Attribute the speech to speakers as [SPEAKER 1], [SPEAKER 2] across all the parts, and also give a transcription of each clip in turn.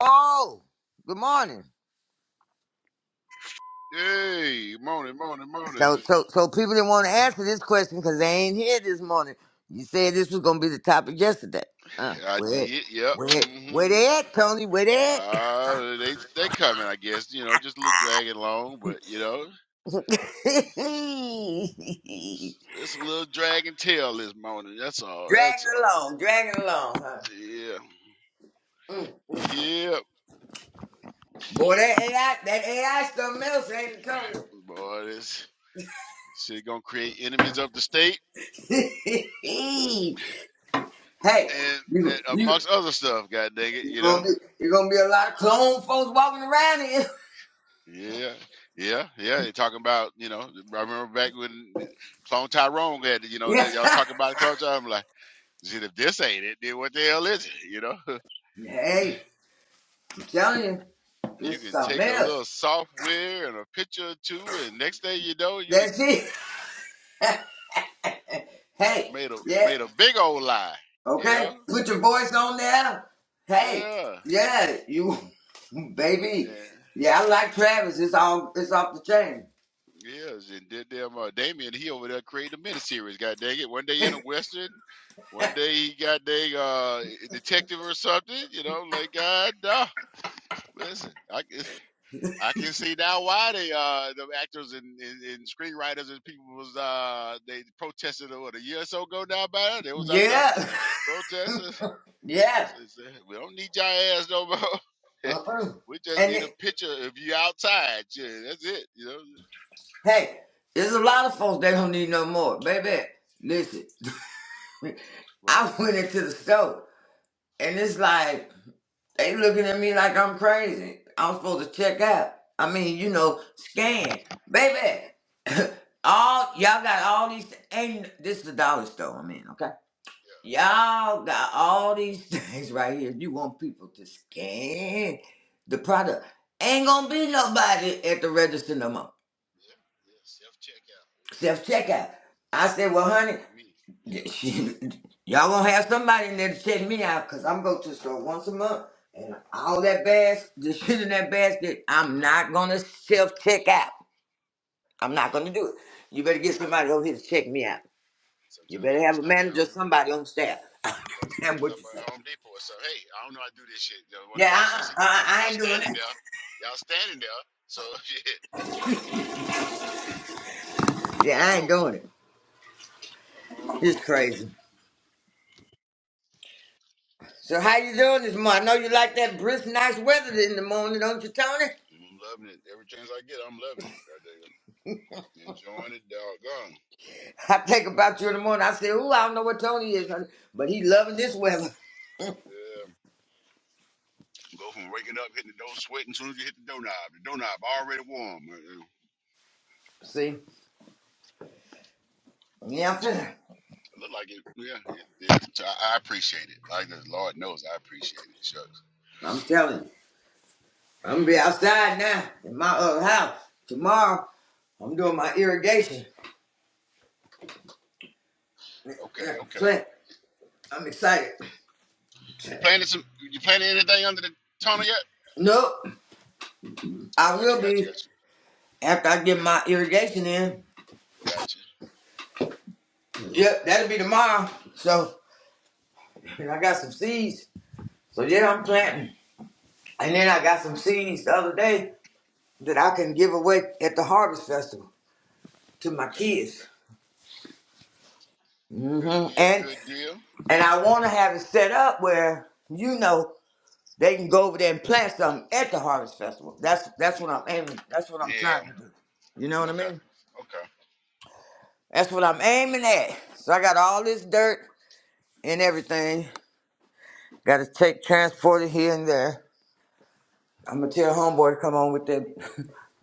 [SPEAKER 1] Oh, good morning.
[SPEAKER 2] Hey, morning, morning, morning.
[SPEAKER 1] So, so, so people didn't want to answer this question because they ain't here this morning. You said this was gonna be the topic yesterday. Uh,
[SPEAKER 2] I
[SPEAKER 1] where,
[SPEAKER 2] did. Yep.
[SPEAKER 1] where,
[SPEAKER 2] hmm
[SPEAKER 1] where they at, Tony? Where they at?
[SPEAKER 2] Uh, they they coming, I guess. You know, just a little dragging along, but you know,
[SPEAKER 1] drag
[SPEAKER 2] it's, it's a little drag and tail this morning. That's all. That's all.
[SPEAKER 1] along, drag along, huh?
[SPEAKER 2] Yeah.
[SPEAKER 1] Mm.
[SPEAKER 2] Yep.
[SPEAKER 1] Boy, that AI, that AI, something else, ain't it, Tony?
[SPEAKER 2] Boy, this shit gonna create enemies of the state
[SPEAKER 1] hey,
[SPEAKER 2] and,
[SPEAKER 1] you,
[SPEAKER 2] and
[SPEAKER 1] you,
[SPEAKER 2] amongst other stuff. God dang it,
[SPEAKER 1] you
[SPEAKER 2] you
[SPEAKER 1] gonna
[SPEAKER 2] know.
[SPEAKER 1] be, you gonna be a lot of clone folks walking around here.
[SPEAKER 2] Yeah, yeah, yeah. They're talking about, you know, I remember back when Clone Tyrone had, you know, that y'all
[SPEAKER 1] yeah.
[SPEAKER 2] talking about Clone Tyrone. Shit, if this ain't it, then what the hell is it? You know,
[SPEAKER 1] Hey. telling you, this
[SPEAKER 2] you
[SPEAKER 1] is
[SPEAKER 2] can
[SPEAKER 1] something
[SPEAKER 2] take a
[SPEAKER 1] else.
[SPEAKER 2] little software and a picture or two, and next thing you know, you done
[SPEAKER 1] That's it. Hey,
[SPEAKER 2] made a
[SPEAKER 1] yeah,
[SPEAKER 2] made a big old lie. You
[SPEAKER 1] okay.
[SPEAKER 2] know,
[SPEAKER 1] Put your voice on there. Hey,
[SPEAKER 2] yeah,
[SPEAKER 1] yeah, you, baby.
[SPEAKER 2] and,
[SPEAKER 1] Yeah, I like Travis. It's all, it's off the chain.
[SPEAKER 2] yeah. And did them uh, Damien? He over there creating a miniseries. God dang it! One day in a western, one day he got dang uh, a detective or something. You know, like God, nah. Listen, I. I can see now why they uh the actors and, and, and screenwriters and people was uh they protested uh, what a year or so ago now about it. They was out there
[SPEAKER 1] Yeah,
[SPEAKER 2] protesting.
[SPEAKER 1] yeah.
[SPEAKER 2] They said, we don't need your ass no more.
[SPEAKER 1] Uh-uh.
[SPEAKER 2] we just
[SPEAKER 1] And
[SPEAKER 2] need a
[SPEAKER 1] it,
[SPEAKER 2] picture of you outside. Yeah, that's it. You know.
[SPEAKER 1] hey, there's a lot of folks that don't need no more, baby. Listen,
[SPEAKER 2] But
[SPEAKER 1] I went into the store and it's like. They looking at me like I'm crazy. I'm supposed to check out. I mean, you know, scan. Baby, all y'all got all these and this is the dollar store I'm in, okay? Y'all got all these things right here. You want people to scan the product. Ain't gonna be nobody at the register no more.
[SPEAKER 2] yeah, yeah self checkout. It's
[SPEAKER 1] Self checkout. I said,
[SPEAKER 2] Stupid
[SPEAKER 1] well,
[SPEAKER 2] as
[SPEAKER 1] honey.
[SPEAKER 2] hell to me. You know.
[SPEAKER 1] Y'all gonna have somebody in there to check me out, cause I'm going to the store once a month, and all that bass, the shit in that basket, I'm not gonna self check out. I'm not
[SPEAKER 2] Me,
[SPEAKER 1] gonna do it. You better
[SPEAKER 2] I'm
[SPEAKER 1] get
[SPEAKER 2] out of
[SPEAKER 1] somebody
[SPEAKER 2] here.
[SPEAKER 1] over here to check me out. You
[SPEAKER 2] Sometimes
[SPEAKER 1] better
[SPEAKER 2] I have to
[SPEAKER 1] have a
[SPEAKER 2] stop
[SPEAKER 1] manager,
[SPEAKER 2] at
[SPEAKER 1] or
[SPEAKER 2] Home Depot.
[SPEAKER 1] somebody on staff.
[SPEAKER 2] That's
[SPEAKER 1] Damn
[SPEAKER 2] what's
[SPEAKER 1] what you
[SPEAKER 2] up
[SPEAKER 1] say?
[SPEAKER 2] at Home Depot or something. Hey, I don't know how to do this shit. You know, one of
[SPEAKER 1] Yeah,
[SPEAKER 2] y'all, I
[SPEAKER 1] I,
[SPEAKER 2] see
[SPEAKER 1] I, I
[SPEAKER 2] y'all
[SPEAKER 1] ain't doing
[SPEAKER 2] standing
[SPEAKER 1] it.
[SPEAKER 2] there. Y'all standing there. So shit, come
[SPEAKER 1] Yeah, I
[SPEAKER 2] on
[SPEAKER 1] ain't
[SPEAKER 2] over.
[SPEAKER 1] doing it.
[SPEAKER 2] Come on
[SPEAKER 1] It's
[SPEAKER 2] over.
[SPEAKER 1] crazy. So how you doing this morning? I know you like that brisk, nice weather in the morning, don't you, Tony?
[SPEAKER 2] I'm loving it. Every chance I get, I'm loving it. I dig it. Enjoying it, doggone.
[SPEAKER 1] I think about you in the morning. I say, "Ooh, I don't know what Tony is, honey, but he loving this weather."
[SPEAKER 2] Yeah. Go from waking up, hitting the door, sweating. As soon as you hit the doorknob, the doorknob already warm. Uh, uh,
[SPEAKER 1] See, yeah, I'm
[SPEAKER 2] So
[SPEAKER 1] finna.
[SPEAKER 2] it look like it. Yeah. It, it- so I, I appreciate it. Like the Lord knows, I appreciate it. Shucks.
[SPEAKER 1] I'm telling you, I'm gonna be outside now in my uh, house tomorrow. I'm doing my irrigation
[SPEAKER 2] Okay.
[SPEAKER 1] like a
[SPEAKER 2] Okay.
[SPEAKER 1] plant. I'm excited.
[SPEAKER 2] You planted some. You planted anything under the tunnel yet?
[SPEAKER 1] Nope, I
[SPEAKER 2] Got
[SPEAKER 1] will
[SPEAKER 2] you. Got you.
[SPEAKER 1] be
[SPEAKER 2] Got you.
[SPEAKER 1] after I get my irrigation in.
[SPEAKER 2] Gotcha.
[SPEAKER 1] Yep, that'll be tomorrow. So and I got some seeds. So yeah, I'm planting. And then I got some seeds the other day that I can give away at the harvest festival to my
[SPEAKER 2] Okay,
[SPEAKER 1] kids.
[SPEAKER 2] okay. Good
[SPEAKER 1] hmm
[SPEAKER 2] deal,
[SPEAKER 1] And
[SPEAKER 2] good deal.
[SPEAKER 1] and I want to have it set up where you know they can go over there and plant something at the harvest festival. That's that's what I'm aiming. That's what I'm
[SPEAKER 2] Yeah,
[SPEAKER 1] trying to do. You know what I
[SPEAKER 2] okay,
[SPEAKER 1] mean?
[SPEAKER 2] okay.
[SPEAKER 1] That's what I'm aiming at. So I got all this dirt and everything. Got to take transport it here and there. I'm gonna tell homeboy to come on with that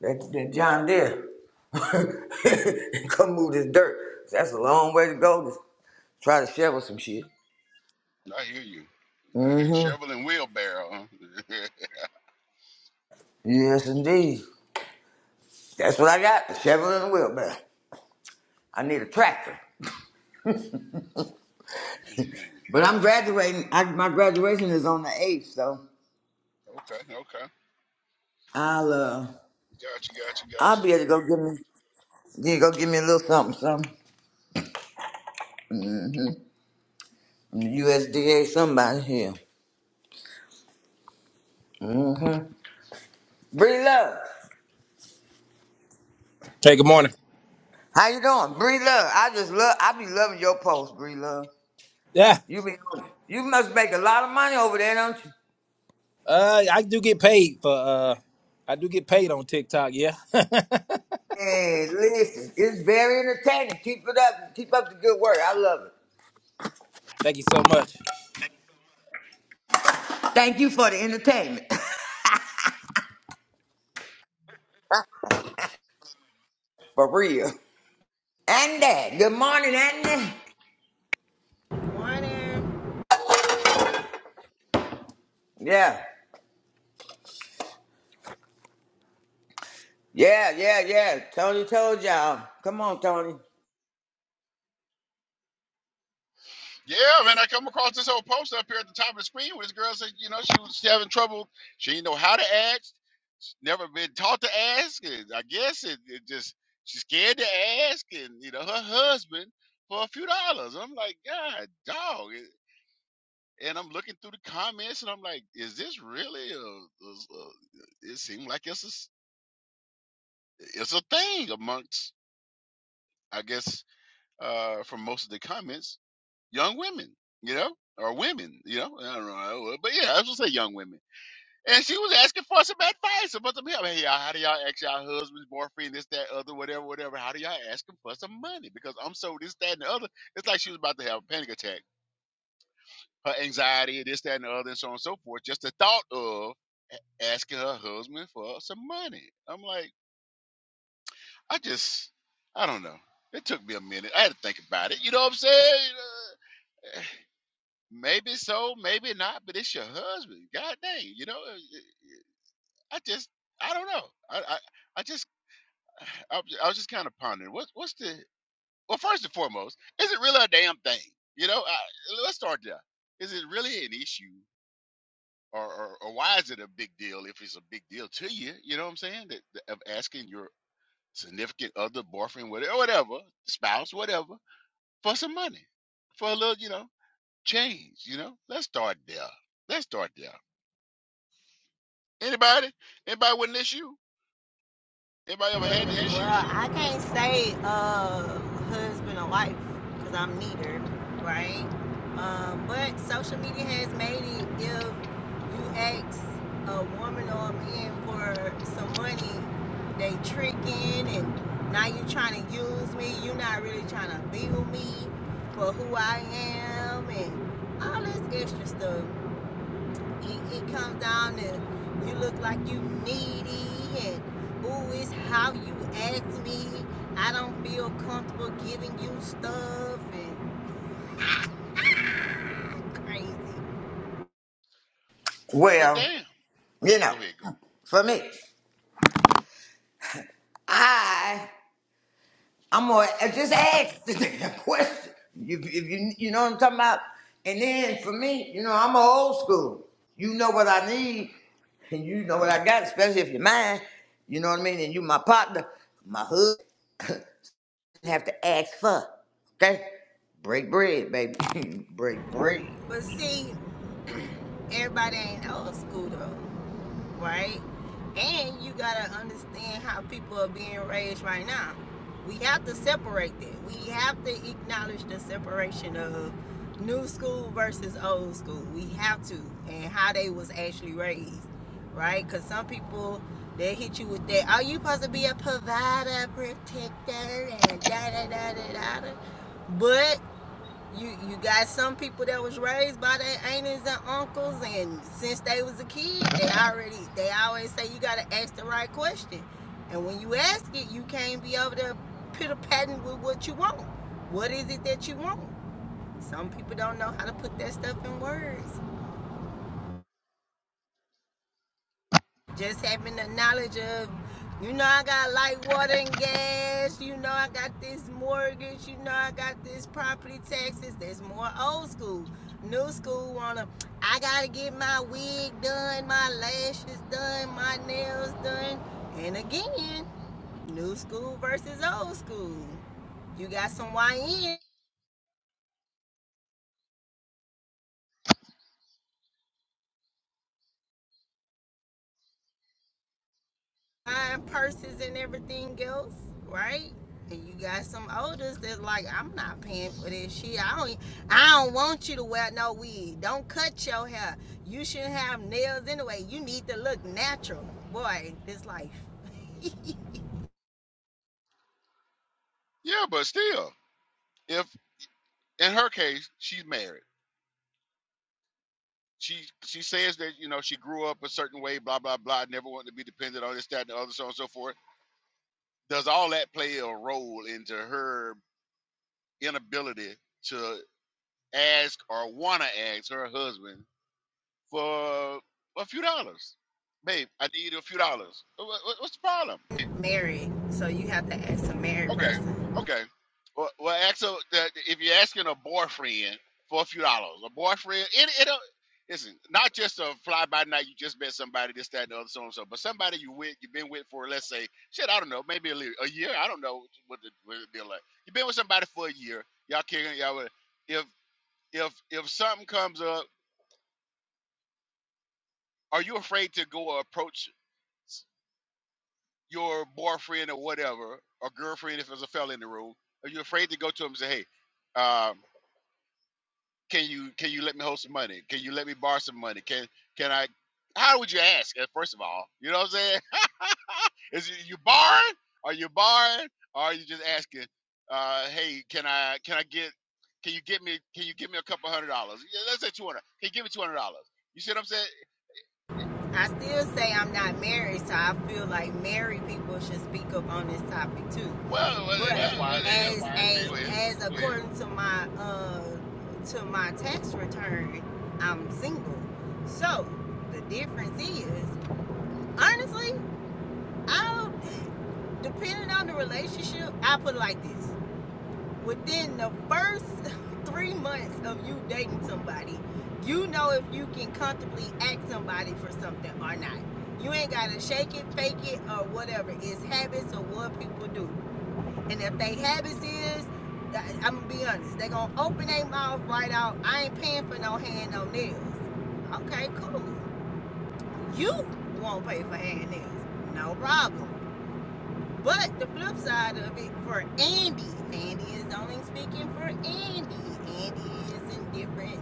[SPEAKER 1] that, that John Deere. and come move this dirt. That's a long way to go to try to shovel some shit.
[SPEAKER 2] I hear you. I hear you.
[SPEAKER 1] hmm
[SPEAKER 2] Shovel and wheelbarrow. huh?
[SPEAKER 1] Yes, indeed. That's what I got, a shovel and a wheelbarrow. I need a tractor.
[SPEAKER 2] I hear you.
[SPEAKER 1] But I'm graduating. I, my graduation is on the 8th, so
[SPEAKER 2] Okay, okay.
[SPEAKER 1] I'll uh,
[SPEAKER 2] Gotcha, gotcha,
[SPEAKER 1] I'll
[SPEAKER 2] gotcha.
[SPEAKER 1] be able to go give me you go give me a little something, something. USDA somebody here. Bree Love.
[SPEAKER 3] Hey, good morning.
[SPEAKER 1] How you doing? Bree Love. I just love I be loving your post, Bree Love.
[SPEAKER 3] Yeah,
[SPEAKER 1] You be on it. You must make a lot of money over there, don't you?
[SPEAKER 3] uh, I do get paid for. uh I do get paid on TikTok. Yeah,
[SPEAKER 1] Hey, listen, it's very entertaining. Keep it up. Keep up the good work. I love it.
[SPEAKER 3] thank you so much.
[SPEAKER 1] Thank you for the entertainment. for real. Andy, good morning, Andy.
[SPEAKER 4] Morning.
[SPEAKER 1] Yeah, yeah, yeah, yeah. Tony told y'all. Come on, Tony.
[SPEAKER 2] Yeah, man, I come across this whole post up here at the top of the screen where this girl said, you know, she was having trouble. She didn't know how to ask. She's never been taught to ask. And I guess it, it just, she's scared to ask. And, you know, her husband for a few dollars. I'm like, God, dog. and I'm looking through the comments, and I'm like, is this really? A, a, a, it seemed like it's a, it's a thing amongst, I guess, uh, from most of the comments, young women, you know, or women, you know, I don't know, but yeah, I was gonna say young women. And she was asking for some advice about some help. Hey, y'all, how do y'all ask y'all husbands, boyfriend, this, that, other, whatever, whatever? How do y'all ask them for some money? Because I'm so this, that, and the other. It's like she was about to have a panic attack her anxiety, this, that, and the other, and so on and so forth. Just the thought of asking her husband for some money. I'm like, I just, I don't know. It took me a minute. I had to think about it. You know what I'm saying? Uh, Maybe so, maybe not. But it's your husband. God dang, you know. uh, I just, I don't know. I, I, I just, I, was- I was just kind of pondering. What's, what's the? Well, first and foremost, is it really a damn thing? You know, I, let's start there. Is it really an issue or, or, or why is it a big deal if it's a big deal to you? You know what I'm saying? That, that- of asking your significant other, boyfriend, whatever, whatever, spouse, whatever, for some money, for a little, you know, change. You know, let's start there. Let's start there. Anybody? Anybody with an issue? Anybody ever had the issue?
[SPEAKER 4] Well, I can't say uh husband or wife because I'm neither, right? Um, but social media has made it if you ask a woman or a man for some money, they tricking and now you are trying to use me. You're not really trying to be with me for who I am and all this extra stuff. He, he comes down and you look like you needy and ooh, it's how you ask me. I don't feel comfortable giving you stuff and I'm crazy.
[SPEAKER 2] But
[SPEAKER 1] Well,
[SPEAKER 2] damn,
[SPEAKER 1] you know,
[SPEAKER 2] go ahead, go.
[SPEAKER 1] for me, I I'm gonna just ask the damn question. You, if you you know what I'm talking about. And then for me, you know, I'm a old school. You know what I need, and you know what I got, especially if you're mine. You know what I mean. And you my partner, my hood. have to ask for. Okay? Break bread, baby. Break bread.
[SPEAKER 4] But see, everybody ain't old school though. right? And you gotta understand how people are being raised right now. We have to separate that. We have to acknowledge the separation of new school versus old school. We have to, and how they was actually raised, right? Because some people they hit you with that. Are you supposed to be a provider, protector, and da da da da da? da?" But you you got some people that was raised by their aunties and uncles and since they was a kid they already they always say you gotta ask the right question and when you ask it you can't be able to put a pattern with what you want what is it that you want some people don't know how to put that stuff in words just having the knowledge of you know i got light water and gas you know i got this mortgage you know i got this property taxes that's more old school new school wanna i gotta get my wig done my lashes done my nails done and again new school versus old school you got some YN buying purses and everything else, right? And you got some olders that's like, I'm not paying for this shit. I don't, e, I don't want you to wear no wig. Don't cut your hair. You shouldn't have nails anyway. You need to look natural, boy. This life.
[SPEAKER 2] Yeah, but still, if in her case she's married. She she says that you know she grew up a certain way, blah blah blah. Never wanted to be dependent on this, that, and the other, so on and so forth does all that play a role into her inability to ask or want to ask her husband for a few dollars? Babe, I need a few dollars. Wha- wha- What's the problem?
[SPEAKER 4] married, so you have to ask a married Okay. person.
[SPEAKER 2] Okay. Well, well Axel, that if you're asking a boyfriend for a few dollars, a boyfriend, it, it'll, listen, not just a fly by night, you just met somebody, this, that, and the other, so on and so, but somebody you with, you've been with for, let's say, shit, I don't know, maybe a, little, a year, I don't know what the, what the deal like. You've been with somebody for a year, y'all kicking, y'all, with- if, if, if something comes up, are you afraid to go approach s- your boyfriend or whatever, or girlfriend if there's a fella in the room? Are you afraid to go to him and say, hey, um, can you can you let me hold some money? Can you let me borrow some money? Can can I? How would you ask? eh, First of all, you know what I'm saying? Is it you borrowing? Are you borrowing? Or are you just asking? Uh, hey, can I can I get? Can you get me? Can you give me a couple hundred dollars? Yeah, let's say two hundred. Can you give me two hundred dollars? You see what I'm saying?
[SPEAKER 4] I still say I'm not married, so I feel like married people should speak up on this topic too.
[SPEAKER 2] Well, well,
[SPEAKER 4] But
[SPEAKER 2] and that's
[SPEAKER 4] Well,
[SPEAKER 2] why
[SPEAKER 4] well,
[SPEAKER 2] I said,
[SPEAKER 4] as a
[SPEAKER 2] go ahead.
[SPEAKER 4] as according to my uh to my tax return, I'm single. So the difference is, honestly, I depending on the relationship, I put it like this: within the first three months of you dating somebody, you know if you can comfortably ask somebody for something or not. You ain't gotta shake it, fake it, or whatever. It's habits of what people do. And if they habits is, I'm gonna be honest, they gonna open their mouth right out. I ain't paying for no hand, no nails. Okay, cool. You won't pay for hand nails, no problem. But the flip side of it for Andy, Andy is only speaking for Andy. Andy is in different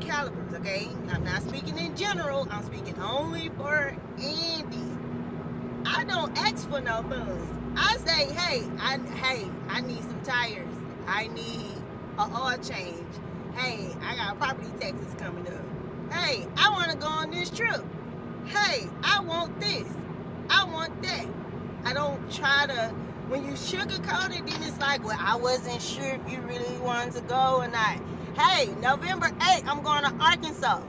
[SPEAKER 4] calibers, okay? I'm not speaking in general. I'm speaking only for Andy. I don't ask for no funds. I say, hey, I hey, I need some tires. I need a oil change. Hey, I got property taxes coming up. Hey, I want to go on this trip hey, I want this. I want that. I don't try to, when you sugarcoat it, then it's like, well, I wasn't sure if you really wanted to go or not. Hey, November 8th, I'm going to Arkansas.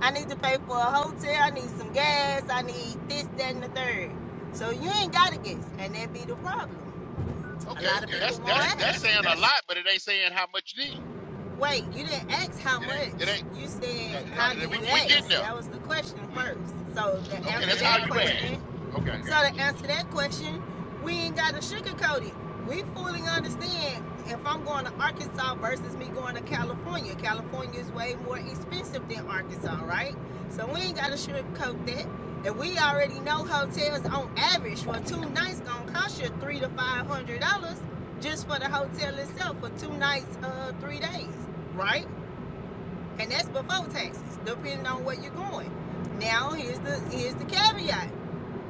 [SPEAKER 4] I need to pay for a hotel. I need some gas. I need this, that, and the third. So you ain't got to guess. And that be the problem. A
[SPEAKER 2] Okay,
[SPEAKER 4] lot of Okay. people
[SPEAKER 2] that's
[SPEAKER 4] won't
[SPEAKER 2] that's
[SPEAKER 4] That, ask.
[SPEAKER 2] that's
[SPEAKER 4] that's,
[SPEAKER 2] saying a
[SPEAKER 4] that's,
[SPEAKER 2] lot, but it ain't saying how much you need.
[SPEAKER 4] Wait, you didn't ask how it much.
[SPEAKER 2] It ain't.
[SPEAKER 4] You no, said, no, how do
[SPEAKER 2] Uh,
[SPEAKER 4] we you
[SPEAKER 2] we we
[SPEAKER 4] get there.
[SPEAKER 2] getting
[SPEAKER 4] ask?
[SPEAKER 2] there.
[SPEAKER 4] That was the question
[SPEAKER 2] We
[SPEAKER 4] first. So the, after Okay,
[SPEAKER 2] okay. That's
[SPEAKER 4] that's that
[SPEAKER 2] how
[SPEAKER 4] how you
[SPEAKER 2] you
[SPEAKER 4] question, ask.
[SPEAKER 2] ask. Okay.
[SPEAKER 4] So to answer that question, we ain't got to sugarcoat it. We fully understand if I'm going to Arkansas versus me going to California. California is way more expensive than Arkansas, right? So we ain't got to sugarcoat that. And we already know hotels on average for two nights gonna cost you three to five hundred dollars just for the hotel itself for two nights, uh, three days, right? And that's before taxes, depending on where you're going. Now here's the here's the caveat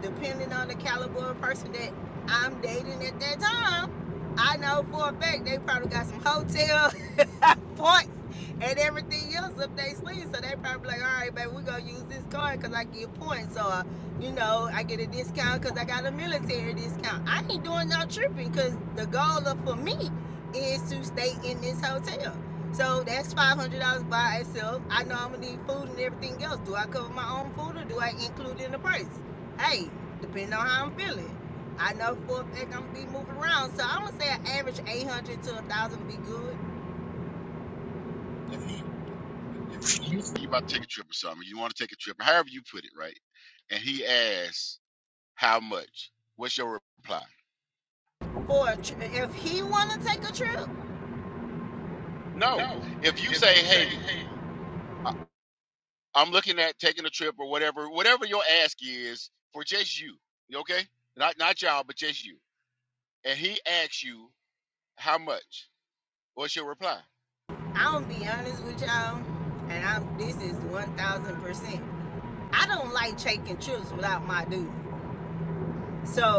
[SPEAKER 4] depending on the caliber of person that I'm dating at that time, I know for a fact they probably got some hotel points and everything else up their sleeve. So they probably like, all right, baby, we're going to use this card because I get points. Or, you know, I get a discount because I got a military discount. I ain't doing no tripping because the goal of, for me is to stay in this hotel. So that's five hundred dollars by itself. I know I'm gonna need food and everything else. Do I cover my own food or do I include it in the price? hey, depending on how I'm feeling. I know for a fact I'm gonna be moving around, so I'm gonna say an average 800 to 1,000 be good
[SPEAKER 2] if he. you about to take a trip or something. You want to take a trip, however you put it, right? And he asks, "How much?" What's your reply?
[SPEAKER 4] for a tri- if he wanna take a trip.
[SPEAKER 2] No.
[SPEAKER 4] No.
[SPEAKER 2] If you
[SPEAKER 4] If
[SPEAKER 2] say,
[SPEAKER 4] you say,
[SPEAKER 2] "Hey,
[SPEAKER 4] hey,
[SPEAKER 2] I- I'm looking at taking a trip or whatever," whatever your ask is for just you, you okay? Not not y'all, but just you. And he asks you, "How much?" What's your reply?
[SPEAKER 4] I'm gonna be honest with y'all, and I'm this is 1,000 percent. I don't like taking trips without my dude.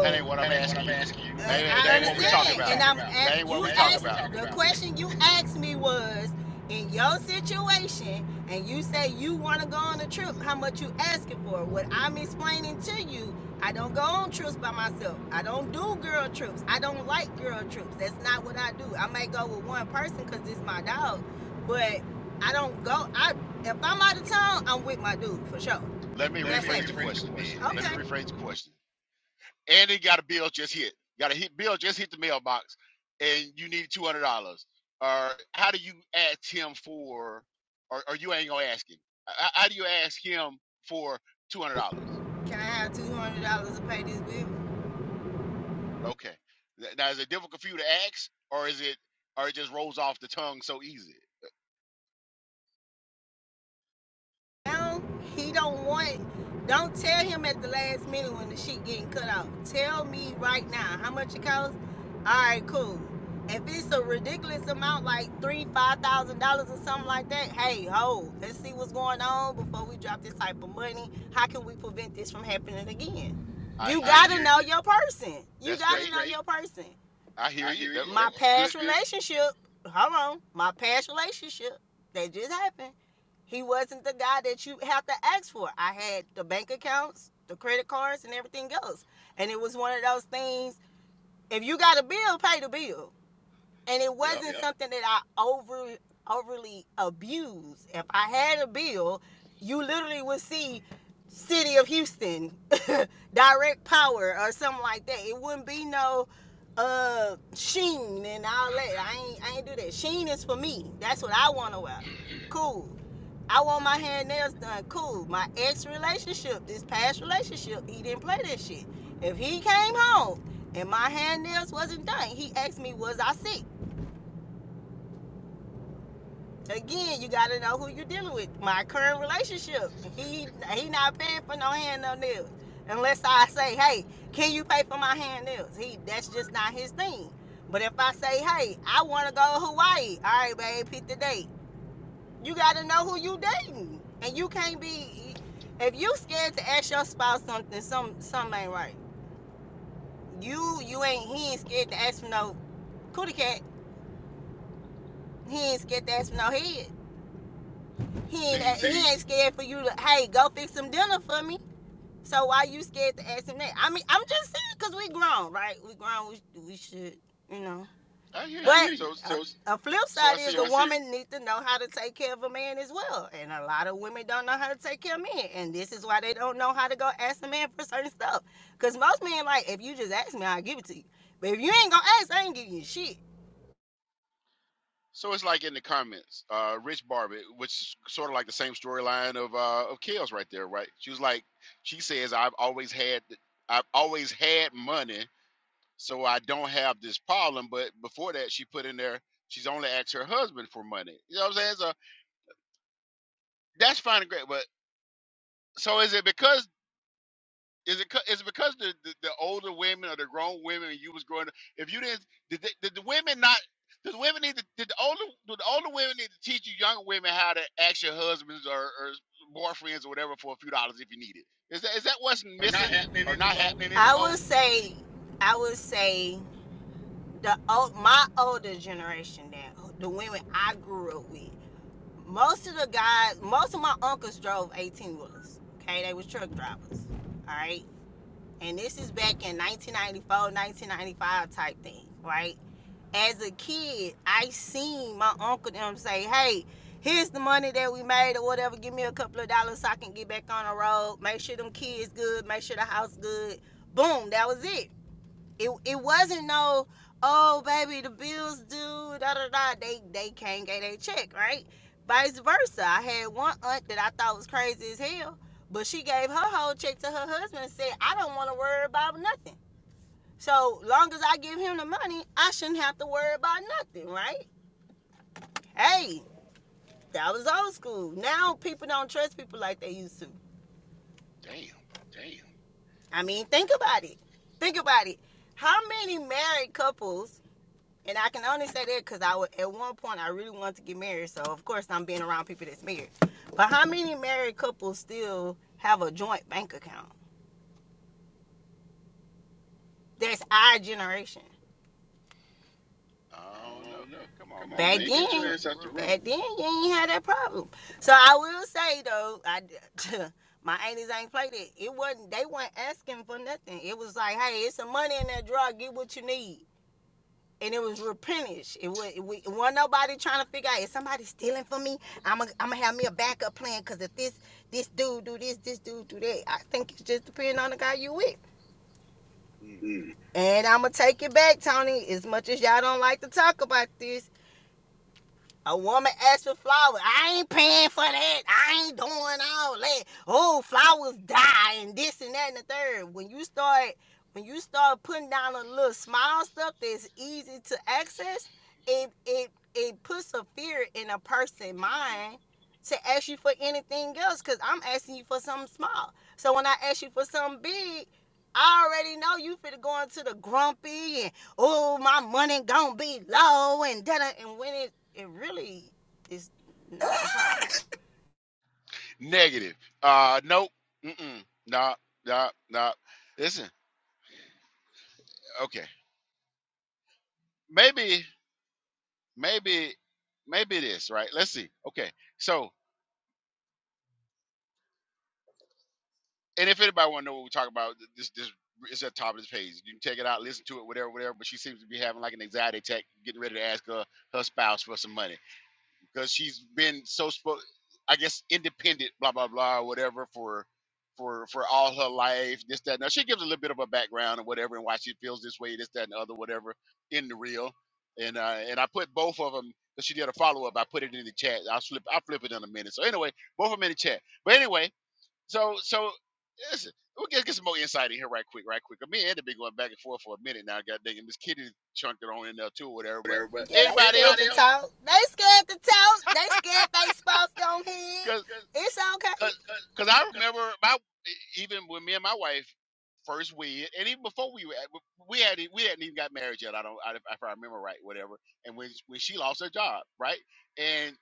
[SPEAKER 2] That ain't what I'm
[SPEAKER 4] That ain't what
[SPEAKER 2] asking
[SPEAKER 4] I'm
[SPEAKER 2] you.
[SPEAKER 4] asking you.
[SPEAKER 2] That
[SPEAKER 4] I,
[SPEAKER 2] ain't,
[SPEAKER 4] I
[SPEAKER 2] that ain't what we talking
[SPEAKER 4] understand,
[SPEAKER 2] about.
[SPEAKER 4] and I'm
[SPEAKER 2] That ain't
[SPEAKER 4] a-
[SPEAKER 2] what
[SPEAKER 4] you That
[SPEAKER 2] we talking
[SPEAKER 4] asked
[SPEAKER 2] about.
[SPEAKER 4] the about. question you asked me was in your situation, and you say you want to go on a trip. How much you asking for? What I'm explaining to you, I don't go on trips by myself. I don't do girl trips. I don't like girl trips. That's not what I do. I may go with one person because it's my dog, but I don't go. I if I'm out of town, I'm with my dude for sure.
[SPEAKER 2] Let me
[SPEAKER 4] Let That's me
[SPEAKER 2] rephrase the
[SPEAKER 4] rephrase the
[SPEAKER 2] question, then.
[SPEAKER 4] question. Okay,
[SPEAKER 2] Let me rephrase the question. and it got a bill just hit. Got a hit bill just hit the mailbox, and you need two hundred dollars. Or how do you ask him for? Or, or you ain't gonna ask him. Uh, How, do you ask him for two hundred dollars?
[SPEAKER 4] Can I have two hundred dollars to pay this bill?
[SPEAKER 2] Okay. Now is it difficult for you to ask, or is it, or it just rolls off the tongue so easy?
[SPEAKER 4] Now he don't want. it. Don't tell him at the last minute when the shit getting cut off. Tell me right now how much it costs. All right, cool. If it's a ridiculous amount, like three, five thousand dollars or something like that, hey, ho, let's see what's going on before we drop this type of money. How can we prevent this from happening again?
[SPEAKER 2] I
[SPEAKER 4] You
[SPEAKER 2] hear
[SPEAKER 4] gotta
[SPEAKER 2] you.
[SPEAKER 4] hear know your person. You
[SPEAKER 2] That's
[SPEAKER 4] gotta That's
[SPEAKER 2] great.
[SPEAKER 4] know great. your person.
[SPEAKER 2] I hear
[SPEAKER 4] I
[SPEAKER 2] you.
[SPEAKER 4] hear
[SPEAKER 2] That,
[SPEAKER 4] you. my
[SPEAKER 2] uh,
[SPEAKER 4] past
[SPEAKER 2] good.
[SPEAKER 4] relationship. Hold on, my past relationship that just happened. He wasn't the guy that you have to ask for. I had the bank accounts, the credit cards, and everything else, and it was one of those things. If you got a bill, pay the bill and it
[SPEAKER 2] Yep.
[SPEAKER 4] wasn't Yep. something that I over overly abused. If I had a bill, you literally would see City of Houston, direct power or something like that. It wouldn't be no uh Sheen and all that. I ain't I ain't do that. Sheen is for me. That's what I want to wear. Cool. I want my hand nails done. Cool. My ex relationship, this past relationship, he didn't play that shit. If he came home and my hand nails wasn't done, he asked me, was I sick? Again, you gotta know who you're dealing with. My current relationship, he he not paying for no hand no nails, unless I say, hey, can you pay for my hand nails? He that's just not his thing. But if I say, hey, I want to go to Hawaii, all right, babe, pick the date. You gotta know who you dating, and you can't be if you scared to ask your spouse something, some something ain't right. You you ain't he ain't scared to ask for no cootie cat. He ain't scared to ask for no head. He ain't
[SPEAKER 2] See,
[SPEAKER 4] he ain't scared for you to hey go fix some dinner for me. So why you scared to ask him that? I mean I'm just saying because we grown, right? We grown. We we should you know.
[SPEAKER 2] I hear
[SPEAKER 4] I But
[SPEAKER 2] you.
[SPEAKER 4] hear you.
[SPEAKER 2] So,
[SPEAKER 4] a, So, it's- a a flip
[SPEAKER 2] so I
[SPEAKER 4] side is
[SPEAKER 2] see.
[SPEAKER 4] so a I see. woman needs to know how to take care of a man as well, and a lot of women don't know how to take care of men, and this is why they don't know how to go ask a man for certain stuff. Cause most men like if you just ask me, I'll give it to you. But if you ain't gonna ask, I ain't giving you shit.
[SPEAKER 2] So it's like in the comments, uh, Rich Barbie, which is sort of like the same storyline of uh, of Kels right there, right? She was like, she says, "I've always had, I've always had money, so I don't have this problem." But before that, she put in there, she's only asked her husband for money. You know what I'm saying? So that's fine and great, but so is it because Is it 'cau- is it because the, the the older women or the grown women when you was growing up? If you didn't, did, they, did the women not? Did the women need to? Did the older do the older women need to teach you younger women how to ask your husbands or, or boyfriends or whatever for a few dollars if you need it? Is that is that what's
[SPEAKER 4] Are not
[SPEAKER 2] missing
[SPEAKER 4] happening
[SPEAKER 2] or not
[SPEAKER 4] anymore.
[SPEAKER 2] happening
[SPEAKER 4] I
[SPEAKER 2] anymore?
[SPEAKER 4] would say, I would say. the old, my older generation now, the women I grew up with, most of the guys, most of my uncles drove 18 wheelers. Okay, they was truck drivers. All right, and this is back in 1994, 1995 type thing, right? As a kid, I seen my uncle them say, "Hey, here's the money that we made or whatever. Give me a couple of dollars so I can get back on the road. Make sure them kids good. Make sure the house good. Boom, that was it it it wasn't no oh baby the bills due da da da they they can't get their check right vice versa i had one aunt that i thought was crazy as hell but she gave her whole check to her husband and said i don't want to worry about nothing so long as i give him the money i shouldn't have to worry about nothing right hey that was old school now people don't trust people like they used to
[SPEAKER 2] Damn,
[SPEAKER 4] Damn. i mean think about it think about it how many married couples And I can only say that because I would at one point I really wanted to get married, so of course I'm being around people that's married. But how many married couples still have a joint bank account? That's our generation. I
[SPEAKER 2] I don't know.
[SPEAKER 4] don't know.
[SPEAKER 2] Come on,
[SPEAKER 4] Come on,
[SPEAKER 2] man,
[SPEAKER 4] Back man.
[SPEAKER 2] get your
[SPEAKER 4] then, Get your
[SPEAKER 2] ass
[SPEAKER 4] then,
[SPEAKER 2] out
[SPEAKER 4] ass
[SPEAKER 2] the
[SPEAKER 4] out the
[SPEAKER 2] road.
[SPEAKER 4] room. back then you ain't had that problem. So I will say though, I my aunties ain't played it. It wasn't they weren't asking for nothing. It was like, hey, it's some money in that drawer. Get what you need. and it was replenished. It was we wasn't nobody trying to figure out is somebody stealing from me. I'm gonna have me a backup plan because if this this dude do this, this dude do that. I think it's just depending on the guy you with.
[SPEAKER 2] Mm.
[SPEAKER 4] Mm. And I'm gonna take it back, Tony. As much as y'all don't like to talk about this, a woman asked for flowers. I ain't paying for that. I ain't doing all that. Oh, flowers die and this and that and the third. When you start when you start putting down a little small stuff that's easy to access, it it it puts a fear in a person's mind to ask you for anything else because I'm asking you for something small. So when I ask you for something big, I already know you finna go into the grumpy and oh my money gonna be low and da and when it it really is not
[SPEAKER 2] Negative. Uh, nope. Mm-mm. Nah, nah, nah. Listen, okay, maybe. maybe maybe it is right let's see okay so and if anybody want to know what we talk about this this is at the top of this page you can take it out listen to it whatever whatever but she seems to be having like an anxiety attack getting ready to ask her her spouse for some money because she's been so spo- I guess independent, blah blah blah, whatever for for for all her life, this that. Now she gives a little bit of a background and whatever, and why she feels this way, this that, and the other, whatever, in the reel. And uh, and I put both of them because she did a follow up. I put it in the chat. I'll flip I'll flip it in a minute. So anyway, both of them in the chat. But anyway, so so. Listen, we'll get, get some more insight in here right quick, right quick. Me and Ed have been going back and forth for a minute now. God dang it, Miss Kitty chunked it on in there too, or whatever. But
[SPEAKER 4] Whatever, but yeah, they
[SPEAKER 2] anybody
[SPEAKER 4] scared
[SPEAKER 2] else?
[SPEAKER 4] to talk. They scared to talk. They scared they spouse on hit.
[SPEAKER 2] Cause.
[SPEAKER 4] It's okay.
[SPEAKER 2] Cause,
[SPEAKER 4] Cause,
[SPEAKER 2] cause I remember my e, even when me and my wife first wed, and even before we were, at- we had we hadn't even got married yet. I don't, I- if I remember right, whatever. And when when she lost her job, right, and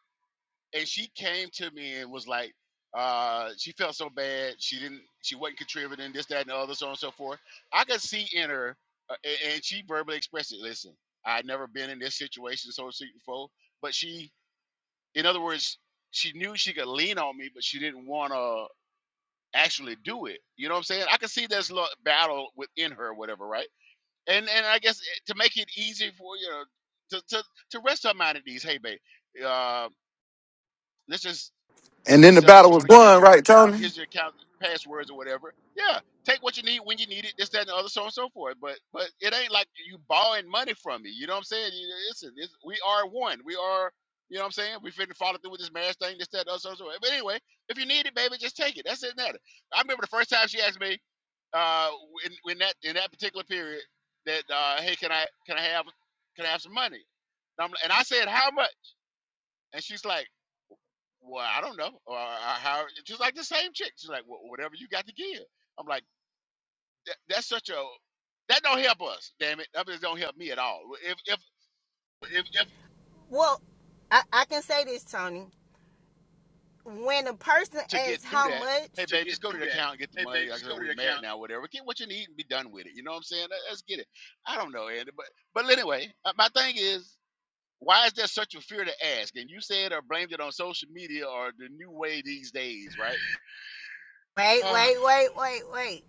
[SPEAKER 2] and she came to me and was like, uh, she felt so bad. She didn't, she wasn't contributing this, that, and the other, so on and so forth. I could see in her, uh, a- and she verbally expressed it. Listen, I would never been in this situation so before, but she, in other words, she knew she could lean on me, but she didn't want to actually do it. You know what I'm saying? I can see there's a battle within her, or whatever, right? And and I guess eh, to make it easy for you know, to to to rest her mind at ease. Hey, babe, uh, Let's just let's
[SPEAKER 5] And then
[SPEAKER 2] just
[SPEAKER 5] the
[SPEAKER 2] set up a
[SPEAKER 5] battle was
[SPEAKER 2] joint
[SPEAKER 5] won,
[SPEAKER 2] account.
[SPEAKER 5] right, Tony?
[SPEAKER 2] Here's your account passwords or whatever. Yeah, take what you need when you need it. This, that, and the other, so on and so forth. But but it ain't like you borrowing money from me. You know what I'm saying? You- It's, it's we are one. We are. You know what I'm saying? We finna follow through with this marriage thing. This, that, and the other, so on and so forth. But anyway, if you need it, baby, just take it. That's it. Matter. I remember the first time she asked me uh in, in that in that particular period that uh hey can I can I have can I have some money? And, I'm, and I said how much? And she's like well, I don't know. Or, or how, just like the same chick. She's like, well, whatever you got to give. I'm like, that, that's such a, that don't help us, damn it. That just don't help me at all. Well, If, if
[SPEAKER 4] cause if, if Well, I, I can say this, Tony. When a person
[SPEAKER 2] to get
[SPEAKER 4] asks
[SPEAKER 2] through
[SPEAKER 4] how
[SPEAKER 2] that,
[SPEAKER 4] much,
[SPEAKER 2] hey,
[SPEAKER 4] to
[SPEAKER 2] babe,
[SPEAKER 4] get
[SPEAKER 2] just go to
[SPEAKER 4] through
[SPEAKER 2] the account and get
[SPEAKER 4] that,
[SPEAKER 2] the
[SPEAKER 4] hey
[SPEAKER 2] money.
[SPEAKER 4] babe,
[SPEAKER 2] Like I
[SPEAKER 4] just
[SPEAKER 2] said,
[SPEAKER 4] go to
[SPEAKER 2] we're
[SPEAKER 4] the
[SPEAKER 2] married
[SPEAKER 4] account.
[SPEAKER 2] now, whatever. Get what you need and be done with it. You know what I'm saying? Let- Let's get it. I don't know, Andy. But, but anyway, uh, my thing is, why is there such a fear to ask? And you said or blamed it on social media or the new way these days, right?
[SPEAKER 4] wait,
[SPEAKER 2] but
[SPEAKER 4] wait, wait, wait, wait.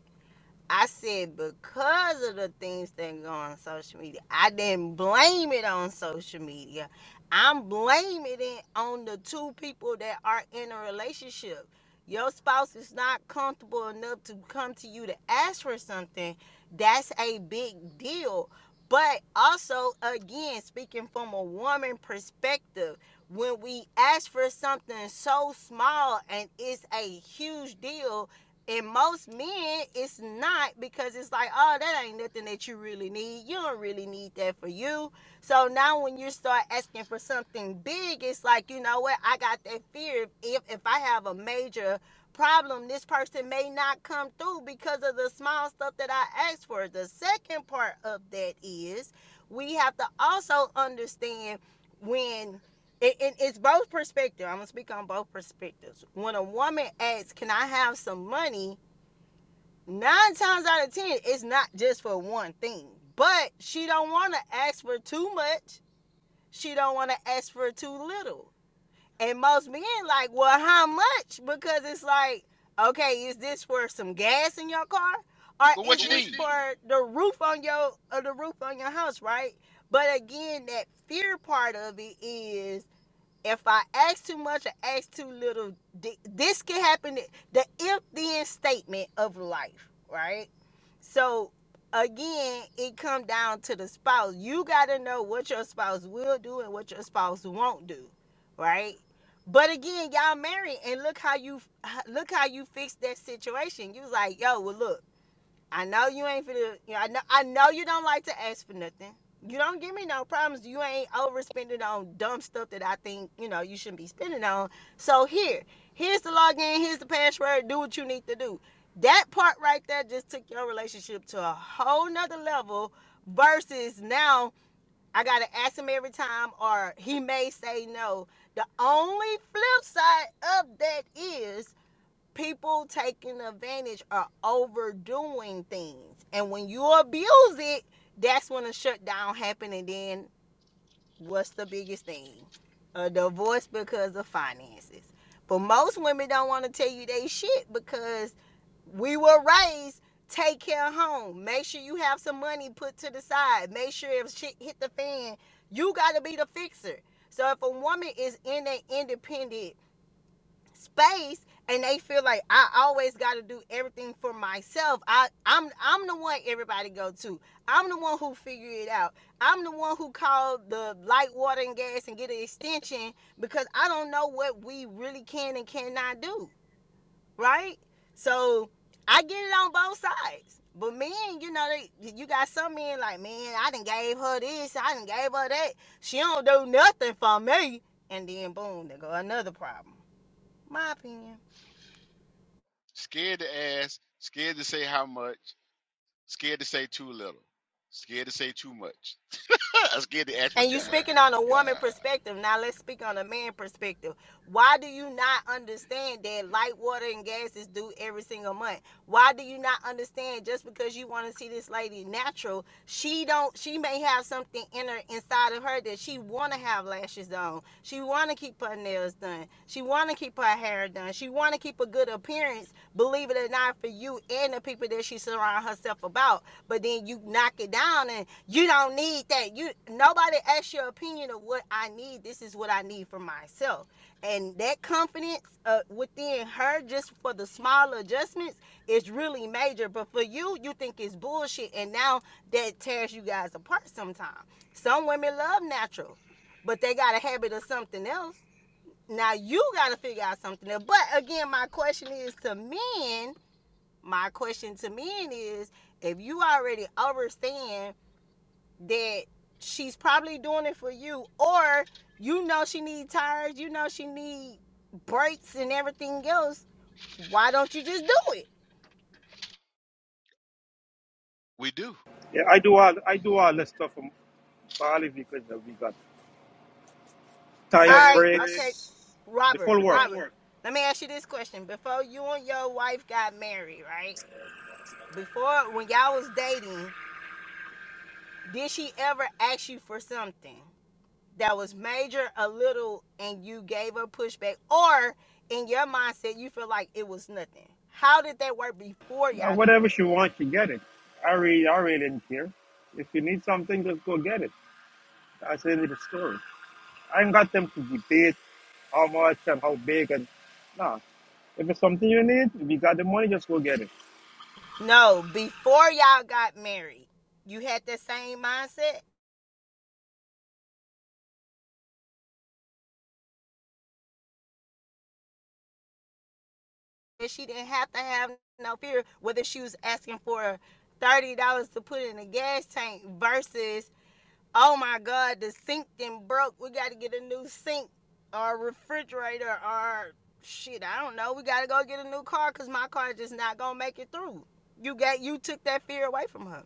[SPEAKER 4] I said because of the things that go on social media, I didn't blame it on social media. I'm blaming it on the two people that are in a relationship. Your spouse is not comfortable enough to come to you to ask for something. That's a big deal. But also, again, speaking from a woman perspective, when we ask for something so small and it's a huge deal, and most men, it's not because it's like, oh, that ain't nothing that you really need. You don't really need that for you. So now when you start asking for something big, it's like, you know what? I got that fear if if I have a major problem, this person may not come through because of the small stuff that I asked for. The second part of that is we have to also understand when it, it, it's both perspective. I'm gonna speak on both perspectives. When a woman asks, "Can I have some money?" Nine times out of ten, it's not just for one thing. But she don't want to ask for too much. She don't want to ask for too little. And most men like, "Well, how much?" Because it's like, okay, is this for some gas in your car, or is
[SPEAKER 2] what
[SPEAKER 4] But
[SPEAKER 2] you
[SPEAKER 4] this
[SPEAKER 2] need?
[SPEAKER 4] for the roof on your or the roof on your house, right? But again, that fear part of it is if I ask too much or ask too little, this can happen. The if then statement of life, right? So again, it come down to the spouse. You gotta know what your spouse will do and what your spouse won't do, right? But again, y'all married, and look how you look how you fixed that situation. You was like, yo, well look. I know you ain't finna. You know, I know. I know you don't like to ask for nothing. You don't give me no problems. You ain't overspending on dumb stuff that I think you know you shouldn't be spending on. So here, here's the login. Here's the password. Do what you need to do. That part right there just took your relationship to a whole nother level. Versus now, I gotta ask him every time, or he may say no. The only flip side of that is people taking advantage or overdoing things. And when you abuse it, that's when a shutdown happen. And then what's the biggest thing? A divorce because of finances. But most women don't want to tell you they shit because we were raised take care of home. Make sure you have some money put to the side. Make sure if shit hit the fan, you got to be the fixer. So if a woman is in an independent space and they feel like I always got to do everything for myself. I I'm I'm the one everybody go to. I'm the one who figure it out. I'm the one who called the light water and gas and get an extension because I don't know what we really can and cannot do, right? So I get it on both sides. But men, you know, they you got some men like, man, I done gave her this, I done gave her that. She don't do nothing for me. And then boom, there go another problem. My opinion.
[SPEAKER 2] Scared to ask, scared to say how much Scared to say too little. Scared to say too much. I'm scared to ask for
[SPEAKER 4] And you
[SPEAKER 2] too much.
[SPEAKER 4] speaking on a woman
[SPEAKER 2] God,
[SPEAKER 4] perspective. Now let's speak on a man perspective. Why do you not understand that light water and gas is due every single month? Why do you not understand just because you want to see this lady natural, she don't she may have something in her inside of her that she wanna have lashes on. She wanna keep her nails done. She wanna keep her hair done. She wanna keep a good appearance, believe it or not, for you and the people that she surround herself about. But then you knock it down and you don't need that. You nobody asks your opinion of what I need. This is what I need for myself. And that confidence uh, within her, just for the small adjustments, is really major. But for you, you think it's bullshit, and now that tears you guys apart. Sometimes some women love natural, but they got a habit of something else. Now you got to figure out something else. But again, my question is to men. My question to men is: If you already understand that she's probably doing it for you or you know she need tires you know she need brakes and everything else why don't you just do it
[SPEAKER 2] we do.
[SPEAKER 6] Yeah, I do all I do all the stuff for, for all the vehicles that we got.
[SPEAKER 4] all
[SPEAKER 6] Tire,
[SPEAKER 4] Tires, right okay
[SPEAKER 6] brakes,
[SPEAKER 4] brakes,
[SPEAKER 6] the
[SPEAKER 4] robert
[SPEAKER 6] full
[SPEAKER 4] the robert
[SPEAKER 6] works.
[SPEAKER 4] framework. let me ask you this question before you and your wife got married right before when y'all was dating did she ever ask you for something that was major a little and you gave her pushback or in your mindset you feel like it was nothing how did that work before
[SPEAKER 6] Uh,
[SPEAKER 4] y'all got
[SPEAKER 6] whatever she
[SPEAKER 4] married
[SPEAKER 6] wants, she get it. I really I really didn't care. If you need something, just go get it. That's the end of the story. I ain't got them to debate how much and how big and nah. If it's something you need, if you got the money, just go get it.
[SPEAKER 4] No, before y'all got married, you had that same mindset that she didn't have to have no fear whether she was asking for thirty dollars to put in a gas tank versus oh my god the sink then broke we got to get a new sink or refrigerator or shit I don't know we got to go get a new car because my car is just not gonna make it through. You got you took that fear away from her.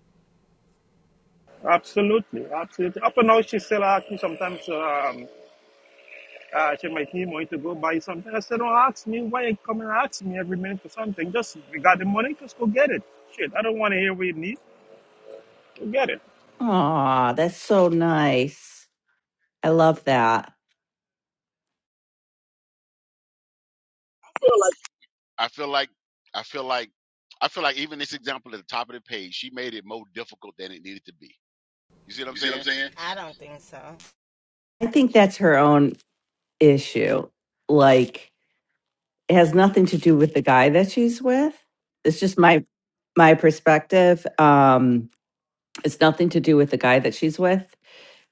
[SPEAKER 6] Absolutely, absolutely. Up and now, she still asks me sometimes. um, uh, check my team wanted to go buy something. I said, don't ask me why you come and ask me every minute for something. Just you got the money, just go get it. Shit, I don't want to hear what you need. Go get it.
[SPEAKER 7] Aw, that's so nice. I love that.
[SPEAKER 2] like I feel like I feel like I feel like even this example at the top of the page, she made it more difficult than it needed to be. You see what I'm
[SPEAKER 4] You see what I'm
[SPEAKER 2] saying?
[SPEAKER 4] saying? I don't think so.
[SPEAKER 7] I think that's her own issue. Like, it has nothing to do with the guy that she's with. It's just my my perspective. Um, it's nothing to do with the guy that she's with,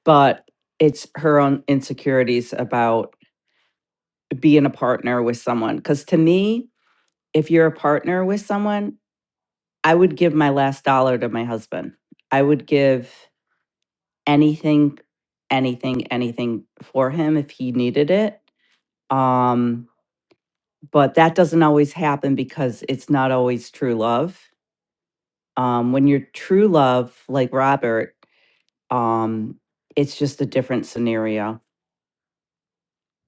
[SPEAKER 7] but it's her own insecurities about being a partner with someone. Because to me, if you're a partner with someone, I would give my last dollar to my husband. I would give. anything, anything, anything for him if he needed it. Um, but that doesn't always happen because it's not always true love. Um, when you're true love, like Robert, um, it's just a different scenario.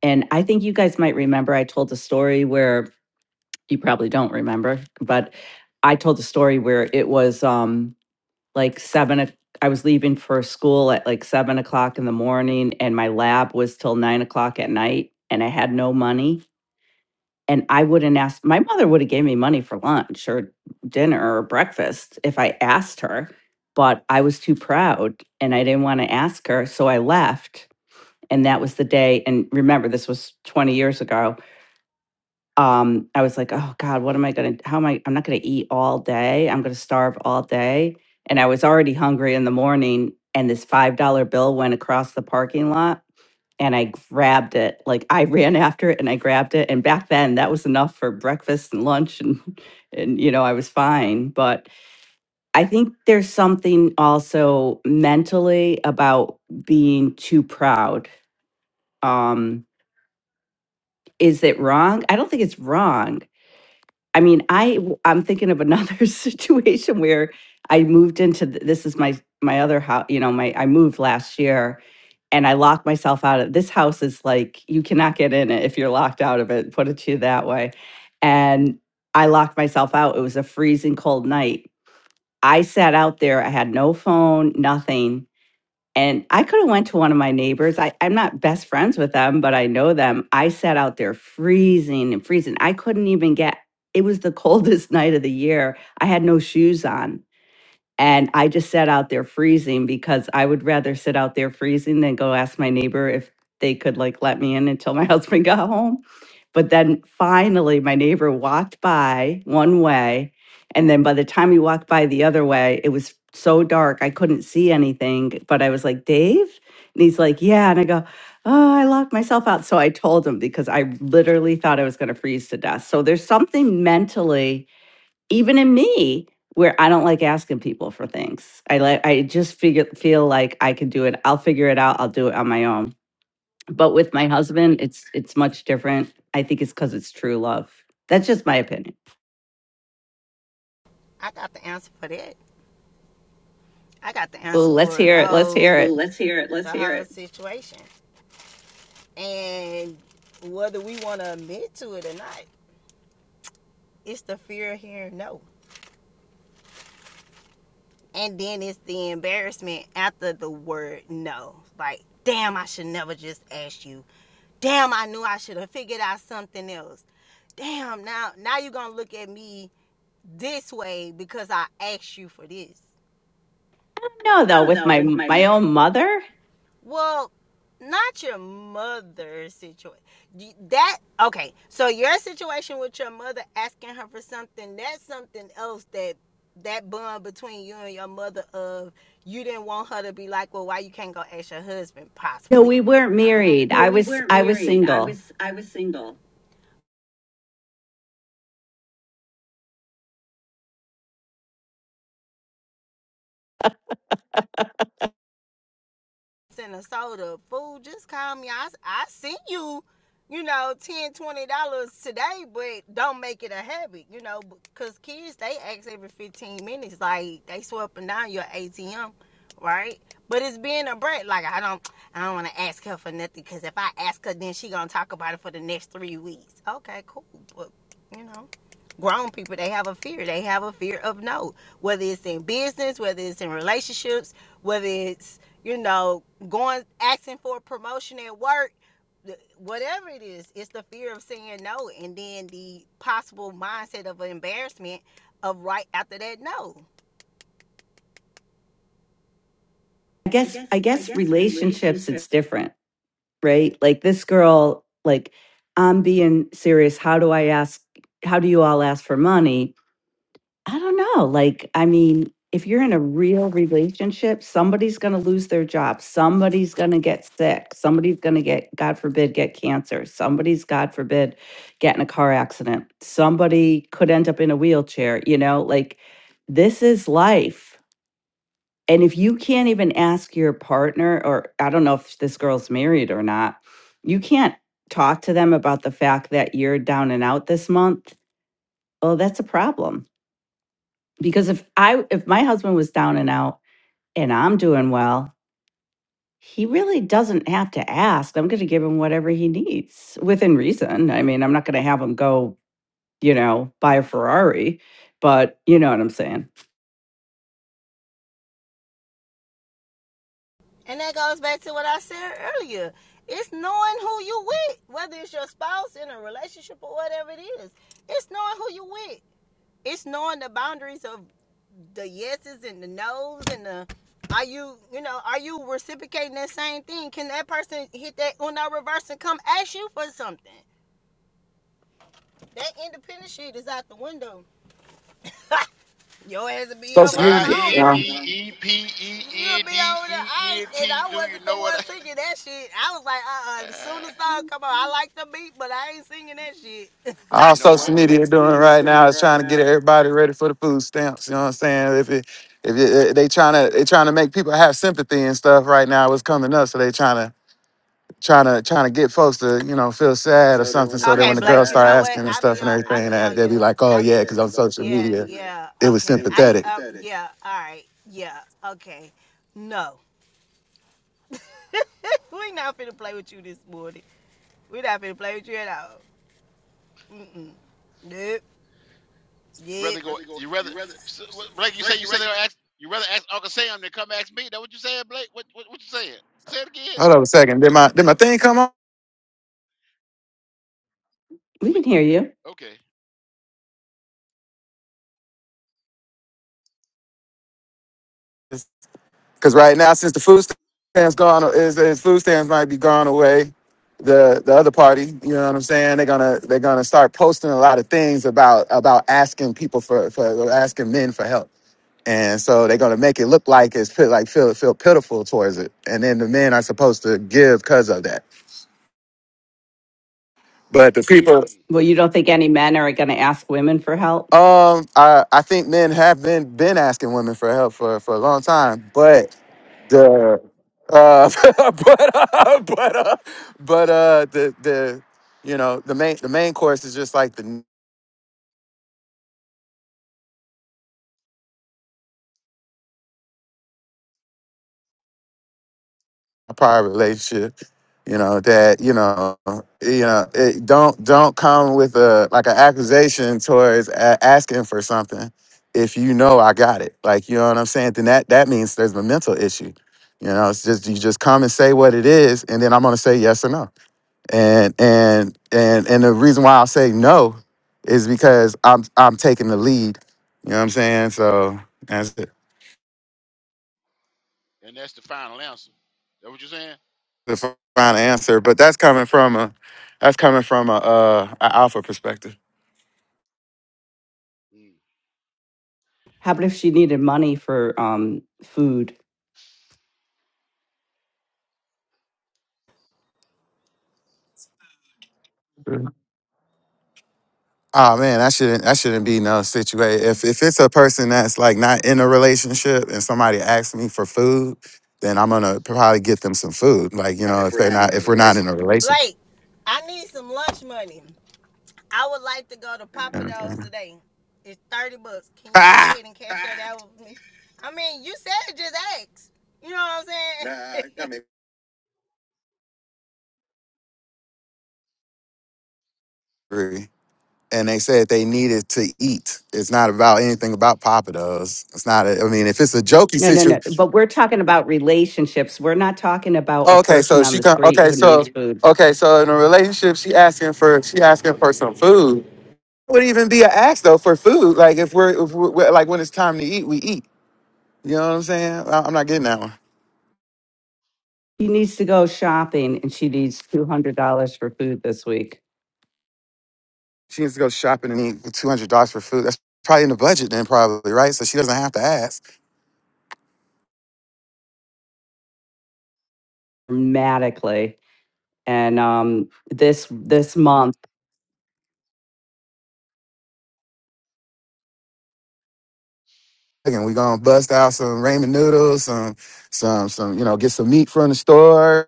[SPEAKER 7] And I think you guys might remember I told a story where you probably don't remember, but I told a story where it was. Um, like seven. o- I was leaving for school at like seven o'clock in the morning, and my lab was till nine o'clock at night, and I had no money. And I wouldn't ask. My mother would have gave me money for lunch or dinner or breakfast if I asked her, but I was too proud and I didn't want to ask her, so I left. And that was the day. And remember, this was twenty years ago um, I was like, oh God, what am I going to, how am I, I'm not going to eat all day. I'm going to starve all day. And I was already hungry in the morning. And this $5 bill went across the parking lot and I grabbed it. Like I ran after it and I grabbed it. And back then that was enough for breakfast and lunch and, and, you know, I was fine. But I think there's something also mentally about being too proud. Um, is it wrong? I don't think it's wrong. I mean, I w- I'm thinking of another situation where I moved into th- this is my my other house, you know, my I moved last year and I locked myself out of this house is like you cannot get in it if you're locked out of it, put it to you that way. And I locked myself out. It was a freezing cold night. I sat out there, I had no phone, nothing and i could have went to one of my neighbors I, i'm not best friends with them but i know them i sat out there freezing and freezing i couldn't even get it was the coldest night of the year i had no shoes on and I just sat out there freezing because I would rather sit out there freezing than go ask my neighbor if they could like let me in until my husband got home. But then finally, my neighbor walked by one way. And then by the time he walked by the other way, it was so dark, I couldn't see anything. But I was like, Dave? And he's like, Yeah. And I go, Oh, I locked myself out. So I told him because I literally thought I was going to freeze to death. So there's something mentally even in me where I don't like asking people for things. I like I just figure feel like I can do it. I'll figure it out. I'll do it on my own. But with my husband, it's it's much different. I think it's cuz it's true love. That's just my opinion.
[SPEAKER 4] I got the answer for that. I got the
[SPEAKER 7] Oh,
[SPEAKER 4] answer
[SPEAKER 7] let's
[SPEAKER 4] for the
[SPEAKER 7] hear it. Let's hear
[SPEAKER 4] whole Ooh,
[SPEAKER 7] it.
[SPEAKER 4] let's hear it. Let's hear it. situation. And whether we want to admit to it or not, it's the fear of hearing no. And then it's the embarrassment after the word no. Like, damn, I should never just ask you. Damn, I knew I should have figured out something else. Damn, now now you're gonna look at me this way because I asked you for this.
[SPEAKER 7] No, though,
[SPEAKER 4] No,
[SPEAKER 7] with
[SPEAKER 4] though,
[SPEAKER 7] my
[SPEAKER 4] with my
[SPEAKER 7] my own mother?
[SPEAKER 4] Well, not your mother's situation. That okay. So your situation with your mother asking her for something, that's something else that that bond between you and your mother of you didn't want her to be like, Well, why you can't go ask your husband?
[SPEAKER 7] No,
[SPEAKER 4] Possibly.
[SPEAKER 7] we weren't
[SPEAKER 4] I don't know.
[SPEAKER 7] married.
[SPEAKER 4] No,
[SPEAKER 7] I
[SPEAKER 4] we
[SPEAKER 7] was
[SPEAKER 4] weren't
[SPEAKER 7] I was
[SPEAKER 4] married. I
[SPEAKER 7] single.
[SPEAKER 4] was I was single. and a soda. food. just call me. I, I sent you, you know, 10 dollars, $20 today, but don't make it a habit, you know, because kids, they ask every 15 minutes, like, they swiping down your ATM, right? But it's being a brat. Like, I don't I don't want to ask her for nothing because if I ask her, then she going to talk about it for the next three weeks. Okay, cool. But, you know grown people they have a fear they have a fear of no whether it's in business whether it's in relationships whether it's you know going asking for a promotion at work whatever it is it's the fear of saying no and then the possible mindset of embarrassment of right after that no
[SPEAKER 7] I
[SPEAKER 4] I
[SPEAKER 7] guess I
[SPEAKER 4] guess I
[SPEAKER 7] guess
[SPEAKER 4] guess
[SPEAKER 7] relationships it's
[SPEAKER 4] relationship
[SPEAKER 7] different, right? Like this girl like I'm being serious. How do I ask how do you all ask for money? I don't know. Like, I mean, if you're in a real relationship, somebody's going to lose their job. Somebody's going to get sick. Somebody's going to get, God forbid, get cancer. Somebody's, God forbid, get in a car accident. Somebody could end up in a wheelchair. You know, like this is life. And if you can't even ask your partner, or I don't know if this girl's married or not, you can't talk to them about the fact that you're down and out this month. Well, that's a problem because if I if my husband was down and out and I'm doing well, he really doesn't have to ask. I'm going to give him whatever he needs within reason. I mean, I'm not going to have him go, you know, buy a Ferrari, but you know what I'm saying.
[SPEAKER 4] and that goes back to what i said earlier it's knowing who you with whether it's your spouse in a relationship or whatever it is it's knowing who you with it's knowing the boundaries of the yeses and the nos and the are you you know are you reciprocating that same thing can that person hit that uno reverse and come ask you for something that independent shit is out the window your ass will be over
[SPEAKER 5] Social
[SPEAKER 4] there
[SPEAKER 2] I
[SPEAKER 5] media.
[SPEAKER 2] N
[SPEAKER 5] Yeah.
[SPEAKER 4] hungry
[SPEAKER 2] D E P
[SPEAKER 4] you'll
[SPEAKER 2] E N
[SPEAKER 4] be
[SPEAKER 2] D
[SPEAKER 4] over there
[SPEAKER 2] E
[SPEAKER 4] I,
[SPEAKER 2] N
[SPEAKER 4] and
[SPEAKER 2] T.
[SPEAKER 4] i
[SPEAKER 2] Do you
[SPEAKER 4] wasn't the
[SPEAKER 2] know what?
[SPEAKER 4] one
[SPEAKER 2] I,
[SPEAKER 4] singing that shit i was like uh-uh as soon as
[SPEAKER 2] uh,
[SPEAKER 4] the song come on i like the beat but i ain't singing
[SPEAKER 2] you-
[SPEAKER 4] that shit
[SPEAKER 2] but
[SPEAKER 5] All
[SPEAKER 2] you know
[SPEAKER 5] social
[SPEAKER 2] what?
[SPEAKER 5] media doing right now is trying to get everybody ready for the food stamps. You know what I'm saying? If it, if it, they trying to they trying to make people have sympathy and stuff right now, it's coming up. So they trying to trying to trying to get folks to you know feel sad or
[SPEAKER 4] So then
[SPEAKER 5] something.
[SPEAKER 4] when the
[SPEAKER 5] So that
[SPEAKER 4] Okay,
[SPEAKER 5] when the
[SPEAKER 4] Blake, you
[SPEAKER 5] girls start
[SPEAKER 4] know what?
[SPEAKER 5] asking and
[SPEAKER 4] I'll be
[SPEAKER 5] stuff
[SPEAKER 4] on
[SPEAKER 5] and
[SPEAKER 4] I'll
[SPEAKER 5] everything,
[SPEAKER 4] be
[SPEAKER 5] that
[SPEAKER 4] on be
[SPEAKER 5] they'll be
[SPEAKER 4] your like,
[SPEAKER 5] like,
[SPEAKER 4] oh
[SPEAKER 5] oh
[SPEAKER 4] I
[SPEAKER 5] yeah,
[SPEAKER 4] yeah,
[SPEAKER 5] because on
[SPEAKER 4] because on
[SPEAKER 5] social
[SPEAKER 4] social yeah,
[SPEAKER 5] media
[SPEAKER 4] media
[SPEAKER 5] it
[SPEAKER 4] yeah,
[SPEAKER 5] was
[SPEAKER 4] okay. I
[SPEAKER 5] sympathetic.
[SPEAKER 4] uh yeah, all right, yeah, okay. No. we not finna play with you this morning. We not finna play with you at all. Mm mm. Nope.
[SPEAKER 2] You rather
[SPEAKER 4] Yep.
[SPEAKER 2] go.
[SPEAKER 4] Rather go.
[SPEAKER 2] You rather
[SPEAKER 4] You rather
[SPEAKER 2] so,
[SPEAKER 4] so,
[SPEAKER 2] what- Blake. You
[SPEAKER 4] Blake.
[SPEAKER 2] say
[SPEAKER 4] You
[SPEAKER 2] you rather
[SPEAKER 4] say you.
[SPEAKER 2] ask. You rather ask Uncle Sam than come ask me. That what you saying, Blake? What what, what you saying? Say it again.
[SPEAKER 5] Hold on a second. Did my did my thing come on?
[SPEAKER 7] We
[SPEAKER 2] We,
[SPEAKER 7] can hear you.
[SPEAKER 2] okay.
[SPEAKER 5] Because right now, since the food stamps gone, is, is food stamps might be gone away. The the other party, you know what I'm saying? They're gonna they're gonna start posting a lot of things about about asking people for for asking men for help, and so they're gonna make it look like it's pit- like feel feel pitiful towards it, and then the men are supposed to give because of that. But the people,
[SPEAKER 2] Mm.
[SPEAKER 7] Well, you don't think any men are going to ask women for help?
[SPEAKER 5] um, I I think men have been been asking women for help for for a long time, but Duh. Uh, but uh, but uh, but uh, the the you know the main the main course is just like the prior relationship. You know that you know you know it don't don't come with a like an accusation towards a- asking for something if you know I got it. Like you know what I'm saying. Then that that means there's a mental issue. You know, it's just you just come and say what it is, and then I'm gonna say yes or no. and and and and the reason why I say no is because I'm I'm taking the lead. You know what I'm saying? So that's the
[SPEAKER 2] And that's the final answer. Is That what you're saying?
[SPEAKER 5] the final answer. But that's coming from a that's coming from a, uh a alpha perspective.
[SPEAKER 2] Mm.
[SPEAKER 7] How about if she needed money for um food?
[SPEAKER 5] Oh man, that shouldn't that shouldn't be no situation. If if it's a person that's like not in a relationship and somebody asks me for food, then I'm gonna probably get them some food. Like you know, if they're not if we're not in a relationship.
[SPEAKER 4] Blake, I need some lunch money. I would like to go to
[SPEAKER 5] You
[SPEAKER 4] Papa
[SPEAKER 5] know what
[SPEAKER 4] Do's today. It's 30 bucks. Can you go
[SPEAKER 5] I'm
[SPEAKER 4] ahead and cash that out with me? I mean, you said just ask. You know what I'm saying? Nah, saying?
[SPEAKER 5] saying? and they said they needed to eat. It's not about anything about Papa does. It's not. A, I mean, if it's a jokey
[SPEAKER 7] No, no,
[SPEAKER 5] situation,
[SPEAKER 7] no. But we're talking about relationships. We're not talking about a
[SPEAKER 5] okay.
[SPEAKER 7] person
[SPEAKER 5] So
[SPEAKER 7] on
[SPEAKER 5] she
[SPEAKER 7] the
[SPEAKER 5] come.
[SPEAKER 7] street
[SPEAKER 5] Okay,
[SPEAKER 7] who
[SPEAKER 5] so
[SPEAKER 7] needs food.
[SPEAKER 5] okay, so in a relationship, she asking for she asking for some food. It would even be an ask though for food. Like if we're, if we're like when it's time to eat, we eat. You know what I'm saying? I- I'm not getting that one.
[SPEAKER 7] She needs to go shopping and she needs two hundred dollars for food this week
[SPEAKER 5] She needs to go shopping and eat for two hundred dollars for food. That's probably in the budget then, probably right. So she doesn't have to ask.
[SPEAKER 7] dramatically. And um this this month.
[SPEAKER 5] Again, we gonna bust out some ramen noodles, some some some you know get some meat from the store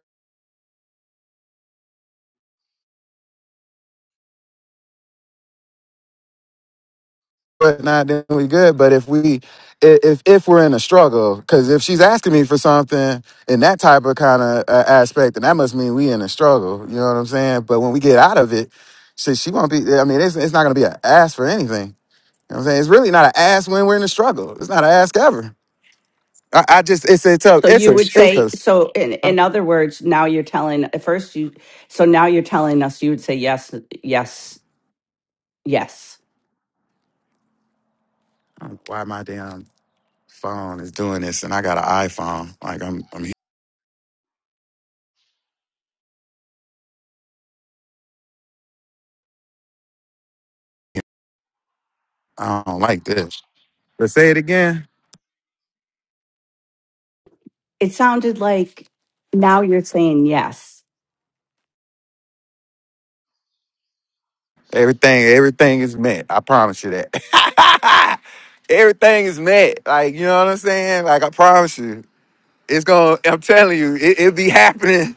[SPEAKER 5] whatnot, then we good. But if we, i- if if we're in a struggle, because if she's asking me for something in that type of kind of uh, aspect, then that must mean we in a struggle. You know what I'm saying? But when we get out of it, she she won't be. I mean, it's it's not gonna be an ass for anything. You know what I'm saying? It's really not an ass when we're in a struggle. It's not an ask ever. I, I just it's it's a
[SPEAKER 7] So
[SPEAKER 5] it's a
[SPEAKER 7] you would
[SPEAKER 5] it's
[SPEAKER 7] say
[SPEAKER 5] a.
[SPEAKER 7] so in in other words, now you're telling at first you so now you're telling us you would say yes, yes, yes.
[SPEAKER 5] Why my damn phone is doing this, and I got an iPhone. Like I'm I'm I don't like this. But say it again.
[SPEAKER 7] It sounded like now you're saying yes.
[SPEAKER 5] Everything, everything is met. I promise you that. everything is met. Like, you know what I'm saying? Like, I promise you. It's gonna, I'm telling you, it, it be happening.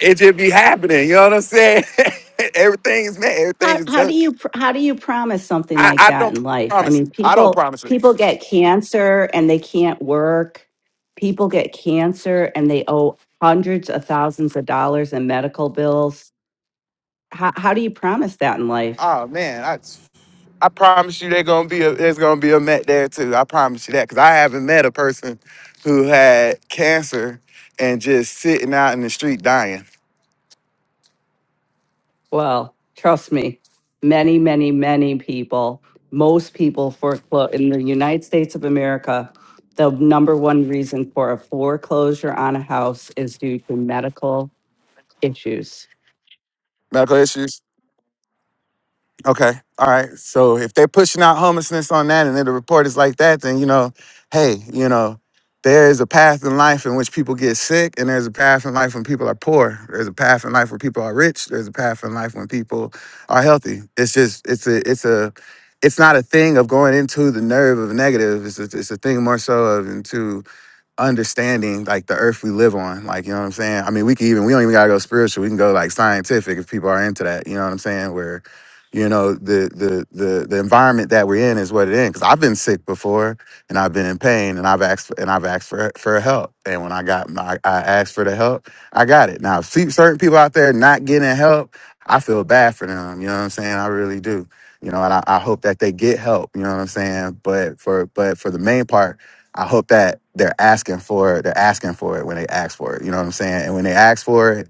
[SPEAKER 5] It just be happening. You know what I'm saying? everything is met. Everything
[SPEAKER 7] how
[SPEAKER 5] is
[SPEAKER 7] how do
[SPEAKER 5] done.
[SPEAKER 7] you pr- how do you promise something
[SPEAKER 5] I,
[SPEAKER 7] like
[SPEAKER 5] I
[SPEAKER 7] that
[SPEAKER 5] don't
[SPEAKER 7] in life i
[SPEAKER 5] promise it.
[SPEAKER 7] mean
[SPEAKER 5] I don't
[SPEAKER 7] people
[SPEAKER 5] promise it.
[SPEAKER 7] people get cancer and they can't work people get cancer and they owe hundreds of thousands of dollars in medical bills how, how do you promise that in life
[SPEAKER 5] Oh man, I I promise you they gonna be a there's gonna be a met there too. I promise you that. Cause I haven't met a person who had cancer and just sitting out in the street dying.
[SPEAKER 7] well trust me many many many people most people foreclose in the united states of america the number one reason for a foreclosure on a house is due to medical issues
[SPEAKER 5] Medical issues. Okay. All right. So if they're pushing out homelessness on that and then the report is like that, then you know, hey, you know, there is a path in life in which people get sick, and there's a path in life when people are poor. There's a path in life where people are rich. There's a path in life when people are healthy. It's just it's a it's a it's not a thing of going into the nerve of negative. It's a, it's a thing more so of into understanding like the earth we live on. Like, you know what I'm saying? I mean, we can even, we don't even gotta go spiritual. We can go like scientific if people are into that. You know what I'm saying? Where, you know, the the the the environment that we're in is what it is. Cause I've been sick before and I've been in pain and I've asked and I've asked for for help. And when I got my I asked for the help, I got it. Now see certain people out there not getting help, I feel bad for them. You know what I'm saying? I really do. You know, and I, I hope that they get help. You know what I'm saying? But for but for the main part I hope that they're asking for it. They're asking for it when they ask for it. You know what I'm saying? And when they ask for it,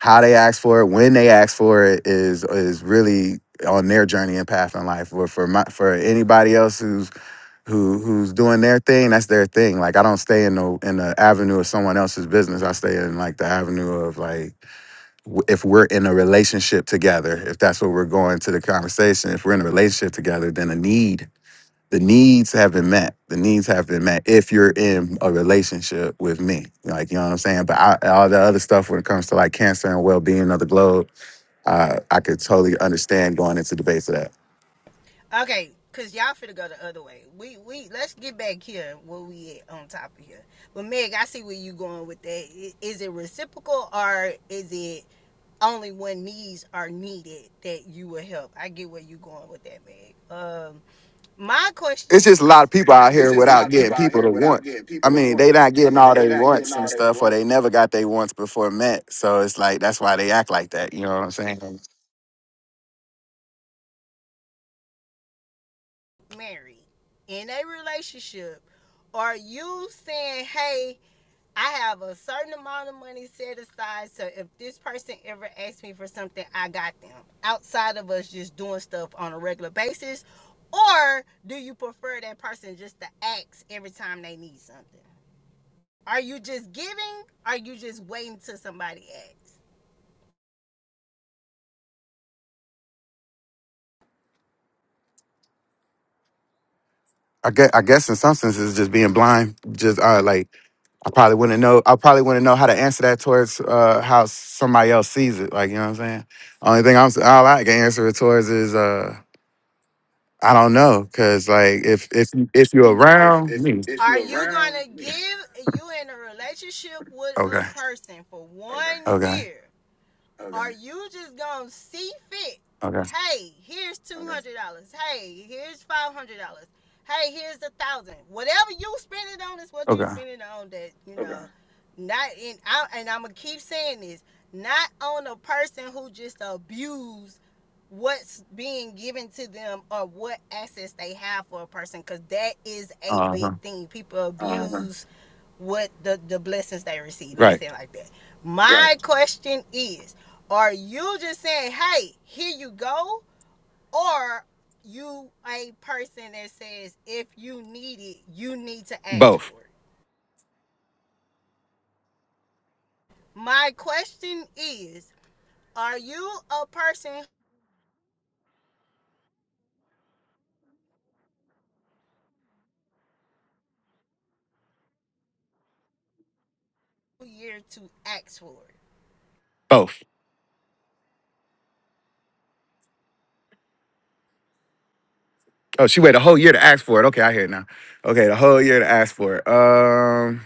[SPEAKER 5] how they ask for it, when they ask for it is is really on their journey and path in life. Or for my for anybody else who's who who's doing their thing, that's their thing. Like I don't stay in the in the avenue of someone else's business. I stay in like the avenue of like w- if we're in a relationship together, if that's what we're going to the conversation, if we're in a relationship together, then a need the needs have been met. The needs have been met if you're in a relationship with me. Like, you know what I'm saying? But I, all the other stuff when it comes to like cancer and well being of the globe, uh, I could totally understand going into debates of that.
[SPEAKER 4] Okay, cause y'all finna go the other way. We we let's get back here where we at on top of here. But Meg, I see where you going with that. Is it reciprocal or is it only when needs are needed that you will help? I get where you going with that, Meg. Um, my
[SPEAKER 5] It's
[SPEAKER 4] question
[SPEAKER 5] just a lot of
[SPEAKER 4] is,
[SPEAKER 5] people out
[SPEAKER 4] It's
[SPEAKER 5] here
[SPEAKER 4] just a lot
[SPEAKER 5] without
[SPEAKER 4] of
[SPEAKER 5] getting
[SPEAKER 4] people out
[SPEAKER 5] people
[SPEAKER 4] here
[SPEAKER 5] to
[SPEAKER 4] without
[SPEAKER 5] want.
[SPEAKER 4] getting
[SPEAKER 5] I
[SPEAKER 4] people to
[SPEAKER 5] mean,
[SPEAKER 4] want.
[SPEAKER 5] they not
[SPEAKER 4] I
[SPEAKER 5] getting
[SPEAKER 4] mean,
[SPEAKER 5] all
[SPEAKER 4] they
[SPEAKER 5] they
[SPEAKER 4] not getting
[SPEAKER 5] wants and
[SPEAKER 4] all they
[SPEAKER 5] stuff, or
[SPEAKER 4] want.
[SPEAKER 5] they never got their wants before met. So it's like that's why they act like that. You know what I'm saying?
[SPEAKER 4] married in a relationship, are you saying, hey? I have a certain amount of money set aside, so if this person ever asks me for something, I got them. Outside of us just doing stuff on a regular basis, or do you prefer that person just to ask every time they need something? Are you just giving? Are you just waiting till somebody asks?
[SPEAKER 5] I guess, I guess in some senses, just being blind, just uh, like I probably wouldn't know. I probably wouldn't know how to answer that towards uh, how somebody else sees it. Like you know what I'm saying. Only thing I'm s- all I can answer it towards is uh, I don't know, cause like if if you- if you're
[SPEAKER 4] If
[SPEAKER 5] around
[SPEAKER 4] if
[SPEAKER 5] me,
[SPEAKER 4] if Are you around gonna give you in a relationship with
[SPEAKER 5] okay,
[SPEAKER 4] a person for one
[SPEAKER 5] okay,
[SPEAKER 4] year? Okay. Are you just gonna see fit?
[SPEAKER 5] okay,
[SPEAKER 4] Hey, here's two hundred dollars. Okay. Hey, here's five hundred dollars. Hey, here's a thousand. dollars. Whatever you spend it on is what you
[SPEAKER 5] okay,
[SPEAKER 4] spend it on. That you Okay. know, okay. not in. I, and I'm gonna keep saying this. Not on a person who just abused what's being given to them or what assets they have for a person, because that is a
[SPEAKER 5] uh huh,
[SPEAKER 4] big thing. People Uh huh. abuse uh-huh. what the the blessings they receive. Let me
[SPEAKER 5] right,
[SPEAKER 4] say it like that. My yeah. question is, are you just saying, hey, here you go? Or you a person that says if you need it, you need to act
[SPEAKER 5] both,
[SPEAKER 4] for it? My question is, are you a person who here to act for it?
[SPEAKER 5] both. Oh, she waited a whole year to ask for it. Okay, I hear it now. Okay, the whole year to ask for it. Um,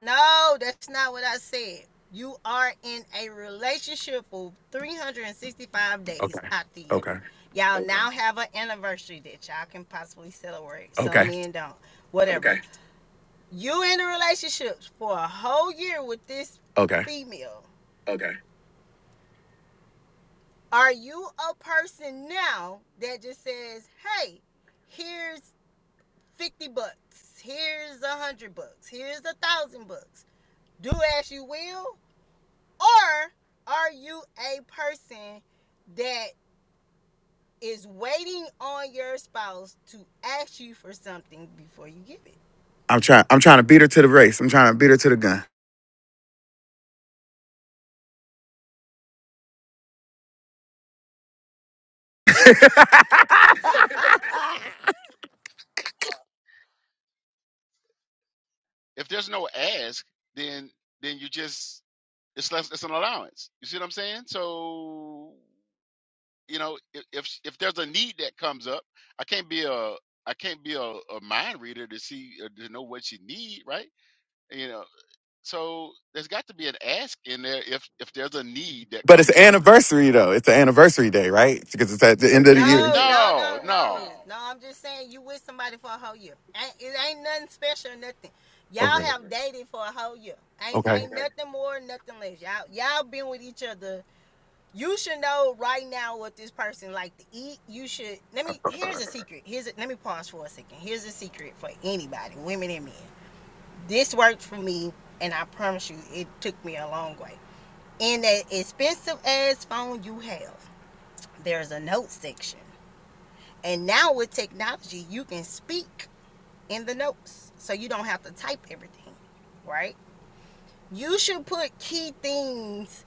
[SPEAKER 4] No, that's not what I said. You are in a relationship for 365 days
[SPEAKER 5] okay,
[SPEAKER 4] out the year.
[SPEAKER 5] okay,
[SPEAKER 4] Okay. Y'all okay. now have an anniversary that y'all can possibly celebrate. Some
[SPEAKER 5] okay,
[SPEAKER 4] men don't. Whatever. Okay. You in a relationship for a whole year with this
[SPEAKER 5] okay.
[SPEAKER 4] female. Okay. Are you a person now that just says, "Hey, here's 50 bucks. Here's a 100 bucks. Here's a 1000 bucks. Do as you will?" Or are you a person that is waiting on your spouse to ask you for something before you give it?
[SPEAKER 5] I'm trying. I'm trying to beat her to the race. I'm trying to beat her to the gun.
[SPEAKER 2] If there's no ask, then then you just it's less it's an allowance. You see what I'm saying? So you know if if, if there's a need that comes up, I can't be a I can't be a, a mind reader to see uh, to know what you need, right? You know, so there's got to be an ask in there if if there's a need that
[SPEAKER 5] But it's an
[SPEAKER 2] comes up.
[SPEAKER 5] anniversary though. It's the anniversary day, right? Because it's at the end of the year.
[SPEAKER 4] No, no,
[SPEAKER 2] No,
[SPEAKER 4] no,
[SPEAKER 2] no,
[SPEAKER 4] no, no. I'm just saying you with somebody for a whole year. Ain't, it ain't nothing special, nothing. Y'all
[SPEAKER 5] Okay.
[SPEAKER 4] have Okay. dated for a whole year. Ain't
[SPEAKER 5] Okay.
[SPEAKER 4] ain't Okay. nothing more, nothing less. Y'all y'all been with each other. You should know right now what this person like to eat. You should let me. Here's a secret. Here's a, let me pause for a second. Here's a secret for anybody, women and men. This worked for me, and I promise you, it took me a long way. In that expensive ass phone you have, there's a note section and now with technology, you can speak in the notes. So you don't have to type everything, right? You should put key things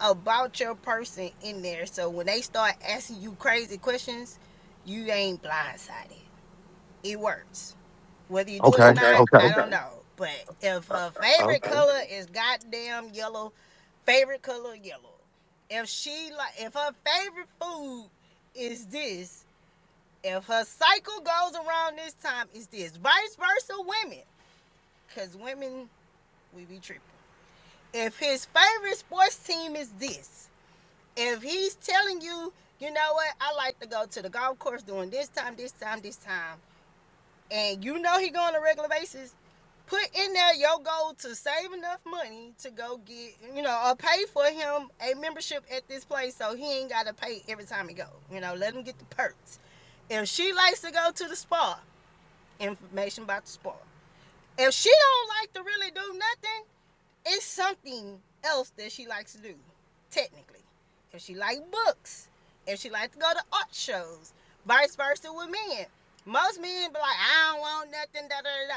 [SPEAKER 4] about your person in there. So when they start asking you crazy questions, you ain't blindsided. It works. Whether you do it
[SPEAKER 5] Okay.
[SPEAKER 4] or Okay, not, okay. I
[SPEAKER 5] Okay.
[SPEAKER 4] okay, don't know. But if her favorite
[SPEAKER 5] Okay.
[SPEAKER 4] color okay. is goddamn yellow, favorite color yellow. If she like if her favorite food is this, if her cycle goes around this time, it's this. Vice versa, women, because women, we be tripping. If his favorite sports team is this, if he's telling you, you know what, I like to go to the golf course during this time, this time, this time, and you know he go on a regular basis, put in there your goal to save enough money to go get, you know, or pay for him a membership at this place so he ain't got to pay every time he go. You know, let him get the perks. If she likes to go to the spa, information about the sport. If she don't like to really do nothing, it's something else that she likes to do, technically. If she like books, if she like to go to art shows, vice versa with men. Most men be like, I don't want nothing, da da da.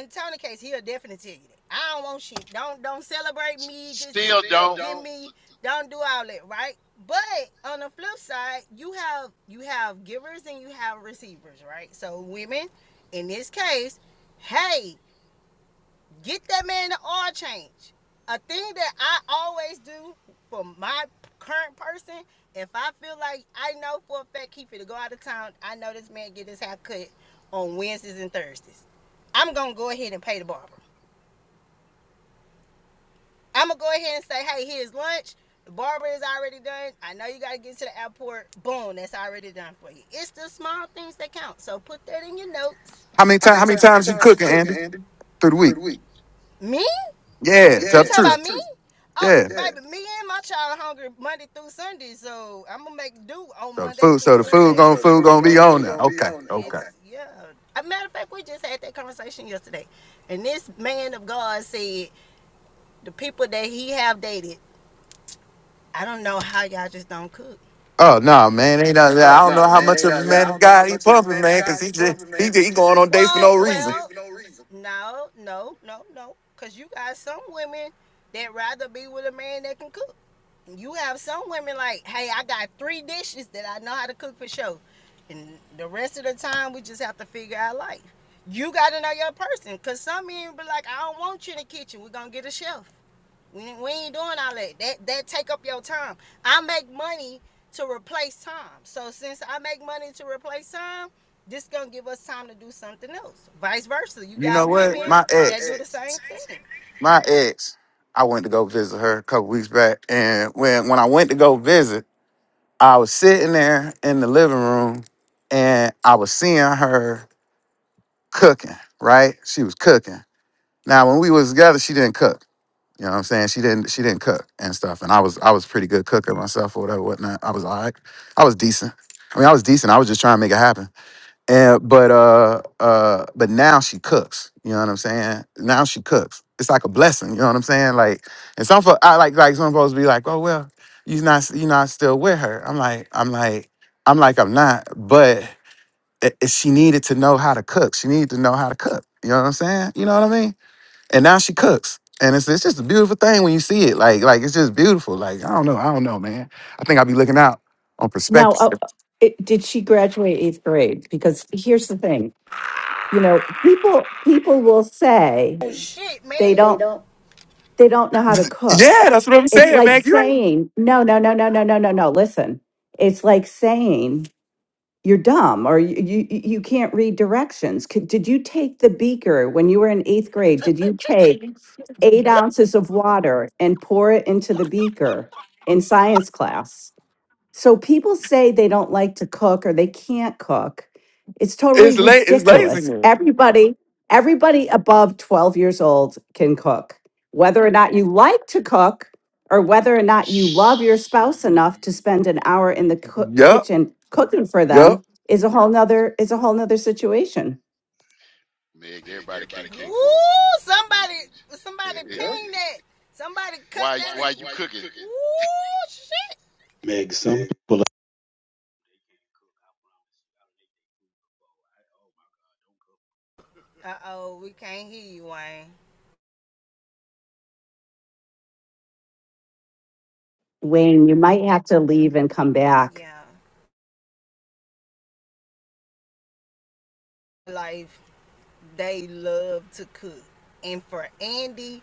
[SPEAKER 4] In Tony's case, he'll definitely tell you that. I don't want shit. Don't don't celebrate
[SPEAKER 2] S-
[SPEAKER 4] me. Just
[SPEAKER 2] still
[SPEAKER 4] Still
[SPEAKER 2] don't.
[SPEAKER 4] don't. Give me. Don't do all that, right? But on the flip side, you have you have givers and you have receivers, right? So women, in this case, hey, Get that man the oil change. A thing that I always do for my current person, if I feel like I know for a fact he finna go out of town, I know this man get his hair cut on Wednesdays and Thursdays. I'm gonna go ahead and pay the barber. I'm gonna go ahead and say, hey, here's lunch. The barber is already done. I know you gotta get to the airport. Boom, that's already done for you. It's the small things that count. So put that in your notes.
[SPEAKER 5] How many
[SPEAKER 4] How
[SPEAKER 5] times?
[SPEAKER 4] many
[SPEAKER 5] How many
[SPEAKER 4] times? How many
[SPEAKER 5] times you
[SPEAKER 4] times you
[SPEAKER 5] cooking,
[SPEAKER 4] cooking,
[SPEAKER 5] Andy,
[SPEAKER 4] Andy,
[SPEAKER 5] through the
[SPEAKER 4] through
[SPEAKER 5] week?
[SPEAKER 4] the week? Me? You
[SPEAKER 5] Yeah.
[SPEAKER 4] yeah, you
[SPEAKER 5] Tell
[SPEAKER 4] Yeah,
[SPEAKER 5] the
[SPEAKER 4] talking so
[SPEAKER 5] truth.
[SPEAKER 4] about me? two. Oh,
[SPEAKER 5] Yeah.
[SPEAKER 4] Yeah. baby, me and my child are hungry Monday through Sunday, so I'm gonna make do on
[SPEAKER 5] So the
[SPEAKER 4] Monday
[SPEAKER 5] food.
[SPEAKER 4] through
[SPEAKER 5] So
[SPEAKER 4] So
[SPEAKER 5] the
[SPEAKER 4] the food,
[SPEAKER 5] food
[SPEAKER 4] Sunday.
[SPEAKER 5] going
[SPEAKER 4] so the
[SPEAKER 5] food
[SPEAKER 4] food
[SPEAKER 5] gonna be
[SPEAKER 4] gonna
[SPEAKER 5] on
[SPEAKER 4] food
[SPEAKER 5] now.
[SPEAKER 4] gonna be
[SPEAKER 5] Okay.
[SPEAKER 4] on there. It's,
[SPEAKER 5] Okay.
[SPEAKER 4] Okay. Is yeah. As A matter of fact, we just had that conversation yesterday, and this man of God said the people that he have dated, I don't know how y'all just don't cook.
[SPEAKER 5] Oh no, man. Ain't nothing. I
[SPEAKER 4] Oh
[SPEAKER 5] don't
[SPEAKER 4] no,
[SPEAKER 5] know how
[SPEAKER 4] man!
[SPEAKER 5] much
[SPEAKER 4] Ain't
[SPEAKER 5] of
[SPEAKER 4] I,
[SPEAKER 5] a man of
[SPEAKER 4] don't know how
[SPEAKER 5] God he
[SPEAKER 4] much of a
[SPEAKER 5] pumping,
[SPEAKER 4] man of
[SPEAKER 5] man, because
[SPEAKER 4] God he
[SPEAKER 5] he just
[SPEAKER 4] puffing,
[SPEAKER 5] he
[SPEAKER 4] man,
[SPEAKER 5] just,
[SPEAKER 4] because
[SPEAKER 5] he
[SPEAKER 4] he just
[SPEAKER 5] going
[SPEAKER 4] he
[SPEAKER 5] on dates for
[SPEAKER 4] Well,
[SPEAKER 5] no
[SPEAKER 4] just going well, on
[SPEAKER 5] reason.
[SPEAKER 4] dates well, for no reason. no, no, no, no. Because you got some women that rather be with a man that can cook. You have some women like, hey, I got three dishes that I know how to cook for sure. And the rest of the time, we just have to figure out life. You got to know your person. Because some men be like, I don't want you in the kitchen. We're going to get a chef. We ain't doing all that. That that take up your time. I make money to replace time. So since I make money to replace time, this is gonna give us time to do something else. Vice versa. You
[SPEAKER 5] You
[SPEAKER 4] got
[SPEAKER 5] know
[SPEAKER 4] You
[SPEAKER 5] what?
[SPEAKER 4] women
[SPEAKER 5] My
[SPEAKER 4] My that ex.
[SPEAKER 5] ex.
[SPEAKER 4] do the same thing.
[SPEAKER 5] my ex, I went to go visit her a couple weeks back, and when when I went to go visit, I was sitting there in the living room, and I was seeing her cooking. Right, she was cooking. Now, when we was together, she didn't cook. You know what I'm saying? She didn't. She didn't cook and stuff. And I was I was pretty good cooker myself or whatever, whatnot. I was all right. I was decent. I mean, I was decent. I was just trying to make it happen. And but uh uh but now she cooks. You know what I'm saying? Now she cooks. It's like a blessing. You know what I'm saying? Like and some folks I like like some folks be like, oh well, you're not you're not still with her. I'm like I'm like I'm like I'm not. But i- i- she needed to know how to cook. She needed to know how to cook. You know what I'm saying? You know what I mean? And now she cooks. And it's, it's just a beautiful thing when you see it. Like like it's just beautiful. Like I don't know I don't know man. I think I'll be looking out on
[SPEAKER 7] Now,
[SPEAKER 5] perspective.
[SPEAKER 7] uh, it, did she graduate eighth grade? Because here's the thing, you know, people people will say
[SPEAKER 4] Oh shit,
[SPEAKER 7] they
[SPEAKER 4] man. They
[SPEAKER 7] don't
[SPEAKER 4] don't.
[SPEAKER 7] they don't know how to cook.
[SPEAKER 5] Yeah, that's what I'm
[SPEAKER 7] It's
[SPEAKER 5] saying,
[SPEAKER 7] like
[SPEAKER 5] man.
[SPEAKER 7] saying no, no, no, no, no, no, no, no. Listen, it's like saying you're dumb or you you, you you can't read directions. Could, did you take the beaker when you were in eighth grade? Did you take eight ounces of water and pour it into the beaker in science class? So people say they don't like to cook or they can't cook. It's totally
[SPEAKER 5] It's late. It's
[SPEAKER 7] ridiculous.
[SPEAKER 5] laziness.
[SPEAKER 7] Everybody, everybody above 12 years old can cook. Whether or not you like to cook or whether or not you love your
[SPEAKER 2] Shit.
[SPEAKER 7] spouse enough to spend an hour in the coo-
[SPEAKER 5] Yup.
[SPEAKER 7] kitchen cooking for
[SPEAKER 5] Yup.
[SPEAKER 7] them is a whole nother is a whole nother situation.
[SPEAKER 2] Meg,
[SPEAKER 4] Nigga,
[SPEAKER 2] everybody can't
[SPEAKER 4] everybody can't Woo!
[SPEAKER 2] cook.
[SPEAKER 4] Somebody somebody Yeah. ping that. Somebody cut
[SPEAKER 2] why
[SPEAKER 4] that Why,
[SPEAKER 2] why
[SPEAKER 4] and
[SPEAKER 2] you
[SPEAKER 4] why you
[SPEAKER 2] cooking?
[SPEAKER 4] cooking? Woo shit.
[SPEAKER 8] Meg, some
[SPEAKER 4] Man,
[SPEAKER 8] people
[SPEAKER 4] Uh oh, we can't hear you, Wayne.
[SPEAKER 7] Wayne, you might have to leave and come back.
[SPEAKER 4] Yeah. Life. they love to cook. And for Andy,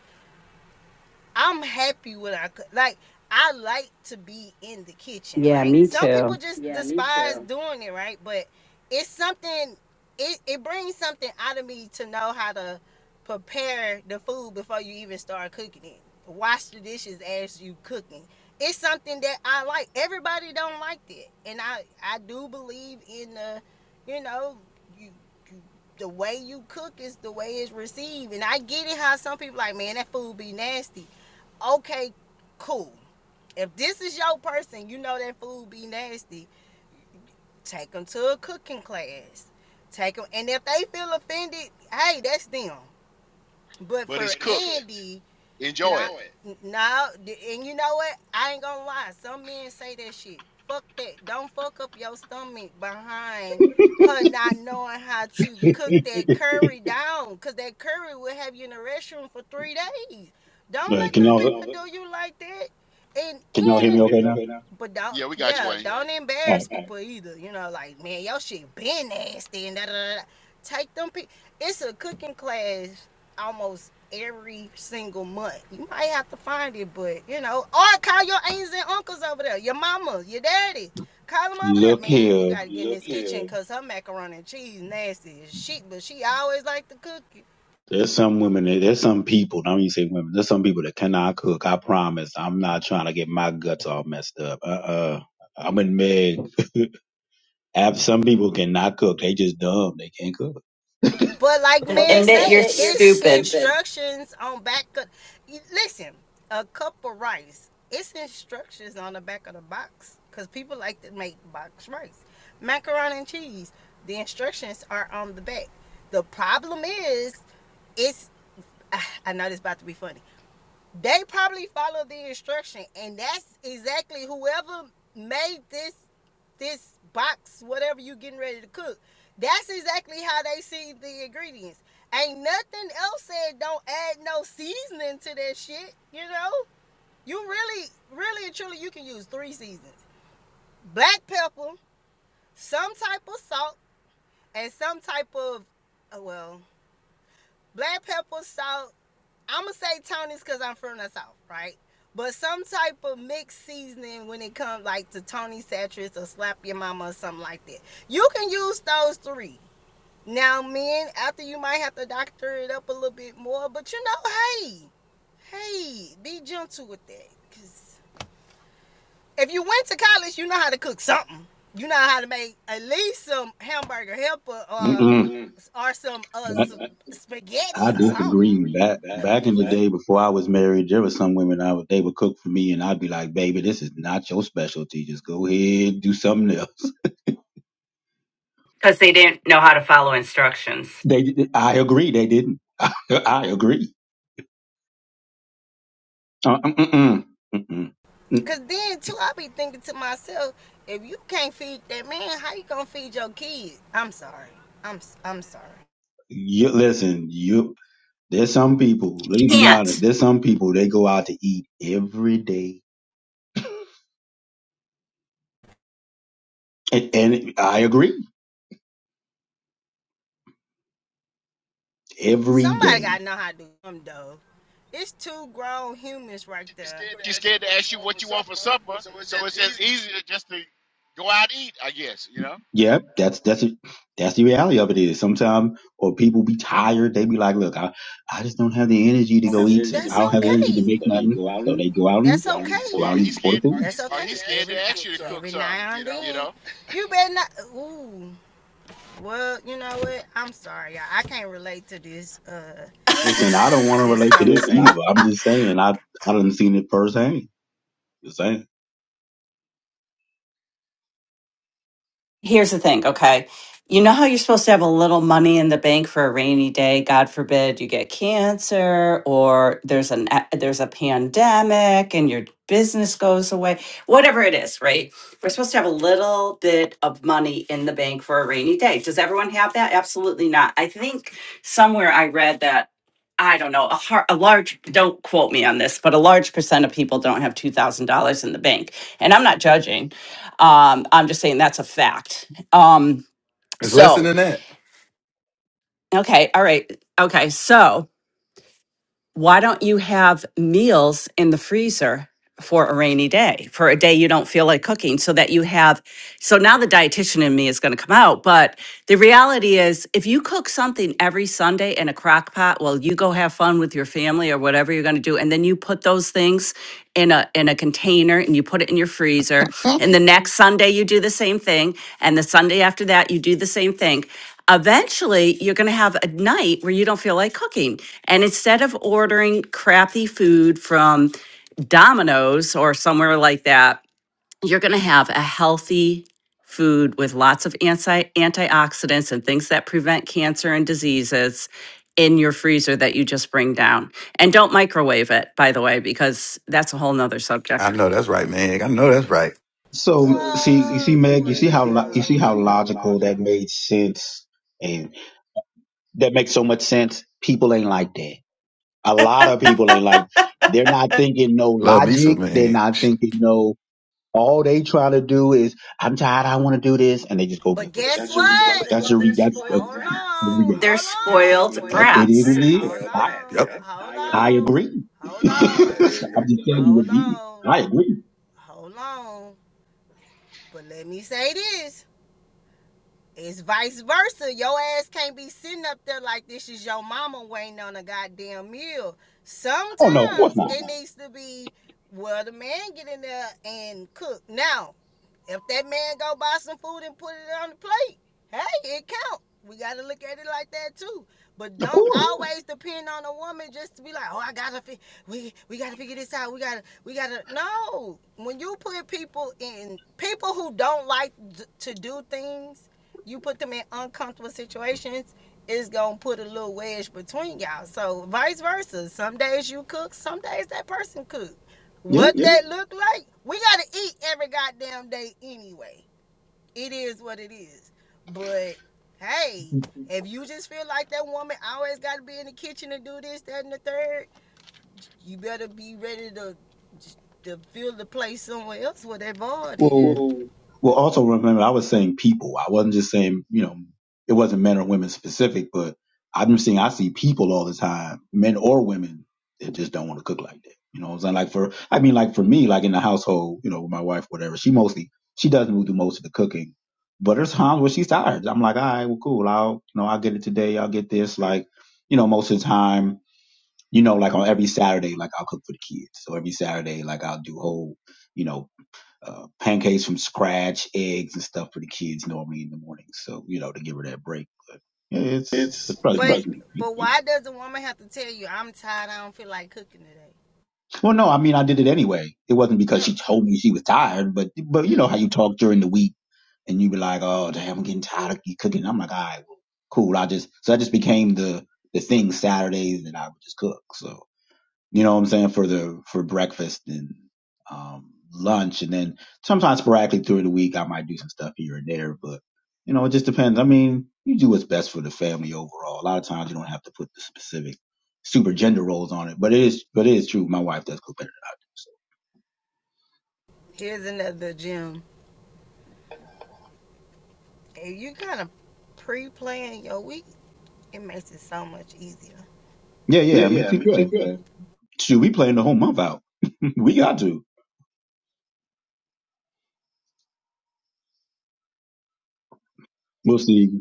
[SPEAKER 4] I'm happy with I cook. Like I like to be in the kitchen,
[SPEAKER 7] Yeah,
[SPEAKER 4] right?
[SPEAKER 7] me
[SPEAKER 4] Some people
[SPEAKER 7] too.
[SPEAKER 4] just Yeah, despise doing it, right? But it's something. It it brings something out of me to know how to prepare the food before you even start cooking it. Wash the dishes as you cooking. It's something that I like. Everybody don't like that, and I I do believe in the, you know, you you the way you cook is the way it's received. And I get it how some people like, man, that food be nasty. Okay, cool. If this is your person, you know that food be nasty. Take them to a cooking class. Take them, and if they feel offended, hey, that's them. But
[SPEAKER 2] But
[SPEAKER 4] for
[SPEAKER 2] it's cooked.
[SPEAKER 4] Andy,
[SPEAKER 2] Enjoy
[SPEAKER 4] Nah,
[SPEAKER 2] it.
[SPEAKER 4] Enjoy it. no, and you know what? I ain't gonna lie. Some men say that shit. Fuck that. Don't fuck up your stomach behind her not knowing how to cook that curry down, cause that curry will have you in the restroom for three days. Don't
[SPEAKER 8] look,
[SPEAKER 4] let No,
[SPEAKER 8] can y'all
[SPEAKER 4] people do you like that. And
[SPEAKER 8] can y'all hear me
[SPEAKER 4] and
[SPEAKER 8] okay now?
[SPEAKER 4] but don't
[SPEAKER 2] Yeah, we
[SPEAKER 4] Yeah,
[SPEAKER 2] got
[SPEAKER 4] yeah,
[SPEAKER 2] you, Wayne.
[SPEAKER 4] don't man.
[SPEAKER 8] All right.
[SPEAKER 4] embarrass people either. You know, like man, your shit been nasty and da da da. Take them. Pe- it's a cooking class almost every single month. You might have to find it, but you know, or call your aunts and uncles over there, your mama, your daddy. Call them over there,
[SPEAKER 8] Look
[SPEAKER 4] man. You
[SPEAKER 8] here.
[SPEAKER 4] gotta get in Look this kitchen because her macaroni and cheese nasty as shit, but she always like to cook it.
[SPEAKER 8] There's some women that- there's some people, I don't even say women, there's some people that cannot cook. I promise. I'm not trying to get my guts all messed up. Uh uh uh. i am in Meg. Ab- Some people cannot cook. They just dumb. They can't cook.
[SPEAKER 4] But like Well,
[SPEAKER 7] And
[SPEAKER 4] man
[SPEAKER 7] admit
[SPEAKER 4] say,
[SPEAKER 7] you're
[SPEAKER 4] it's
[SPEAKER 7] stupid
[SPEAKER 4] instructions on back of listen, a cup of rice. It's instructions on the back of the box. Cause people like to make box rice. Macaroni and cheese. The instructions are on the back. The problem is it's I know this is about to be funny they probably follow the instruction and that's exactly whoever made this this box whatever you getting ready to cook that's exactly how they see the ingredients ain't nothing else said don't add no seasoning to that shit you know you really really and truly you can use three seasons black pepper some type of salt and some type of uh, well black pepper salt I'm gonna say Tony's because I'm from the south, right? But some type of mixed seasoning when it comes like to Tony Satchers or Slap Your Mama or something like that. You can use those three. Now, men, after you might have to doctor it up a little bit more, but you know, hey, hey, be gentle with that. Cause if you went to college, you know how to cook something. You know how to make at least some hamburger helper or
[SPEAKER 8] Mm-mm.
[SPEAKER 4] Mm-mm. or some uh some spaghetti
[SPEAKER 8] I
[SPEAKER 4] or something.
[SPEAKER 8] disagree. Back back in the day before I was married, there were some women I would they would cook for me, and I'd be like, "Baby, this is not your specialty. Just go ahead, do something else."
[SPEAKER 7] because they didn't know how to follow instructions.
[SPEAKER 8] They, did- I agree, they didn't. I agree. Uh, mm, mm, mm. Mm, mm. mm.
[SPEAKER 4] Cause then too, I be thinking to myself, if you can't feed that man, how you gonna feed your kids? I'm sorry. I'm i I'm sorry.
[SPEAKER 8] You listen. You there's some people. Let me be
[SPEAKER 7] Can't.
[SPEAKER 8] honest. There's some people they go out to eat every day, and, and I agree every
[SPEAKER 4] Somebody
[SPEAKER 8] day.
[SPEAKER 4] gotta know how to do them though. It's two grown humans right She be there. They're scared to
[SPEAKER 2] She's
[SPEAKER 4] ask you
[SPEAKER 2] scared to
[SPEAKER 4] what you
[SPEAKER 2] ask you
[SPEAKER 4] want for
[SPEAKER 2] what you want for
[SPEAKER 4] supper,
[SPEAKER 2] supper,
[SPEAKER 4] so it's
[SPEAKER 2] so
[SPEAKER 4] as
[SPEAKER 2] it's as
[SPEAKER 4] easy.
[SPEAKER 2] easy to just to go out and eat, I guess, you know?
[SPEAKER 8] Yep, that's that's it. That's the reality of it is sometimes or people be tired, they be like, Look, I, I just don't have the energy to go eat so-
[SPEAKER 4] That's
[SPEAKER 8] I don't have the energy to make
[SPEAKER 4] okay.
[SPEAKER 8] nothing. So they go out and
[SPEAKER 4] That's okay.
[SPEAKER 8] go out
[SPEAKER 2] Or he's
[SPEAKER 8] and order
[SPEAKER 2] scared
[SPEAKER 8] food.
[SPEAKER 4] That's okay.
[SPEAKER 2] or he's scared
[SPEAKER 4] Every
[SPEAKER 2] to ask you to cook
[SPEAKER 4] every
[SPEAKER 2] something,
[SPEAKER 4] now and
[SPEAKER 2] you
[SPEAKER 4] then,
[SPEAKER 2] know?
[SPEAKER 4] you better not. Ooh. Well, you know what? I'm sorry, y'all. I can't relate to this uh
[SPEAKER 8] Listen, I don't want
[SPEAKER 4] this
[SPEAKER 8] to relate to this
[SPEAKER 4] conversation.
[SPEAKER 8] either. I'm just saying I I done seen it firsthand. Just saying.
[SPEAKER 7] Here's the thing, okay? You know how you're supposed to have a little money in the bank for a rainy day, God forbid you get cancer or there's an a- there's a pandemic and your business goes away, whatever it is, right? We're supposed to have a little bit of money in the bank for a rainy day. Does everyone have that? Absolutely not. I think somewhere I read that I don't know, a, har- a large, don't quote me on this, but a large percent of people don't have $2,000 in the bank. And I'm not judging um, I'm just saying that's a fact. Um,
[SPEAKER 5] It's less
[SPEAKER 7] so,
[SPEAKER 5] than that.
[SPEAKER 7] okay, all right, okay, so. why don't you have meals in the freezer for a rainy day, for a day you don't feel like cooking, so that you have? So now the dietitian in me is going to come out. But the reality is, if you cook something every Sunday in a crock pot, well, you go have fun with your family or whatever you're going to do, and then you put those things in a in a container and you put it in your freezer. And the next Sunday you do the same thing, and the Sunday after that you do the same thing eventually you're going to have a night where you don't feel like cooking. And instead of ordering crappy food from Domino's or somewhere like that, you're going to have a healthy food with lots of anti- antioxidants and things that prevent cancer and diseases in your freezer that you just bring down. And don't microwave it, by the way, because that's a whole nother
[SPEAKER 5] I
[SPEAKER 7] subject.
[SPEAKER 5] know that's right, man. I know that's right.
[SPEAKER 4] So
[SPEAKER 8] So see you
[SPEAKER 4] Whoa. see,
[SPEAKER 8] see
[SPEAKER 4] you see,
[SPEAKER 8] Meg, you
[SPEAKER 4] man,
[SPEAKER 8] see
[SPEAKER 4] you
[SPEAKER 8] how
[SPEAKER 4] see how
[SPEAKER 8] lo- you see
[SPEAKER 4] you
[SPEAKER 8] how
[SPEAKER 4] see how
[SPEAKER 8] logical that
[SPEAKER 4] logical
[SPEAKER 8] made sense and that makes so much sense. People ain't like that. A lot of people ain't like they're not thinking no
[SPEAKER 5] Love me
[SPEAKER 8] logic.
[SPEAKER 5] some,
[SPEAKER 8] They're
[SPEAKER 5] man.
[SPEAKER 8] not thinking no. All they trying to do is, I'm tired, I want to do this, and they just go
[SPEAKER 4] But
[SPEAKER 8] get food.
[SPEAKER 4] guess that should be.
[SPEAKER 8] That's a re- that's
[SPEAKER 4] what?
[SPEAKER 8] a,
[SPEAKER 4] hold
[SPEAKER 8] a
[SPEAKER 4] on, hold brats. on,
[SPEAKER 8] reality.
[SPEAKER 7] They're
[SPEAKER 4] hold on,
[SPEAKER 7] spoiled
[SPEAKER 4] They're
[SPEAKER 8] It
[SPEAKER 4] spoiled mm-hmm.
[SPEAKER 8] is what
[SPEAKER 4] brats.
[SPEAKER 7] brats.
[SPEAKER 8] it
[SPEAKER 4] They're
[SPEAKER 8] is.
[SPEAKER 4] spoiled
[SPEAKER 8] I,
[SPEAKER 4] brats.
[SPEAKER 5] Yup.
[SPEAKER 4] Yeah. hold I
[SPEAKER 8] I
[SPEAKER 4] agree. on,
[SPEAKER 8] agree.
[SPEAKER 4] hold on,
[SPEAKER 8] I'm
[SPEAKER 4] hold
[SPEAKER 8] just telling you what it is.
[SPEAKER 4] on,
[SPEAKER 8] I
[SPEAKER 4] I
[SPEAKER 8] agree.
[SPEAKER 4] agree. hold on. But let me say this. It's vice versa. Your ass can't be sitting up there like this is your mama waiting on a goddamn meal. Sometimes
[SPEAKER 8] Oh no, of
[SPEAKER 4] Oh no,
[SPEAKER 8] course
[SPEAKER 4] Sometimes
[SPEAKER 8] not.
[SPEAKER 4] it needs to be well the man get in there and cook. Now If that man go buy some food and put it on the plate, hey, it count. We got to look at it like that too. But
[SPEAKER 8] Of
[SPEAKER 4] don't
[SPEAKER 8] course.
[SPEAKER 4] always depend on a woman just to be like, oh, I gotta fi- we we gotta figure this out. We gotta we gotta no. When you put people in people who don't like d- to do things, you put them in uncomfortable situations. It's gonna put a little wedge between y'all. So vice versa. Some days you cook, some days that person cook.
[SPEAKER 8] Yeah.
[SPEAKER 4] What Yeah. that look like? We gotta eat every goddamn day anyway. It is what it is. But hey, if you just feel like that woman always gotta be in the kitchen and do this, that, and the third, you better be ready to to fill the place somewhere else where that void is.
[SPEAKER 8] Well,
[SPEAKER 4] Well,
[SPEAKER 8] Well, also remember, I was saying people. I wasn't just saying, you know, it wasn't men or women specific, but I'm just saying I see people all the time, men or women, that just don't want to cook like that. You know what I'm saying? Like for, I mean, like for me, like in the household, you know, with my wife, whatever, she mostly, she doesn't really do most of the cooking, but there's times where she's tired. I'm like, all right, well, cool. I'll, you know, I'll get it today. I'll get this. Like, you know, most of the time, you know, like on every Saturday, like I'll cook for the kids. So every Saturday, like I'll do whole, you know, uh, pancakes from scratch, eggs and stuff for the kids normally in the morning. So you know to give her that break. But yeah, it's
[SPEAKER 4] it's
[SPEAKER 8] but trust
[SPEAKER 4] But
[SPEAKER 8] me.
[SPEAKER 4] but why does a woman have to tell you I'm tired? I don't feel like cooking today.
[SPEAKER 8] Well, no, I mean I did it anyway. It wasn't because
[SPEAKER 2] Yeah,
[SPEAKER 8] she told me she was tired, but but you
[SPEAKER 2] yeah.
[SPEAKER 8] know how you talk during the week and you be like, oh damn, I'm getting tired of you cooking. I'm like, all right, well, cool. I just so that just became the the thing Saturdays that I would just cook. So. You know what I'm saying? For the for breakfast and um lunch and then sometimes sporadically through the week I might do some stuff here and there, but you know, it just depends. I mean, you do what's best for the family overall. A lot of times you don't have to put the specific super gender roles on it. But it is but it is true. My wife does cook better than I do. So
[SPEAKER 4] Here's another gem. If you kind of pre-plan your week, it makes it so much easier.
[SPEAKER 8] yeah,
[SPEAKER 4] Yeah,
[SPEAKER 8] yeah. I mean
[SPEAKER 4] yeah. I
[SPEAKER 8] please
[SPEAKER 4] mean,
[SPEAKER 8] yeah.
[SPEAKER 4] please go ahead.
[SPEAKER 8] Shoot, we playing the whole month out. we got to. We'll see.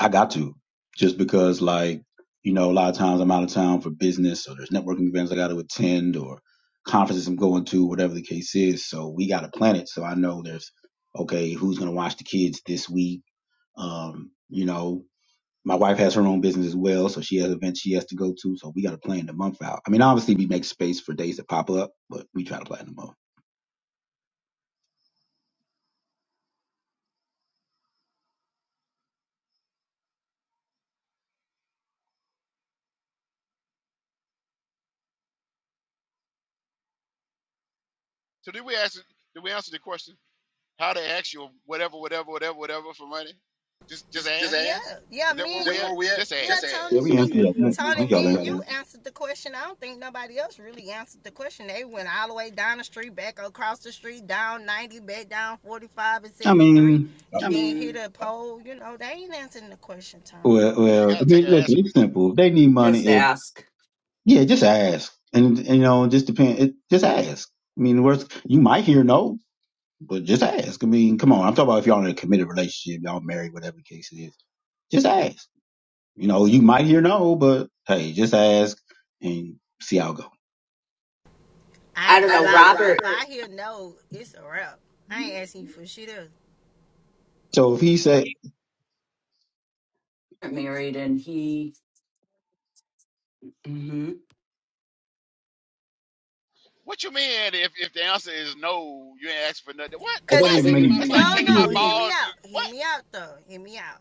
[SPEAKER 8] I got to just because like, you know, a lot of times I'm out of town for business or there's networking events I got to attend or conferences I'm going to, whatever the case is. So we got to plan it. So I know there's, okay, who's going to watch the kids this week? Um, you know, my wife has her own business as well. So she has events she has to go to. So we got to plan the month out. I mean, obviously we make space for days that pop up, but we try to plan the month.
[SPEAKER 2] So did we ask did we answer the question how to ask you whatever, whatever, whatever, whatever for money? Just just
[SPEAKER 4] Just just
[SPEAKER 2] ask?
[SPEAKER 4] Yeah, ask. yeah,
[SPEAKER 2] Is
[SPEAKER 4] Is
[SPEAKER 2] that
[SPEAKER 4] me
[SPEAKER 2] where
[SPEAKER 4] and that you.
[SPEAKER 2] we
[SPEAKER 4] Is that
[SPEAKER 2] at?
[SPEAKER 4] where we at?
[SPEAKER 2] Just
[SPEAKER 4] Yeah, Just
[SPEAKER 2] ask.
[SPEAKER 4] Tony,
[SPEAKER 8] Yeah,
[SPEAKER 4] ask.
[SPEAKER 8] we
[SPEAKER 4] Yeah, me,
[SPEAKER 8] answer
[SPEAKER 4] we
[SPEAKER 8] that. man. I
[SPEAKER 4] Tony,
[SPEAKER 8] think
[SPEAKER 4] me
[SPEAKER 8] y'all
[SPEAKER 4] and
[SPEAKER 8] answered.
[SPEAKER 4] you answered the question. I don't think nobody else really answered the question. They went all the way down the street, back across the street, down 90, back down 45 and
[SPEAKER 8] I
[SPEAKER 4] 73, I
[SPEAKER 8] mean,
[SPEAKER 4] and I then mean, hit a pole. You know, they ain't answering the question, Tony.
[SPEAKER 8] well,
[SPEAKER 2] You
[SPEAKER 8] well, I
[SPEAKER 2] gotta take
[SPEAKER 8] mean,
[SPEAKER 2] an
[SPEAKER 8] listen,
[SPEAKER 2] aspirin.
[SPEAKER 8] it's simple. If They need
[SPEAKER 7] Just
[SPEAKER 8] money. if
[SPEAKER 7] ask.
[SPEAKER 8] Yeah, just ask, and, and, you know, just depend. It, just ask. I mean, the worst you might hear no, but just ask. I mean, come on. I'm talking about if y'all in a committed relationship, y'all married, whatever the case it is. Just ask. You know, you might hear no, but hey, just ask and see how it go.
[SPEAKER 4] I ain't gonna don't know, lie. Know, If I hear no, it's a wrap. I ain't asking you for shit else.
[SPEAKER 8] So if he said
[SPEAKER 7] Married and he Mhm.
[SPEAKER 2] What you mean if, if the answer is no, you ain't asking for nothing? What?
[SPEAKER 8] it
[SPEAKER 4] Cause Like
[SPEAKER 8] doesn't
[SPEAKER 2] What?
[SPEAKER 4] it's
[SPEAKER 8] even make any
[SPEAKER 2] That's like
[SPEAKER 4] no,
[SPEAKER 8] sense.
[SPEAKER 2] taking my
[SPEAKER 4] no.
[SPEAKER 8] Yeah.
[SPEAKER 4] Hear
[SPEAKER 2] ball.
[SPEAKER 4] me
[SPEAKER 2] and
[SPEAKER 4] out.
[SPEAKER 2] go-
[SPEAKER 4] Hear
[SPEAKER 2] What?
[SPEAKER 4] me out, though. Hear me out.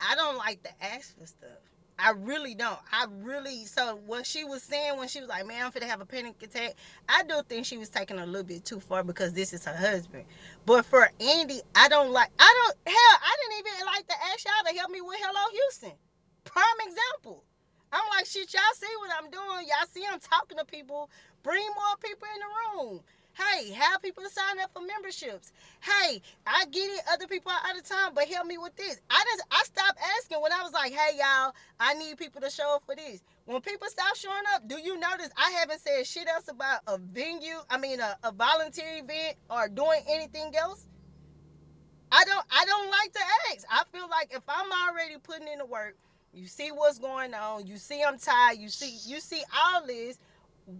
[SPEAKER 4] I don't like to ask for stuff. I really don't. I really. So what she was saying when she was like, "Man, I'm finna have a panic attack," I do think she was taking a little bit too far because this is her husband. But for Andy, I don't like. I don't. Hell, I didn't even like to ask y'all to help me with Hello Houston. Prime example. I'm like, shit. Y'all see what I'm doing? Y'all see I'm talking to people. Bring more people in the room. Hey, have people sign up for memberships hey, I get it, other people are out of time, but help me with this. I just I stopped asking when I was like, hey y'all, I need people to show up for this. When people stop showing up, do you notice I haven't said shit else about a venue? I mean, a, a volunteer event or doing anything else? I don't I don't like to ask. I feel like if I'm already putting in the work, you see what's going on, you see I'm tired, you see you see all this.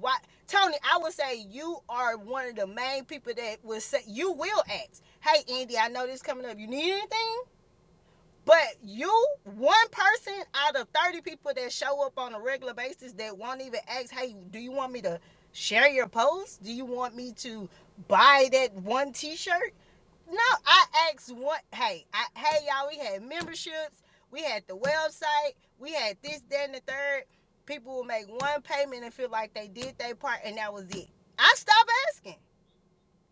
[SPEAKER 4] Why Tony, I would say you are one of the main people that will say you will ask. Hey Andy, I know this coming up. You need anything? But you, one person out of 30 people that show up on a regular basis that won't even ask, hey, do you want me to share your post? Do you want me to buy that one t shirt? No, I asked one. Hey, I, hey, y'all. We had memberships. We had the website. We had this, that, and the third. People will make one payment and feel like they did their part, and that was it. I stopped asking.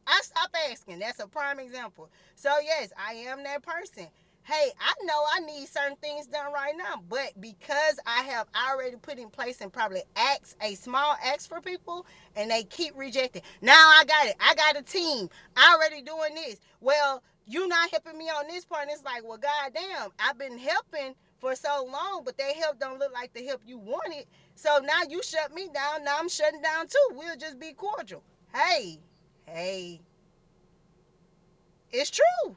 [SPEAKER 4] I stop asking. That's a prime example. So yes, I am that person. Hey, I know I need certain things done right now, but because I have already put in place and probably acts a small acts for people, and they keep rejecting. Now I got it. I got a team I already doing this. Well, you not helping me on this part. And it's like, well, goddamn, I've been helping for so long, but that help don't look like the help you wanted. So now you shut me down. Now I'm shutting down too. We'll just be cordial. Hey, hey it's true.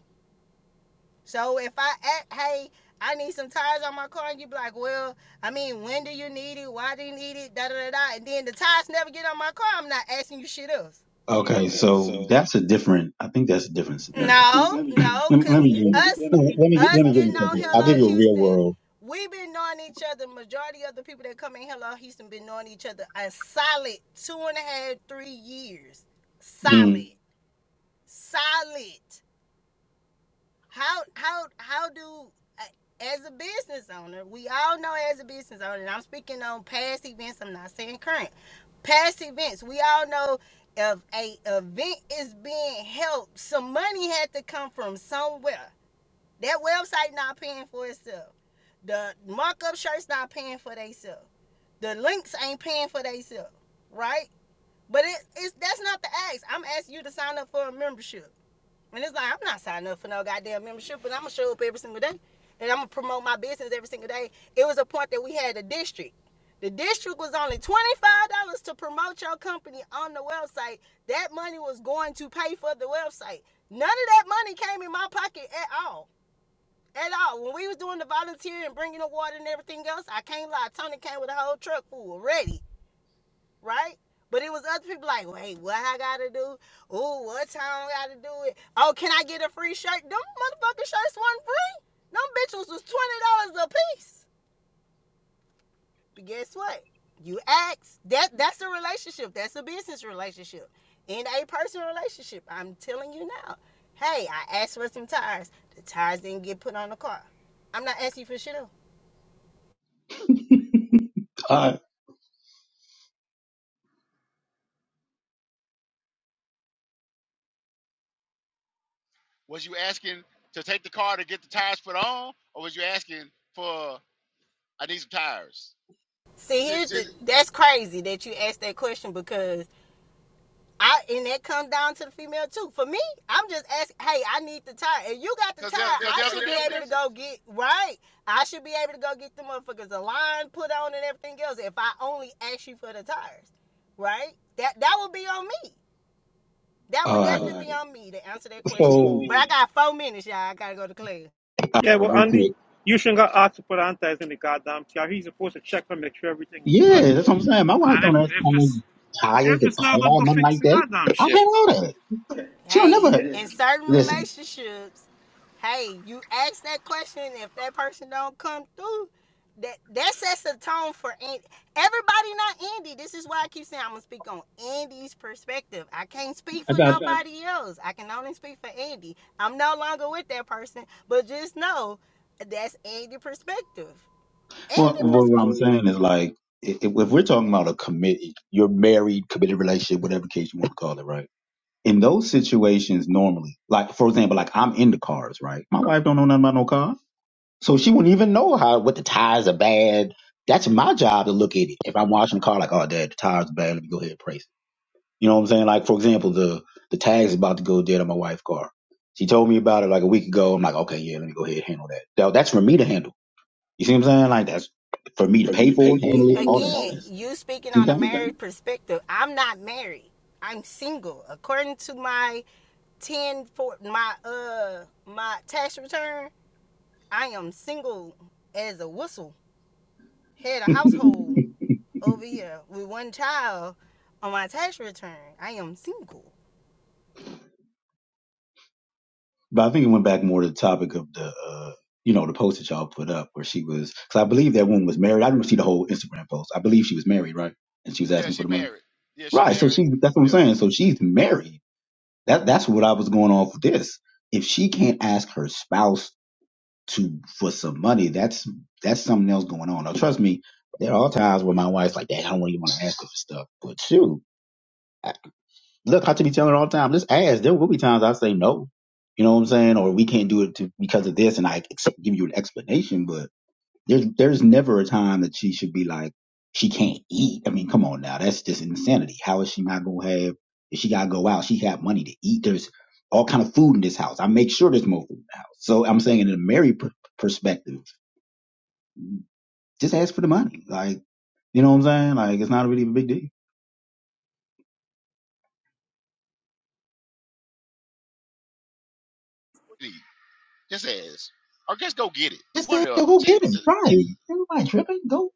[SPEAKER 4] So if I act, hey, I need some tires on my car, and you be like, well, I mean, when do you need it? Why do you need it? Da da da da. And then the tires never get on my car. I'm not asking you shit else.
[SPEAKER 8] Okay,
[SPEAKER 4] Okay,
[SPEAKER 8] so
[SPEAKER 4] so
[SPEAKER 8] that's a different. I think that's a different scenario,
[SPEAKER 4] No,
[SPEAKER 8] right?
[SPEAKER 4] no,
[SPEAKER 8] let, me-
[SPEAKER 4] cause
[SPEAKER 8] let me give.
[SPEAKER 4] us
[SPEAKER 8] Let me let me
[SPEAKER 4] us
[SPEAKER 8] gi- let me give
[SPEAKER 4] getting
[SPEAKER 8] you
[SPEAKER 4] on
[SPEAKER 8] something. I'll
[SPEAKER 4] Hello
[SPEAKER 8] give you a real
[SPEAKER 4] Houston,
[SPEAKER 8] world.
[SPEAKER 4] we've been knowing each other. Majority of the people that come in Hello Houston been knowing each other a solid two and a half, three years. Mm. Solid,
[SPEAKER 8] Mm.
[SPEAKER 4] Mm. solid. how how how do uh, as a business owner we all know as a business owner and i'm speaking on past events i'm not saying current past events we all know if a event is being held some money had to come from somewhere that website not paying for itself the markup shirts not paying for themselves the links ain't paying for themselves right but it, it's that's not the ask i'm asking you to sign up for a membership and it's like I'm not signing up for no goddamn membership, but I'm gonna show up every single day, and I'm gonna promote my business every single day. It was a point that we had a district. The district was only twenty five dollars to promote your company on the website. That money was going to pay for the website. None of that money came in my pocket at all. At all. When we was doing the volunteer and bringing the water and everything else, I can't lie. Tony came with a whole truck full ready right? But it was other people like, wait, what I gotta do? Ooh, what time I gotta do it? Oh, can I get a free shirt? Them motherfucking shirts wasn't free. Them bitches was twenty dollars a piece. But guess what? You ask. That that's a relationship. That's a business relationship. And a personal relationship. I'm telling you now. Hey, I asked for some tires. The tires didn't get put on the car. I'm not asking for shit else.
[SPEAKER 8] All right.
[SPEAKER 2] Was you asking to take the car to get the tires put on, or was you asking for I need some tires?
[SPEAKER 4] See, here's
[SPEAKER 2] Because
[SPEAKER 4] the that's crazy that you asked that question because I and that comes down to the female too. For me, I'm just asking, hey, I need the tire. If you got the tire,
[SPEAKER 2] there,
[SPEAKER 4] I
[SPEAKER 2] cause there's
[SPEAKER 4] should
[SPEAKER 2] a
[SPEAKER 4] be able to
[SPEAKER 2] difference.
[SPEAKER 4] go get right. I should be able to go get the motherfuckers a line put on and everything else. If I only ask you for the tires, right? That that would be on me. That
[SPEAKER 8] All
[SPEAKER 4] would
[SPEAKER 8] right.
[SPEAKER 4] definitely uh, be on me to answer that
[SPEAKER 8] So
[SPEAKER 4] question.
[SPEAKER 8] all
[SPEAKER 4] So- but I got four minutes, y'all. I gotta go to class.
[SPEAKER 6] Yeah,
[SPEAKER 8] right. Well,
[SPEAKER 6] well,
[SPEAKER 8] real quick.
[SPEAKER 6] Andy, you shouldn't got asked to put Antas in the goddamn car. He's supposed to check and make sure everything is good.
[SPEAKER 8] Yeah, that's what I'm saying. My wife
[SPEAKER 6] And if
[SPEAKER 8] don't ask how
[SPEAKER 6] if
[SPEAKER 8] many
[SPEAKER 6] it's
[SPEAKER 8] tires
[SPEAKER 6] if
[SPEAKER 8] the
[SPEAKER 6] it's not good,
[SPEAKER 8] car,
[SPEAKER 6] go
[SPEAKER 8] nothing
[SPEAKER 6] fix
[SPEAKER 8] like
[SPEAKER 6] the
[SPEAKER 8] that.
[SPEAKER 6] goddamn
[SPEAKER 8] I
[SPEAKER 6] shit.
[SPEAKER 8] have all that. She don't
[SPEAKER 4] hey,
[SPEAKER 6] Yeah,
[SPEAKER 4] yeah.
[SPEAKER 8] never
[SPEAKER 4] in certain
[SPEAKER 8] listen.
[SPEAKER 4] relationships, hey, you ask that question. If that person don't come through, that that sets a tone for an- everybody. Not Andy. This is why I keep saying I'm gonna speak on Andy's perspective. I can't speak
[SPEAKER 8] I
[SPEAKER 4] for okay.
[SPEAKER 8] got.
[SPEAKER 4] nobody else. I can only speak for Andy. I'm no longer with that person, but just know that's Andy's perspective. Andy
[SPEAKER 8] Well,
[SPEAKER 4] Well,
[SPEAKER 8] well, what I'm
[SPEAKER 4] perspective.
[SPEAKER 8] saying is like, if, if we're talking about a committed, you're married, committed relationship, whatever case you want to call it, right? In those situations, normally, like for example, like I'm into cars, right? My wife don't know nothing about no car, so she wouldn't even know how what the tires are bad. That's my job to look at it. If I'm washing the car, like, oh, dad, the tires are bad. Let me go ahead and price. it. You know what I'm saying? Like for example, the the tag's about to go dead on my wife's car. She told me about it like a week ago. I'm like, okay, yeah, let me go ahead and handle that. Now, that's for me to handle. You see what I'm saying? Like that's for me to
[SPEAKER 4] for me
[SPEAKER 8] pay
[SPEAKER 4] to
[SPEAKER 8] for,
[SPEAKER 4] pay
[SPEAKER 8] it,
[SPEAKER 4] for
[SPEAKER 8] handle it,
[SPEAKER 4] really
[SPEAKER 8] all that
[SPEAKER 4] again,
[SPEAKER 8] stuff.
[SPEAKER 4] you speaking
[SPEAKER 8] You
[SPEAKER 4] on
[SPEAKER 8] know
[SPEAKER 4] a
[SPEAKER 8] what
[SPEAKER 4] Okay. married okay. perspective. I'm not married. I'm single. According to my ten for my uh my tax return, I am single as a whistle. Head of
[SPEAKER 8] I'm saying?
[SPEAKER 4] household over here with one child on my tax return. I am single.
[SPEAKER 8] but I think it went back more to the topic of the uh, you know, the post that y'all put up where she was because I believe that woman was married. I didn't see the whole Instagram post. I believe she was married, right? And she was
[SPEAKER 2] Yeah,
[SPEAKER 8] asking for
[SPEAKER 2] she
[SPEAKER 8] the money.
[SPEAKER 2] married. Yeah, she
[SPEAKER 8] Right. So
[SPEAKER 2] married.
[SPEAKER 8] she that's what I'm
[SPEAKER 2] Yeah.
[SPEAKER 8] saying. So she's married. That that's what I was going off with this. If she can't ask her spouse to for some money, that's that's something else going on. Now, trust me, there are times where my wife's like, "Dad, I don't even want to ask her for stuff." But shoot, I, look, I to be telling her all the time, just ask. There will be times I say no, you know what I'm saying, or we can't do it to, because of this, and I ex- give you an explanation. But there's there's never a time that she should be like she can't eat. I mean, come on now, that's just insanity. How is she not gonna have? If she gotta go out, she have money to eat. There's all kind of food in this house. I make sure there's more food in the house. So I'm saying in a married per- perspective Just ask for the money. Like, you know what I'm saying? Like, it's not really a big deal.
[SPEAKER 2] What do you need? Just ask. Or just go get it.
[SPEAKER 8] Just
[SPEAKER 2] One
[SPEAKER 8] say,
[SPEAKER 2] or the other.
[SPEAKER 8] go
[SPEAKER 2] Just,
[SPEAKER 8] get it.
[SPEAKER 2] just-
[SPEAKER 8] Right. Everybody tripping. Go.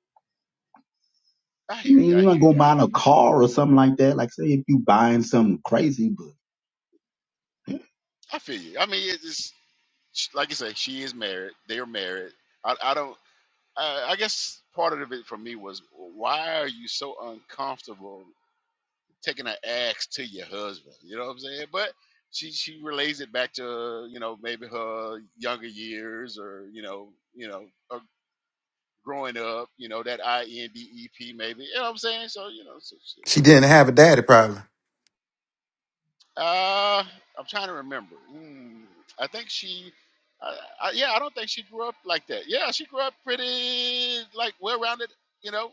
[SPEAKER 2] I
[SPEAKER 8] I
[SPEAKER 2] hear you.
[SPEAKER 8] mean
[SPEAKER 2] I
[SPEAKER 8] you ain't
[SPEAKER 2] hear
[SPEAKER 8] gonna
[SPEAKER 2] you. I
[SPEAKER 8] buy
[SPEAKER 2] hear you.
[SPEAKER 8] a car or something like that? Like, say if you buying something crazy, but yeah.
[SPEAKER 2] I feel you. I mean, it's it's- like you say, she is married. They're married. I, I don't. I, I guess part of it for me was why are you so uncomfortable taking an axe to your husband? You know what I'm saying? But she she relays it back to you know maybe her younger years or you know you know uh, growing up. You know that I N D E P maybe. You know what I'm saying? So you know. So she,
[SPEAKER 5] She didn't have a daddy, probably.
[SPEAKER 2] uh, I'm trying to remember. Mm, I think she. I, I, yeah, I don't think she grew up like that. Yeah, she grew up pretty like well-rounded you know,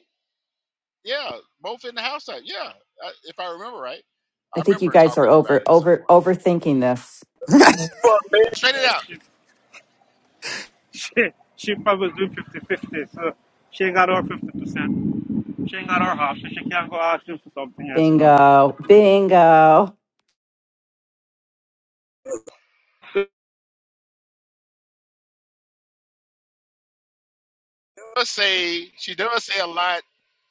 [SPEAKER 2] Yeah, both in the house side. Yeah, I, if I remember right, I
[SPEAKER 7] I think you
[SPEAKER 2] remember
[SPEAKER 7] guys are
[SPEAKER 2] talking about
[SPEAKER 7] over
[SPEAKER 2] it at some
[SPEAKER 7] over
[SPEAKER 2] point.
[SPEAKER 7] overthinking this.
[SPEAKER 2] For me, Straight
[SPEAKER 6] yeah
[SPEAKER 2] it out.
[SPEAKER 6] she, she, she probably was doing fifty-fifty. so she ain't got her 50%. She ain't got her half, so she can't go ask him for something else now.
[SPEAKER 7] Bingo. Bingo.
[SPEAKER 6] So
[SPEAKER 2] Let's say she does say a lot.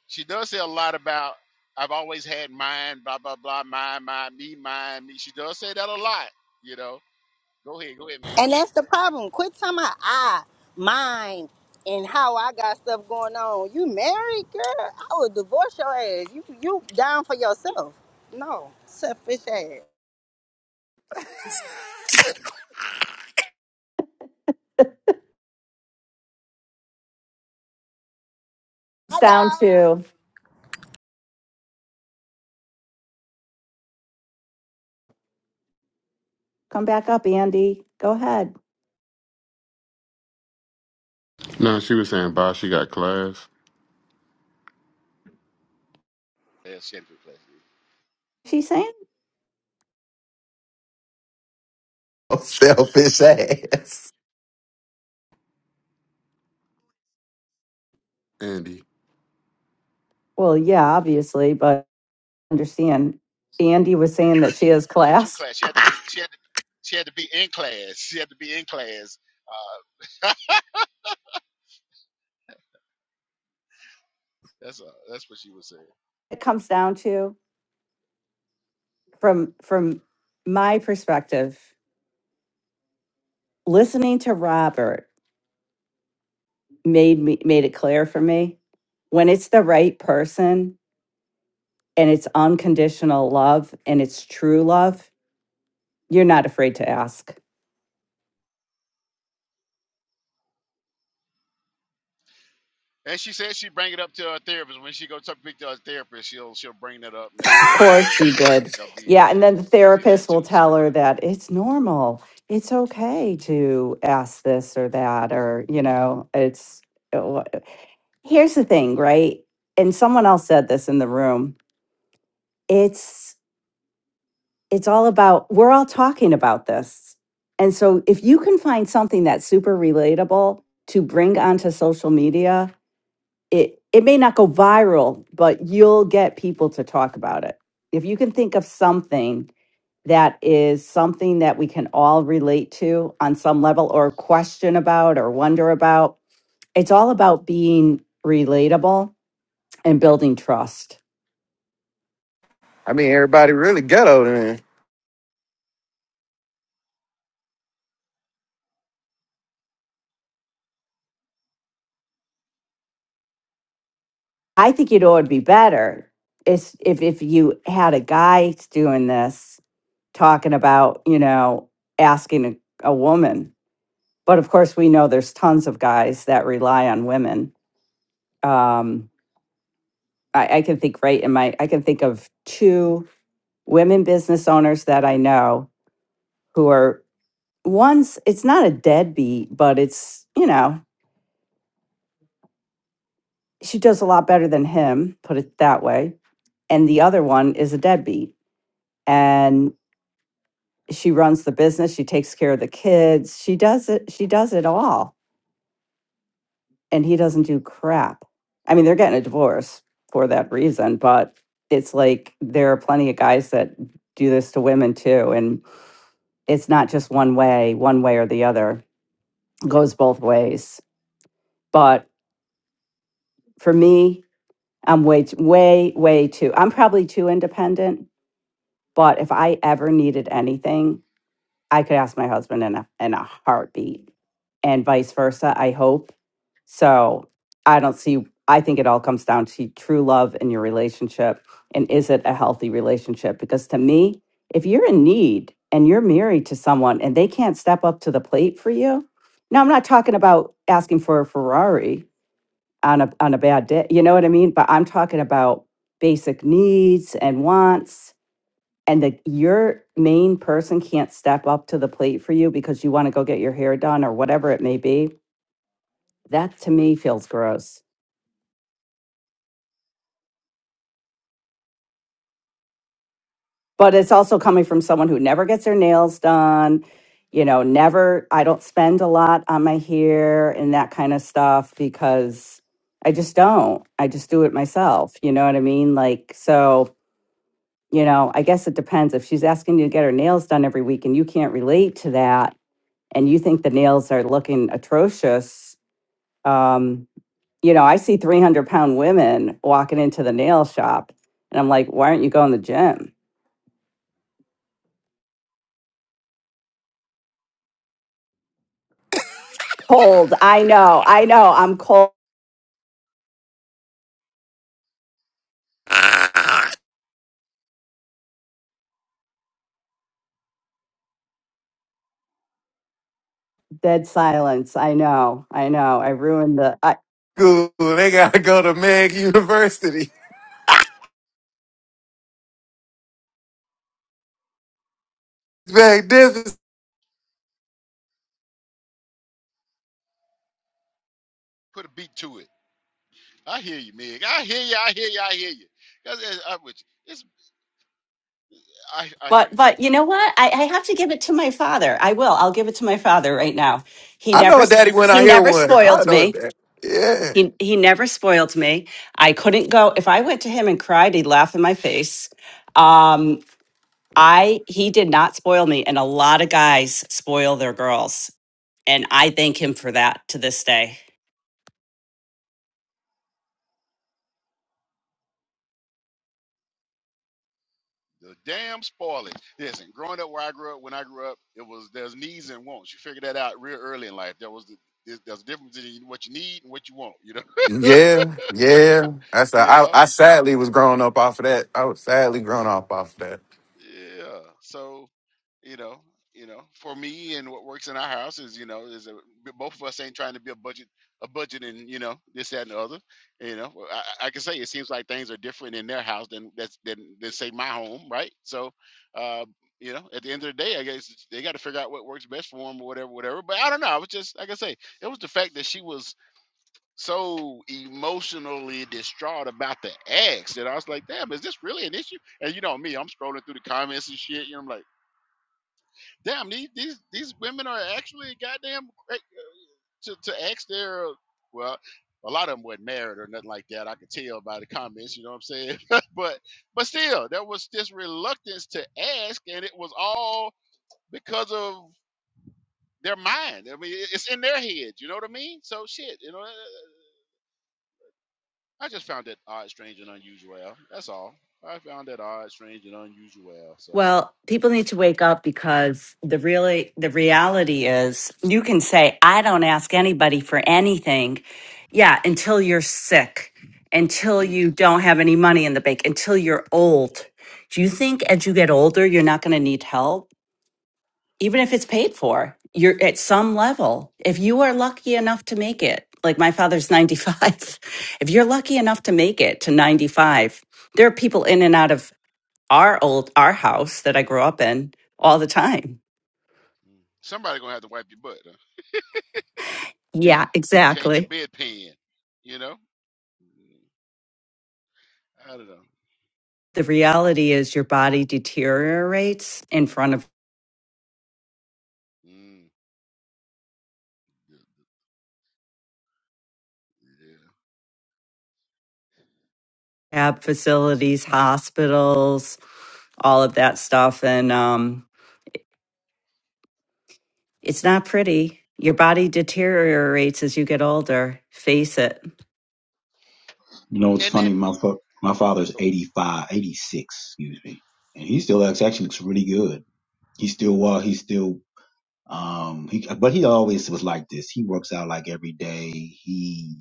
[SPEAKER 2] She does say a lot about I've always had mine. Blah blah blah. Mine, mine, me, mine, me. She does say that a lot. You know. Go ahead, go ahead, Megan.
[SPEAKER 4] And that's the problem. Quit talking about I, mine, and how I got stuff going on. You married, girl? I would divorce your ass. You you down for yourself. No, selfish ass.
[SPEAKER 7] It's
[SPEAKER 4] Hi,
[SPEAKER 7] down
[SPEAKER 4] y'all.
[SPEAKER 7] to come back up, Andy. Go ahead.
[SPEAKER 9] No, she was saying bye. She got class.
[SPEAKER 2] Yeah, she had to go to class.
[SPEAKER 7] She's saying?
[SPEAKER 5] Selfish ass.
[SPEAKER 9] Andy.
[SPEAKER 7] Well, yeah, obviously, but understand Andy was saying that she has
[SPEAKER 2] Oh, two
[SPEAKER 7] class.
[SPEAKER 2] class. She had to. She had to. She had to be in class. She had to be in class. That's uh, that's what she was saying.
[SPEAKER 7] It comes down to from from my perspective, listening to Robert made me made it clear for me when it's the right person and it's unconditional love and it's true love, you're not afraid to ask
[SPEAKER 2] And she said she'd bring it up to her therapist. When she go to speak to her therapist, she'll she'll bring that up. Maybe
[SPEAKER 7] Of
[SPEAKER 2] you know
[SPEAKER 7] course she
[SPEAKER 2] there's-
[SPEAKER 7] did.
[SPEAKER 2] there'll be
[SPEAKER 7] Yeah, and
[SPEAKER 2] that
[SPEAKER 7] then the
[SPEAKER 2] there'll be that
[SPEAKER 7] therapist will
[SPEAKER 2] too. So
[SPEAKER 7] tell
[SPEAKER 2] you
[SPEAKER 7] her
[SPEAKER 2] know,
[SPEAKER 7] that it's normal. It's okay to ask this or that or, you know, it's uh, wha- Here's the thing, right? And someone else said this in the room. It's it's all about we're all talking about this. And so if you can find something that's super relatable to bring onto social media, it it may not go viral, but you'll get people to talk about it. If you can think of something that is something that we can all relate to on some level or question about or wonder about. It's all about being relatable and building trust.
[SPEAKER 5] I mean, everybody really ghetto then.
[SPEAKER 7] I think you know it'd be better is if if you had a guy doing this talking about, you know, asking a, a woman. But of course we know there's tons of guys that rely on women. Um I, I can think right in my I can think of two women business owners that I know who are one's it's not a deadbeat, but it's, you know, she does a lot better than him, put it that way. And the other one is a deadbeat. And she runs the business, she takes care of the kids, she does it, she does it all. And he doesn't do crap. I mean, they're getting a divorce for that reason, but it's like there are plenty of guys that do this to women too. And it's not just one way, one way or the other. It goes both ways. But for me, I'm way, t- way, way too. I'm probably too independent, but if I ever needed anything, I could ask my husband in a in a heartbeat, and vice versa. I hope. So I don't see. I think it all comes down to true love in your relationship, and is it a healthy relationship? Because to me, if you're in need and you're married to someone and they can't step up to the plate for you, now I'm not talking about asking for a Ferrari on a on a bad day. You know what I mean? But I'm talking about basic needs and wants and that your main person can't step up to the plate for you because you want to go get your hair done or whatever it may be. That to me feels gross. But it's also coming from someone who never gets their nails done, you know, never I don't spend a lot on my hair and that kind of stuff because I just don't. I just do it myself, you know what I mean? Like so you know, I guess it depends. If she's asking you to get her nails done every week and you can't relate to that and you think the nails are looking atrocious, um, you know, I see 300 pound women walking into the nail shop and I'm like, why aren't you going to the gym? Cold. I know. I know. I'm cold. Dead silence. I know. I know. I ruined the, I,
[SPEAKER 5] School, they gotta go to Meg University. Meg, Magnificent.
[SPEAKER 2] put a beat to it. I hear you, Meg. I hear you. I hear you. I hear you. 'Cause it's- I, with you. It's I I hear
[SPEAKER 7] But
[SPEAKER 2] you.
[SPEAKER 7] but you know what? I, I have to give it to my father. I will. I'll give it to my father right now. He
[SPEAKER 5] I
[SPEAKER 7] never
[SPEAKER 5] know a daddy when
[SPEAKER 7] he
[SPEAKER 5] I hear
[SPEAKER 7] never
[SPEAKER 5] one. I
[SPEAKER 7] spoiled
[SPEAKER 5] know a
[SPEAKER 7] me.
[SPEAKER 5] daddy. Yeah.
[SPEAKER 7] He he never spoiled me. I couldn't go if I went to him and cried, he'd laugh in my face. Um I he did not spoil me and a lot of guys spoil their girls and I thank him for that to this day.
[SPEAKER 2] The damn spoilage. Listen, growing up where I grew up, when I grew up, it was there's needs and wants. You figure that out real early in life. There was the, there's there's a difference in what you need and what you want. You know.
[SPEAKER 5] Yeah, yeah. That's
[SPEAKER 2] You
[SPEAKER 5] I,
[SPEAKER 2] know.
[SPEAKER 5] I sadly was grown up off of that. I was sadly grown up off of that.
[SPEAKER 2] Yeah. So you know you know for me and what works in our house is you know is a both of us ain't trying to be a budget a budget and you know this that and the other you know Well, I, I can say it seems like things are different in their house than that's than, than say my home right so uh you know at the end of the day i guess they got to figure out what works best for them or whatever whatever but i don't know i was just like i say it was the fact that she was so emotionally distraught about the ex that i was like damn is this really an issue and you know me i'm scrolling through the comments and shit you know i'm like damn these these these women are actually goddamn great to, to ask their well a lot of them weren't married or nothing like that i could tell by the comments you know what i'm saying but but still there was this reluctance to ask and it was all because of their mind i mean it- it's in their head you know what i mean so shit you know uh, i just found it odd strange and unusual that's all i found that odd strange and unusual so
[SPEAKER 7] Well, people need to wake up because the really the reality is you can say I don't ask anybody for anything. Yeah, until you're sick, until
[SPEAKER 2] mm, mm.
[SPEAKER 7] you don't have any money in the bank, until you're old. Do you think as you get older you're not going to need help even if it's paid for? You're at some level. If you are lucky enough to make it, like my father's 95. If you're lucky enough to make it to 95, there are people in and out of our old our house that I grew up in all the time.
[SPEAKER 2] somebody gonna have to wipe your butt huh?
[SPEAKER 7] Yeah,
[SPEAKER 2] change your
[SPEAKER 7] exactly.
[SPEAKER 2] bedpan you know Mm, I don't know.
[SPEAKER 7] The reality is your body deteriorates in front of
[SPEAKER 2] Mm, yeah. yeah.
[SPEAKER 7] rehab facilities, hospitals, all of that stuff, and um, it's not pretty. Your body deteriorates as you get older. Face it.
[SPEAKER 8] you know, it's
[SPEAKER 2] And and
[SPEAKER 8] funny. My fa- my father's
[SPEAKER 2] Oh,
[SPEAKER 8] 85, 86. excuse me, and he still looks, actually looks really good. He still well. He still um. He but he always was like this. He works out like every day. He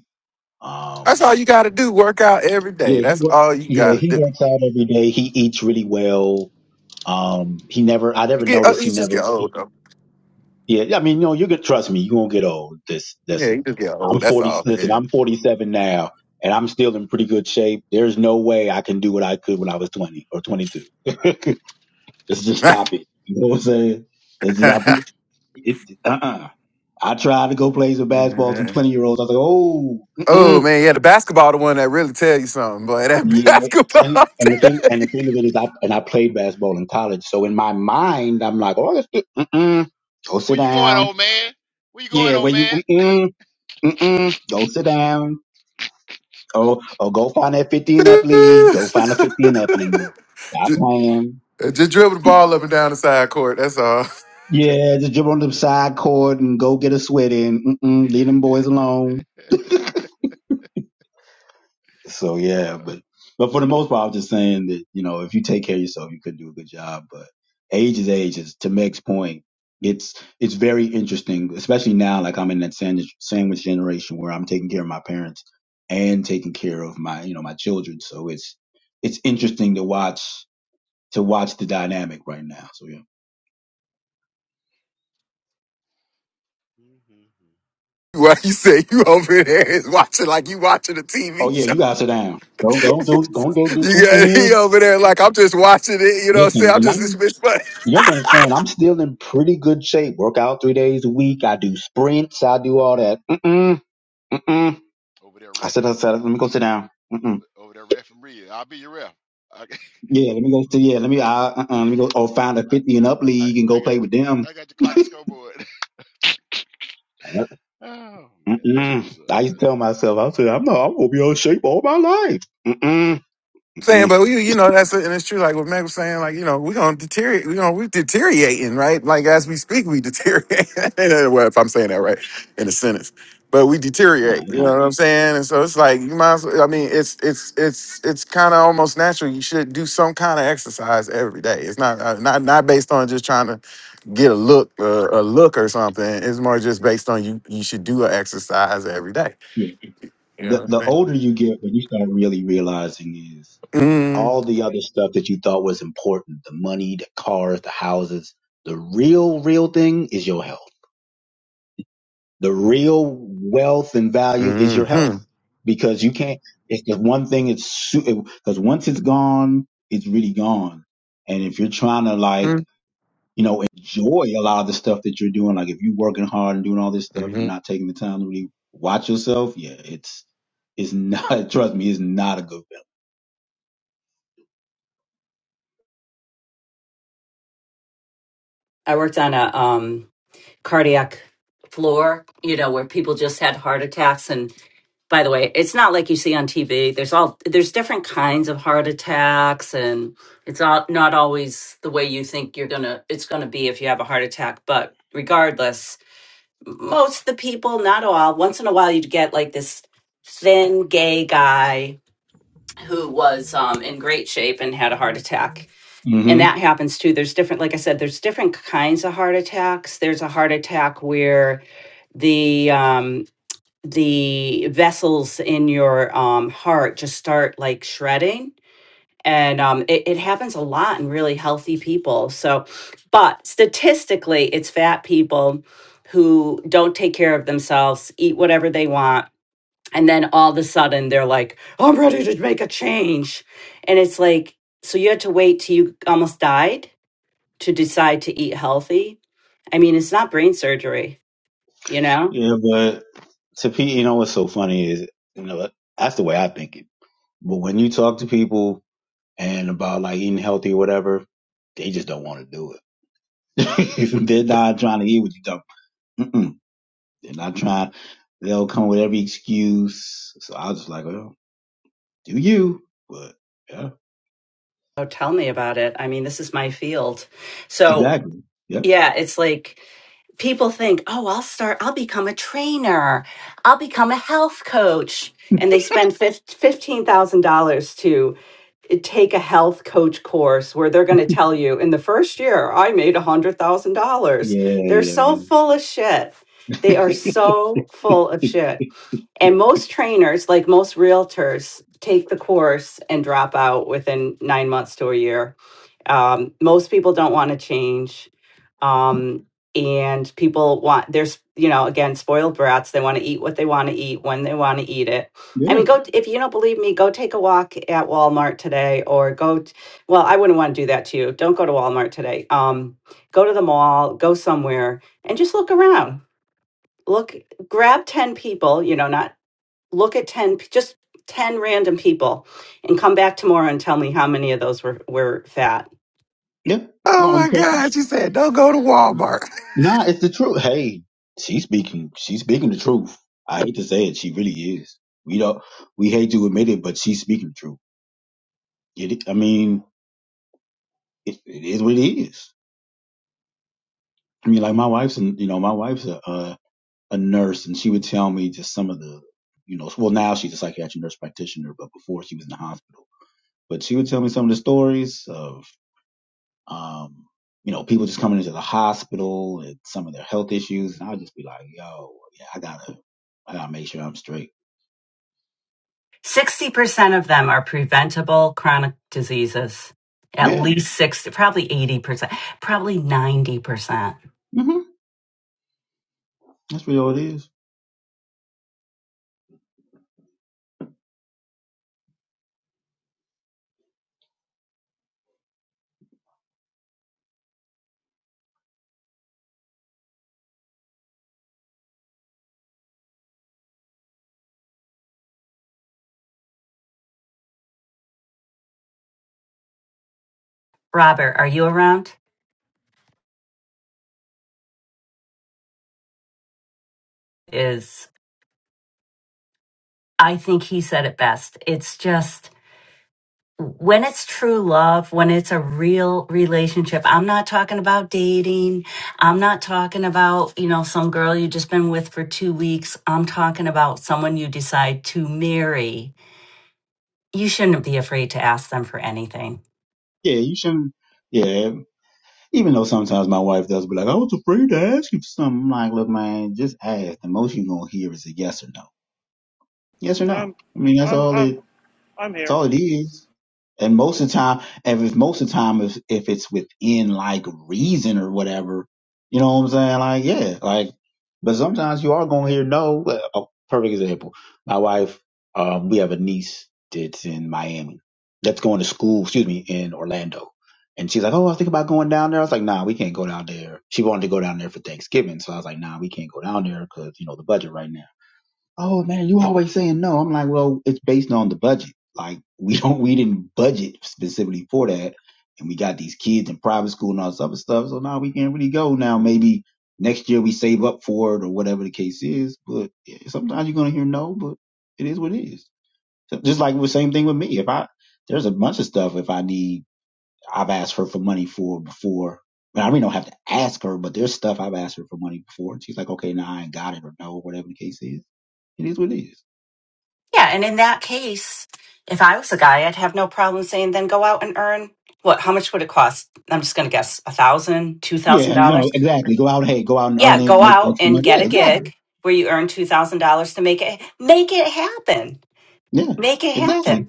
[SPEAKER 5] That's all
[SPEAKER 8] um.
[SPEAKER 5] you gotta do. Work out every day.
[SPEAKER 8] Yeah, he
[SPEAKER 5] That's
[SPEAKER 8] works.
[SPEAKER 5] all you
[SPEAKER 8] Yeah,
[SPEAKER 5] gotta
[SPEAKER 8] he
[SPEAKER 5] do.
[SPEAKER 8] works out every day. He eats really well Um, he never, I
[SPEAKER 5] You
[SPEAKER 8] never
[SPEAKER 5] get oh,
[SPEAKER 8] noticed he
[SPEAKER 5] you just
[SPEAKER 8] never,
[SPEAKER 5] get
[SPEAKER 8] he-
[SPEAKER 5] old though.
[SPEAKER 8] yeah, yeah, I mean, you know, you could trust me, you won't get old. This,
[SPEAKER 5] Yeah,
[SPEAKER 8] listen,
[SPEAKER 5] you just get
[SPEAKER 8] I'm
[SPEAKER 5] old. That's
[SPEAKER 8] 40,
[SPEAKER 5] all.
[SPEAKER 8] listen,
[SPEAKER 5] Yeah.
[SPEAKER 8] I'm 47 now and I'm still in pretty good shape. There's no way I can do what I could when I was 20 or 22. Let's just stop it. You know what I'm saying? Let's not, it, uh-uh. I tried to go play some basketball with some 20 year olds. I was like, oh, mm-mm.
[SPEAKER 5] oh man, yeah, the basketball the one that really tell you something, boy. That
[SPEAKER 8] Yeah,
[SPEAKER 5] basketball.
[SPEAKER 8] and and the thing and the thing of it is, I and I played basketball in college, so in my mind, I'm like, oh, that's good. Mm-mm, go sit
[SPEAKER 2] where you going,
[SPEAKER 8] down.
[SPEAKER 2] old man? Where you going,
[SPEAKER 8] Yeah,
[SPEAKER 2] old
[SPEAKER 8] where you
[SPEAKER 2] man?
[SPEAKER 8] mm-mm, mm-mm, go sit down. Oh, oh, go find that 15 up lead. Go find a 15 up lead. Stop
[SPEAKER 5] just,
[SPEAKER 8] playing.
[SPEAKER 5] just dribble the ball up and down the side court. That's all.
[SPEAKER 8] Yeah, just jump on the side court and go get a sweat in. Mm-mm, leave them boys alone. So yeah,
[SPEAKER 2] Uh,
[SPEAKER 8] but but for the most part, I was just saying that you know if you take care of yourself, you could do a good job. But age is age. Is to Meg's point, it's it's very interesting, especially now. Like I'm in that sandwich sandwich generation where I'm taking care of my parents and taking care of my you know my children. So it's it's interesting to watch to watch the dynamic right now. So yeah.
[SPEAKER 2] mhm,
[SPEAKER 5] Why you say you over there is watching like you watching a
[SPEAKER 8] Oh
[SPEAKER 5] TV
[SPEAKER 8] yeah,
[SPEAKER 5] show?
[SPEAKER 8] you gotta sit down. Don't go do don't do this.
[SPEAKER 5] You got he over
[SPEAKER 2] mhm.
[SPEAKER 5] there like I'm just watching it. You know what I'm
[SPEAKER 8] Listen,
[SPEAKER 5] saying? I'm
[SPEAKER 8] and
[SPEAKER 5] just this
[SPEAKER 8] I'm
[SPEAKER 5] bitch.
[SPEAKER 8] You have to understand, I'm still in
[SPEAKER 2] over, over,
[SPEAKER 8] pretty good shape. Work out three days a week. I do sprints. I do all that. Mm-mm, mm-mm.
[SPEAKER 2] there
[SPEAKER 8] I said,
[SPEAKER 2] refing.
[SPEAKER 8] I said, let me go sit down.
[SPEAKER 2] Over
[SPEAKER 8] Mm-mm.
[SPEAKER 2] over there refing real. I'll be your ref. I
[SPEAKER 8] Yeah, let me go sit. yeah, let me, uh, uh, let me go, or find a
[SPEAKER 2] I,
[SPEAKER 8] 50 and up
[SPEAKER 2] I,
[SPEAKER 8] league and go
[SPEAKER 2] I got
[SPEAKER 8] play with them.
[SPEAKER 2] I got your clock and scoreboard. Oh man, that's
[SPEAKER 8] Mm-mm.
[SPEAKER 2] what's up.
[SPEAKER 8] I used to
[SPEAKER 2] That's
[SPEAKER 8] tell myself, I said, I'm not, I'm going to be out of shape all my life. Mm-mm,
[SPEAKER 5] saying,
[SPEAKER 8] mm-mm.
[SPEAKER 5] but we, you know that's and it's true. Like what Meg was saying, like you know we're gonna deteriorate. You know we're deteriorating, right? Like as we speak, we deteriorate. well, if I'm saying that right in a sentence, but we
[SPEAKER 8] Nah, I
[SPEAKER 5] deteriorate. You know
[SPEAKER 8] do.
[SPEAKER 5] what I'm saying? And so it's like you might. As well, I mean, it's it's it's it's kind of almost natural. You should do some kind of exercise every day. It's not uh, not not based on just trying to get a look uh, a look or something. It's more just based on you. You should do an exercise every day.
[SPEAKER 8] Yeah.
[SPEAKER 5] You know
[SPEAKER 8] The,
[SPEAKER 5] what I'm
[SPEAKER 8] the
[SPEAKER 5] saying?
[SPEAKER 8] older you get, what you start really realizing is
[SPEAKER 5] Mm,
[SPEAKER 8] all the other stuff that you thought was important the money, the cars, the houses. The real, real thing is your health. The real wealth and value is your health
[SPEAKER 5] mm-hmm.
[SPEAKER 8] because you can't, it's the one thing it's, because once it's gone, it's really gone. And if you're trying to like, you know, enjoy a lot of the stuff that you're doing, like if you're working hard and doing all this stuff,
[SPEAKER 5] Mm-hmm.
[SPEAKER 8] you're not taking the time to really watch yourself. Yeah, it's, it's not, trust me, it's not a good
[SPEAKER 7] I worked on a um, cardiac floor, you know, where people just had heart attacks and. by the way, it's not like you see on TV. There's all there's different kinds of heart attacks, and it's all, not always the way you think you're gonna it's gonna be if you have a heart attack. But regardless, most of the people, not all, once in a while you'd get like this thin gay guy who was um, in great shape and had a heart attack. And
[SPEAKER 8] feeling.
[SPEAKER 7] that happens too. There's different, like I said, there's different kinds of heart attacks. There's a heart attack where the um, the vessels in your um, heart just start like shredding. And um, it, it happens a lot in really healthy people. So, but statistically, it's fat people who don't take care of themselves, eat whatever they want. And then all of a sudden they're like, I'm ready to make a change. And it's like, so you had to wait till you almost died to decide to eat healthy. I mean, it's not brain surgery, you know?
[SPEAKER 8] Yeah, but to pe you know what's so funny is, you know, that's the way I think it. But when you talk to people and about like eating healthy or whatever, they just don't want to do it. They're not trying to eat what you don't. Mm-mm. They're not trying. They'll come with every excuse. So I was just like, well, do you? But yeah,
[SPEAKER 7] Oh, tell me about it. I mean, this is my field. So,
[SPEAKER 8] exactly. Yep.
[SPEAKER 7] yeah, it's like people think, oh, I'll start, I'll become a trainer, I'll become a health coach. And they spend fif- $15,000 to eh, take a health coach course where they're going to tell you, in the first year, I made $100,000.
[SPEAKER 8] Yeah,
[SPEAKER 7] They're
[SPEAKER 8] yeah,
[SPEAKER 7] so full of shit. They are
[SPEAKER 8] yeah.
[SPEAKER 7] so full of shit. And most trainers, like most realtors, take the course and drop out within nine months to a year um, most people don't want to change. Um, and people want, there's, you know, again, spoiled brats. They want to eat what they want to eat when they want to eat it. I
[SPEAKER 8] yeah.
[SPEAKER 7] mean, go, if you don't believe me, go take a walk at Walmart today or go, t- well, I wouldn't want to do that to you. Don't go to Walmart today. Um, go to the mall, go somewhere and just look around. Look, grab 10 people, you know, not look at 10, p- just 10 random people and come back tomorrow and tell me how many of those were, were fat
[SPEAKER 8] Yeah. I
[SPEAKER 5] Oh
[SPEAKER 8] don't
[SPEAKER 5] my
[SPEAKER 8] trust.
[SPEAKER 5] God. You said, don't go to Walmart.
[SPEAKER 8] Nah, it's the truth. Hey, she's speaking. She's speaking the truth. I hate to say it, she really is. We don't. We hate to admit it, but she's speaking the truth. Get it? I mean, it, it is what it is. I mean, like my wife's, an, you know, my wife's a, a a nurse, and she would tell me just some of the, you know, well now she's a psychiatric nurse practitioner, but before she was in the hospital. But she would tell me some of the stories. of. Um, you know, people just coming into the hospital and some of their health issues, and I'll just be like, yo, yeah, I gotta, I gotta make sure I'm straight.
[SPEAKER 7] 60% of them are preventable chronic diseases. At
[SPEAKER 8] Yeah,
[SPEAKER 7] least 60, probably 80%, probably 90%.
[SPEAKER 8] hmm that's really all it is.
[SPEAKER 7] Robert, are you around? Is, I think he said it best. It's just when it's true love, when it's a real relationship, I'm not talking about dating. I'm not talking about, you know, some girl you have just been with for two weeks. I'm talking about someone you decide to marry. You shouldn't be afraid to ask them for anything
[SPEAKER 8] Yeah, you shouldn't. Yeah, even though sometimes my wife does be like, I was afraid to ask you for something. I'm like, look, man, just ask. The most you're gonna hear is a yes or no. Yes or
[SPEAKER 6] Yeah,
[SPEAKER 8] no.
[SPEAKER 6] I'm,
[SPEAKER 8] I mean, that's
[SPEAKER 6] I'm,
[SPEAKER 8] all
[SPEAKER 6] I'm,
[SPEAKER 8] it.
[SPEAKER 6] I'm
[SPEAKER 8] That's
[SPEAKER 6] here.
[SPEAKER 8] all it is. And most of the time, if it's most of the time, if if it's within like reason or whatever, you know what I'm saying? Like, yeah, like. But sometimes you are gonna hear no. A perfect example. My wife, um, we have a niece that's in Miami, that's going to school. Excuse me, in Orlando, and she's like, "Oh, I was thinking about going down there." I was like, "Nah, we can't go down there." She wanted to go down there for Thanksgiving, so I was like, "Nah, we can't go down there because you know the budget right now." oh man, you always saying no. I'm like, well, it's based on the budget. Like we don't, we didn't budget specifically for that, and we got these kids in private school and all this other stuff. So now we can't really go. Now maybe next year we save up for it or whatever the case is. But yeah, sometimes you're gonna hear no, but it is what it is. So just like the same thing with me. If I there's a bunch of stuff if I need, I've asked her for money for before. And I really don't have to ask her, but there's stuff I've asked her for money before, and she's like, "Okay, now I ain't got it," or "No," whatever the case is. It is what it is.
[SPEAKER 7] Yeah, and in that case, if I was a guy, I'd have no problem saying, then go out and earn what? How much would it cost? I'm just going to guess a thousand, two thousand
[SPEAKER 8] Yeah, and you
[SPEAKER 7] dollars.
[SPEAKER 8] know, exactly. Go out, hey, go out and earn
[SPEAKER 7] Yeah,
[SPEAKER 8] it,
[SPEAKER 7] go
[SPEAKER 8] make the
[SPEAKER 7] out
[SPEAKER 8] extra
[SPEAKER 7] and
[SPEAKER 8] money.
[SPEAKER 7] get
[SPEAKER 8] Yeah,
[SPEAKER 7] a
[SPEAKER 8] exactly.
[SPEAKER 7] gig where you earn two thousand dollars to make it make it happen.
[SPEAKER 8] Yeah,
[SPEAKER 7] Make it happen.
[SPEAKER 8] exactly.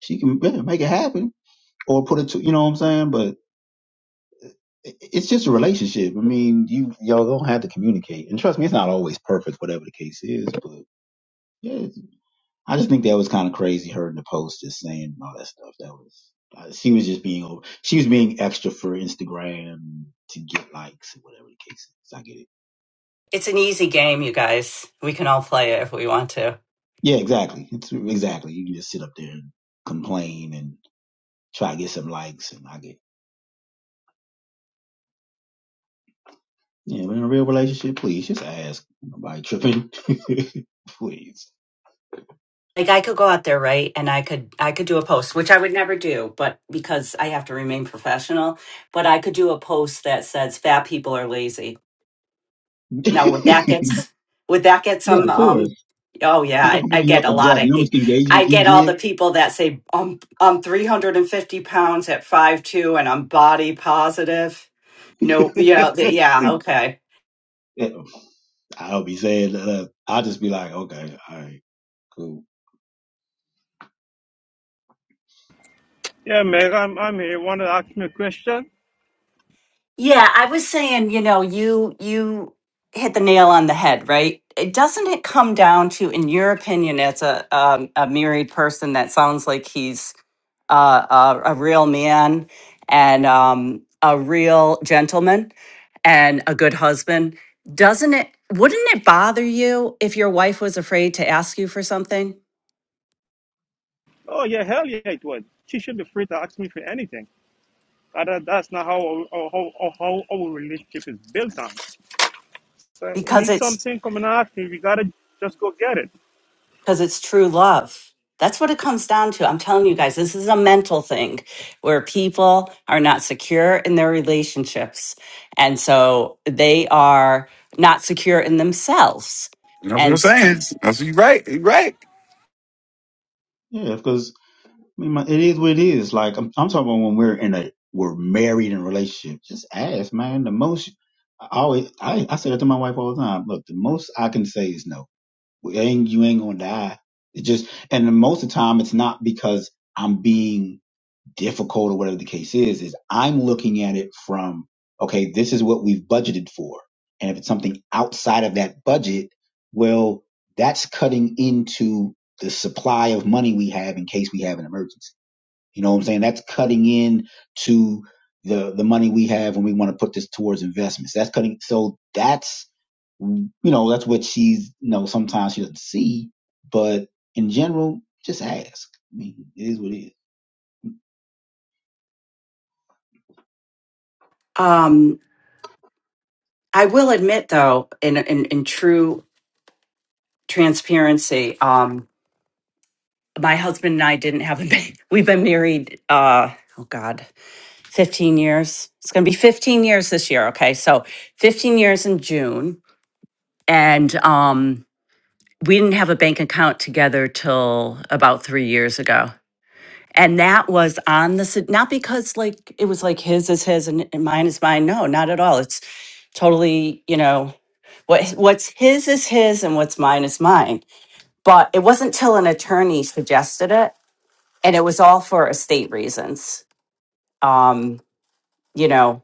[SPEAKER 8] She can yeah, make it happen or put it to, you know what I'm saying? But i- it's just a relationship. I mean, you, y'all don't have to communicate. And trust me, it's not always perfect, whatever the case is. But yeah, it's- I just think that was kind of crazy, her in the post just saying all that stuff. That was, uh, she was just being, over- she was being extra for Instagram to get likes and whatever the case is. I get it.
[SPEAKER 7] It's an easy game, you guys. We can all play it if we want to.
[SPEAKER 8] Yeah, exactly. It's exactly. You can just sit up there and complain and. try to get some likes and I get yeah, but in a real relationship, please just ask. Nobody tripping. please.
[SPEAKER 7] Like I could go out there, right? And I could I could do a post, which I would never do, but because I have to remain professional, but I could do a post that says fat people are lazy.
[SPEAKER 8] yeah,
[SPEAKER 7] Now would that get would that get some?
[SPEAKER 8] of
[SPEAKER 7] Um,
[SPEAKER 8] course.
[SPEAKER 7] oh yeah,
[SPEAKER 8] You know how
[SPEAKER 7] I, I
[SPEAKER 8] many you know,
[SPEAKER 7] get a lot
[SPEAKER 8] exactly you
[SPEAKER 7] of
[SPEAKER 8] know how much
[SPEAKER 7] hate.
[SPEAKER 8] engagement
[SPEAKER 7] I
[SPEAKER 8] you
[SPEAKER 7] get all the
[SPEAKER 8] get?
[SPEAKER 7] people that say I'm I'm 350 pounds at five two and I'm body positive. No, yeah, th- yeah, okay.
[SPEAKER 8] Yeah, I'll be saying that uh, I'll just be like, okay, all right, cool.
[SPEAKER 6] Yeah, Meg, I'm, I'm here. Want to ask me a question?
[SPEAKER 7] Yeah, I was saying, you know, you you hit the nail on the head, right? It doesn't it come down to, in your opinion, as a um, a married person that sounds like he's uh, a, a real man and um, a real gentleman and a good husband. Doesn't it? Wouldn't it bother you if your wife was afraid to ask you for something?
[SPEAKER 6] Oh yeah, hell yeah, it would. She should be free to ask me for anything. Uh, That, that's not how our, how, how how our relationship is built on. So you
[SPEAKER 7] Because
[SPEAKER 6] need
[SPEAKER 7] it's
[SPEAKER 6] something, come and ask me. We gotta just go get it.
[SPEAKER 7] because it's true love. That's what it comes down to. I'm telling you guys, this is a mental thing where people are not secure in their relationships. And so they are not secure in themselves.
[SPEAKER 5] That's what I'm
[SPEAKER 7] And
[SPEAKER 5] saying. That's what you right. You right.
[SPEAKER 8] Yeah, because I mean my, it is what it is. Like I'm I'm talking about when we're in a we're married in a relationship. Just ask, man. The most I always I, I say that to my wife all the time. Look, the most I can say is no Well, You ain't, you ain't gonna die. It just and the most of the time it's not because I'm being difficult or whatever the case is, is I'm looking at it from, okay, this is what we've budgeted for. And if it's something outside of that budget, well, that's cutting into the supply of money we have in case we have an emergency. You know what I'm saying? That's cutting in to the the money we have when we want to put this towards investments. That's cutting so that's you know, that's what she's, you know, sometimes she doesn't see, but in general, just ask. I mean, it is what it is.
[SPEAKER 7] um, I will admit, though, in, in, in true transparency, um, my husband and I didn't have a baby. We've been married, uh, oh God, 15 years. It's going to be 15 years this year. Okay. So 15 years in June. And, um, we didn't have a bank account together till about three years ago. And that was on the, s- not because like it was like his is his and, and mine is mine. No, not at all. It's totally, you know, what what's his is his and what's mine is mine. But it wasn't till an attorney suggested it. And it was all for estate reasons. Um, you know,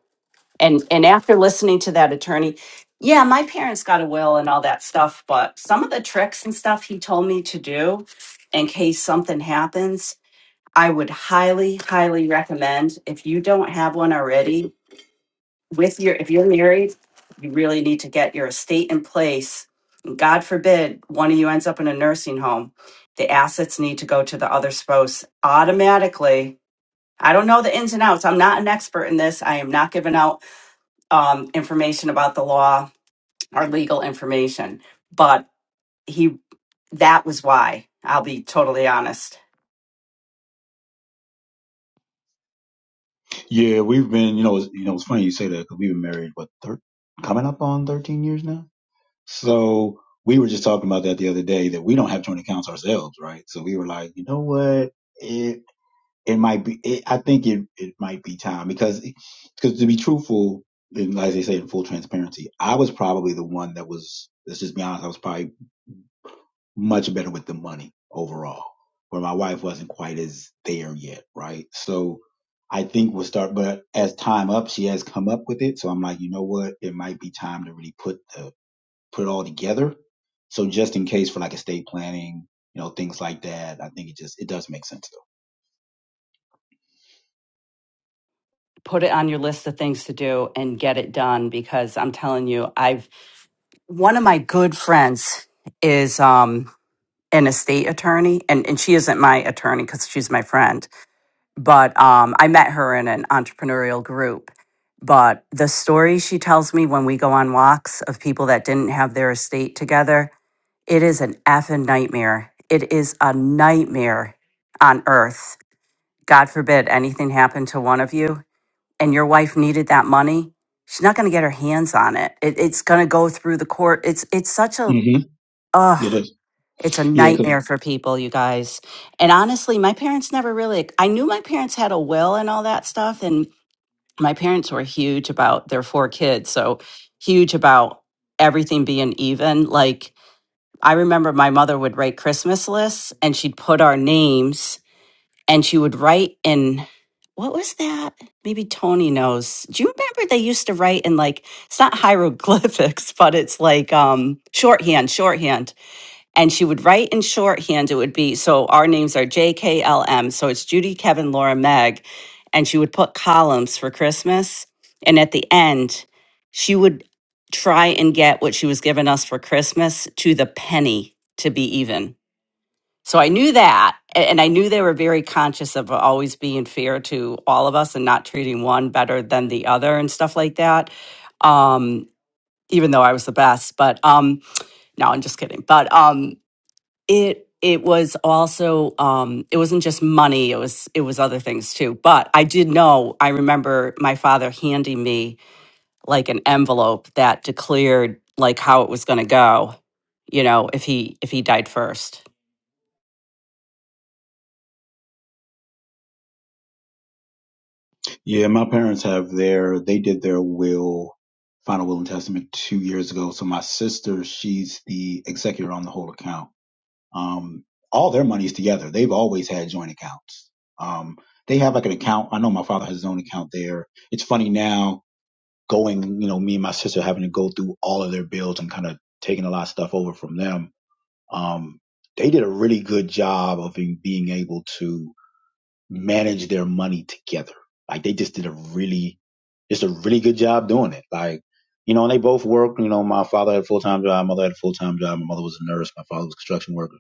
[SPEAKER 7] and and after listening to that attorney yeah my parents got a will and all that stuff but some of the tricks and stuff he told me to do in case something happens i would highly highly recommend if you don't have one already with your if you're married you really need to get your estate in place god forbid one of you ends up in a nursing home the assets need to go to the other spouse automatically i don't know the ins and outs i'm not an expert in this i am not giving out um, information about the law or legal information. But he, that was why. I'll be totally honest.
[SPEAKER 8] Yeah, we've been, you know, it's, you know, it's funny you say that because we've been married, what, thir- coming up on 13 years now? So we were just talking about that the other day that we don't have joint accounts ourselves, right? So we were like, you know what? It, it might be, it, I think it, it might be time because, because to be truthful, and as they say in full transparency, I was probably the one that was, let's just be honest, I was probably much better with the money overall, where my wife wasn't quite as there yet, right? So I think we'll start, but as time up, she has come up with it. So I'm like, you know what? It might be time to really put the, put it all together. So just in case for like estate planning, you know, things like that, I think it just, it does make sense though.
[SPEAKER 7] Put it on your list of things to do and get it done because I'm telling you, I've one of my good friends is um an estate attorney and and she isn't my attorney cuz she's my friend but um I met her in an entrepreneurial group but the stories she tells me when we go on walks of people that didn't have their estate together It is an effing nightmare. It is a nightmare on earth. God forbid anything happened to one of you and your wife needed that money. She's not going to get her hands on it. it it's going to go through the court. It's it's such a
[SPEAKER 8] Mm-hmm.
[SPEAKER 7] ugh.
[SPEAKER 8] It is.
[SPEAKER 7] It's a
[SPEAKER 8] Yeah, 'cause-
[SPEAKER 7] nightmare for people, you guys. And honestly, my parents never really. I knew my parents had a will and all that stuff, and my parents were huge about their four kids, so huge about everything being even. Like I remember my mother would write Christmas lists and she'd put our names and she would write in what was that? Maybe Tony knows. Do you remember they used to write in like it's not hieroglyphics, but it's like um shorthand, shorthand and she would write in shorthand. It would be so our names are JKLM. So it's Judy, Kevin, Laura, Meg. And she would put columns for Christmas. And at the end, she would try and get what she was giving us for Christmas to the penny to be even. So I knew that. a- And I knew they were very conscious of always being fair to all of us and not treating one better than the other and stuff like that. Um, even though I was the best, but um, no, I'm just kidding. But um, it it was also um it wasn't just money it was it was other things too but i did know i remember my father handing me like an envelope that declared like how it was going to go you know if he if he died first
[SPEAKER 8] yeah, my parents have their, they did their will, final will and testament two years ago. So my sister, she's the executor on the whole account. Um, all their money's together. They've always had joint accounts. Um, they have like an account. I know my father has his own account there. It's funny now going, you know, me and my sister having to go through all of their bills and kind of taking a lot of stuff over from them. Um, they did a really good job of being being able to manage their money together. Like they just did a really, just a really good job doing it. Like, you know, and they both worked. You know, my father had a full time job, my mother had a full time job. My mother was a nurse, my father was a construction worker,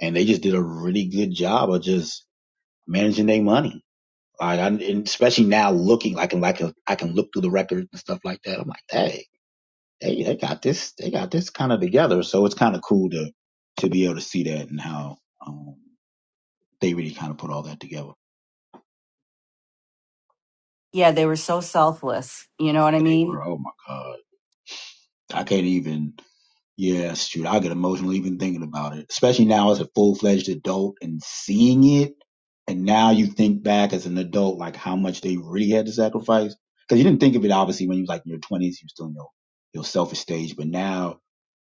[SPEAKER 8] and they just did a really good job of just managing their money. Like, I, and especially now looking, like, and like, a, I can look through the records and stuff like that. I'm like, hey, they they got this, they got this kind of together. So it's kind of cool to to be able to see that and how um, they really kind of put all that together.
[SPEAKER 7] yeah, they were so selfless. You know what I
[SPEAKER 8] They
[SPEAKER 7] mean?
[SPEAKER 8] were, oh my god I can't even. Yeah, shoot, I get emotional even thinking about it. Especially now as a full fledged adult and seeing it, and now you think back as an adult, like how much they really had to sacrifice. Because you didn't think of it obviously when you was like in your twenties, you were still in your your selfish stage. But now,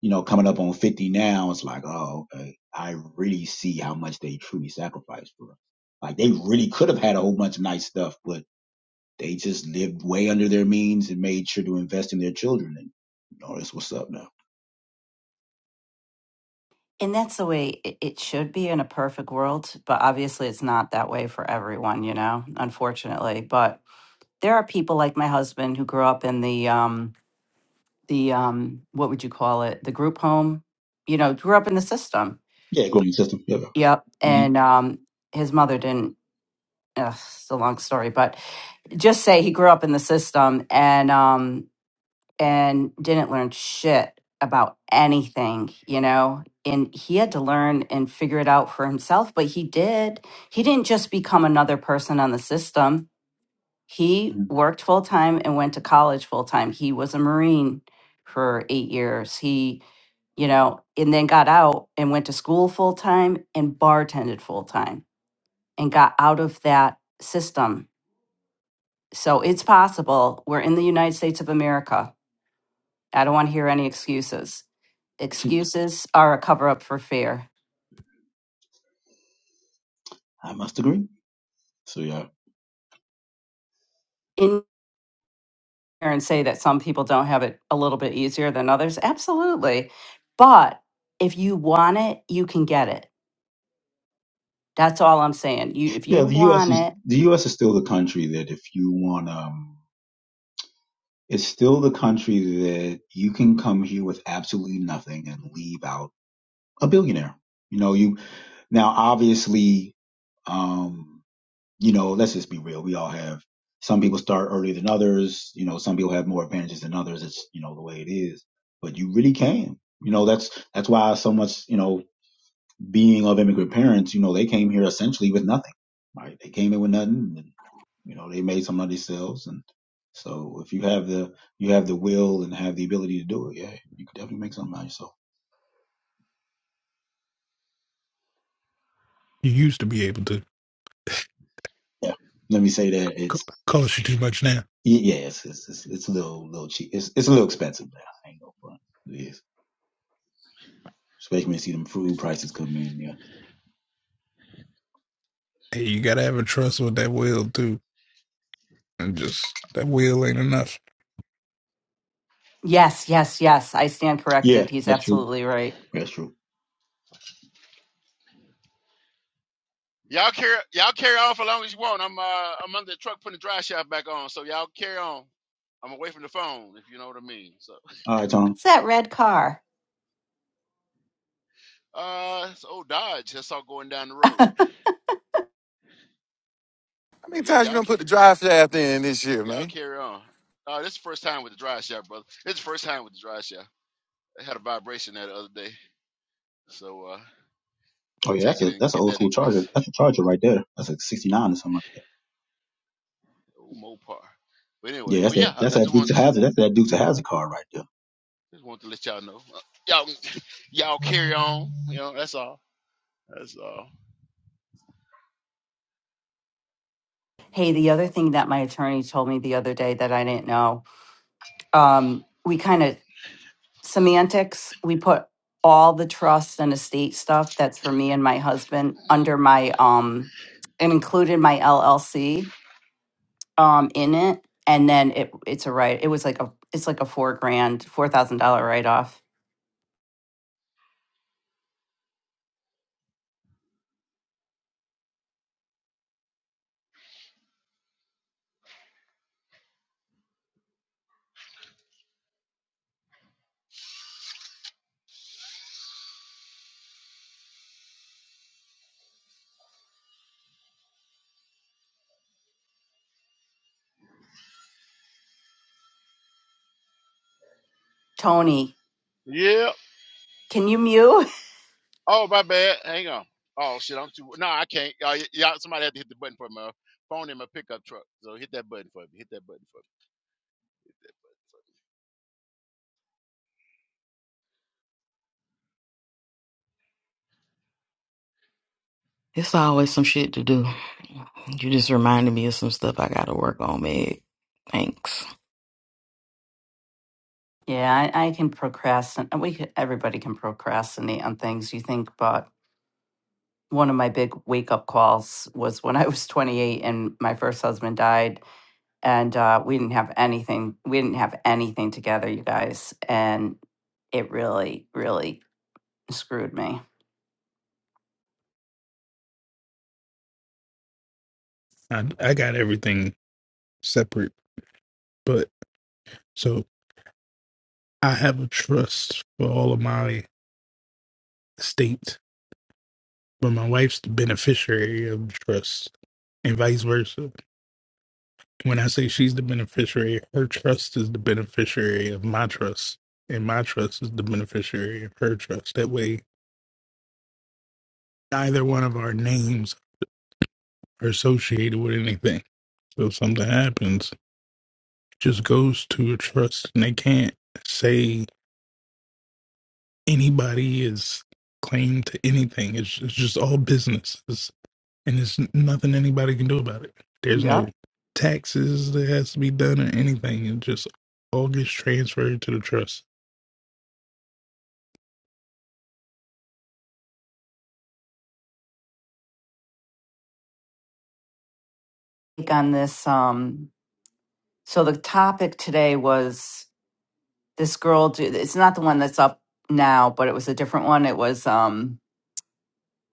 [SPEAKER 8] you know, coming up on fifty now, it's like, oh, okay, I really see how much they truly sacrificed for us. Like they really could have had a whole bunch of nice stuff, but they just lived way under their means and made sure to invest in their children. And you know, that's what's up now.
[SPEAKER 7] And that's the way it, it should be in a perfect world. But obviously, it's not that way for everyone, you know, unfortunately. But there are people like my husband who grew up in the, um, the, um, what would you call it? The group home, you know, grew up in the system.
[SPEAKER 8] Yeah, growing system. Yeah, yeah.
[SPEAKER 7] Yep.
[SPEAKER 8] You,
[SPEAKER 7] And um, his mother didn't. Ugh, it's a long story, but just say he grew up in the system and um, and didn't learn shit about anything, you know. And he had to learn and figure it out for himself, but he did. He didn't just become another person on the system. He
[SPEAKER 8] Mhm.
[SPEAKER 7] worked full time and went to college full time. He was a Marine for eight years. He, you know, and then got out and went to school full time and bartended full time and got out of that system. So it's possible. We're in the United States of America. I don't want to hear any excuses. Excuses are a cover up for fear.
[SPEAKER 8] I must agree. So yeah,
[SPEAKER 7] In here and say that some people don't have it a little bit easier than others. Absolutely. But if you want it, you can get it. That's all I'm saying. You if
[SPEAKER 8] yeah.
[SPEAKER 7] you
[SPEAKER 8] The U.S.
[SPEAKER 7] want
[SPEAKER 8] is
[SPEAKER 7] it,
[SPEAKER 8] the U.S. is still the country that if you want, um, it's still the country that you can come here with absolutely nothing and leave out a billionaire. You know, you now obviously, um, you know, let's just be real. We all have some people start earlier than others. You know, some people have more advantages than others. It's you know the way it is. But you really can. You know, that's that's why so much. You know, being of immigrant parents, you know, they came here essentially with nothing, right? They came in with nothing, and you know, they made some of themselves. And so, if you have the you have the will and have the ability to do it, yeah, you could definitely make something out of yourself.
[SPEAKER 10] You used to be able to
[SPEAKER 8] Yeah, let me say that it's
[SPEAKER 10] co- cost you too much now.
[SPEAKER 8] y- yeah, it's it's it's, it's a little little cheap. It's it's a little expensive now. I ain't no front. It is, especially when you see them food prices come in. Yeah,
[SPEAKER 10] Hey, you gotta have a trust with that will too, and just that will ain't enough.
[SPEAKER 7] yes, yes, yes. I stand
[SPEAKER 8] yeah,
[SPEAKER 7] corrected. He's
[SPEAKER 8] that's true.
[SPEAKER 7] absolutely right.
[SPEAKER 8] That's true.
[SPEAKER 2] Y'all carry y'all carry on for long as you want. I'm uh I'm under the truck putting the dry shaft back on, so y'all carry on. I'm away from the phone, if you know what I mean. So.
[SPEAKER 8] All right, Tom.
[SPEAKER 7] It's that red car.
[SPEAKER 2] Uh, it's old Dodge. I saw going down the road.
[SPEAKER 5] How many
[SPEAKER 2] But yeah,
[SPEAKER 5] times you
[SPEAKER 2] y'all
[SPEAKER 5] don't put
[SPEAKER 2] ca-
[SPEAKER 5] the drive shaft in this year,
[SPEAKER 2] y'all
[SPEAKER 5] man?
[SPEAKER 2] carry on. Uh, this is the first time with the dry shot, brother. It's the first time with the dry shot. I had a vibration there the other day, so uh,
[SPEAKER 8] Oh
[SPEAKER 2] had
[SPEAKER 8] yeah,
[SPEAKER 2] to take
[SPEAKER 8] that's
[SPEAKER 2] it
[SPEAKER 8] a
[SPEAKER 2] and
[SPEAKER 8] that's an
[SPEAKER 2] get
[SPEAKER 8] old
[SPEAKER 2] that
[SPEAKER 8] school charger.
[SPEAKER 2] address.
[SPEAKER 8] That's a charger right there. That's a sixty nine or something like that.
[SPEAKER 2] Old Mopar. But anyway,
[SPEAKER 8] Yeah, that's
[SPEAKER 2] but yeah,
[SPEAKER 8] that.
[SPEAKER 2] I
[SPEAKER 8] That's
[SPEAKER 2] I
[SPEAKER 8] that
[SPEAKER 2] just
[SPEAKER 8] Dukes
[SPEAKER 2] wanted
[SPEAKER 8] of
[SPEAKER 2] to
[SPEAKER 8] Hazard. That's that Dukes of Hazard card right there.
[SPEAKER 2] just wanted to let y'all know. Uh, y'all y'all carry on. You know, that's all. That's all.
[SPEAKER 7] Hey, the other thing that my attorney told me the other day that I didn't know um, we kind of semantics. We put all the trust and estate stuff that's for me and my husband under my um, and included my LLC um in it, and then it it's a right. It was like a it's like a four grand four thousand dollar write off. Tony,
[SPEAKER 2] Yeah.
[SPEAKER 7] can you mute?
[SPEAKER 2] Oh, my bad. Hang on. Oh shit, I'm too. No, I can't. Uh, y'all, somebody had to hit the button for my phone in my pickup truck. So hit that button for me. Hit that button for me.
[SPEAKER 11] It's always some shit to do. You just reminded me of some stuff I gotta work on, Meg. Thanks.
[SPEAKER 7] Yeah, I, I can procrastinate. We could, everybody can procrastinate on things you think, but one of my big wake up calls was when I was 28 and my first husband died and uh, we didn't have anything we didn't have anything together you guys and it really really screwed me
[SPEAKER 10] I I got everything separate, but so I have a trust for all of my estate, but my wife's the beneficiary of the trust, and vice versa. When I say she's the beneficiary, her trust is the beneficiary of my trust, and my trust is the beneficiary of her trust. That way, neither one of our names are associated with anything So if something happens, just goes to a trust, and they can't say anybody is claimed to anything. It's, it's just all businesses, and there's nothing anybody can do about it. There's no
[SPEAKER 7] yep
[SPEAKER 10] taxes that has to be done or anything. It just all gets transferred to the trust.
[SPEAKER 7] Like on this um so the topic today was this girl do it's not the one that's up now but it was a different one it was um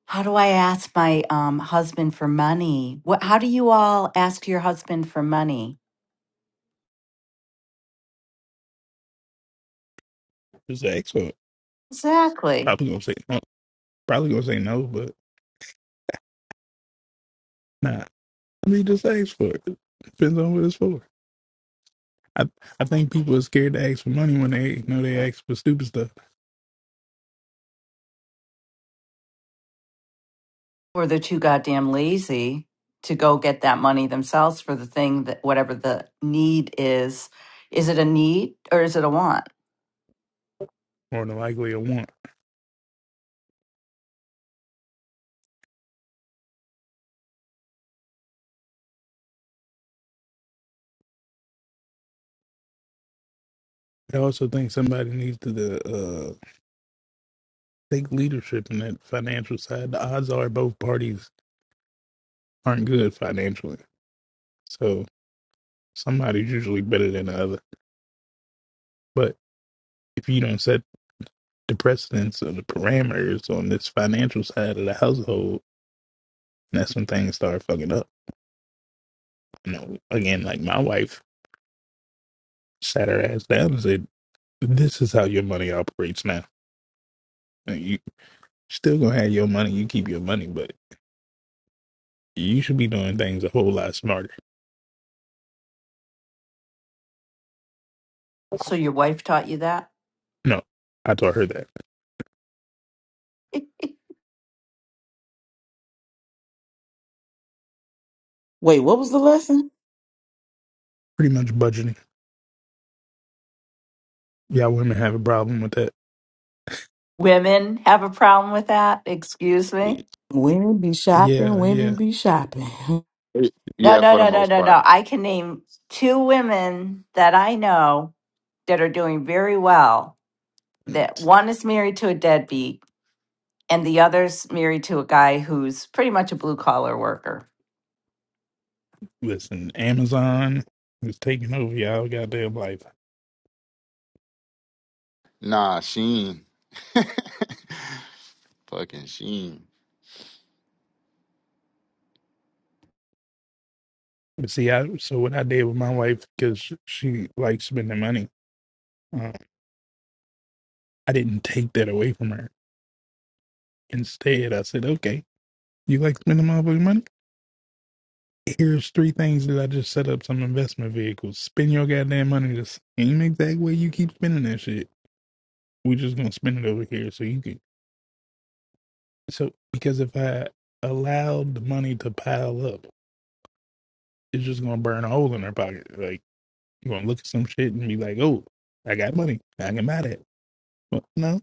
[SPEAKER 7] how do i ask my um husband for money what how do you all ask your husband for money
[SPEAKER 10] Just ask for it.
[SPEAKER 7] exactly
[SPEAKER 10] Probably gonna say no. Probably gonna say no, but nah. I mean, just ask for it. Depends on what it's for. I I think people are scared to ask for money when they know they ask for stupid stuff.
[SPEAKER 7] Or they're too goddamn lazy to go get that money themselves for the thing that whatever the need is. Is it a need or is it a want?
[SPEAKER 10] More than likely, a want. I also think somebody needs to uh, take leadership in that financial side. The odds are both parties aren't good financially, so somebody's usually better than the other. But if you don't set the precedence or the parameters on this financial side of the household, that's when things start fucking up. You know, again, like my wife sat her ass down and said, "This is how your money operates now. And you still gonna have your money. You keep your money, but you should be doing things a whole lot smarter."
[SPEAKER 7] So your wife taught you that?
[SPEAKER 10] No, I taught her that
[SPEAKER 11] Wait, what was the lesson?
[SPEAKER 10] pretty much budgeting. Y'all women have a problem with that.
[SPEAKER 7] Women have a problem with that? Excuse me?
[SPEAKER 11] Women be shopping,
[SPEAKER 10] Yeah,
[SPEAKER 11] women
[SPEAKER 10] yeah.
[SPEAKER 11] be shopping.
[SPEAKER 7] No,
[SPEAKER 9] Yeah,
[SPEAKER 7] no,
[SPEAKER 9] for the
[SPEAKER 7] no, no,
[SPEAKER 9] most
[SPEAKER 7] no,
[SPEAKER 9] part.
[SPEAKER 7] no. I can name two women that I know that are doing very well. That one is married to a deadbeat, and the other's married to a guy who's pretty much a blue collar worker.
[SPEAKER 10] Listen, Amazon is taking over y'all goddamn life.
[SPEAKER 9] Nah, Sheen. Fucking Sheen.
[SPEAKER 10] But see, I so what I did with my wife because she likes spending money. Uh, I didn't take that away from her. Instead, I said, "Okay, you like spending motherfucking money? Here's three things that I just set up some investment vehicles. Spend your goddamn money the same exact way you keep spending that shit. We're just gonna spend it over here, so you can." So because if I allowed the money to pile up, it's just gonna burn a hole in their pocket. Like you're gonna look at some shit and be like, "Oh, I got money. I can buy that." But no,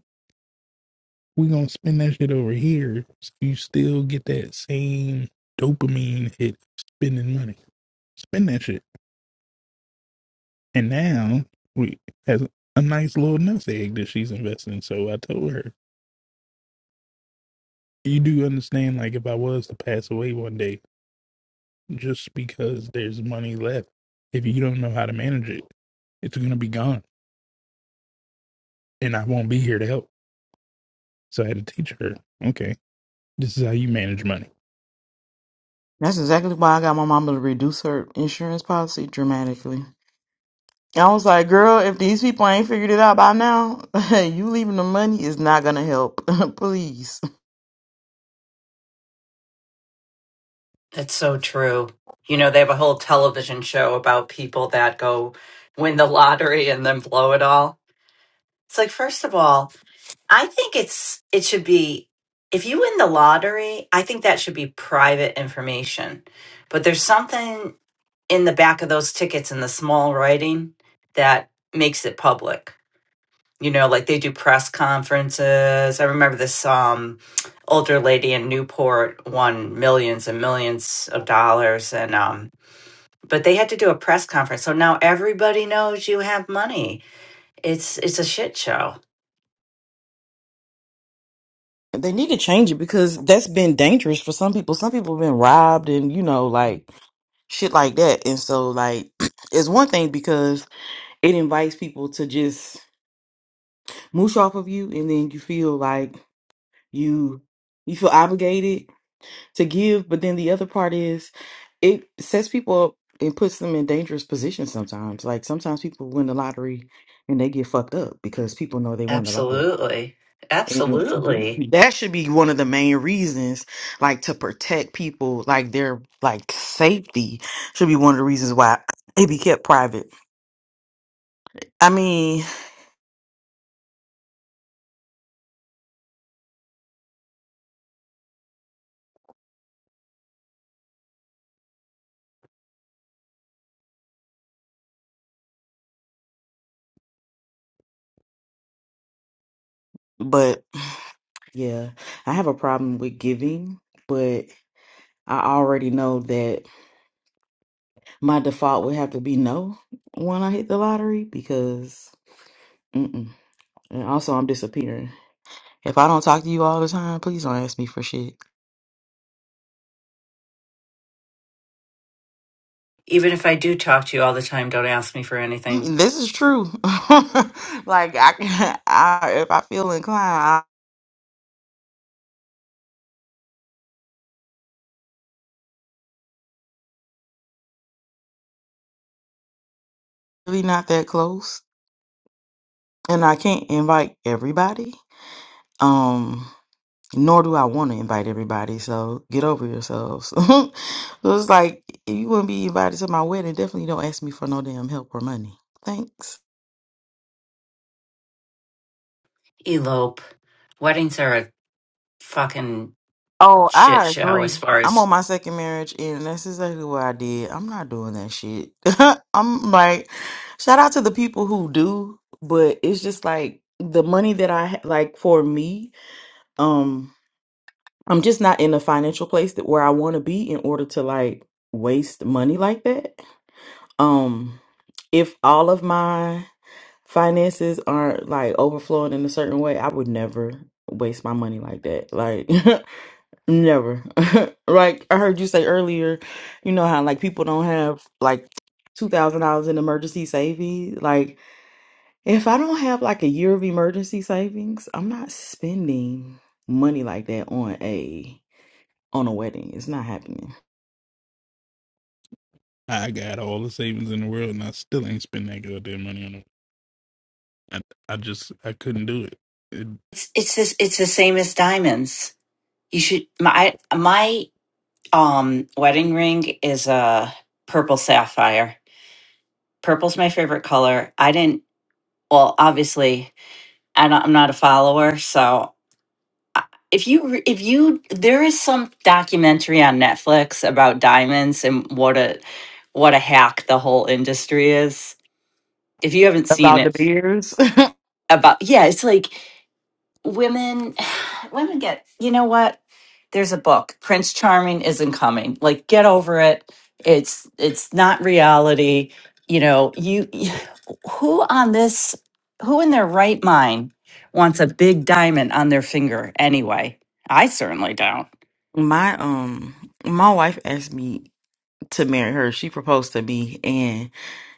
[SPEAKER 10] we gonna spend that shit over here. So you still get that same dopamine hit of spending money. Spend that shit. And now we has a nice little nest egg that she's investing. So I told her, "You do understand? Like if I was to pass away one day." just because there's money left. If you don't know how to manage it, it's going to be gone and I won't be here to help. So I had to teach her, okay, this is how you manage money.
[SPEAKER 11] That's exactly why I got my mama to reduce her insurance policy dramatically. I was like, girl, if these people ain't figured it out by now, you leaving the money is not gonna help. Please.
[SPEAKER 7] That's so true. You know, they have a whole television show about people that go win the lottery and then blow it all. It's like, first of all, I think it's it should be if you win the lottery, I think that should be private information. But there's something in the back of those tickets in the small writing that makes it public. You know, like they do press conferences. I remember this um, older lady in Newport won millions and millions of dollars, and um, but they had to do a press conference. So now everybody knows you have money. It's it's a shit show.
[SPEAKER 11] They need to change it because that's been dangerous for some people. Some people have been robbed and, you know, like, Shit like that. And so like it's one thing because. it invites people to just moosh off of you and then you feel like you you feel obligated to give but then the other part is it sets people up and puts them in dangerous positions sometimes like sometimes people win the lottery and they get fucked up because people know they won the lottery
[SPEAKER 7] Absolutely,
[SPEAKER 11] and
[SPEAKER 7] absolutely.
[SPEAKER 11] that should be one of the main reasons like to protect people like their like safety should be one of the reasons why it be kept private i mean but. Yeah, I have a problem with giving, but I already know that my default would have to be no when I hit the lottery because, mm-mm. And also, I'm disappearing. If I don't talk to you all the time, please don't ask me for shit.
[SPEAKER 7] Even if I do talk to you all the time, don't ask me for anything.
[SPEAKER 11] Mm, This is true. Like I, can- I if I feel inclined, I'm really not that close, and I can't invite everybody. Um. Nor do I want to invite everybody. So get over yourselves. it was like if you wouldn't be invited to my wedding. Definitely don't ask me for no damn help or money. Thanks.
[SPEAKER 7] Elope. Weddings are a fucking
[SPEAKER 11] Oh,
[SPEAKER 7] shit
[SPEAKER 11] I
[SPEAKER 7] show
[SPEAKER 11] agree.
[SPEAKER 7] as far
[SPEAKER 11] I'm
[SPEAKER 7] as
[SPEAKER 11] on my second marriage, and that's exactly what I did. I'm not doing that shit. I'm like, shout out to the people who do, but it's just like the money that I ha- like for me. Um, I'm just not in a financial place that where I want to be in order to like waste money like that. Um, if all of my finances aren't like overflowing in a certain way, I would never waste my money like that. Like never. like I heard you say earlier, you know how like people don't have like two thousand dollars in emergency savings. Like if I don't have like a year of emergency savings, I'm not spending money like that on a on a wedding. It's not happening.
[SPEAKER 10] I got all the savings in the world and I still ain't spend that goddamn money on it. I, I just, I couldn't do it. it
[SPEAKER 7] It's it's this it's the same as diamonds. You should my my um wedding ring is a purple sapphire. Purple's my favorite color. I didn't well obviously I don't, I'm not a follower, so I- if you re- if you there is some documentary on Netflix about diamonds and what a what a hack the whole industry is. If you haven't seen
[SPEAKER 11] About the
[SPEAKER 7] it
[SPEAKER 11] beers.
[SPEAKER 7] about yeah, it's like women women get you know what there's a book prince charming isn't coming like get over it it's it's not reality you know you who on this who in their right mind wants a big diamond on their finger anyway i certainly don't
[SPEAKER 11] my um my wife asked me to marry her. She proposed to me and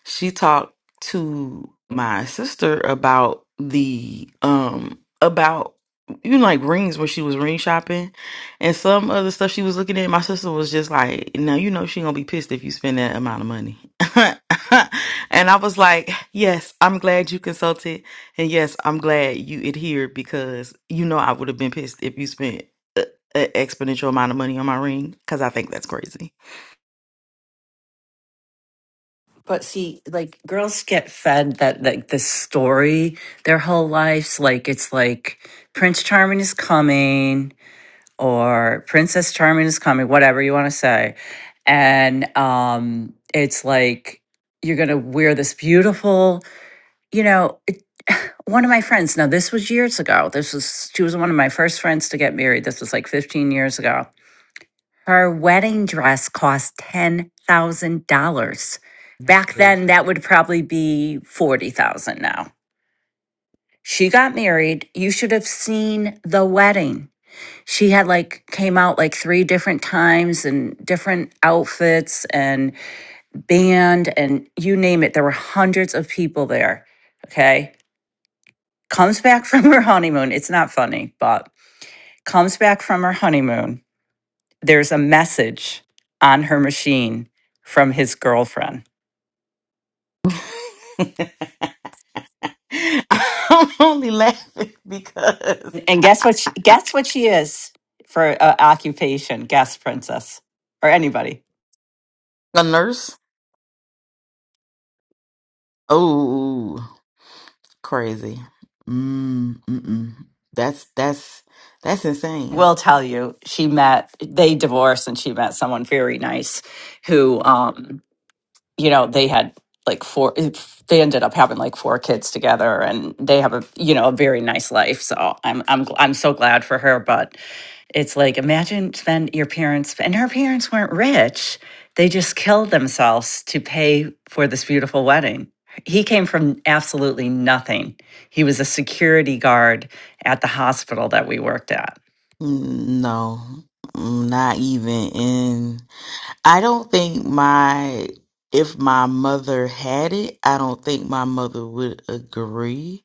[SPEAKER 11] she talked to my sister about the um about you know like rings when she was ring shopping and some other stuff she was looking at. My sister was just like, Now you know she gonna be pissed if you spend that amount of money. and I was like, Yes, I'm glad you consulted and yes, I'm glad you adhered because you know I would have been pissed if you spent an exponential amount of money on my ring because I think that's crazy.
[SPEAKER 7] but see like girls get fed that like the story their whole lives like it's like prince charming is coming or Princess Charming is coming, whatever you want to say. And um, it's like you're going to wear this beautiful, you know, it, one of my friends, now this was years ago. This was, she was one of my first friends to get married. This was like 15 years ago. Her wedding dress cost $10,000.
[SPEAKER 10] that's
[SPEAKER 7] Back
[SPEAKER 10] crazy.
[SPEAKER 7] then, that would probably be 40,000 now. She got married. You should have seen the wedding she had like came out like three different times and different outfits and band and you name it there were hundreds of people there okay comes back from her honeymoon it's not funny but comes back from her honeymoon there's a message on her machine from his girlfriend
[SPEAKER 11] I'm only laughing because
[SPEAKER 7] and guess what she, guess what she is for uh, occupation guess princess or anybody
[SPEAKER 11] a nurse. Oh, crazy. Mm, mm-mm. That's that's that's insane.
[SPEAKER 7] will tell you she met they divorced and she met someone very nice who um you know they had like four eh, they ended up having like four kids together and they have a you know a very nice life so i'm i'm gl- i'm so glad for her but it's like imagine spend your parents and her parents weren't rich they just killed themselves to pay for this beautiful wedding he came from absolutely nothing he was a security guard at the hospital that we worked at
[SPEAKER 11] Mm, No, Mm, not even in. I don't think my if my mother had it, I don't think my mother would agree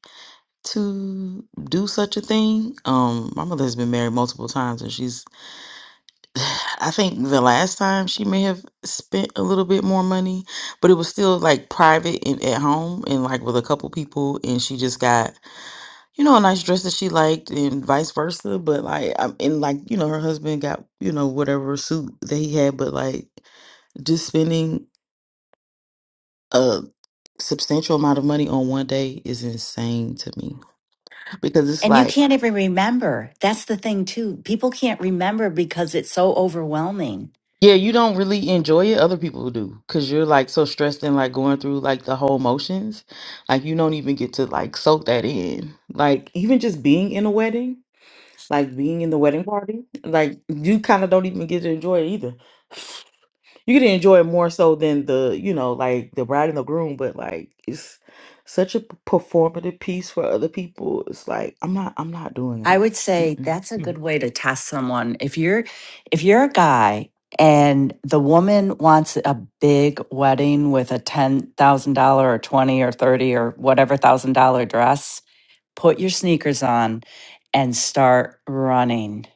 [SPEAKER 11] to do such a thing. Um, my mother has been married multiple times, and she's I think the last time she may have spent a little bit more money, but it was still like private and at home and like with a couple people. And she just got, you know, a nice dress that she liked and vice versa. But like, I'm and like, you know, her husband got, you know, whatever suit that he had. But like, just spending a substantial amount of money on one day is insane to me because it's
[SPEAKER 7] And you
[SPEAKER 11] like,
[SPEAKER 7] can't even remember. That's the thing, too. People can't remember because it's so overwhelming.
[SPEAKER 11] Yeah, you don't really enjoy it. Other people do because you're like so stressed and like going through like the whole motions. Like you don't even get to like soak that in. Like even just being in a wedding, like being in the wedding party, like you kind of don't even get to enjoy it either. You get to enjoy it more so than the, you know, like the bride and the groom, but like it's such a p- performative piece for other people. It's like I'm not, I'm not doing
[SPEAKER 7] I
[SPEAKER 11] it.
[SPEAKER 7] would say
[SPEAKER 11] Mm-mm.
[SPEAKER 7] that's a
[SPEAKER 10] Like,
[SPEAKER 7] good way to test someone. If you're if you're a guy and the woman wants a big wedding with a $10,000 or 20 or 30 or whatever thousand dollar dress, put your sneakers on and start running.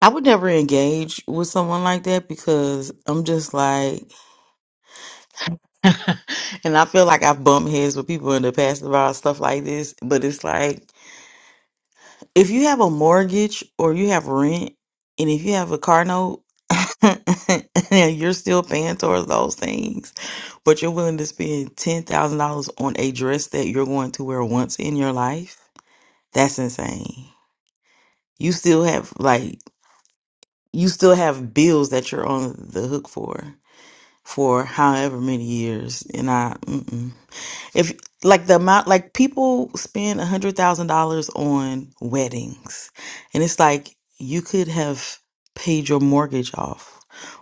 [SPEAKER 11] I would never engage with someone like that because I'm just like, and I feel like I've bumped heads with people in the past about stuff like this. But it's like, if you have a mortgage or you have rent, and if you have a car note, and you're still paying towards those things, but you're willing to spend ten thousand dollars on a dress that you're going to wear once in your life, that's insane. You still have like, you still have bills that you're on the hook for. for however many years, and I, mm-mm. If like the amount, like people spend a hundred thousand dollars on weddings, and it's like you could have paid your mortgage off,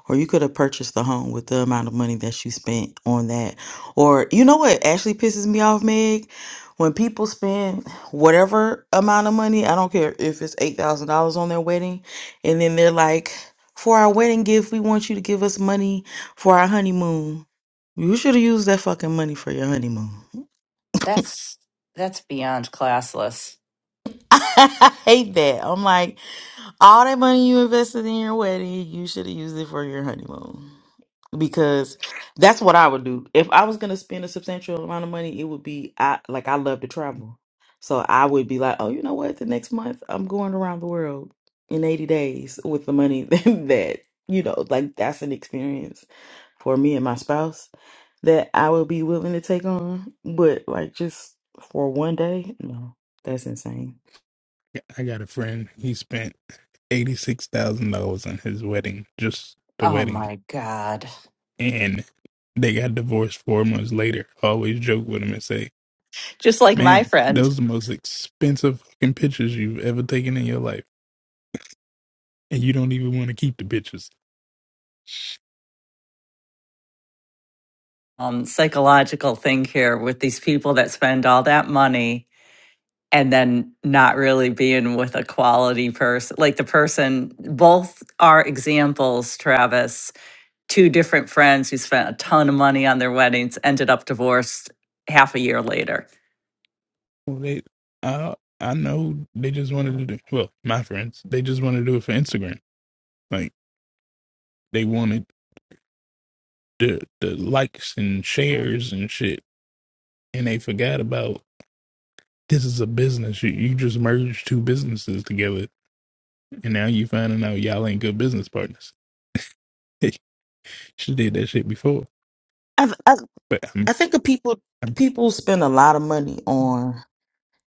[SPEAKER 11] or you could have purchased the home with the amount of money that you spent on that. Or you know what actually pisses me off, Meg, when people spend whatever amount of money, I don't care if it's eight thousand dollars on their wedding, and then they're like, "For our wedding gift, we want you to give us money for our honeymoon." You should have used that fucking money for your honeymoon.
[SPEAKER 7] That's that's beyond classless.
[SPEAKER 11] I hate that. I'm like, all that money you invested in your wedding, you should have used it for your honeymoon. Because that's what I would do. If I was gonna spend a substantial amount of money, it would be I like I love to travel. So I would be like, Oh, you know what? The next month I'm going around the world in 80 days with the money that, you know, like that's an experience for me and my spouse that I would be willing to take on. But like just for one day, no, that's insane.
[SPEAKER 10] I got a friend, he spent $86,000 on his wedding, just the
[SPEAKER 7] Oh
[SPEAKER 10] wedding.
[SPEAKER 7] my god.
[SPEAKER 10] And they got divorced four months later. I always joke with him and say,
[SPEAKER 7] Just like my
[SPEAKER 10] Man,
[SPEAKER 7] friend.
[SPEAKER 10] those are the most expensive fucking pictures you've ever taken in your life, and you don't even want to keep the pictures.
[SPEAKER 7] um, psychological thing here with these people that spend all that money and then not really being with a quality person. Like the person, both are examples, Travis, two different friends who spent a ton of money on their weddings ended up divorced half a year later.
[SPEAKER 10] Well, they, I, I know they just wanted to do. Well, my friends, they just want to do it for Instagram. Like they wanted the the likes and shares and shit, and they forgot about this is a business. You you just merged two businesses together, and now you finding out y'all ain't good business partners. she did that shit before,
[SPEAKER 11] I, I
[SPEAKER 10] but I'm
[SPEAKER 11] I think of people
[SPEAKER 10] and
[SPEAKER 11] people spend a lot of money on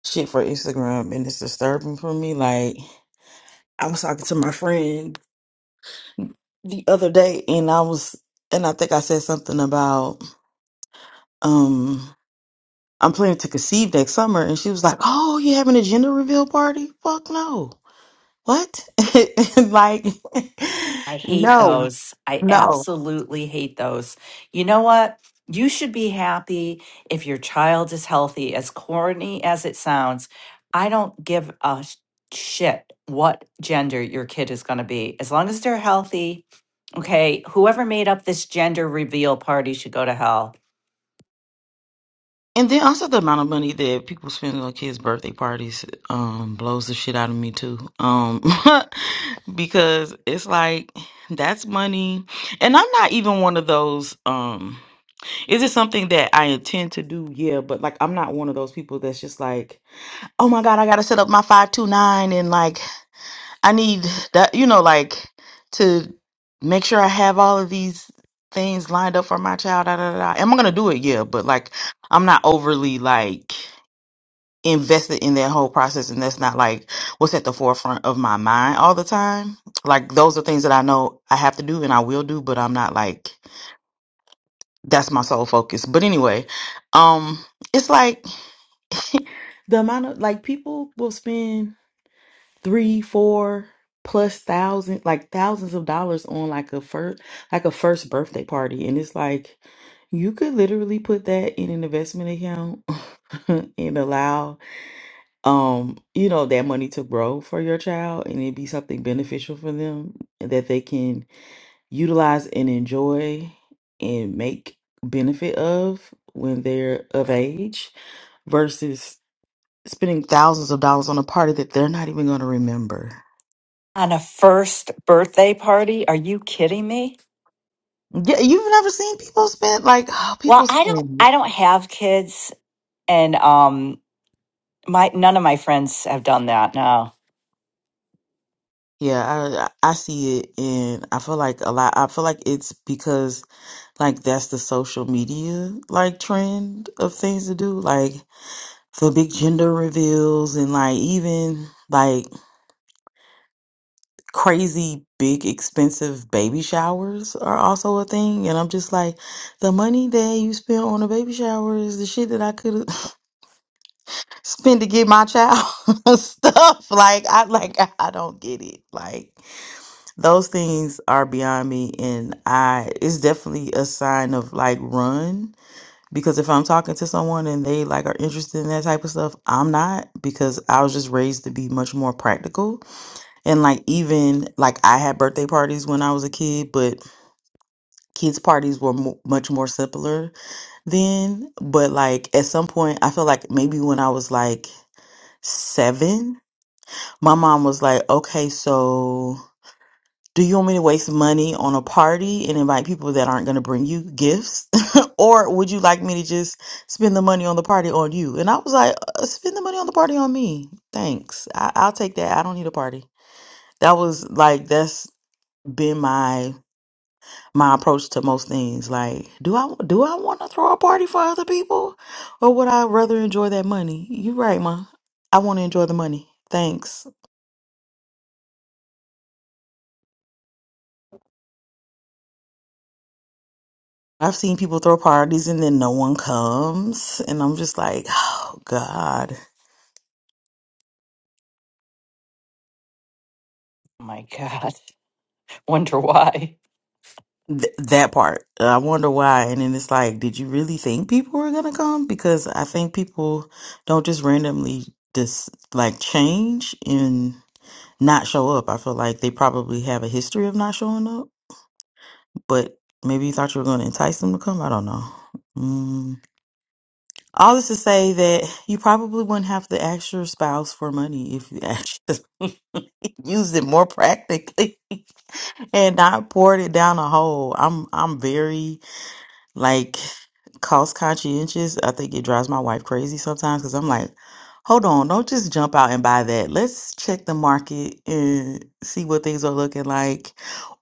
[SPEAKER 11] shit for Instagram, and it's disturbing for me. Like I was talking to my friend the other day, and I was and I think I said something about um I'm planning to conceive next summer, and she was like, "Oh, you having a gender reveal party? Fuck no! What? like
[SPEAKER 7] I hate
[SPEAKER 11] no,
[SPEAKER 7] those. I
[SPEAKER 11] no."
[SPEAKER 7] absolutely hate those. You know what? You should be happy if your child is healthy, as corny as it sounds. I don't give a sh- shit what gender your kid is going to be. As long as they're healthy, okay, whoever made up this gender reveal party should go to hell.
[SPEAKER 11] And then also the amount of money that people spend on kids' birthday parties um, blows the shit out of me too, um, because it's like that's money, and I'm not even one of those. Um, is it something that I intend to do? Yeah, but like I'm not one of those people that's just like, oh my god, I gotta set up my five two nine and like I need that, you know, like to make sure I have all of these things lined up for my child. Da, da, da. da. Am I going to do it? Yeah. But like, I'm not overly like invested in that whole process. And that's not like what's at the forefront of my mind all the time. Like, those are things that I know I have to do and I will do, but I'm not like, that's my sole focus. But anyway, um, it's like the amount of like people will spend. three, four plus thousand, like thousands of dollars on like a first, like a first birthday party, and it's like you could literally put that in an investment account and allow, um, you know, that money to grow for your child, and it be something beneficial for them that they can utilize and enjoy and make benefit of when they're of age, versus spending thousands of dollars on a party that they're not even going to remember.
[SPEAKER 7] On a first birthday party? Are you kidding me?
[SPEAKER 11] Yeah, you've never seen people spend like
[SPEAKER 7] Well,
[SPEAKER 11] people
[SPEAKER 7] I don't
[SPEAKER 11] spend.
[SPEAKER 7] I don't have kids and um my none of my friends have done that. No.
[SPEAKER 11] Yeah, I I see it, and I feel like a lot. I feel like it's because like that's the social media like trend of things to do, like the big gender reveals and like even like crazy big expensive baby showers are also a thing. And I'm just like, the money that you spent on a baby shower is the shit that I could have. spend to get my child stuff. Like I like I don't get it. Like those things are beyond me and I it's definitely a sign of like run because if I'm talking to someone and they like are interested in that type of stuff, I'm not because I was just raised to be much more practical. And like even like I had birthday parties when I was a kid, but kids parties were mo- much more simpler then, but like at some point I feel like maybe when I was like 7 my mom was like, okay, so do you want me to waste money on a party and invite people that aren't going to bring you gifts? or would you like me to just spend the money on the party on you? And I was like, uh, spend the money on the party on me. Thanks. I- I'll take that. I don't need a party. That was like, that's been my my approach to most things like do i do i want to throw a party for other people or would i rather enjoy that money you are right ma i want to enjoy the money thanks I've seen people throw parties and then no one comes, and I'm just like, oh God,
[SPEAKER 7] my God. Wonder why.
[SPEAKER 11] Th- that part. I wonder why. And then it's like, did you really think people were gonna come? Because I think people don't just randomly just like change and not show up. I feel like they probably have a history of not showing up, but maybe you thought you were gonna entice them to come. I don't know. Mm. All this to say that you probably wouldn't have to ask your spouse for money if you actually used it more practically and not poured it down a hole. I'm I'm very like cost conscientious. I think it drives my wife crazy sometimes because I'm like, hold on, don't just jump out and buy that. Let's check the market and see what things are looking like,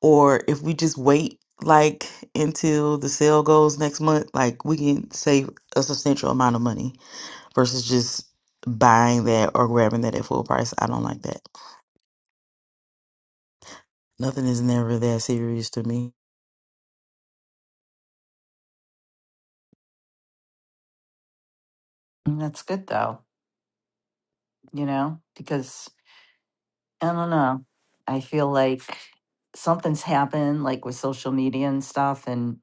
[SPEAKER 11] or if we just wait like until the sale goes next month, like we can save a substantial amount of money versus just buying that or grabbing that at full price. I don't like that. Nothing is never that serious to me
[SPEAKER 7] And That's good though, you know, because I don't know. I feel like something's happened, like with social media and stuff, and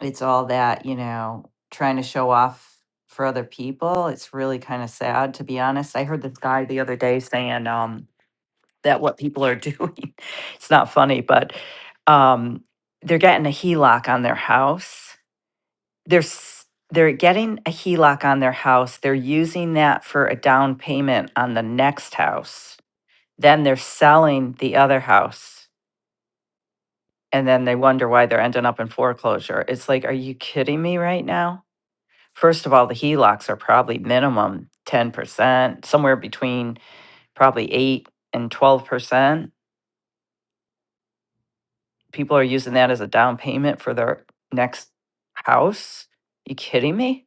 [SPEAKER 7] it's all that, you know, trying to show off for other people. It's really kind of sad, to be honest. I heard this guy the other day saying um, that what people are doing, it's not funny, but um, they're getting a HELOC on their house they're s- they're getting a HELOC on their house. They're using that for a down payment on the next house. Then they're selling the other house, and then they wonder why they're ending up in foreclosure. It's like, are you kidding me right now? First of all, the HELOCs are probably minimum ten percent, somewhere between probably eight and twelve percent. People are using that as a down payment for their next house. You kidding me?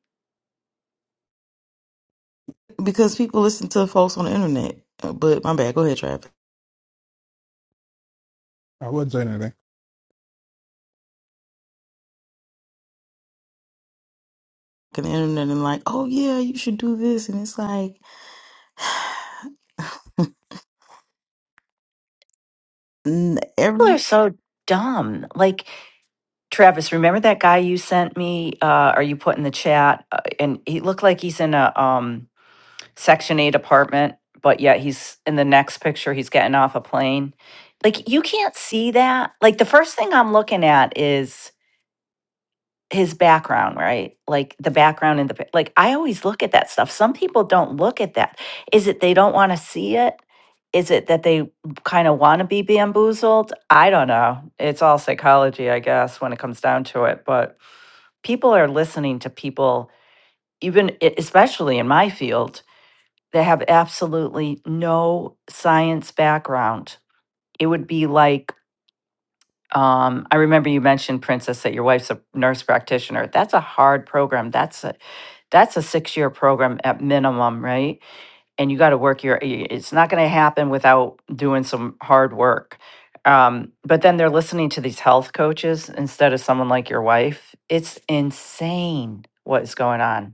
[SPEAKER 11] because people listen to folks on the internet. Uh, But my bad, go ahead, Trav.
[SPEAKER 10] I wouldn't say anything.
[SPEAKER 11] On the internet and like, oh yeah, you should do this, and it's like, n-
[SPEAKER 7] People are
[SPEAKER 11] every
[SPEAKER 7] so dumb. Like Travis, remember that guy you sent me, uh, or you put in the chat, uh, and he looked like he's in a um, Section Eight apartment, but yet he's in the next picture. He's getting off a plane. Like you can't see that. Like the first thing I'm looking at is his background, right? Like the background in the pic- like. I always look at that stuff. Some people don't look at that. Is it they don't want to see it? Is it that they kind of want to be bamboozled? I don't know. It's all psychology, I guess, when it comes down to it, but people are listening to people, even e- especially in my field, that have absolutely no science background. It would be like, um, I remember you mentioned, Princess, that your wife's a nurse practitioner. That's a hard program. That's a that's a six year program at minimum, right? And you got to work your. It's not going to happen without doing some hard work. Um, but then they're listening to these health coaches instead of someone like your wife. It's insane what is going on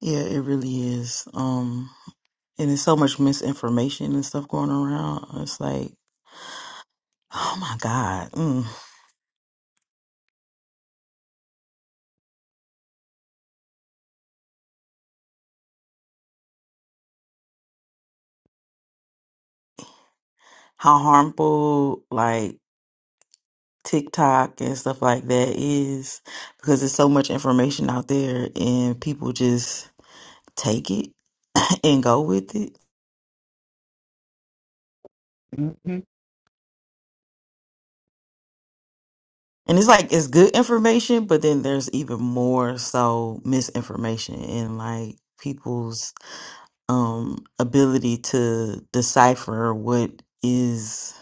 [SPEAKER 11] yeah, it really is. Um, and there's so much misinformation and stuff going around. It's like, oh my god, mm, how harmful! Like TikTok and stuff like that is because there's so much information out there and people just take it and go with it.
[SPEAKER 10] hmm
[SPEAKER 11] And it's like it's good information, but then there's even more so misinformation and like people's um ability to decipher what is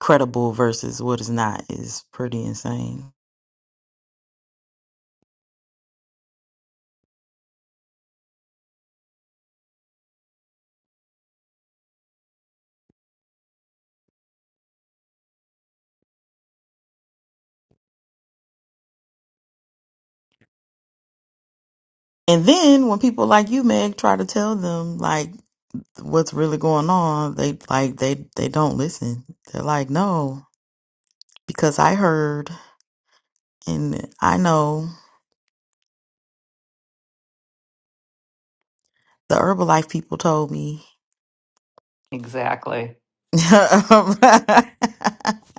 [SPEAKER 11] credible versus what is not is pretty insane. And then when people like you, Meg, try to tell them like what's really going on, they like they they don't listen. They're like, no, because I heard and I know the Herbalife people told me.
[SPEAKER 7] Exactly.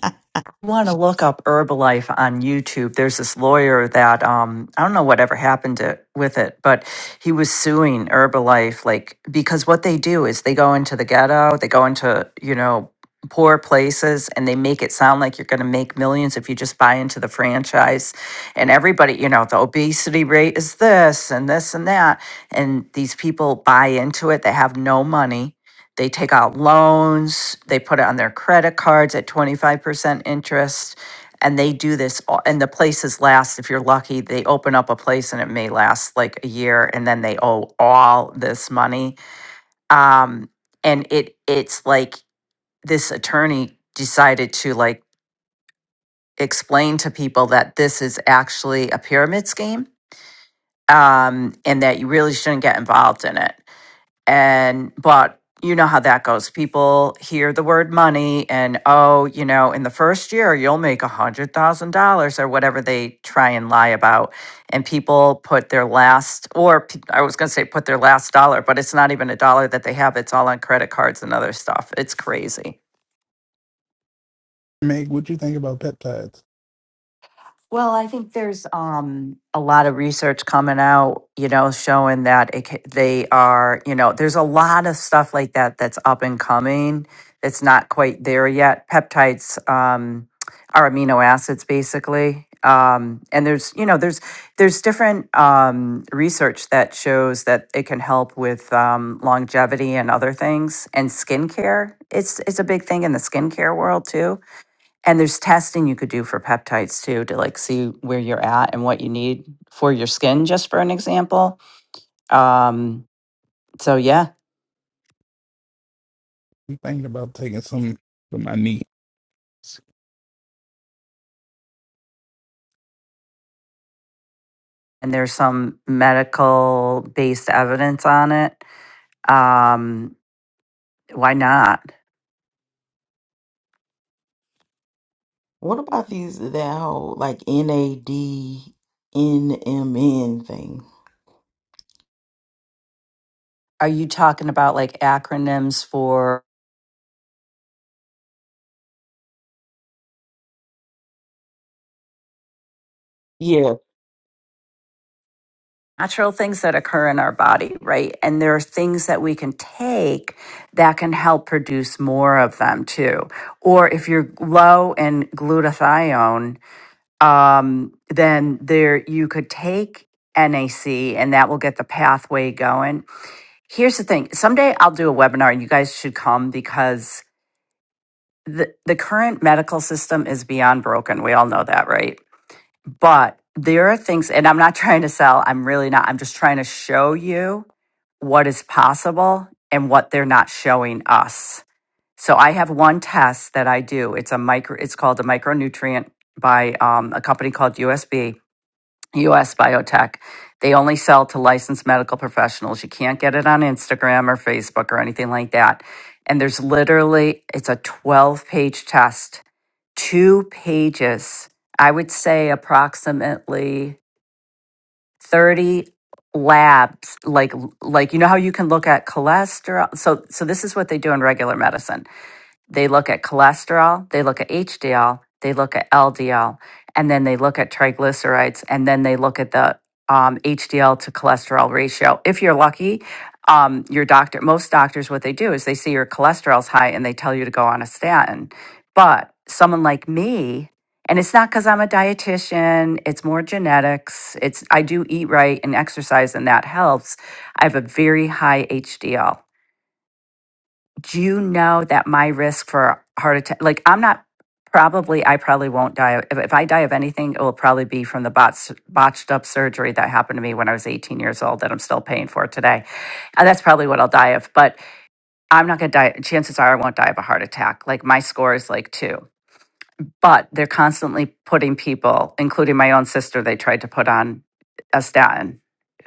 [SPEAKER 7] You want to look up Herbalife on YouTube. There's this lawyer that um, I don't know whatever happened to, with it, but he was suing Herbalife like because what they do is they go into the ghetto, they go into you know poor places, and they make it sound like you're going to make millions if you just buy into the franchise. And everybody, you know, the obesity rate is this and this and that, and these people buy into it. They have no money They take out loans, they put it on their credit cards at 25% interest, and they do this. all- And the places last, if you're lucky, they open up a place and it may last like a year, and then they owe all this money. Um, and it it's like this attorney decided to like explain to people that this is actually a pyramid scheme um, and that you really shouldn't get involved in it and but you know how that goes people hear the word money and oh you know in the first year you'll make a hundred thousand dollars or whatever they try and lie about and people put their last or p- i was going to say put their last dollar but it's not even a dollar that they have it's all on credit cards and other stuff it's crazy
[SPEAKER 10] Meg, what you think about peptides?
[SPEAKER 7] Well, I think there's um, a lot of research coming out, you know, showing that it, ca- they are, you know, there's a lot of stuff like that that's up and coming. It's not quite there yet. Peptides um, are amino acids, basically, um, and there's, you know, there's there's different um, research that shows that it can help with um, longevity and other things, and skincare. It's it's a big thing in the skincare world too and there's testing you could do for peptides too to like see where you're at and what you need for your skin, just for an example. Um, so yeah,
[SPEAKER 10] I'm thinking about taking some for my knees.
[SPEAKER 7] and there's some medical based evidence on it. Um, why not?
[SPEAKER 11] What about these that whole like NAD NMN thing?
[SPEAKER 7] Are you talking about like acronyms for
[SPEAKER 11] Yeah,
[SPEAKER 7] natural things that occur in our body, right? And there are things that we can take that can help produce more of them too. Or if you're low in glutathione, um, then there you could take NAC and that will get the pathway going. Here's the thing: someday I'll do a webinar, and you guys should come because the the current medical system is beyond broken. We all know that, right? But there are things, and I'm not trying to sell. I'm really not. I'm just trying to show you what is possible and what they're not showing us. So I have one test that I do. It's a micro. It's called a micronutrient by um, a company called USB US Biotech. They only sell to licensed medical professionals. You can't get it on Instagram or Facebook or anything like that. And there's literally, it's a 12 page test, two pages. I would say approximately 30 labs like like you know how you can look at cholesterol so so this is what they do in regular medicine they look at cholesterol, they look at HDL, they look at LDL, and then they look at triglycerides, and then they look at the um, HDL to cholesterol ratio. If you're lucky, um, your doctor, most doctors, what they do is they see your cholesterol's high and they tell you to go on a statin. But someone like me, and it's not because I'm a dietitian, it's more genetics. It's I do eat right and exercise, and that helps. I have a very high HDL do you know that my risk for a heart attack like i'm not probably i probably won't die if, if i die of anything it will probably be from the bots, botched up surgery that happened to me when i was 18 years old that i'm still paying for today and that's probably what i'll die of but i'm not going to die chances are i won't die of a heart attack like my score is like two but they're constantly putting people, including my own sister, they tried to put on a statin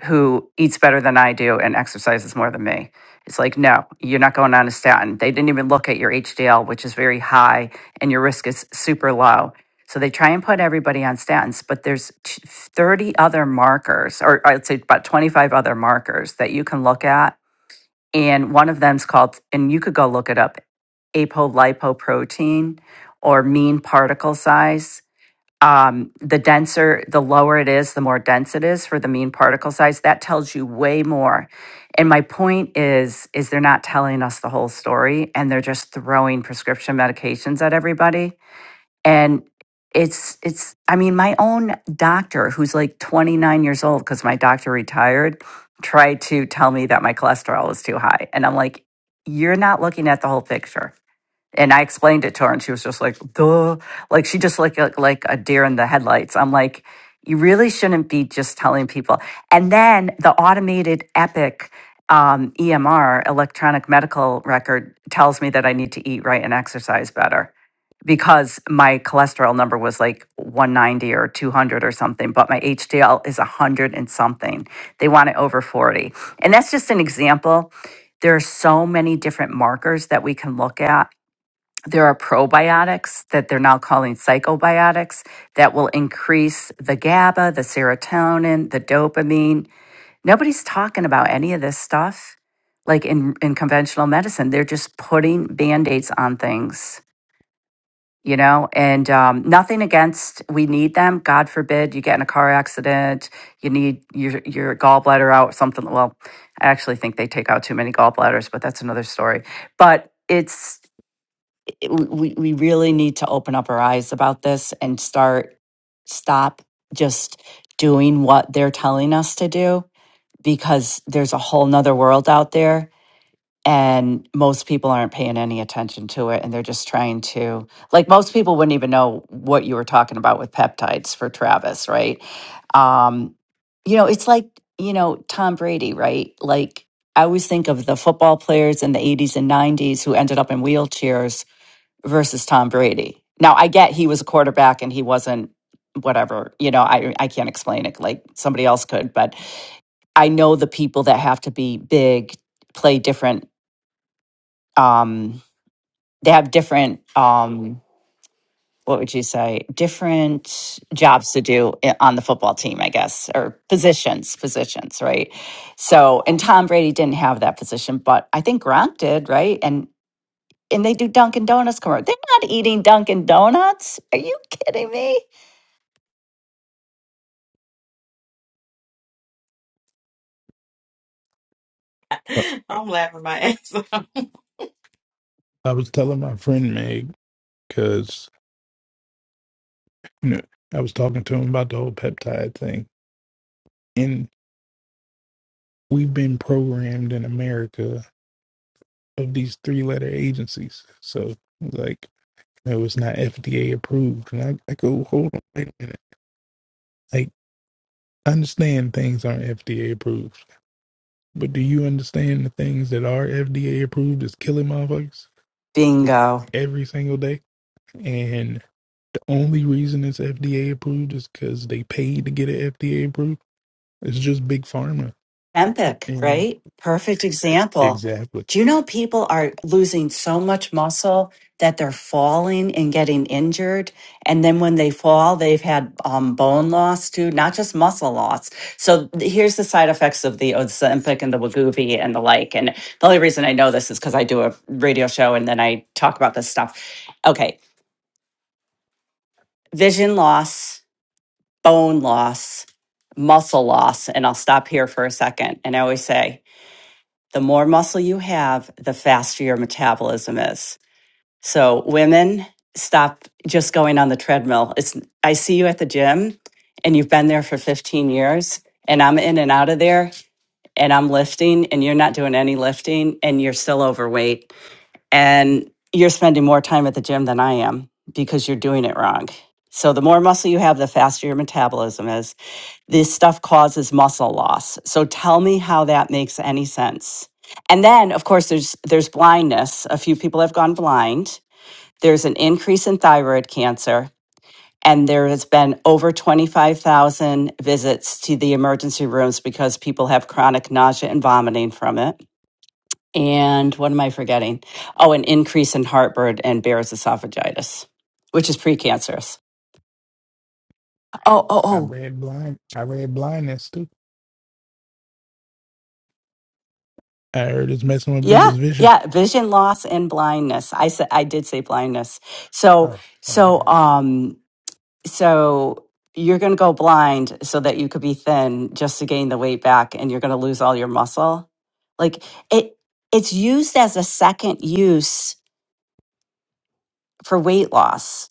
[SPEAKER 7] who eats better than I do and exercises more than me. It's like, no, you're not going on a statin. They didn't even look at your HDL, which is very high, and your risk is super low. So they try and put everybody on statins, but there's t- 30 other markers, or I'd say about 25 other markers that you can look at and one of them's called and you could go look it up apolipoprotein or mean particle size um, the denser the lower it is the more dense it is for the mean particle size that tells you way more and my point is is they're not telling us the whole story and they're just throwing prescription medications at everybody and it's it's i mean my own doctor who's like 29 years old because my doctor retired tried to tell me that my cholesterol was too high and i'm like you're not looking at the whole picture and i explained it to her and she was just like duh like she just like a, like a deer in the headlights i'm like you really shouldn't be just telling people and then the automated epic um, emr electronic medical record tells me that i need to eat right and exercise better because my cholesterol number was like 190 or 200 or something, but my HDL is 100 and something. They want it over 40. And that's just an example. There are so many different markers that we can look at. There are probiotics that they're now calling psychobiotics that will increase the GABA, the serotonin, the dopamine. Nobody's talking about any of this stuff. Like in, in conventional medicine, they're just putting band aids on things you know and um, nothing against we need them god forbid you get in a car accident you need your your gallbladder out something well i actually think they take out too many gallbladders but that's another story but it's it- we, we really need to open up our eyes about this and start stop just doing what they're telling us to do because there's a whole nother world out there and most people aren't paying any attention to it and they're just trying to like most people wouldn't even know what you were talking about with peptides for Travis, right? Um you know, it's like, you know, Tom Brady, right? Like I always think of the football players in the 80s and 90s who ended up in wheelchairs versus Tom Brady. Now, I get he was a quarterback and he wasn't whatever, you know, I I can't explain it like somebody else could, but I know the people that have to be big play different um, they have different um, what would you say different jobs to do i- on the football team i guess or positions positions right so and tom brady didn't have that position but i think gronk did right and and they do dunkin' donuts commercial they're not eating dunkin' donuts are you kidding me
[SPEAKER 10] Uh,
[SPEAKER 11] I'm laughing my ass off.
[SPEAKER 10] I was telling my friend Meg because you know I was talking to him about the whole peptide thing, and we've been programmed in America. of these three letter agencies. So like no, it's not FDA approved. And I, I go, hold on, wait a minute. Like I understand things aren't FDA approved. But do you understand the things that are FDA approved is killing motherfuckers? like,
[SPEAKER 7] bingo
[SPEAKER 10] Every single day, and the only reason it's FDA approved is because they paid to get it FDA approved. It's just big pharma,
[SPEAKER 7] Empic,
[SPEAKER 10] and
[SPEAKER 7] right? Perfect example.
[SPEAKER 10] exactly.
[SPEAKER 7] Do you know people are losing so much muscle that they're falling and getting injured? And then when they fall, they've had um, bone loss too, not just muscle loss. So th- here's the side effects of the Ozempic and the Wegovy and the like. And the only reason I know this is because I do a radio show and then I talk about this stuff. Okay, vision loss, bone loss, muscle loss. And I'll stop here for a second. And I always say, the more muscle you have, the faster your metabolism is. So women, stop just going on the treadmill. It's I see you at the gym and you've been there for 15 years and I'm in and out of there and I'm lifting and you're not doing any lifting and you're still overweight and you're spending more time at the gym than I am because you're doing it wrong. So the more muscle you have, the faster your metabolism is this stuff causes muscle loss. So tell me how that makes any sense. And then of course there's there's blindness. A few people have gone blind. There's an increase in thyroid cancer and there has been over 25,000 visits to the emergency rooms because people have chronic nausea and vomiting from it. And what am I forgetting? Oh, an increase in heartburn and Barrett's esophagitis, which is precancerous. Oh, oh,
[SPEAKER 10] I
[SPEAKER 7] oh.
[SPEAKER 10] read blind. I read blindness too. I heard it's messing with
[SPEAKER 7] Yeah,
[SPEAKER 10] people's vision.
[SPEAKER 7] yeah, vision loss and blindness. I said I did say blindness. So
[SPEAKER 10] Oh, oh,
[SPEAKER 7] so um so you're going to go blind so that you could be thin just to gain the weight back and you're going to lose all your muscle. Like it it's used as a second use for weight loss.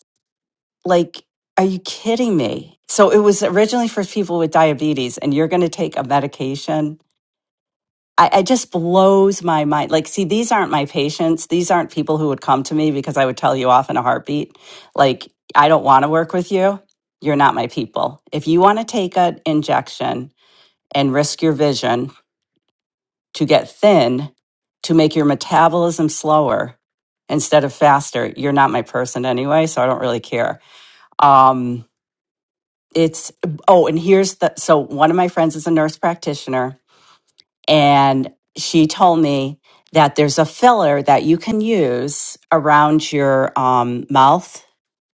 [SPEAKER 7] Like are you kidding me? So it was originally for people with diabetes and you're going to take a medication I, it just blows my mind. Like, see, these aren't my patients. These aren't people who would come to me because I would tell you off in a heartbeat. Like, I don't want to work with you. You're not my people. If you want to take an injection and risk your vision to get thin, to make your metabolism slower instead of faster, you're not my person anyway. So I don't really care. Um, it's, oh, and here's the, so one of my friends is a nurse practitioner And she told me that there's a filler that you can use around your um, mouth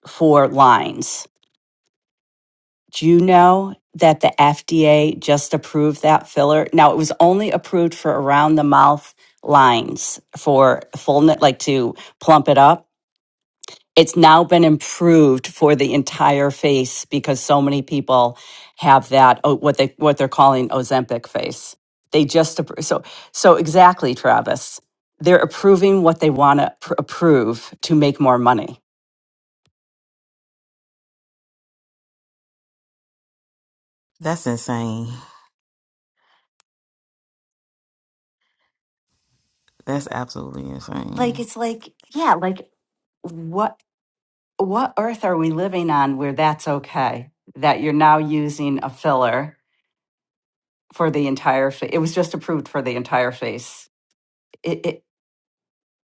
[SPEAKER 7] for lines. Do you know that the FDA just approved that filler? Now, it was only approved for around the mouth lines for fullness, like to plump it up it's now been improved for the entire face because so many people have that oh, what they what they're calling Ozempic face. They just appro- so so exactly, Travis. They're approving what they want to pr- approve to make more money.
[SPEAKER 11] that's insane. That's absolutely
[SPEAKER 7] Like
[SPEAKER 11] insane.
[SPEAKER 7] it's like yeah, like what what earth are we living on where that's okay that you're now using a filler for the entire face? It was just approved for the entire face. It, it,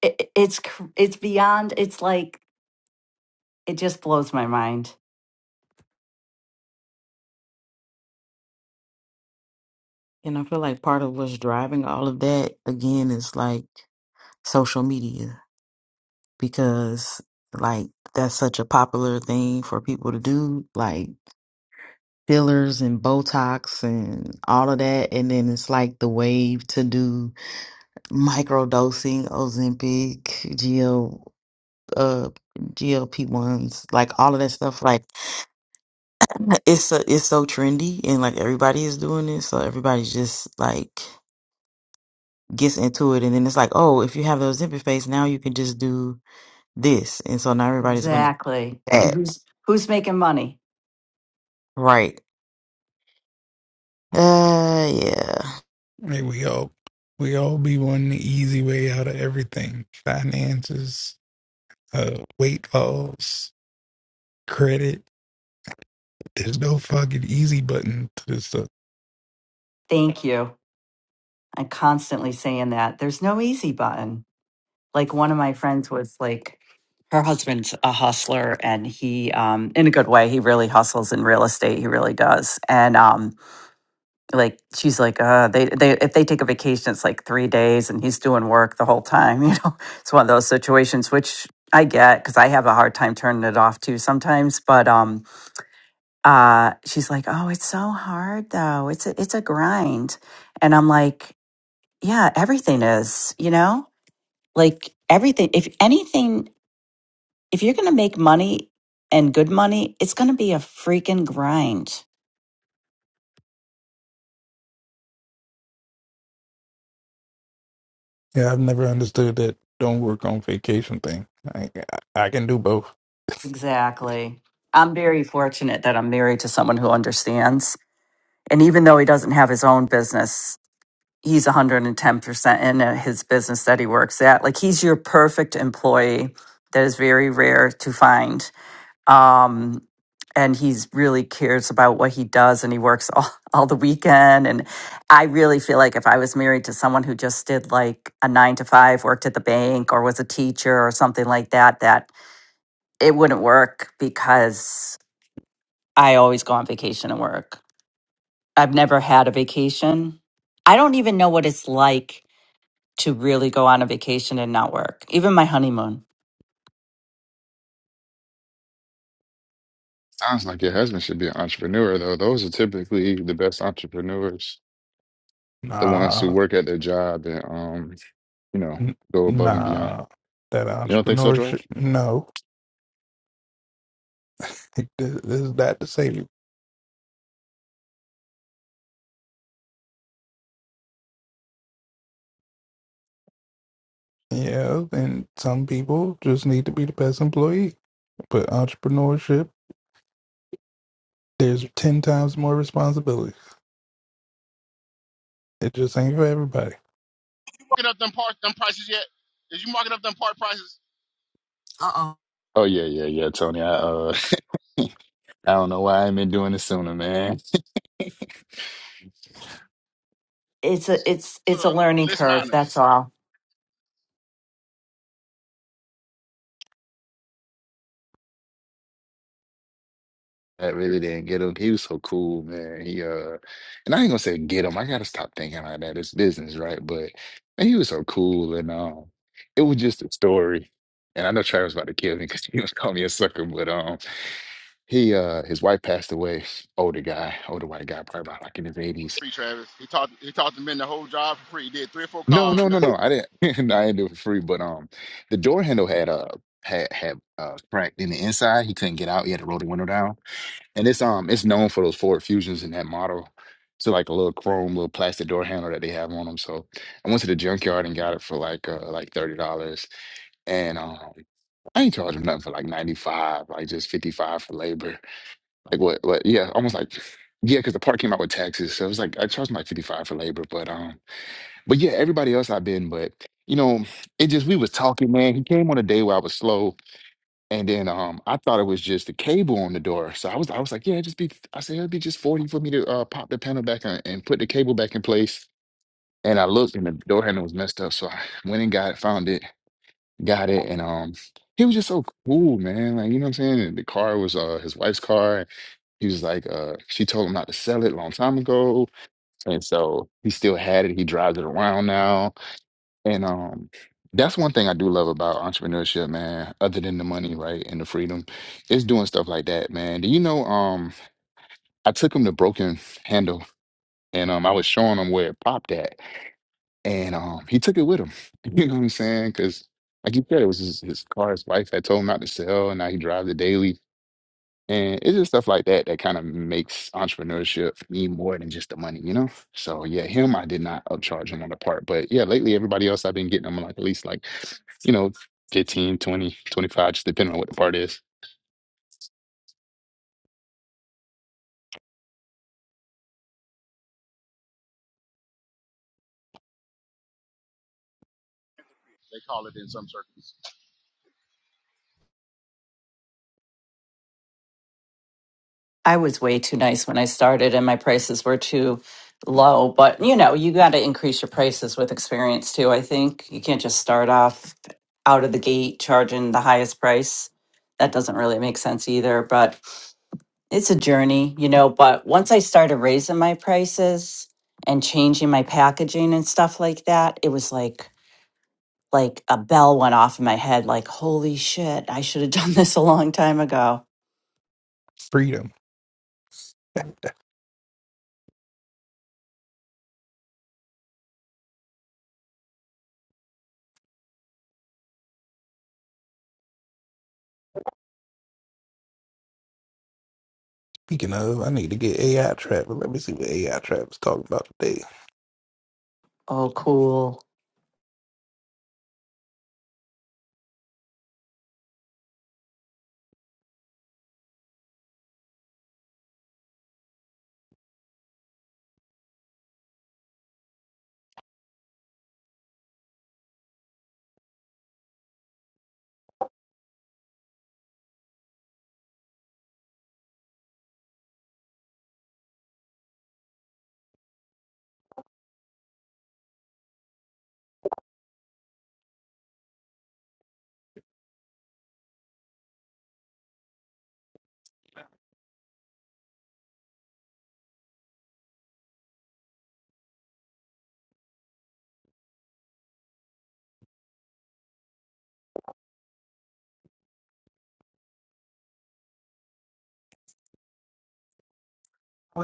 [SPEAKER 7] it it's cr- it's beyond. It's like It just blows my mind.
[SPEAKER 11] And I feel like part of what's driving all of that again is like social media because like that's such a popular thing for people to do, like fillers and Botox and all of that. And then it's like the wave to do microdosing, Ozempic, GL, uh, GLP ones, like all of that stuff. Like it's a, it's so trendy, and like everybody is doing it, so everybody's just like gets into it, and then it's like, oh, if you have the Ozempic face, now you can just do this, and so now everybody's gonna do
[SPEAKER 7] Exactly. And
[SPEAKER 11] that,
[SPEAKER 7] who's who's making money?
[SPEAKER 11] right? Uh, yeah.
[SPEAKER 10] Hey, we all we all be wanting the easy way out of everything. Finances, uh, weight loss, credit. There's no fucking easy button to this stuff.
[SPEAKER 7] Thank you. I'm constantly saying that. There's no easy button. Like one of my friends was like her husband's a hustler and he um in a good way, he really hustles in real estate. He really does. And um like she's like uh they they if they take a vacation it's like three days and he's doing work the whole time you know it's one of those situations which i get because i have a hard time turning it off too sometimes but um uh she's like oh it's so hard though it's a it's a grind and i'm like yeah everything is you know like everything if anything if you're going to make money and good money, it's going to be a freaking grind.
[SPEAKER 10] Yeah, I've never understood that don't work on vacation thing. I I, I can do both.
[SPEAKER 7] Exactly. I'm very fortunate that I'm married to someone who understands. And even though he doesn't have his own business, he's 110% in at his business that he works at. Like he's your perfect employee that is very rare to find. um, and he's really cares about what he does and he works all, all the weekend and i really feel like if i was married to someone who just did like a nine to five worked at the bank or was a teacher or something like that that it wouldn't work because i always go on vacation and work i've never had a vacation i don't even know what it's like to really go on a vacation and not work even my honeymoon
[SPEAKER 9] Sounds like your husband should be an entrepreneur though. Those are typically the best entrepreneurs, the ones who
[SPEAKER 10] Nah,
[SPEAKER 9] work at their job and um, you know,
[SPEAKER 10] n-
[SPEAKER 9] go above and beyond.
[SPEAKER 10] nah. That
[SPEAKER 9] You don't think so, Drove?
[SPEAKER 10] entrepreneurship, no. There's that to say. Yeah, and some people just need to be the best employee. But entrepreneurship, there's 10 times more responsibility. It just ain't for everybody.
[SPEAKER 2] marking up them part them prices yet? Is you marking up them part prices
[SPEAKER 11] Uh oh.
[SPEAKER 9] Oh yeah, yeah, yeah, Tony. I uh, I don't know why I ain't been doing this sooner, man.
[SPEAKER 7] it's a it's
[SPEAKER 2] to
[SPEAKER 7] it's a learning
[SPEAKER 2] list
[SPEAKER 7] curve that's
[SPEAKER 2] miners?
[SPEAKER 7] all
[SPEAKER 9] I really didn't get him. He was so cool, man. He uh, and I ain't gonna say get him. I gotta stop thinking like that. It's business, right? But man, he was so cool, and um, it was just a story. And I know Travis about to kill me because he was calling me a sucker. But um, he uh, his wife passed away. Older guy, older white guy, probably about like in his eighties.
[SPEAKER 2] Free Travis. He taught he taught the men the whole job for free. He did three or four
[SPEAKER 9] No,
[SPEAKER 2] cars
[SPEAKER 9] no,
[SPEAKER 2] or
[SPEAKER 9] no,
[SPEAKER 2] nothing.
[SPEAKER 9] no. I didn't. No, I didn't do it for free. But um, the door handle had uh had had uh cracked in the inside. He couldn't get out. He had to roll the window down. And it's um it's known for those Ford Fusions and that model. So like a little chrome, little plastic door handle that they have on them. So I went to the junkyard and got it for like uh like thirty dollars. And um I ain't charging nothing for like ninety five, like just fifty five for labor. Like what what yeah, almost like yeah, because the part came out with taxes. So it was like I charged them like fifty five for labor, but um but yeah, everybody else I've been, but you know, it just we was talking, man. He came on a day where I was slow and then um, I thought it was just the cable on the door. So I was I was like, yeah, just be I said it'd be just 40 for me to uh, pop the panel back on and put the cable back in place. And I looked and the door handle was messed up. So I went and got it, found it, got it, and um he was just so cool, man. Like, you know what I'm saying? And the car was uh his wife's car. He was like, uh, she told him not to sell it a long time ago. And so he still had it. He drives it around now. And um, that's one thing I do love about entrepreneurship, man, other than the money, right, and the freedom, is doing stuff like that, man. Do you know, um, I took him to Broken Handle and um, I was showing him where it popped at. And um, he took it with him. You know what I'm saying? Because, like you said, it was his, his car, his wife had told him not to sell, and now he drives it daily. And it's just stuff like that that kind of makes entrepreneurship mean more than just the money, you know? So yeah, him, I did not upcharge him on the part. But yeah, lately everybody else I've been getting them like at least like, you know, fifteen, twenty, twenty five, just depending on what the part is.
[SPEAKER 2] They call it in some circles.
[SPEAKER 7] I was way too nice when I started and my prices were too low. But you know, you got to increase your prices with experience too. I think you can't just start off out of the gate charging the highest price. That doesn't really make sense either. But it's a journey, you know. But once I started raising my prices and changing my packaging and stuff like that, it was like, like a bell went off in my head, like, holy shit, I should have done this a long time ago.
[SPEAKER 10] Freedom. Speaking of, I need to get AI Trap. Let me see what AI Trap is talking about today.
[SPEAKER 7] Oh, cool.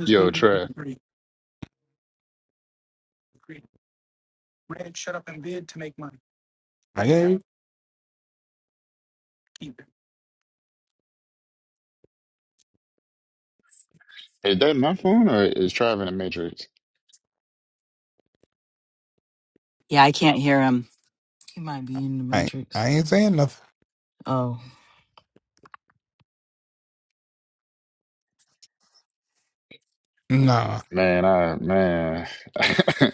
[SPEAKER 9] Yo, Trev,
[SPEAKER 10] I ain't,
[SPEAKER 9] is that my phone or is Trav in the Matrix?
[SPEAKER 7] Yeah, I can't hear him.
[SPEAKER 11] He might be in the
[SPEAKER 10] I ain't,
[SPEAKER 11] Matrix.
[SPEAKER 10] I ain't saying nothing.
[SPEAKER 11] Oh.
[SPEAKER 10] Nah.
[SPEAKER 9] Man, I man,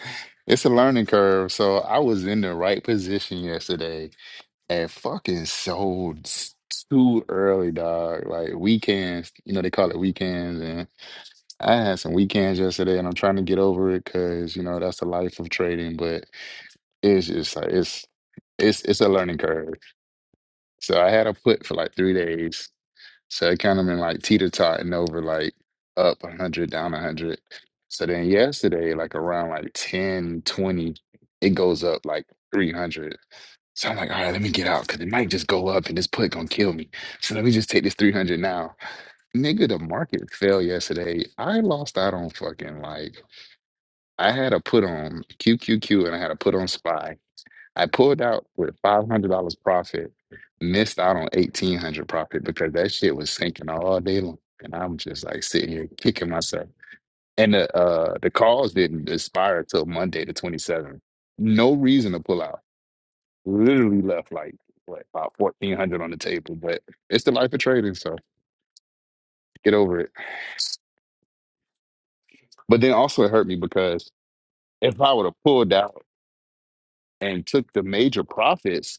[SPEAKER 9] it's a learning curve. So I was in the right position yesterday and fucking sold s- too early, dog. Like weekends, you know, they call it weekends I had some weekends yesterday, and I'm trying to get over it because you know that's the life of trading. But it's just like it's it's it's a learning curve. So I had a put for like three days, so it kind of been like teeter totting over like up a hundred, down a hundred. So then yesterday, like around like 10 20, it goes up like three hundred. So I'm like, all right, let me get out because it might just go up and this put gonna kill me. So let me just take this 300 now. Nigga, the market fell yesterday. I lost out on fucking like I had a put on Q Q Q, and I had a put on SPY. I pulled out with $500 profit, missed out on 1800 profit because that shit was sinking all day long. And I'm just like sitting here kicking myself. And the uh, the calls didn't expire till Monday the 27th. No reason to pull out. Literally left like, what, about 1400 on the table. But it's the life of trading, so get over it. But then also it hurt me because if I would have pulled out and took the major profits,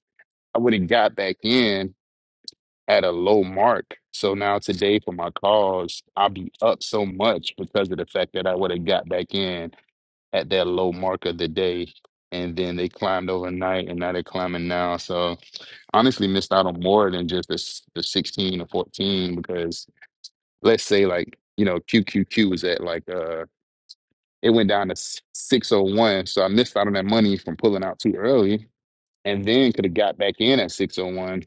[SPEAKER 9] I would have got back in at a low mark. So now today for my calls, I'll be up so much because of the fact that I would have got back in at that low mark of the day. And then they climbed overnight and now they're climbing now. So honestly missed out on more than just the, s- the 16 or 14 because let's say like, you know, QQQ was at like, uh, it went down to s- 601. So I missed out on that money from pulling out too early and then could have got back in at 601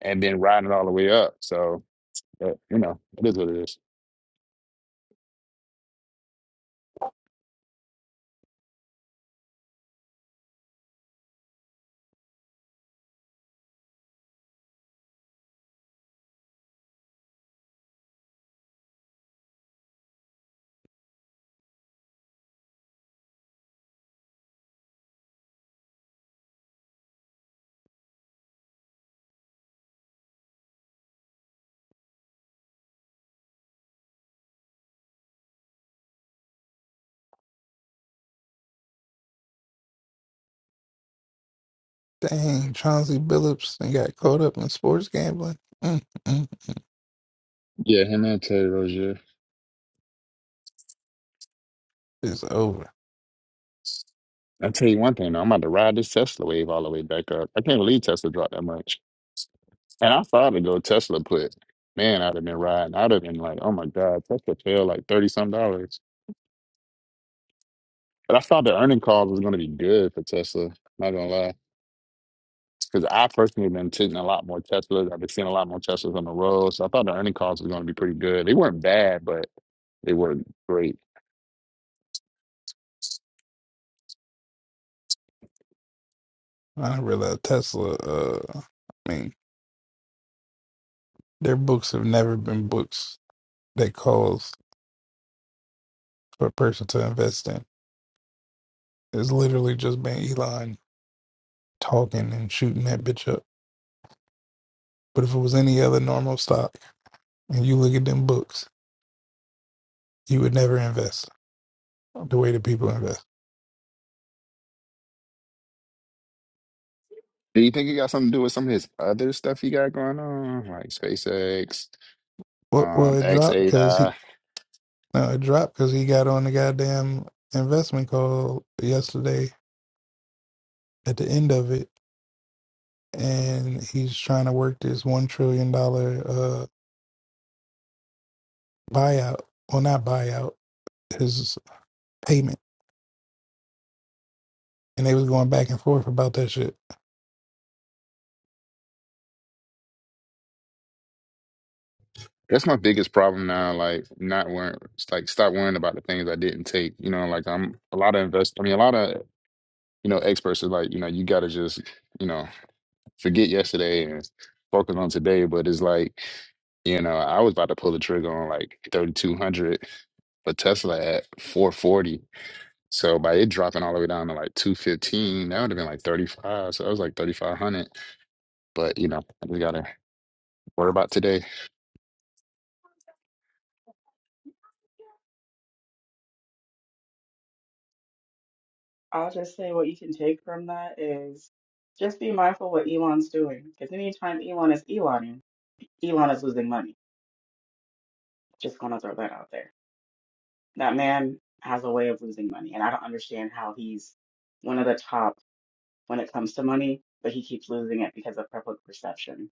[SPEAKER 9] and then riding all the way up. So, but, you know, it is what it is.
[SPEAKER 10] Dang, Chauncey Billups and got caught up in sports gambling. Mm-mm.
[SPEAKER 9] Yeah, him and Terry Rozier.
[SPEAKER 10] It's over.
[SPEAKER 9] I'll tell you one thing, though, I'm about to ride this Tesla wave all the way back up. I can't believe Tesla dropped that much. And I thought it'd go Tesla put. Man, I'd have been riding. I'd have been like, oh my God, Tesla fell like 30 some dollars. But I thought the earning call was going to be good for Tesla. Not going to lie. Because I personally been taking a lot more Teslas. I've been seeing a lot more Teslas on the road. So I thought the earning calls was going to be pretty good. They weren't bad, but they weren't great.
[SPEAKER 10] I realized Tesla, uh, I mean, their books have never been books that calls for a person to invest in. It's literally just been Elon talking and shooting that bitch up. But if it was any other normal stock, and you look at them books, you would never invest the way that people invest.
[SPEAKER 9] Do you think it got something to do with some of his other stuff he got going on, like SpaceX,
[SPEAKER 10] Well, well
[SPEAKER 9] um,
[SPEAKER 10] it dropped because
[SPEAKER 9] XAI?
[SPEAKER 10] he no, it dropped because he got on the goddamn investment call yesterday at the end of it, and he's trying to work this one trillion dollar uh, buyout. Well, not buyout, his payment, and they was going back and forth about that shit.
[SPEAKER 9] That's my biggest problem now. Like, not worrying, like stop worrying about the things I didn't take. You know, like I'm a lot of invest. I mean, a lot of you know experts are like, you know, you got to just you know forget yesterday and focus on today. But it's like, you know, I was about to pull the trigger on like 3,200 but Tesla at 440. So by it dropping all the way down to like 215, that would have been like 35. So that was like 3,500. But you know, I just gotta worry about today.
[SPEAKER 12] I'll just say what you can take from that is just be mindful what Elon's doing. Because anytime Elon is Eloning, Elon is losing money. Just gonna throw that out there. That man has a way of losing money, and I don't understand how he's one of the top when it comes to money, but he keeps losing it because of public perception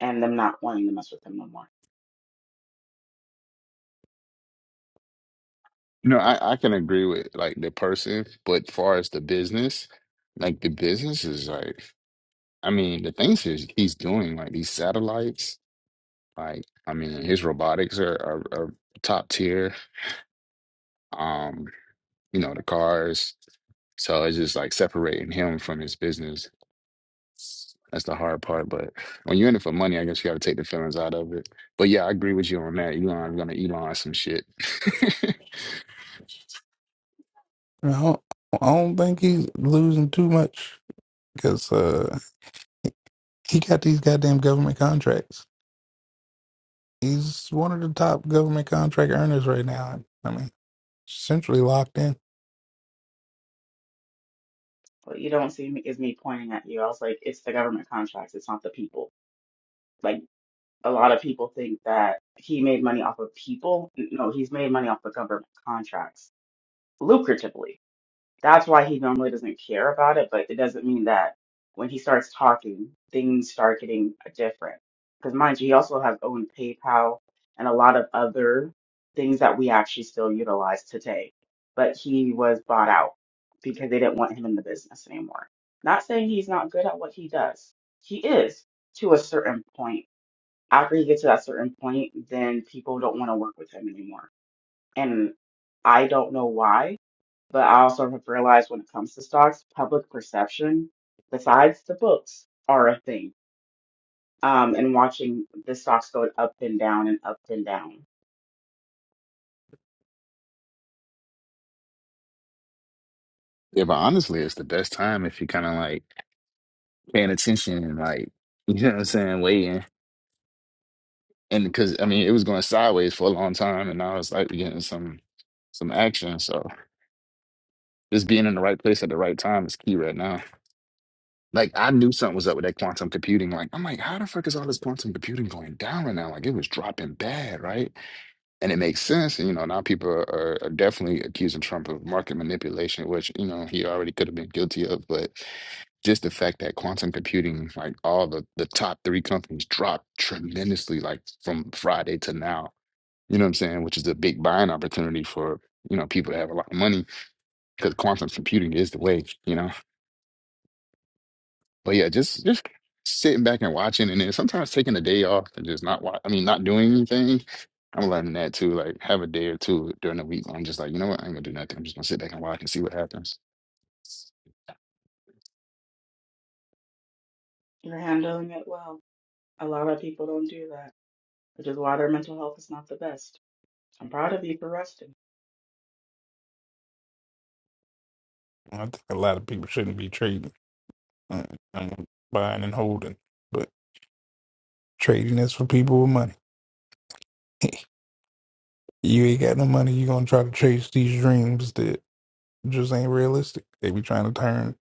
[SPEAKER 12] and them not wanting to mess with him no more.
[SPEAKER 9] You know, I, I can agree with like the person, but far as the business, like the business is like, I mean, the things he's, he's doing, like these satellites, like, I mean, his robotics are, are, are top tier. Um, you know, the cars. So it's just like separating him from his business That's the hard part. But when you're in it for money, I guess you got to take the feelings out of it. But yeah, I agree with you on that. Elon gonna Elon some shit.
[SPEAKER 10] And I don't, I don't think he's losing too much because uh, he got these goddamn government contracts. He's one of the top government contract earners right now. I mean, essentially locked in.
[SPEAKER 12] What you don't see me is me pointing at you. I was like, it's the government contracts, it's not the people. Like. a lot of people think that he made money off of people. No, he's made money off of government contracts lucratively. That's why he normally doesn't care about it, but it doesn't mean that when he starts talking, things start getting different. Because mind you, he also has owned PayPal and a lot of other things that we actually still utilize today. But he was bought out because they didn't want him in the business anymore. Not saying he's not good at what he does. He is to a certain point after he gets to that certain point, then people don't want to work with him anymore. And I don't know why, but I also have realized when it comes to stocks, public perception, besides the books, are a thing. Um, and watching the stocks go up and down and up and down.
[SPEAKER 9] Yeah, but honestly, it's the best time if you're kind of like paying attention and like, you know what I'm saying, waiting. and because I mean it was going sideways for a long time, and now it's like we're getting some some action. So just being in the right place at the right time is key right now. Like I knew something was up with that quantum computing. Like I'm like, how the fuck is all this quantum computing going down right now? Like it was dropping bad, right? And it makes sense. And, you know, now people are, are, are definitely accusing Trump of market manipulation, which you know he already could have been guilty of. But just the fact that quantum computing, like all the the top three companies, dropped tremendously, like from Friday to now you know what I'm saying? Which is a big buying opportunity for, you know, people that have a lot of money because quantum computing is the way, you know. But yeah, just just sitting back and watching and then sometimes taking a day off and just not watch I mean not doing anything. I'm learning that too. Like have a day or two during the week. where I'm just like, you know what? I ain't gonna do nothing. I'm just gonna sit back and watch and see what happens.
[SPEAKER 12] You're handling it well. A lot of people don't do that, which is why their mental health is not the best. I'm proud of you for resting.
[SPEAKER 10] I think a lot of people shouldn't be trading, uh, um, buying and holding, but trading is for people with money. you ain't got no money, you gonna try to chase these dreams that just ain't realistic. They be trying to turn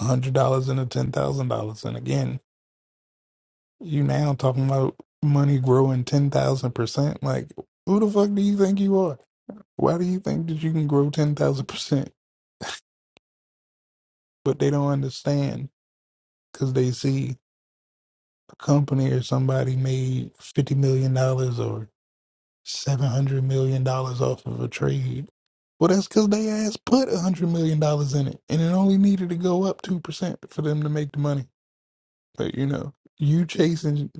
[SPEAKER 10] a hundred dollars into ten thousand dollars, and again, you now talking about money growing ten thousand percent. Like, who the fuck do you think you are? Why do you think that you can grow ten thousand percent? But they don't understand because they see a company or somebody made fifty million dollars or seven hundred million dollars off of a trade. Well, that's because they ass put a hundred million dollars in it, and it only needed to go up two percent for them to make the money. But you know, you chasing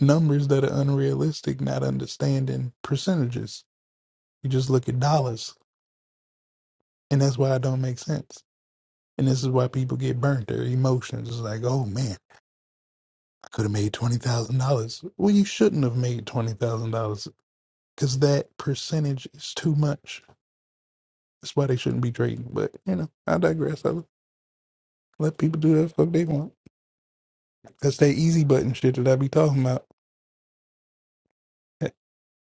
[SPEAKER 10] numbers that are unrealistic, not understanding percentages. You just look at dollars, and that's why it don't make sense. And this is why people get burnt. Their emotions is like, oh man. I could have made twenty thousand dollars. Well, you shouldn't have made twenty thousand dollars because that percentage is too much. That's why they shouldn't be trading. But you know, I digress. I let people do that fuck they want. That's that easy button shit that I be talking about.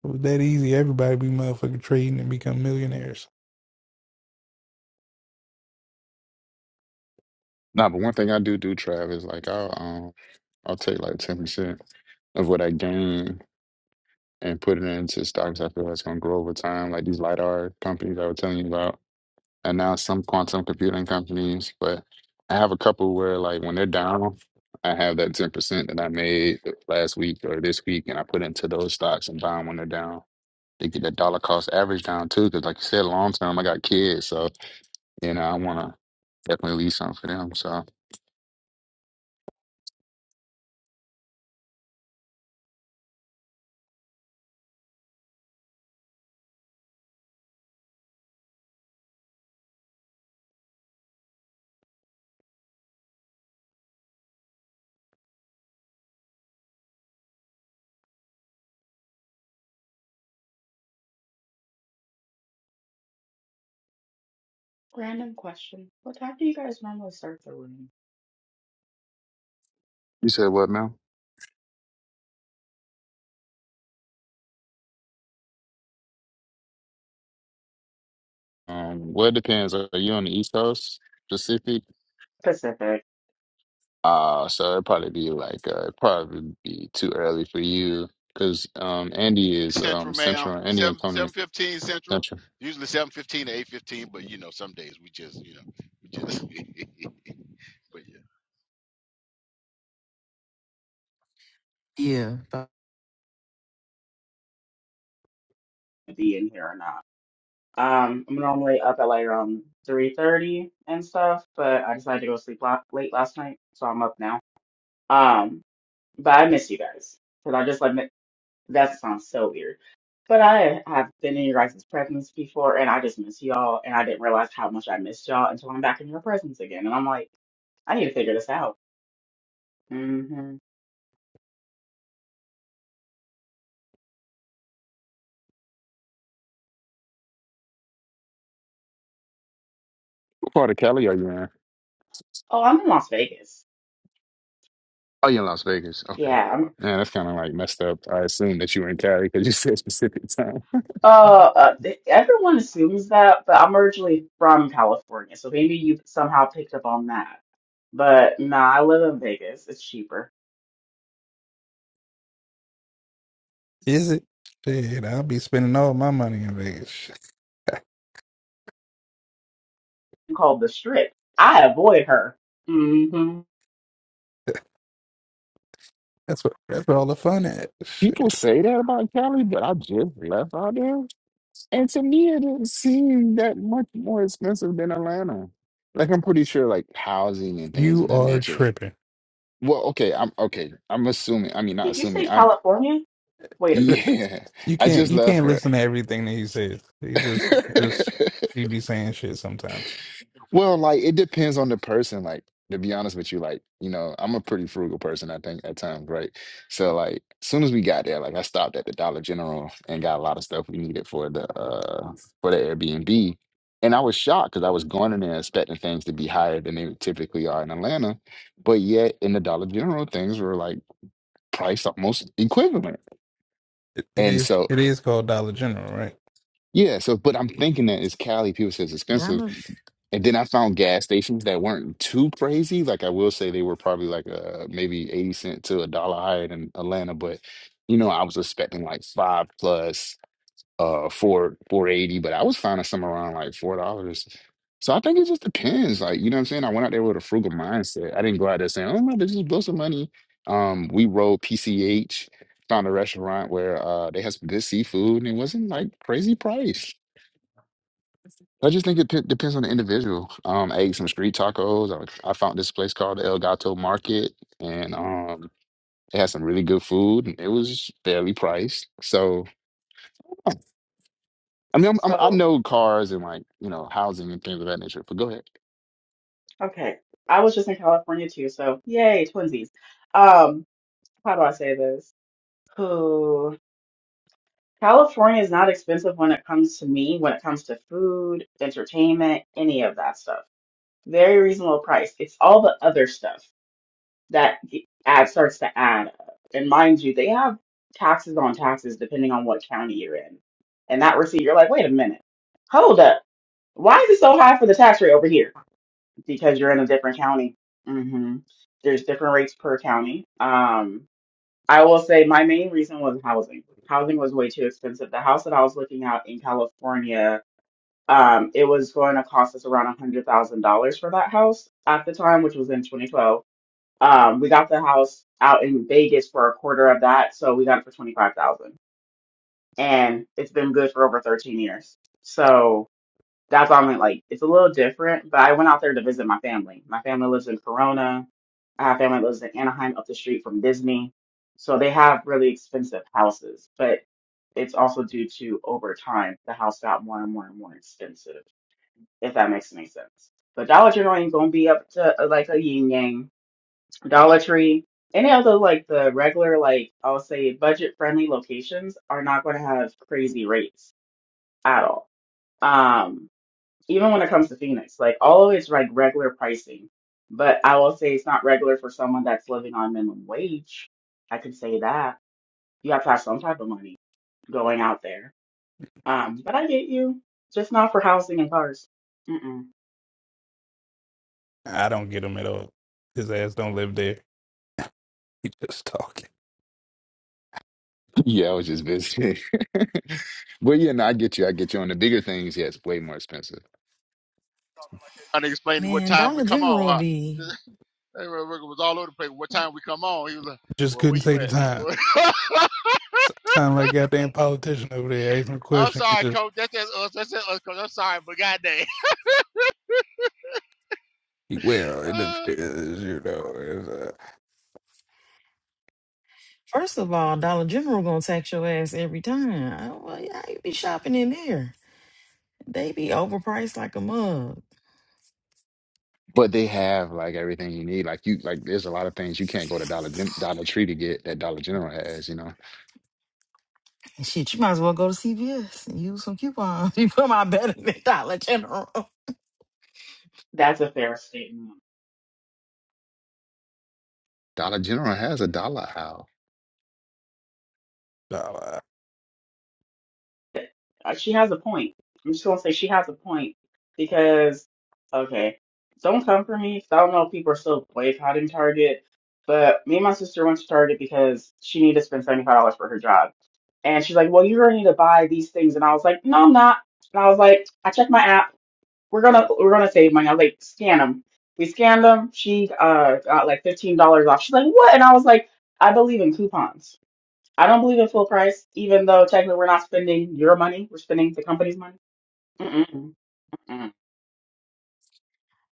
[SPEAKER 10] If it was that easy, everybody be motherfucking trading and become millionaires.
[SPEAKER 9] Nah, but one thing I do do, Trav, is like I'll um I'll take like ten percent of what I gain and put it into stocks I feel that's gonna grow over time, like these lidar companies I was telling you about. and now some quantum computing companies. But I have a couple where like when they're down, I have that ten percent that I made last week or this week, and I put into those stocks and buy 'em when they're down. They get that dollar cost average down too, because like you said, long term, I got kids, so you know I want to definitely leave something for them. So
[SPEAKER 12] Random question. What time do you guys normally start the room?
[SPEAKER 9] you said what, man? Um, well, it depends. Are you on the East Coast Pacific?
[SPEAKER 12] Pacific,
[SPEAKER 9] Uh, so it'd probably be like uh, it'd probably be too early for you because um Andy is
[SPEAKER 2] Central,
[SPEAKER 9] um Central,
[SPEAKER 2] ma'am.
[SPEAKER 9] Andy
[SPEAKER 2] Seven
[SPEAKER 9] Antonio
[SPEAKER 2] seven
[SPEAKER 9] is
[SPEAKER 2] fifteen central.
[SPEAKER 9] Central.
[SPEAKER 2] Usually seven fifteen to eight fifteen, but you know, some days we just you know we just but yeah.
[SPEAKER 11] Yeah. But
[SPEAKER 12] be in here or not. Um, I'm normally up at like around 3:30 and stuff, but I decided to go to sleep la late last night, so I'm up now. Um, but I miss you guys because I just like mi- that sounds so weird. But I have been in your guys' presence before, and I just miss y'all, and I didn't realize how much I missed y'all until I'm back in your presence again, and I'm like, I need to figure this out. hmm
[SPEAKER 9] What part of Cali are you in?
[SPEAKER 12] Oh, I'm in Las Vegas.
[SPEAKER 9] Oh, you in Las Vegas. Okay.
[SPEAKER 12] Yeah, I'm.
[SPEAKER 9] Yeah, that's kind of like messed up. I assume that you were in Cali because you said specific time.
[SPEAKER 12] Uh, uh, th- everyone assumes that, but I'm originally from California, so maybe you somehow picked up on that. But no, I live in Vegas. It's cheaper.
[SPEAKER 10] Is it? Shit, I'll be spending all my money in Vegas. Shit,
[SPEAKER 12] Called the Strip. I avoid her. hmm
[SPEAKER 10] That's what that's where all the fun at. Shit.
[SPEAKER 9] People say that about Cali, but I just left out there. And to me, it didn't seem that much more expensive than Atlanta. Like, I'm pretty sure, like, housing and things of
[SPEAKER 10] You
[SPEAKER 9] that
[SPEAKER 10] are
[SPEAKER 9] nature.
[SPEAKER 10] tripping.
[SPEAKER 9] Well, okay. I'm okay. I'm assuming. I mean, not
[SPEAKER 12] Did you
[SPEAKER 9] assuming.
[SPEAKER 12] say
[SPEAKER 9] I'm,
[SPEAKER 12] California? Wait a minute.
[SPEAKER 9] yeah.
[SPEAKER 10] You
[SPEAKER 9] I
[SPEAKER 10] can't
[SPEAKER 9] just
[SPEAKER 10] you
[SPEAKER 9] left
[SPEAKER 10] can't
[SPEAKER 9] for
[SPEAKER 10] listen to everything that he says. He just he just
[SPEAKER 9] it.
[SPEAKER 10] he be saying shit sometimes.
[SPEAKER 9] Well, like it depends on the person. Like to be honest with you, like you know, I'm a pretty frugal person. I think at times, right? So like, soon as we got there, like I stopped at the Dollar General and got a lot of stuff we needed for the uh for the Airbnb, and I was shocked because I was going in there expecting things to be higher than they typically are in Atlanta, but yet in the Dollar General things were like priced almost equivalent,
[SPEAKER 10] It, it
[SPEAKER 9] and
[SPEAKER 10] is
[SPEAKER 9] so.
[SPEAKER 10] it is called Dollar General, right?
[SPEAKER 9] Yeah, so but I'm thinking that it's Cali. People say it's expensive,
[SPEAKER 11] Dollar
[SPEAKER 9] And then I found gas stations that weren't too crazy. Like I will say they were probably like uh maybe 80 cent to a dollar higher than Atlanta, but you know, I was expecting like five plus uh four four eighty, but I was finding some around like four dollars. So I think it just depends. Like, you know what I'm saying? I went out there with a frugal mindset. I didn't go out there saying, Oh my, this just blow some money. Um, we rode PCH, found a restaurant where uh they had some good seafood and it wasn't like crazy price. I just think it p- depends on the individual. Um, I ate some street tacos. I, I found this place called El Gato Market, and um, it had some really good food, and it was fairly priced. So, I mean, I'm, I'm, I
[SPEAKER 12] So,
[SPEAKER 9] know cars and like you know housing and things of that nature. But go ahead.
[SPEAKER 12] okay. I was just in California too, so yay, twinsies. Um, how do I say this? Ooh, California is not expensive when it comes to me, when it comes to food, entertainment, any of that stuff. Very reasonable price. It's all the other stuff. that g- add starts to add up. And mind you, they have taxes on taxes depending on what county you're in. And that receipt, you're like, wait a minute, hold up, why is it so high for the tax rate over here? Because you're in a different county. hmm There's different rates per county. Um, I will say my main reason was housing. Housing was way too expensive. The house that I was looking at in California, um, it was going to cost us around a hundred thousand dollars for that house at the time, which was in 2012 um, we got the house out in Vegas for a quarter of that, so we got it for twenty five thousand, and it's been good for over thirteen years. So that's why I'm like, it's a little different. But I went out there to visit my family. My family lives in Corona. I have family that lives in Anaheim, up the street from Disney. So they have really expensive houses, but it's also due to over time the house got more and more and more expensive. If that makes any sense. But Dollar General ain't gonna be up to uh, like a yin yang Dollar Tree, any other like the regular, like I'll say budget friendly locations are not going to have crazy rates at all. Um, even when it comes to Phoenix, like all of it's like regular pricing, but I will say it's not regular for someone that's living on minimum wage. I could say that you have to have some type of money going out there. Um, but I get you, just not for housing and cars. Mm-mm.
[SPEAKER 10] I don't get him at all. His ass don't live there. He just talking.
[SPEAKER 9] Yeah, I was just visiting. But yeah, no, I get you. I get you on the bigger things. Yeah, it's way more expensive.
[SPEAKER 2] Trying to explain what
[SPEAKER 11] man,
[SPEAKER 2] time we
[SPEAKER 11] Dollar
[SPEAKER 2] come on,
[SPEAKER 11] General
[SPEAKER 2] huh?
[SPEAKER 11] be
[SPEAKER 2] That real was all over the place. What time we come on? He was like,
[SPEAKER 10] Just
[SPEAKER 2] Well, where
[SPEAKER 10] couldn't say
[SPEAKER 2] you
[SPEAKER 10] the
[SPEAKER 2] at?
[SPEAKER 10] time. S- Sound like goddamn politician over there asking a
[SPEAKER 2] I'm
[SPEAKER 10] question. You
[SPEAKER 2] sorry,
[SPEAKER 10] just
[SPEAKER 2] coach. That's just us. That's just us, coach. I'm sorry, but goddamn.
[SPEAKER 10] well, it
[SPEAKER 2] Uh,
[SPEAKER 10] depends, you know. It's, uh,
[SPEAKER 11] First of all, Dollar General gonna tax your ass every time. I, don't- well, yeah, you be shopping in there. They be overpriced like a mug.
[SPEAKER 9] But they have like everything you need. Like you, like there's a lot of things you can't go to Dollar Gen Dollar Tree to get that Dollar General has. You know,
[SPEAKER 11] Shit, you might as well go to CVS and use some coupons. You come out better than Dollar General.
[SPEAKER 12] That's a fair statement.
[SPEAKER 9] Dollar General has a dollar aisle.
[SPEAKER 10] dollar.
[SPEAKER 12] Uh, She has a point. I'm just gonna say she has a point because okay, don't come for me 'cause I don't know if people are still boycotting Target, but me and my sister went to Target because she needed to spend seventy five dollars for her job, and she's like, "Well, you're gonna need to buy these things," and I was like, "No, I'm not," and I was like, "I checked my app. We're gonna we're gonna save money." I was like, "Scan them." We scanned them. She uh got like fifteen dollars off. She's like, "What?" And I was like, "I believe in coupons." I don't believe in full price, even though technically we're not spending your money, we're spending the company's money. Mm-mm, mm-mm.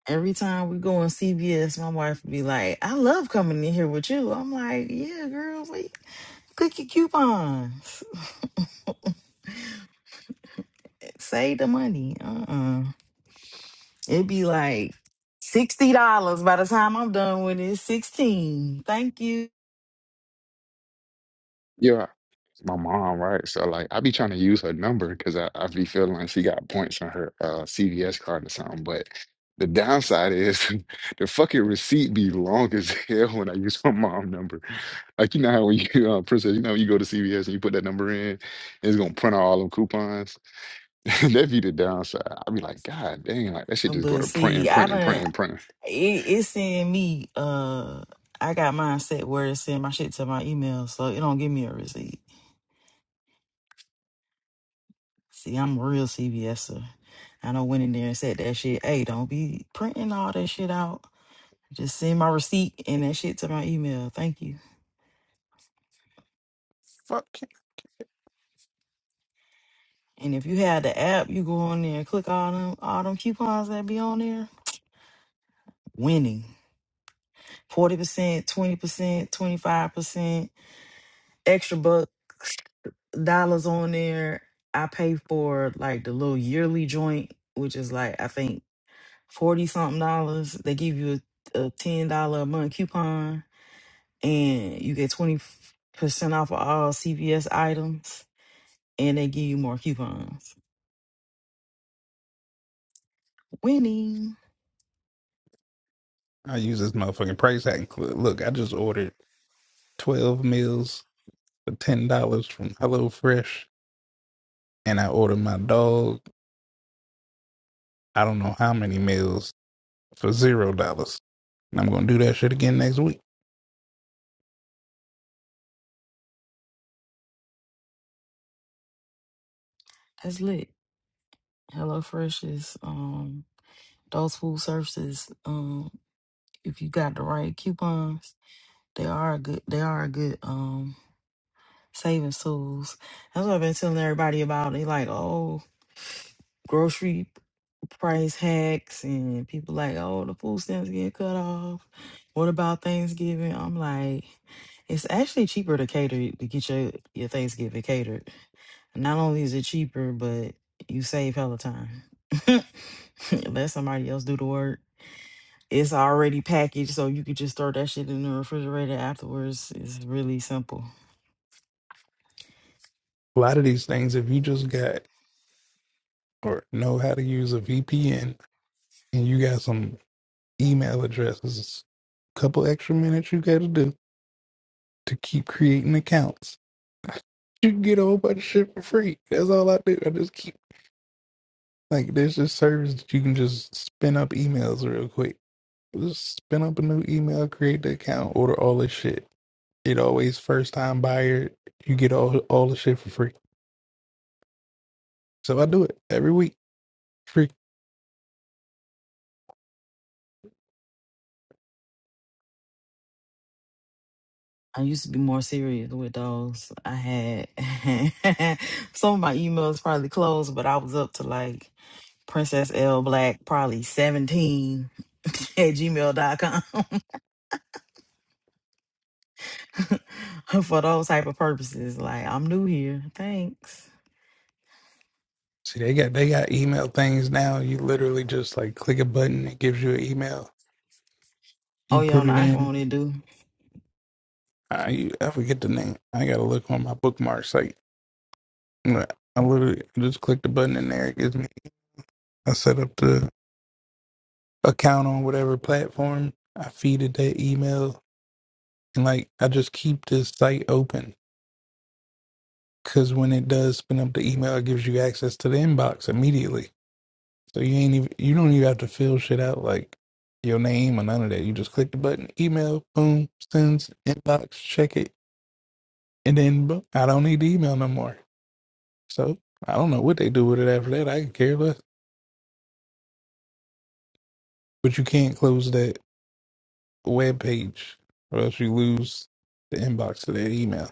[SPEAKER 11] Every time we go in CVS, my wife would be like, "I love coming in here with you." I'm like, "Yeah, girl, like, click your coupons, save the money." Uh-uh. It'd be like sixty dollars by the time I'm done with it. Sixteen. Thank you.
[SPEAKER 9] Yeah. my mom, right? So like I be trying to use her number because I, I be feeling like she got points on her uh CVS card or something. But the downside is the fucking receipt be long as hell when I use my mom number. Like you know how when you uh princess, you know you go to CVS and you put that number in, it's gonna print out all them coupons. That be the downside. I be like, God dang, like that shit just go
[SPEAKER 11] But
[SPEAKER 9] to
[SPEAKER 11] see,
[SPEAKER 9] print
[SPEAKER 11] I
[SPEAKER 9] print and print
[SPEAKER 11] don't.
[SPEAKER 9] and print and print.
[SPEAKER 11] It, it send me. Uh, I got mine set where it send my shit to my email, so it don't give me a receipt. See, I'm a real CVSer. I don't went in there and said that shit. Hey, don't be printing all that shit out. Just send my receipt and that shit to my email. Thank you.
[SPEAKER 10] Fuck. it.
[SPEAKER 11] And if you had the app, you go on there and click all them all them coupons that be on there. Winning. 40%, 20%, 25%, extra bucks. dollars on there. I pay for like the little yearly joint, which is like I think forty something dollars. They give you a, a ten dollar a month coupon, and you get twenty percent off of all CVS items, and they give you more coupons. Winning.
[SPEAKER 10] I use this motherfucking price hack. Look, look, I just ordered 12 meals for $10 from HelloFresh, and I ordered my dog, I don't know how many meals for $0. And I'm going to do that shit again next week.
[SPEAKER 11] That's lit. Hello Fresh is um those food services. Um, if you got the right coupons, they are a good. They are a good. Um, saving souls. That's what I've been telling everybody about. They like, oh, grocery price hacks, and people like, oh, the food stamps get cut off. What about Thanksgiving? I'm like, it's actually cheaper to cater to get your your Thanksgiving catered. Not only is it cheaper, but you save hella time. Let somebody else do the work. It's already packaged, so you could just throw that shit in the refrigerator afterwards. It's really simple.
[SPEAKER 10] A lot of these things, if you just got or know how to use a VPN and you got some email addresses, a couple extra minutes you got to do to keep creating accounts. You can get a whole bunch of shit for free. That's all I do. I just keep like there's this service that you can just spin up emails real quick. Just spin up a new email, create the account, order all this shit. It always first time buyer. You get all all the shit for free. So I do it every week. Free.
[SPEAKER 11] I used to be more serious with those. I had some of my emails probably closed, but I was up to like Princess L Black, probably 17 at gmail dot com for those type of purposes. Like, I'm new here. Thanks.
[SPEAKER 10] See, they got they got email things now. You literally just like click a button, it gives you an email.
[SPEAKER 11] Oh,
[SPEAKER 10] You
[SPEAKER 11] yeah,
[SPEAKER 10] put
[SPEAKER 11] on the
[SPEAKER 10] it in.
[SPEAKER 11] iPhone, it do.
[SPEAKER 10] I you- I forget the name. I gotta look on my bookmark site. But I literally just click the button in there. It gives me. I set up the account on whatever platform. I feed it that email, and like I just keep this site open because when it does spin up the email, it gives you access to the inbox immediately. So you ain't even you don't even have to fill shit out like your name or none of that. You just click the button, email, boom, sends, inbox, check it, and then boom, I don't need the email no more. So I don't know what they do with it after that. I can care less. But you can't close that web page or else you lose the inbox to that email.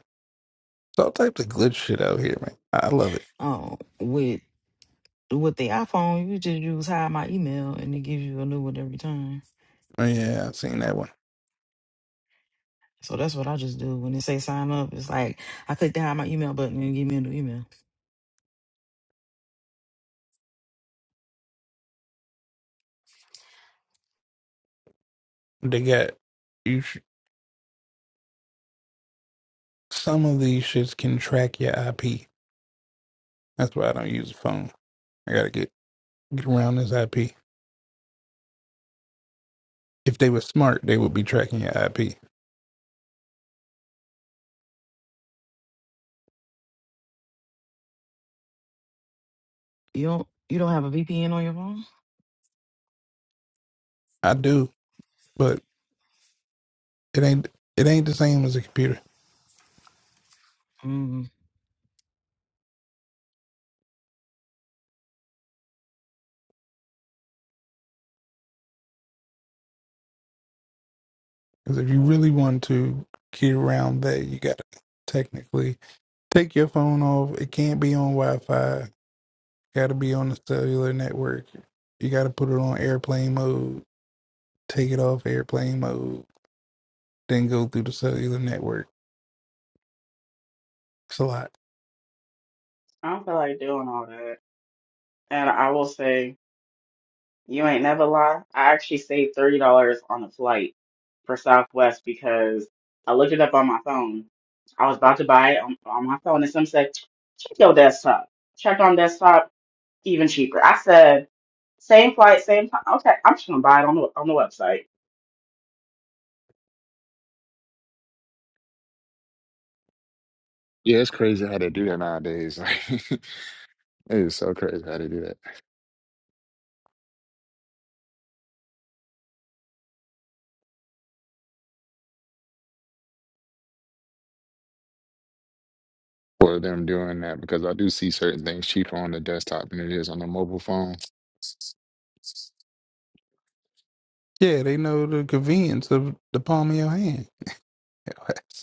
[SPEAKER 10] It's all types of glitch shit out here, man. I love it.
[SPEAKER 11] Oh, with with the iPhone, you just use hide my email and it gives you a new one every time.
[SPEAKER 10] Oh, Yeah, I've seen that one.
[SPEAKER 11] So that's what I just do. When it say sign up, it's like I click the hide my email button and give me a new email.
[SPEAKER 10] They got you. Sh- some of these shits can track your IP. That's why I don't use a phone. I gotta get get around this IP. If they were smart, they would be tracking your IP.
[SPEAKER 11] You don't you don't have a VPN on your phone?
[SPEAKER 10] I do, but it ain't it ain't the same as a computer.
[SPEAKER 11] Mm.
[SPEAKER 10] Because if you really want to get around that, you gotta technically take your phone off. It can't be on Wi Fi. Gotta be on the cellular network. You gotta put it on airplane mode, take it off airplane mode, then go through the cellular network. It's a lot.
[SPEAKER 12] I don't feel like doing all that. And I will say, you ain't never lie. I actually saved thirty dollars on a flight for Southwest because I looked it up on my phone. I was about to buy it on, on my phone, and some said, check your desktop. Check on desktop, even cheaper. I said, same flight, same time. Okay, I'm just gonna buy it on the on the website.
[SPEAKER 9] Yeah, it's crazy how they do that nowadays. Like it is so crazy how they do that. for them doing that because I do see certain things cheaper on the desktop than it is on the mobile phone.
[SPEAKER 10] Yeah, they know the convenience of the palm of your hand.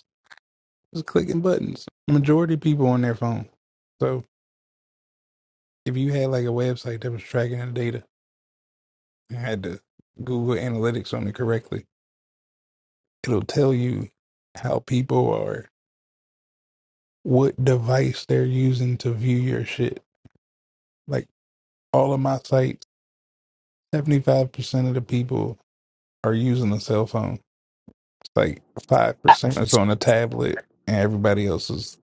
[SPEAKER 10] Just clicking buttons. Majority of people on their phone. So if you had like a website that was tracking the data and had the Google Analytics on it correctly, it'll tell you how people are, what device they're using to view your shit. Like all of my sites, 75% of the people are using a cell phone. It's like 5% is on a tablet and everybody else is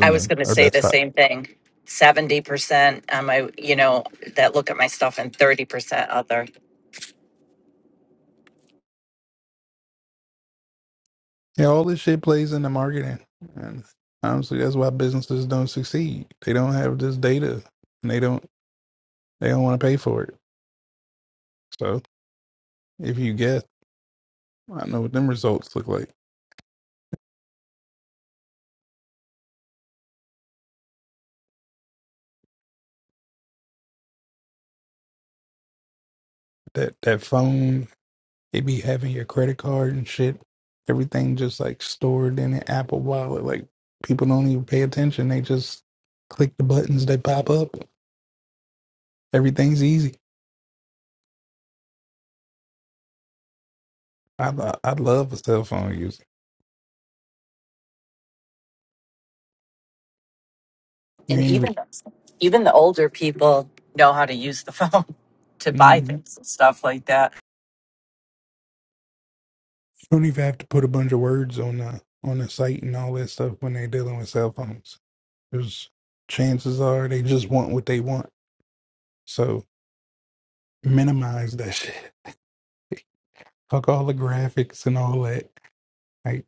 [SPEAKER 7] I was
[SPEAKER 10] a,
[SPEAKER 7] going to
[SPEAKER 10] a
[SPEAKER 7] say the
[SPEAKER 10] desktop.
[SPEAKER 7] same thing. 70% on my, you know, that look at my stuff and 30% other.
[SPEAKER 10] Yeah, all this shit plays into marketing. And honestly, that's why businesses don't succeed. They don't have this data and they don't they don't want to pay for it. So if you guess, I know what them results look like. That that phone, they be having your credit card and shit. Everything just like stored in an Apple wallet. Like people don't even pay attention. They just click the buttons that pop up. Everything's easy. I I I love a cell phone user. You
[SPEAKER 7] And
[SPEAKER 10] ain't even
[SPEAKER 7] even even the older people know how to use the phone to buy
[SPEAKER 10] mm-hmm.
[SPEAKER 7] things and stuff like that.
[SPEAKER 10] don't even have to put a bunch of words on the on the site and all that stuff when they're dealing with cell phones. There's chances are they just want what they want. So minimize that shit. Fuck all the graphics and all that. Like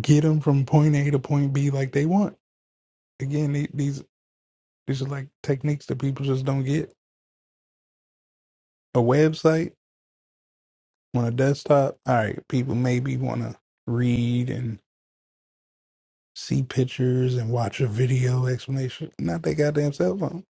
[SPEAKER 10] get them from point A to point B like they want. Again, the- these these are like techniques that people just don't get. A website on a desktop. All right, people maybe want to read and see pictures and watch a video explanation. Not their goddamn cell phone.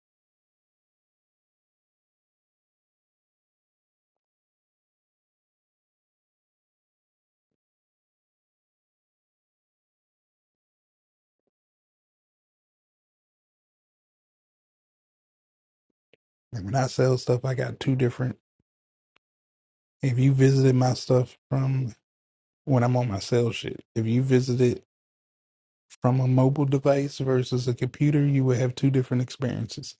[SPEAKER 10] Like when I sell stuff, I got two different. If you visited my stuff from when I'm on my cell shit, if you visited from a mobile device versus a computer, you would have two different experiences.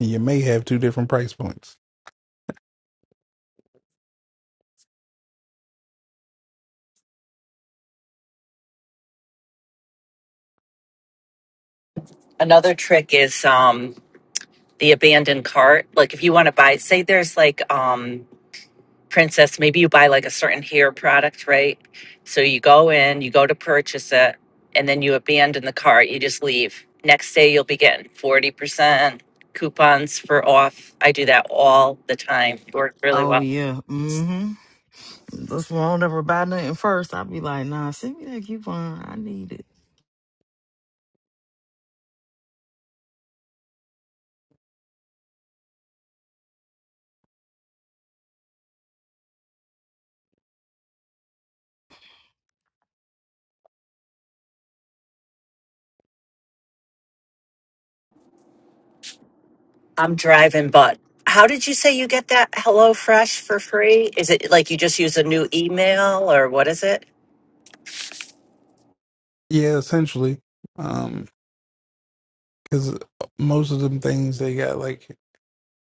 [SPEAKER 10] And you may have two different price points.
[SPEAKER 7] Another trick is um the abandoned cart. Like if you want to buy say there's like um princess maybe you buy like a certain hair product right so you go in you go to purchase it and then you abandon the cart you just leave next day you'll be getting 40% coupons for off i do that all the time It worked really
[SPEAKER 11] Oh
[SPEAKER 7] well
[SPEAKER 11] yeah. Mm-hmm. That's why I don't ever buy nothing first. I'd be like, nah, send me that coupon. I need it.
[SPEAKER 7] i'm driving but how did you say you get that HelloFresh for free is it like you just use a new email or what is it
[SPEAKER 10] Yeah, essentially, Um, because most of them things they got like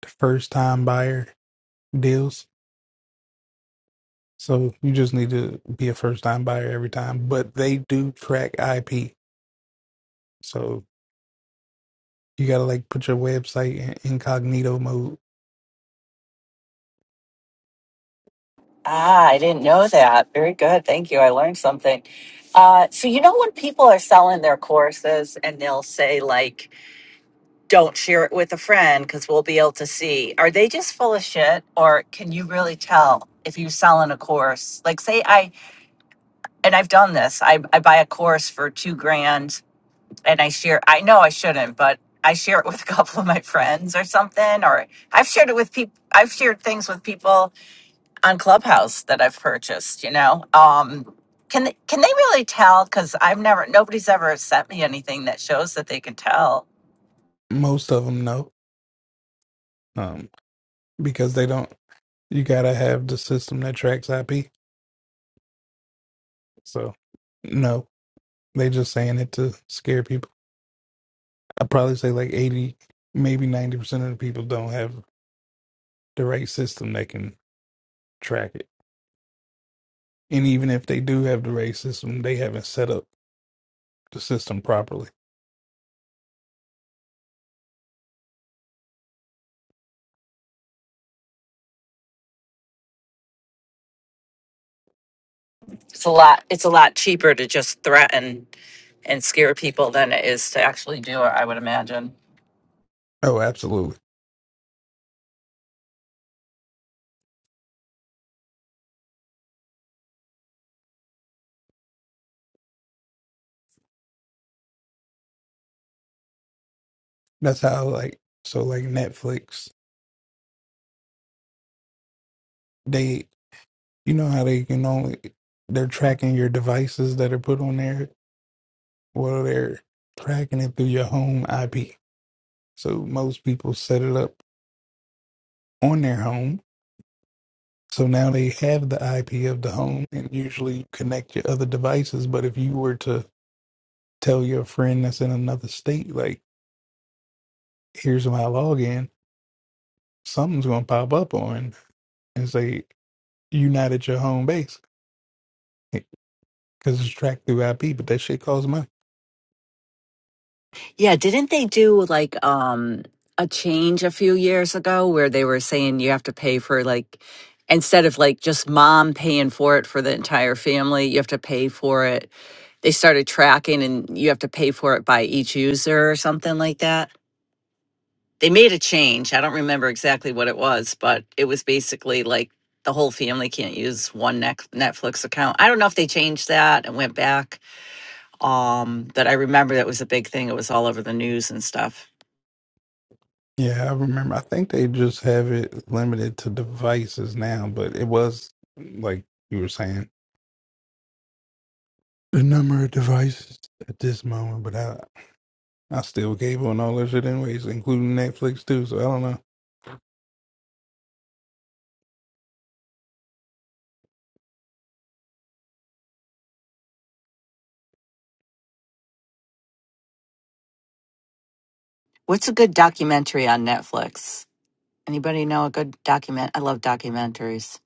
[SPEAKER 10] the first time buyer deals. So you just need to be a first time buyer every time. But they do track IP. So you gotta like put your website in incognito mode.
[SPEAKER 7] Ah, I didn't know that. Very good. Thank you. I learned something. Uh, so, you know, when people are selling their courses and they'll say, like, don't share it with a friend because we'll be able to see, are they just full of shit? Or can you really tell if you're selling a course? Like, say, I, and I've done this, I, I buy a course for two grand and I share, I know I shouldn't, but I share it with a couple of my friends or something. Or I've shared it with people, I've shared things with people on Clubhouse that I've purchased. You know, um, can they, can they really tell? Because I've never nobody's ever sent me anything that shows that they can tell.
[SPEAKER 10] Most of them know, um, because they don't. You gotta have the system that tracks IP. So no, they just saying it to scare people. I probably say like eighty, maybe ninety percent of the people don't have the right system that can track it. And even if they do have the right system, they haven't set up the system properly.
[SPEAKER 7] It's a lot. It's a lot cheaper to just threaten and scare people than it is to actually do it. I would imagine.
[SPEAKER 10] Oh, absolutely. That's how like so like Netflix, they you know how they can only they're tracking your devices that are put on there. Well, they're tracking it through your home IP. So most people set it up on their home. So now they have the IP of the home and usually connect your other devices. But if you were to tell your friend that's in another state, like, here's my login, something's gonna pop up on and say, you are not at your home base. because it's tracked through IP, but that shit costs money.
[SPEAKER 7] Yeah, didn't they do like um a change a few years ago where they were saying you have to pay for like instead of like just mom paying for it for the entire family, you have to pay for it. They started tracking and you have to pay for it by each user or something like that. They made a change. I don't remember exactly what it was, but it was basically like the whole family can't use one Nex- Netflix account. I don't know if they changed that and went back um that i remember that was a big thing it was all over the news and stuff
[SPEAKER 10] Yeah, I remember. I think they just have it limited to devices now, but it was like you were saying the number of devices at this moment. But I, I still gave on all that shit anyways, including Netflix too. So I don't know.
[SPEAKER 7] What's a good documentary on Netflix? Anybody know a good document? I love documentaries.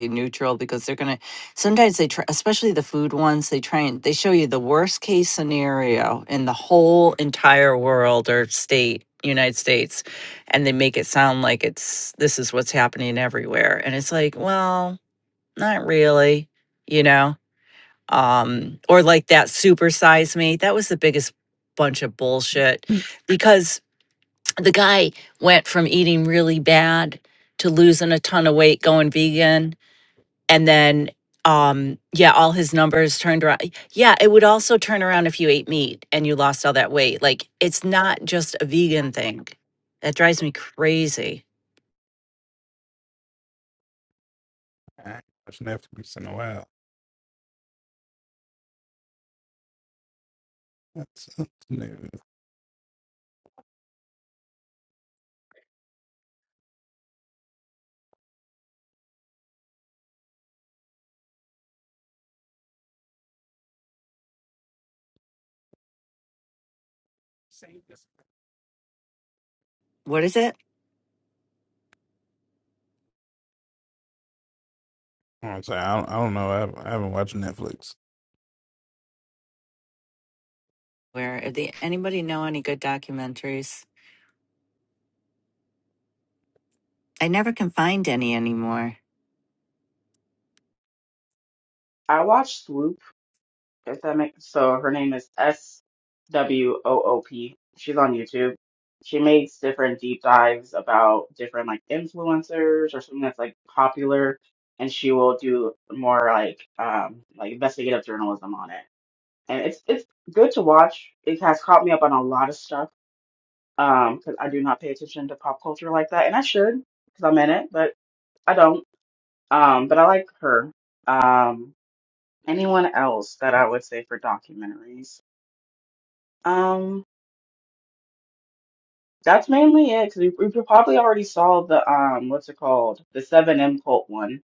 [SPEAKER 7] Be neutral because they're gonna. Sometimes they try, especially the food ones. They try and they show you the worst case scenario in the whole entire world or state, United States, and they make it sound like it's this is what's happening everywhere, and it's like, well, not really, you know. Um, or like that super size me. That was the biggest bunch of bullshit because the guy went from eating really bad to losing a ton of weight going vegan and then um yeah all his numbers turned around yeah it would also turn around if you ate meat and you lost all that weight like it's not just a vegan thing that drives me crazy
[SPEAKER 10] I ain't watched Netflix in a while. That's, that's new.
[SPEAKER 7] What is it?
[SPEAKER 10] I don't, I don't I don't know. I haven't, I haven't watched Netflix.
[SPEAKER 7] Where are the anybody know any good documentaries? I never can find any anymore.
[SPEAKER 12] I watched Swoop If that makes so, her name is S W O O P. She's on YouTube. She makes different deep dives about different like influencers or something that's like popular, and she will do more like um like investigative journalism on it. And it's it's good to watch. It has caught me up on a lot of stuff um because I do not pay attention to pop culture like that, and I should because I'm in it, but I don't. Um, but I like her. Um, anyone else that I would say for documentaries? Um, that's mainly it because we, we probably already saw the um, what's it called, the Seven M Cult one.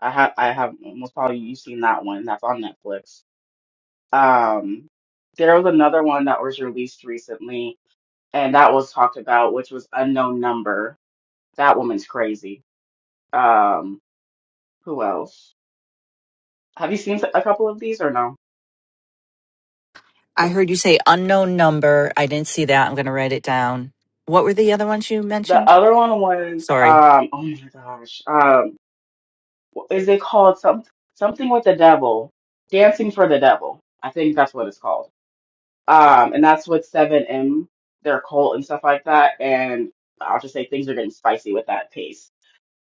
[SPEAKER 12] I have I have most probably you've seen that one. That's on Netflix. Um, there was another one that was released recently, and that was talked about, which was Unknown Number. That woman's crazy. Um, who else? Have you seen a couple of these or no?
[SPEAKER 7] i
[SPEAKER 12] The,
[SPEAKER 7] heard you say unknown number i didn't see that i'm going to write it down what were the other ones you
[SPEAKER 12] the
[SPEAKER 7] mentioned
[SPEAKER 12] other one was
[SPEAKER 7] sorry
[SPEAKER 12] um, oh my gosh, um, is it called some, something with the devil dancing for the devil i think that's what it's called um and that's what 7m their cult and stuff like that and i'll just say things are getting spicy with that pace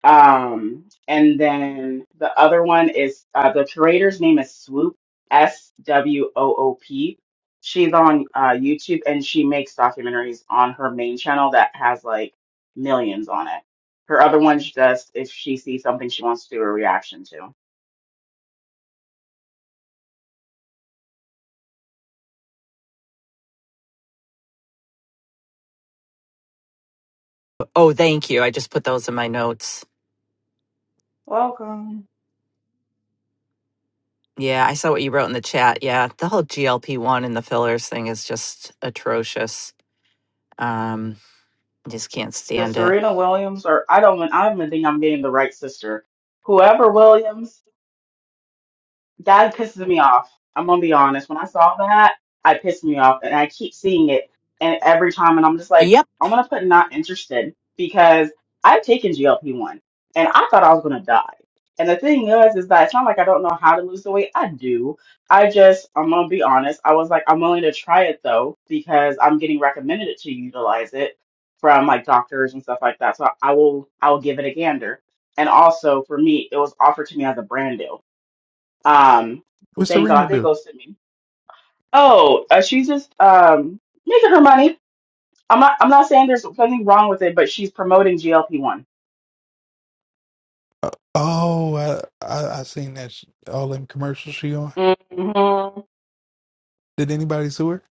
[SPEAKER 12] um and then the other one is uh, the curator's name is swoop s w o o p she's on uh, youtube and she makes documentaries on her main channel that has like millions on it her other one she does if she sees something she wants to do a reaction to
[SPEAKER 7] Oh, thank you. I just put those in my notes.
[SPEAKER 12] Welcome.
[SPEAKER 7] Yeah, I saw what you wrote in the chat. Yeah, the whole GLP one and the fillers thing is just atrocious. Um, I just can't
[SPEAKER 12] The
[SPEAKER 7] stand it.
[SPEAKER 12] Serena Williams, or I don't, I don't even think I'm getting the right sister. Whoever Williams, That pisses me off. I'm gonna be honest. When I saw that, I pissed me off, and I keep seeing it, and every time, and I'm just like,
[SPEAKER 7] Yep.
[SPEAKER 12] I'm gonna put not interested because I've taken GLP one, and I thought I was gonna die. And the thing is, is that it's not like I don't know how to lose the weight. I do. I just, I'm gonna be honest. I was like, I'm willing to try it though because I'm getting recommended it to utilize it from like doctors and stuff like that. So I will, I will give it a gander. And also for me, it was offered to me as a brand deal. Um, so
[SPEAKER 10] What
[SPEAKER 12] thank God
[SPEAKER 10] Serena
[SPEAKER 12] they
[SPEAKER 10] do?
[SPEAKER 12] ghosted me. Oh, uh, she's just um making her money. I'm not. I'm not saying there's nothing wrong with it, but she's promoting GLP one.
[SPEAKER 10] Uh, oh, I, I I seen that sh- all them commercials she on.
[SPEAKER 12] Mm-hmm.
[SPEAKER 10] Did anybody sue her?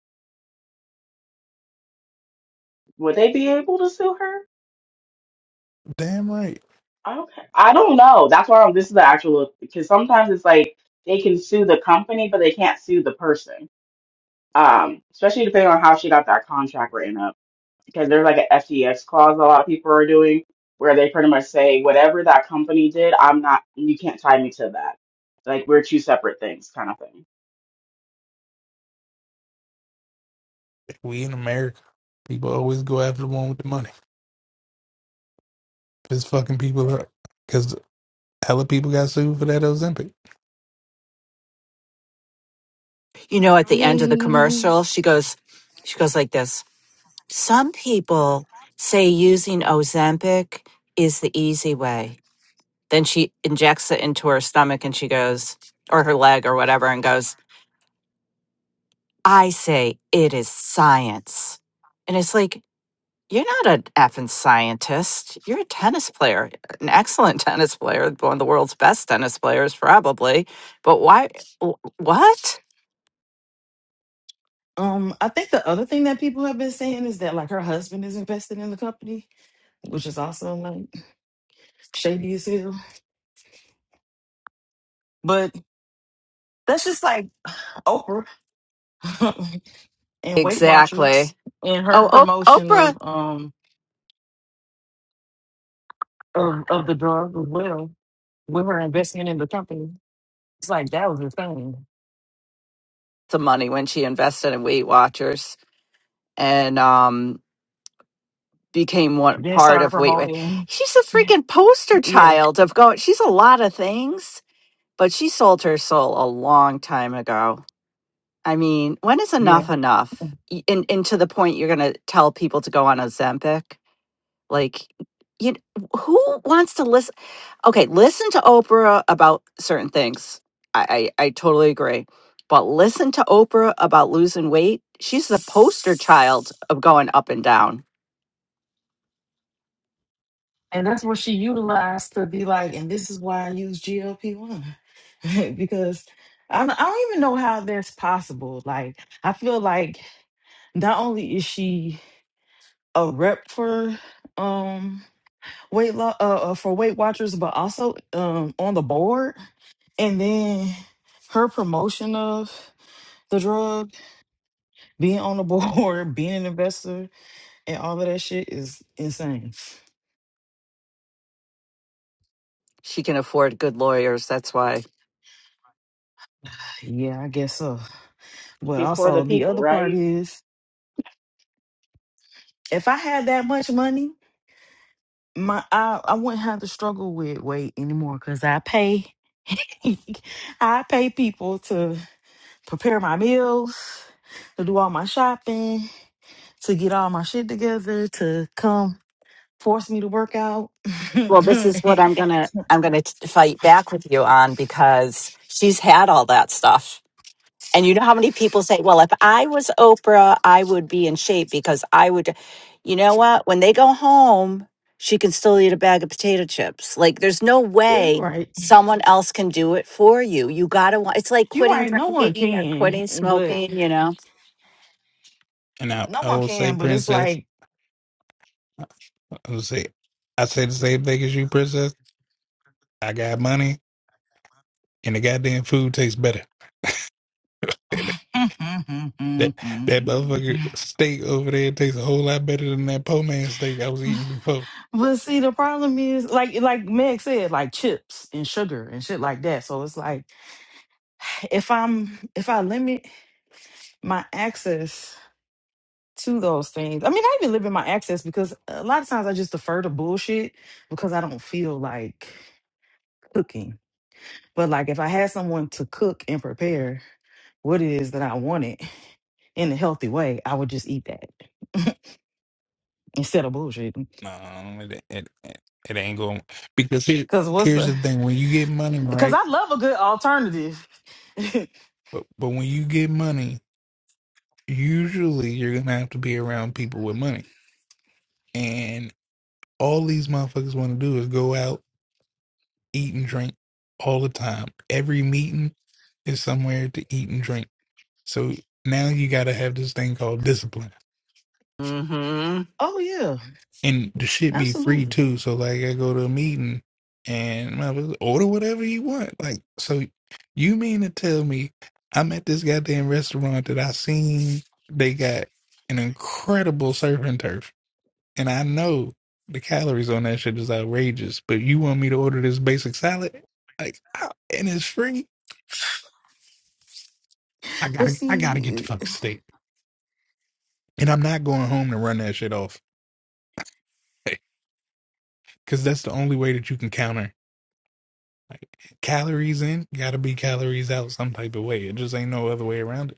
[SPEAKER 12] Would they be able to sue her?
[SPEAKER 10] Damn right.
[SPEAKER 12] I don't. I don't know. That's why I'm, this is the actual because sometimes it's like they can sue the company, but they can't sue the person. Um, especially depending on how she got that contract written up. because there's like an FES clause a lot of people are doing where they pretty much say whatever that company did, I'm not you can't tie me to that. Like we're two separate things kind of thing.
[SPEAKER 10] We in America, people always go after the one with the money. Piss fucking people up because hella people got sued for that Ozempic.
[SPEAKER 7] You know, at
[SPEAKER 11] I
[SPEAKER 7] the end of the
[SPEAKER 11] mean,
[SPEAKER 7] commercial, she goes, she goes like this. Some people say using Ozempic is the easy way. Then she injects it into her stomach and she goes, or her leg or whatever, and goes, I say it is science. And it's like, You're not an effing scientist. You're a tennis player, an excellent tennis player, one of the world's best tennis players, probably. But why? wh- What?
[SPEAKER 11] um, I think the other thing that people have been saying is that like her husband is invested in the company, which is also like shady as hell. But that's just like Oprah and Weight Watchers
[SPEAKER 7] Exactly.
[SPEAKER 11] and her
[SPEAKER 7] Oh, o-
[SPEAKER 11] promotion
[SPEAKER 7] Oprah,
[SPEAKER 11] of um of, of the drug as well with her investment in the company. It's like that was the thing.
[SPEAKER 7] the money when she invested in Weight Watchers and um, became one
[SPEAKER 11] Then
[SPEAKER 7] part
[SPEAKER 11] started
[SPEAKER 7] of Weight. Wa-
[SPEAKER 11] promoting.
[SPEAKER 7] She's a freaking poster
[SPEAKER 11] Yeah,
[SPEAKER 7] child of going. She's a lot of things, but she sold her soul a long time ago I mean, when is
[SPEAKER 11] yeah.
[SPEAKER 7] enough enough? Y- And and to the point you're gonna tell people to go on Ozempic? Like, you who wants to listen? Okay, listen to Oprah about certain things. I, I I totally agree, but listen to Oprah about losing weight. She's the poster child of going up and down.
[SPEAKER 11] And that's what she utilized to be like, and this is why I use GLP one. because I don't, I don't even know how that's possible. Like I feel like not only is she a rep for um weight lo- uh, uh, for Weight Watchers, but also um on the board, and then her promotion of the drug Being on the board, being an investor, and all of that shit is insane.
[SPEAKER 7] She can afford good lawyers. That's why.
[SPEAKER 11] Yeah, I guess so. But
[SPEAKER 12] She's for the
[SPEAKER 11] also the
[SPEAKER 12] people,
[SPEAKER 11] other part
[SPEAKER 12] right?
[SPEAKER 11] is if I had that much money, my I, I wouldn't have to struggle with weight anymore because I pay I pay people to prepare my meals, to do all my shopping, to get all my shit together, to come force me to work out.
[SPEAKER 7] Well, this is
[SPEAKER 11] yeah,
[SPEAKER 7] what I'm gonna I'm gonna fight back with you on because she's had all that stuff And you know how many people say, well, if I was Oprah, I would be in shape because I would, you know what? When they go home, she can still eat a bag of potato chips. Like, there's no
[SPEAKER 11] you're
[SPEAKER 7] way
[SPEAKER 11] right.
[SPEAKER 7] someone else can do it for you. You got to, it's like
[SPEAKER 11] You're
[SPEAKER 7] quitting
[SPEAKER 11] right, no one
[SPEAKER 7] drinking or
[SPEAKER 11] can.
[SPEAKER 7] quitting
[SPEAKER 11] But
[SPEAKER 7] smoking, you know?
[SPEAKER 10] And I
[SPEAKER 11] No
[SPEAKER 10] I
[SPEAKER 11] one
[SPEAKER 10] will say,
[SPEAKER 11] can, but it's
[SPEAKER 10] princess,
[SPEAKER 11] like.
[SPEAKER 10] I will say, I say the same thing as you, princess. I got money, and the goddamn food tastes better.
[SPEAKER 11] but
[SPEAKER 10] That that motherfucker steak over there tastes a whole lot better than that po man steak I was eating before.
[SPEAKER 11] see, the problem is, like, like Meg said, like chips and sugar and shit like that. So it's like, if I'm, if I limit my access to those things, I mean, I even limit my access because a lot of times I just defer to bullshit because I don't feel like cooking. But like, if I had someone to cook and prepare what it is that I wanted in a healthy way, I would just eat that instead of bullshit.
[SPEAKER 10] No, it, it, it, it ain't going because here,
[SPEAKER 11] Because what's
[SPEAKER 10] here's
[SPEAKER 11] the
[SPEAKER 10] the thing: when you get money,
[SPEAKER 11] Because
[SPEAKER 10] right?
[SPEAKER 11] I love a good alternative.
[SPEAKER 10] But but when you get money, usually you're gonna have to be around people with money, and all these motherfuckers want to do is go out, eat and drink all the time. Every meeting is somewhere to eat and drink. So now you gotta have this thing called discipline
[SPEAKER 7] mm hmm
[SPEAKER 11] oh yeah,
[SPEAKER 10] and the shit be free
[SPEAKER 11] absolutely.
[SPEAKER 10] too. So like, I go to a meeting and motherfuckers order whatever you want. Like, so you mean to tell me I'm at this goddamn restaurant that I seen they got an incredible surf and turf, and I know the calories on that shit is outrageous, but you want me to order this basic salad? Like, I- and it's free. I
[SPEAKER 11] But
[SPEAKER 10] gotta, I gotta get
[SPEAKER 11] see,
[SPEAKER 10] the fucking steak, and I'm not going home to run that shit off. Cause that's the only way that you can counter. Like calories in, gotta be calories out some type of way. It just ain't no other way around it.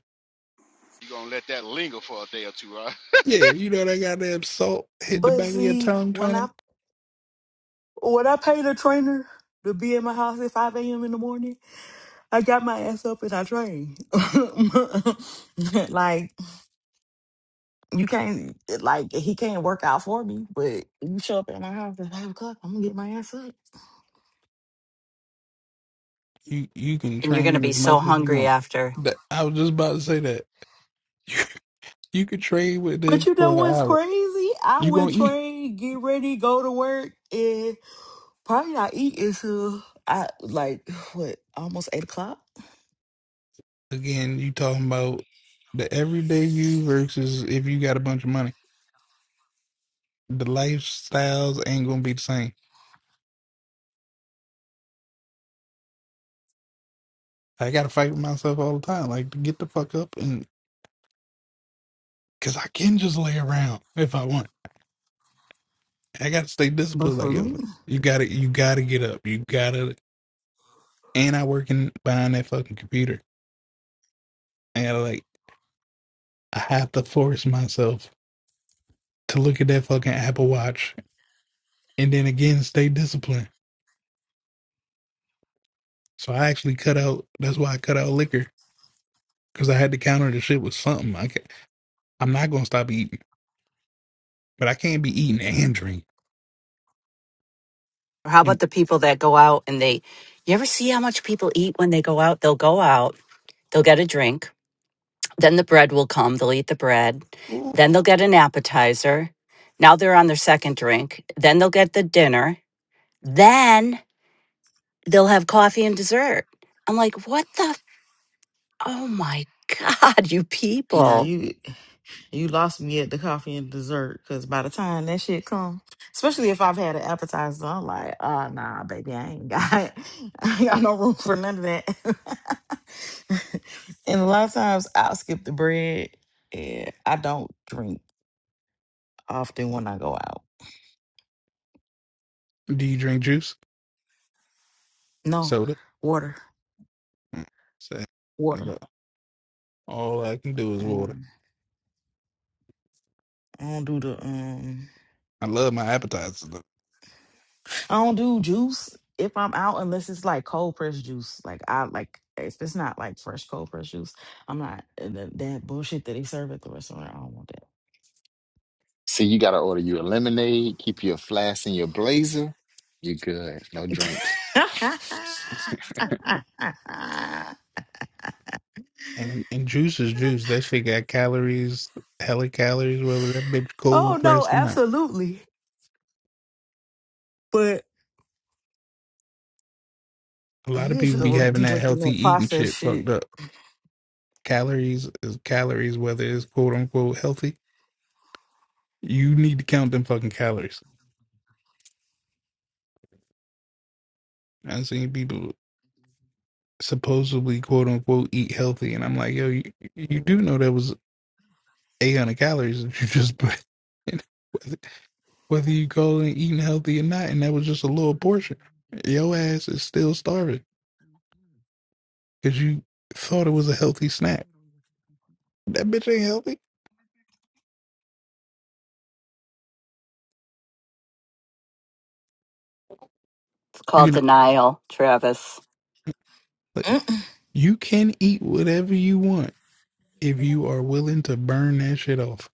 [SPEAKER 2] You're gonna let that linger for a day or two, right?
[SPEAKER 10] Yeah, you know that goddamn salt hit the
[SPEAKER 11] but
[SPEAKER 10] back of your
[SPEAKER 11] see,
[SPEAKER 10] tongue,
[SPEAKER 11] when I
[SPEAKER 10] Tony.
[SPEAKER 11] when I paid a trainer to be in my house at five a.m. in the morning, I got my ass up and I trained. like you can't, like he can't work out for me. But you show up at my house at five o'clock, I'm gonna get my ass up.
[SPEAKER 10] You you can
[SPEAKER 7] And you're going to
[SPEAKER 10] train
[SPEAKER 7] be
[SPEAKER 10] as
[SPEAKER 7] so
[SPEAKER 10] much as you
[SPEAKER 7] hungry
[SPEAKER 10] want.
[SPEAKER 7] after.
[SPEAKER 10] That, I was just about to say that. You, you could train with them
[SPEAKER 11] But you
[SPEAKER 10] for
[SPEAKER 11] know
[SPEAKER 10] an
[SPEAKER 11] what's
[SPEAKER 10] hour.
[SPEAKER 11] crazy? I
[SPEAKER 10] You
[SPEAKER 11] would
[SPEAKER 10] gonna eat.
[SPEAKER 11] train, get ready, go to work. and. Probably not eat until I like what almost eight o'clock.
[SPEAKER 10] Again, you talking about the everyday you versus if you got a bunch of money. The lifestyles ain't gonna be the same. I gotta fight with myself all the time. Like to get the fuck up and cause I can just lay around if I want. I gotta stay
[SPEAKER 11] But
[SPEAKER 10] disciplined.
[SPEAKER 11] for
[SPEAKER 10] Like yo,
[SPEAKER 11] me,
[SPEAKER 10] you gotta you gotta get up. You gotta and I working behind that fucking computer. I gotta like I have to force myself to look at that fucking Apple Watch and then again stay disciplined. So I actually cut out. That's why I cut out liquor because I had to counter the shit with something. I can, I'm not gonna stop eating, but I can't be eating and drinking.
[SPEAKER 7] Or how
[SPEAKER 10] And,
[SPEAKER 7] about the people that go out and they, you ever see how much people eat when they go out? They'll go out, they'll get a drink, Then the bread will come. They'll eat the bread.
[SPEAKER 10] ooh,
[SPEAKER 7] Then they'll get an appetizer. Now they're on their second drink. Then they'll get the dinner. Then they'll have coffee and dessert. I'm like, what the? f- Oh my God, you
[SPEAKER 11] now
[SPEAKER 7] people.
[SPEAKER 11] you you lost me at the coffee and dessert because by the time that shit come, especially if I've had an appetizer, I'm like, oh nah, baby, I ain't got I ain't got no room for none of that. and a lot of times I'll skip the bread. and I don't drink often when I go out.
[SPEAKER 10] Do you drink juice,
[SPEAKER 11] No,
[SPEAKER 10] soda?
[SPEAKER 11] water,
[SPEAKER 10] Mm, So
[SPEAKER 11] water.
[SPEAKER 10] that's all I can do is water.
[SPEAKER 11] Um, I don't do the um.
[SPEAKER 10] I love my appetizers. though.
[SPEAKER 11] I don't do juice if I'm out unless it's like cold pressed juice. Like I like if it's not like fresh cold pressed juice, I'm not and that, that bullshit that they serve at the restaurant. I don't want
[SPEAKER 9] See, you gotta order you a lemonade, keep your flask in your blazer. You good. No drinks.
[SPEAKER 11] that.
[SPEAKER 10] And and juice is juice. That shit got calories, hella calories, whether that bitch
[SPEAKER 11] oh
[SPEAKER 10] cold
[SPEAKER 11] no,
[SPEAKER 10] pressed or not.
[SPEAKER 11] absolutely. But
[SPEAKER 10] A
[SPEAKER 11] I
[SPEAKER 10] lot of
[SPEAKER 11] just
[SPEAKER 10] people be
[SPEAKER 11] don't
[SPEAKER 10] having
[SPEAKER 11] be
[SPEAKER 10] that
[SPEAKER 11] drinking
[SPEAKER 10] healthy
[SPEAKER 11] that
[SPEAKER 10] eating
[SPEAKER 11] processed
[SPEAKER 10] shit
[SPEAKER 11] shit.
[SPEAKER 10] fucked up. Calories is calories, whether it's quote unquote healthy. You need to count them fucking calories. I've seen people supposedly quote unquote eat healthy, and I'm like, yo, you, you do know that was 800 calories that you just put in, whether, whether you call it eating healthy or not, and that was just a little portion. Your ass is still starving. because you thought it was a healthy snack. That bitch ain't healthy.
[SPEAKER 7] It's called
[SPEAKER 10] You know,
[SPEAKER 7] denial, Travis.
[SPEAKER 10] like
[SPEAKER 11] Mm-mm.
[SPEAKER 10] you can eat whatever you want if you are willing to burn that shit off,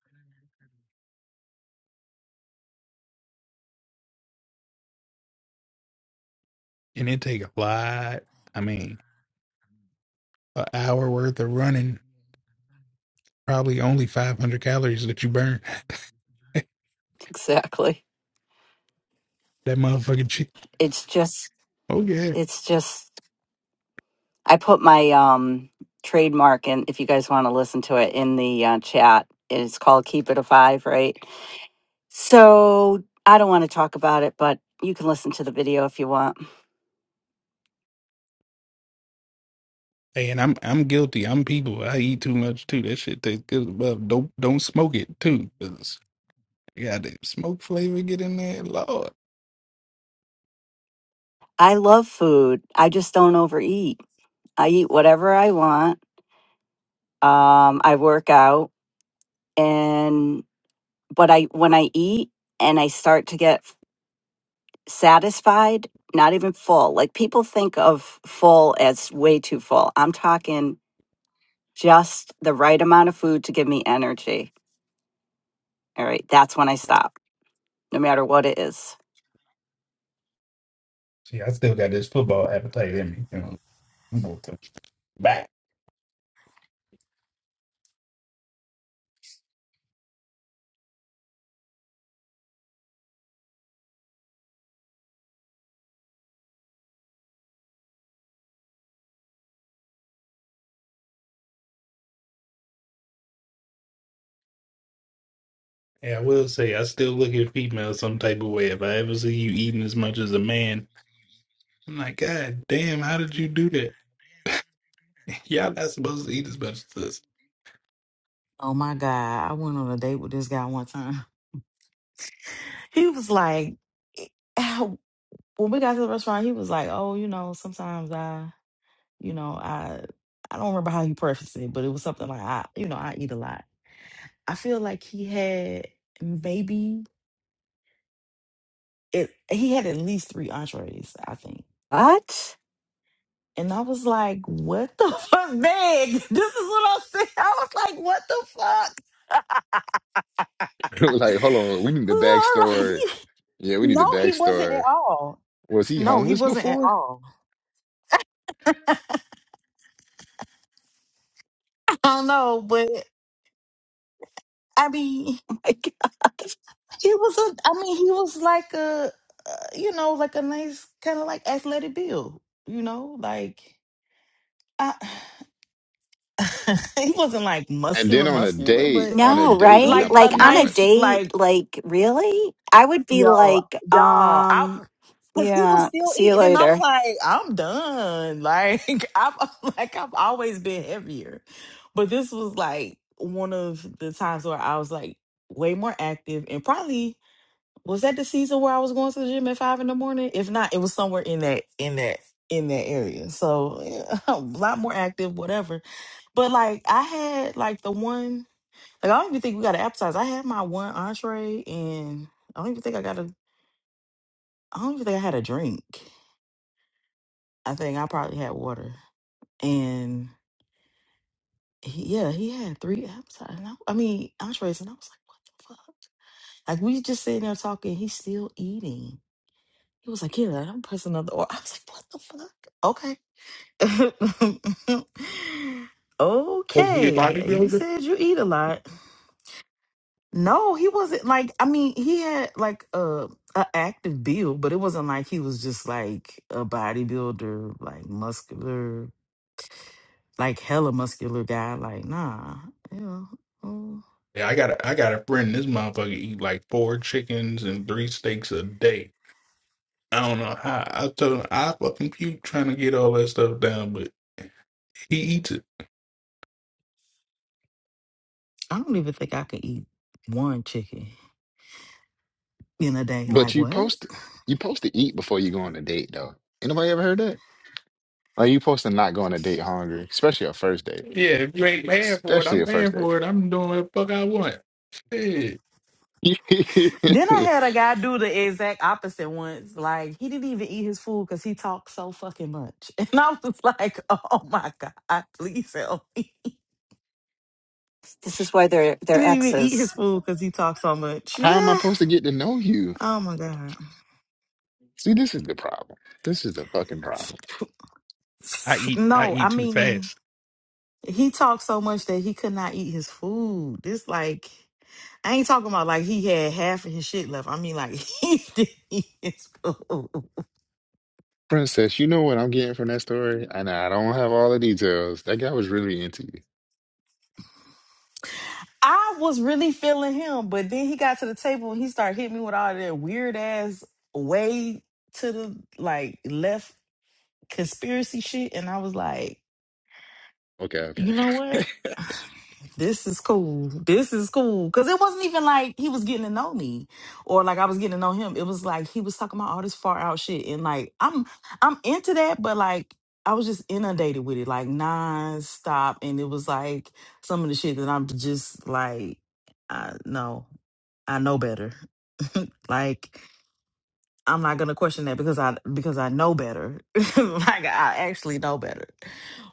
[SPEAKER 10] and it take a lot. I mean, an hour worth of running, probably only five hundred calories that you burn. that
[SPEAKER 7] Exactly.
[SPEAKER 10] motherfucking shit.
[SPEAKER 7] It's just,
[SPEAKER 10] Oh yeah.
[SPEAKER 7] it's just, I put my um, trademark in, if you guys want to listen to it, in the uh, chat. It's called Keep It a Five, right? So I don't want to talk about it, but you can listen to the video if you want.
[SPEAKER 10] Hey, and I'm I'm guilty. I'm people. I eat too much too. That shit tastes good. as well. Don't don't smoke it too. 'cause you got that smoke flavor get in there. Lord.
[SPEAKER 7] I love food. I just don't overeat. I eat whatever I want. Um, I work out and but I when I eat and I start to get f- satisfied, not even full. Like people think of full as way too full. I'm talking just the right amount of food to give me energy. All right, that's when I stop, no matter what it is.
[SPEAKER 10] See, I still got this football appetite in me. You know. I'm going to Back. Yeah, I will say I still look at females some type of way. If I ever see you eating as much as a man, I'm like, God damn, how did you do that? Y'all not supposed to eat as much as this.
[SPEAKER 11] Oh my god, I went on a date with this guy one time. He was like, when we got to the restaurant, he was like, oh, you know, sometimes I You know, I I don't remember how he prefaced it, but it was something like I, you know, I eat a lot. I feel like he had maybe it he had at least three entrees, I think.
[SPEAKER 7] What?
[SPEAKER 11] And I was like, what the fuck, man? This is what I'm saying. I was like, what the fuck?
[SPEAKER 9] Like, hold on, we need the
[SPEAKER 11] I'm like,
[SPEAKER 9] backstory. Yeah, we need the
[SPEAKER 11] no, he wasn't at
[SPEAKER 9] backstory.
[SPEAKER 11] all.
[SPEAKER 9] Was he
[SPEAKER 11] No, he
[SPEAKER 9] homeless
[SPEAKER 11] wasn't at
[SPEAKER 9] before?
[SPEAKER 11] all. I don't know, but I mean
[SPEAKER 7] Like
[SPEAKER 11] He was a, I mean, he was like a, uh, you know, like a nice kind of like athletic build, you know, like I, he wasn't like
[SPEAKER 9] And then
[SPEAKER 11] muscular,
[SPEAKER 9] on a
[SPEAKER 11] muscular,
[SPEAKER 9] date,
[SPEAKER 11] but
[SPEAKER 9] on a
[SPEAKER 7] No,
[SPEAKER 9] date, you're
[SPEAKER 7] right?
[SPEAKER 9] not
[SPEAKER 11] like
[SPEAKER 9] supposed
[SPEAKER 7] Like
[SPEAKER 9] to
[SPEAKER 11] a
[SPEAKER 9] eat that
[SPEAKER 7] on a
[SPEAKER 11] nice,
[SPEAKER 9] much.
[SPEAKER 7] date,
[SPEAKER 11] like
[SPEAKER 7] like really? I would be
[SPEAKER 11] yo,
[SPEAKER 7] like,
[SPEAKER 11] y'all, I,
[SPEAKER 7] um,
[SPEAKER 11] cause he was
[SPEAKER 7] yeah,
[SPEAKER 11] still
[SPEAKER 7] see you
[SPEAKER 11] eating, and I'm
[SPEAKER 7] later.
[SPEAKER 11] like, I'm done. Like I've, like I've always been heavier, but this was like one of the times where I was like way more active and probably was that the season where I was going to the gym at five in the morning? If not, it was somewhere in that in that in that area. So yeah, a lot more active, whatever. But like I had like the one like I don't even think we got an appetizer. I had my one entree and I don't even think I got a I don't even think I had a drink. I think I probably had water. And he, yeah, he had three appetizers. And I, I mean entrees and I was like, what the fuck? Like we just sitting there talking, he's still eating. He was like, yeah, i don't press another order. I was like, what the fuck? Okay.
[SPEAKER 10] Supposed to be a
[SPEAKER 11] okay. You
[SPEAKER 10] bodybuilder?
[SPEAKER 11] said you eat a lot. No, he wasn't like, I mean, he had like a, a active build, but it wasn't like he was just like a bodybuilder, like muscular, like hella muscular guy. Like, nah, yeah. mm.
[SPEAKER 10] Yeah, I got a I got a friend. This motherfucker eat like four chickens and three steaks a day. I don't know how. I told him I fucking puke trying to get all that stuff down, but he eats it.
[SPEAKER 11] I don't even think I could eat one chicken in a day.
[SPEAKER 9] But
[SPEAKER 11] Like,
[SPEAKER 9] you
[SPEAKER 11] what?
[SPEAKER 9] post you supposed to eat before you go on a date though. Anybody ever heard that? Like you supposed to not go on a date hungry, especially a first date.
[SPEAKER 10] Yeah, if you ain't paying for it,
[SPEAKER 9] Especially
[SPEAKER 10] I'm
[SPEAKER 9] a
[SPEAKER 10] paying
[SPEAKER 9] first date.
[SPEAKER 10] for it. I'm doing what the fuck I want. Shit.
[SPEAKER 11] Then I had a guy do the exact opposite once. Like he didn't even eat his food because he talked so fucking much, and I was like, "Oh my god, please help me!"
[SPEAKER 7] This is why they're
[SPEAKER 11] He
[SPEAKER 7] they're
[SPEAKER 11] didn't even eat his
[SPEAKER 7] exes.
[SPEAKER 11] food because he talked so much.
[SPEAKER 9] How am I
[SPEAKER 11] oh
[SPEAKER 9] supposed to get to know you?
[SPEAKER 11] my god.
[SPEAKER 9] See, this is the problem. This is the fucking problem.
[SPEAKER 10] I eat I
[SPEAKER 11] No, I
[SPEAKER 10] eat too
[SPEAKER 11] mean
[SPEAKER 10] fast.
[SPEAKER 11] he talked so much that he could not eat his food. This like I ain't talking about like he had half of his shit left. I mean like he didn't eat his food.
[SPEAKER 9] Princess, you know what I'm getting from that story? And I don't have all the details. That guy was really into you.
[SPEAKER 11] I was really feeling him, but then he got to the table and he started hitting me with all that weird ass way to the like left conspiracy shit, and I was like,
[SPEAKER 9] Okay, okay.
[SPEAKER 11] you know what? this is cool. This is cool. Cause it wasn't even like he was getting to know me or like I was getting to know him. It was like he was talking about all this far out shit. And like I'm I'm into that, but like I was just inundated with it, like nonstop. And it was like some of the shit that I'm just like, I no, I know better. like I'm not gonna question that because I because I know better. like I actually know better.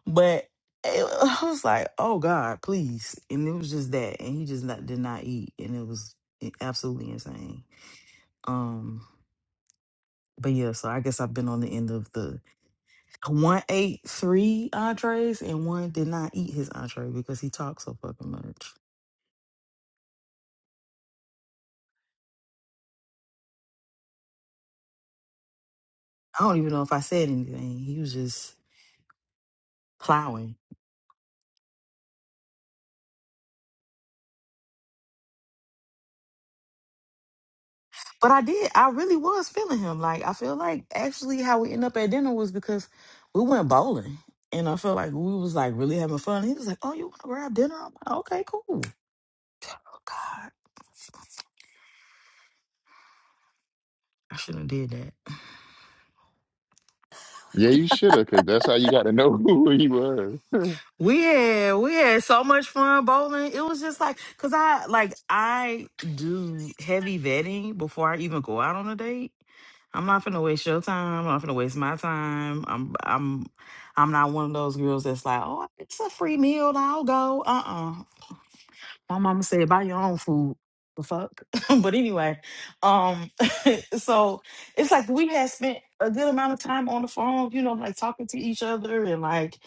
[SPEAKER 11] But it, I was like, oh God, please. And it was just that, and he just not, did not eat, and it was absolutely insane. Um, but yeah, so I guess I've been on the end of the one ate three entrees, and one did not eat his entree because he talked so fucking much. I don't even know if I said anything. He was just plowing. But I did. I really was feeling him. Like I feel like actually how we end up at dinner was because we went bowling, and I felt like we was like really having fun. He was like, "Oh, you want to grab dinner?" I'm like, "Okay, cool." Oh God, I shouldn't have did that.
[SPEAKER 9] Yeah, you should have, because that's how you got to know who he was.
[SPEAKER 11] We had we had so much fun bowling. It was just like cause I like I do heavy vetting before I even go out on a date. I'm not finna waste your time. I'm not finna waste my time. I'm I'm I'm not one of those girls that's like, oh, it's a free meal. I'll go. Uh uh my mama said, buy your own food. The fuck? but anyway, um, so it's like we had spent a good amount of time on the phone, you know, like talking to each other and like,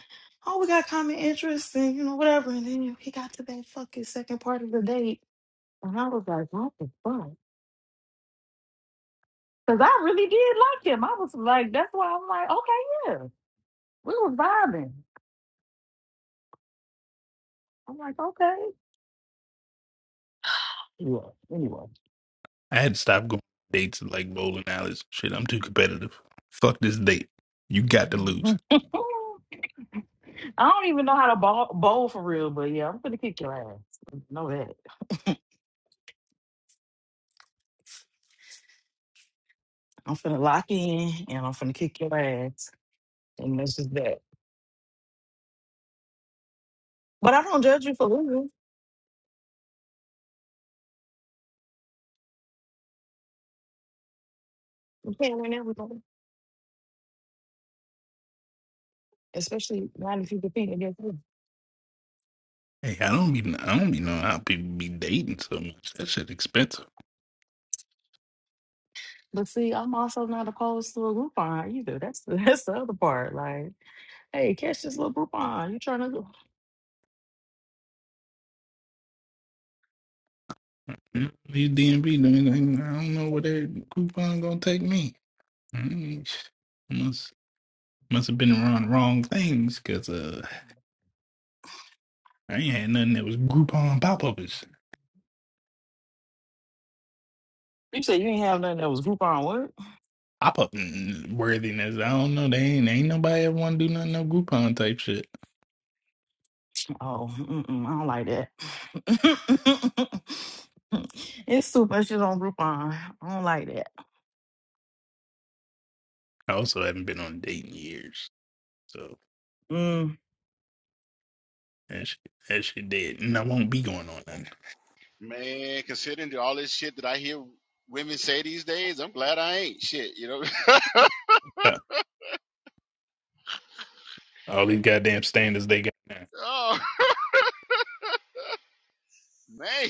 [SPEAKER 11] oh, we got common interests and you know, whatever. And then he got to that fucking second part of the date. And I was like, what the fuck? Because I really did like him. I was like, that's why I'm like, okay, yeah. We was vibing. I'm like, okay. Yeah, anyway.
[SPEAKER 10] I had to stop going on dates and like bowling alleys. Shit, I'm too competitive. Fuck this date. You got to lose.
[SPEAKER 11] I don't even know how to bowl, bowl for real, but yeah, I'm finna kick your ass. Know that. I'm finna lock in and I'm finna kick your ass. And that's just that. But I don't judge you for losing. You can't win everything, especially not if you compete against me.
[SPEAKER 10] Hey, I don't be I don't be knowing how people be dating so much. That shit expensive.
[SPEAKER 11] But see, I'm also not opposed to a Groupon either. That's the, that's the other part. Like, hey, catch this little Groupon. You trying to?
[SPEAKER 10] Mm, These DMV doing anything. I don't know where their coupon gonna take me. Mm, sh- Must must have been around the wrong things because uh, I ain't had nothing that was Groupon pop ups.
[SPEAKER 11] You said you ain't have nothing that was Groupon.
[SPEAKER 10] Pop up worthiness. I don't know. They ain't ain't nobody ever want to do nothing no Groupon type shit.
[SPEAKER 11] Oh, mm-mm, I don't like that. it's too much shit on Groupon. I don't like that.
[SPEAKER 10] I also haven't been on a date in years. So.
[SPEAKER 11] Mm.
[SPEAKER 10] That shit, that shit dead. And I won't be going on nothing.
[SPEAKER 2] Man, considering all this shit that I hear women say these days, I'm glad I ain't shit, you know.
[SPEAKER 10] Uh, All these goddamn standards they got now.
[SPEAKER 2] oh man.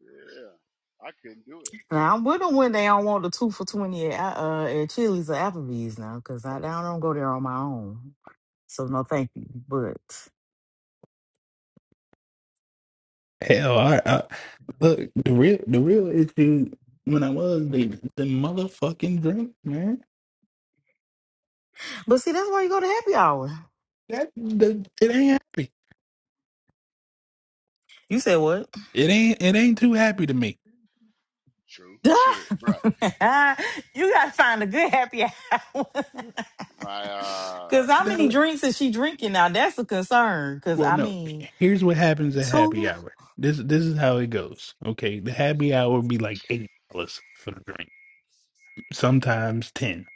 [SPEAKER 2] Yeah. I couldn't do it.
[SPEAKER 11] Now I'm with them when they don't want the two for twenty at uh at Chili's or Applebee's now, cause I, I don't go there on my own. So no, thank you. But
[SPEAKER 10] Hell, I, I look the real the real issue when I was the the motherfucking drink, man.
[SPEAKER 11] but see, that's why you go to happy hour.
[SPEAKER 10] That the, it ain't happy.
[SPEAKER 11] You said what?
[SPEAKER 10] It ain't it ain't too happy to me.
[SPEAKER 2] True.
[SPEAKER 11] Duh.
[SPEAKER 2] Shit, bruh.
[SPEAKER 11] you gotta find a good happy hour.
[SPEAKER 2] My uh
[SPEAKER 11] Cause how many
[SPEAKER 10] No,
[SPEAKER 11] drinks is she drinking now? That's a concern. Cause
[SPEAKER 10] Well,
[SPEAKER 11] I
[SPEAKER 10] no.
[SPEAKER 11] mean,
[SPEAKER 10] Here's what happens at happy
[SPEAKER 11] two.
[SPEAKER 10] hour. This this is how it goes. Okay, the happy hour be like eighty dollars for the drink. Sometimes ten.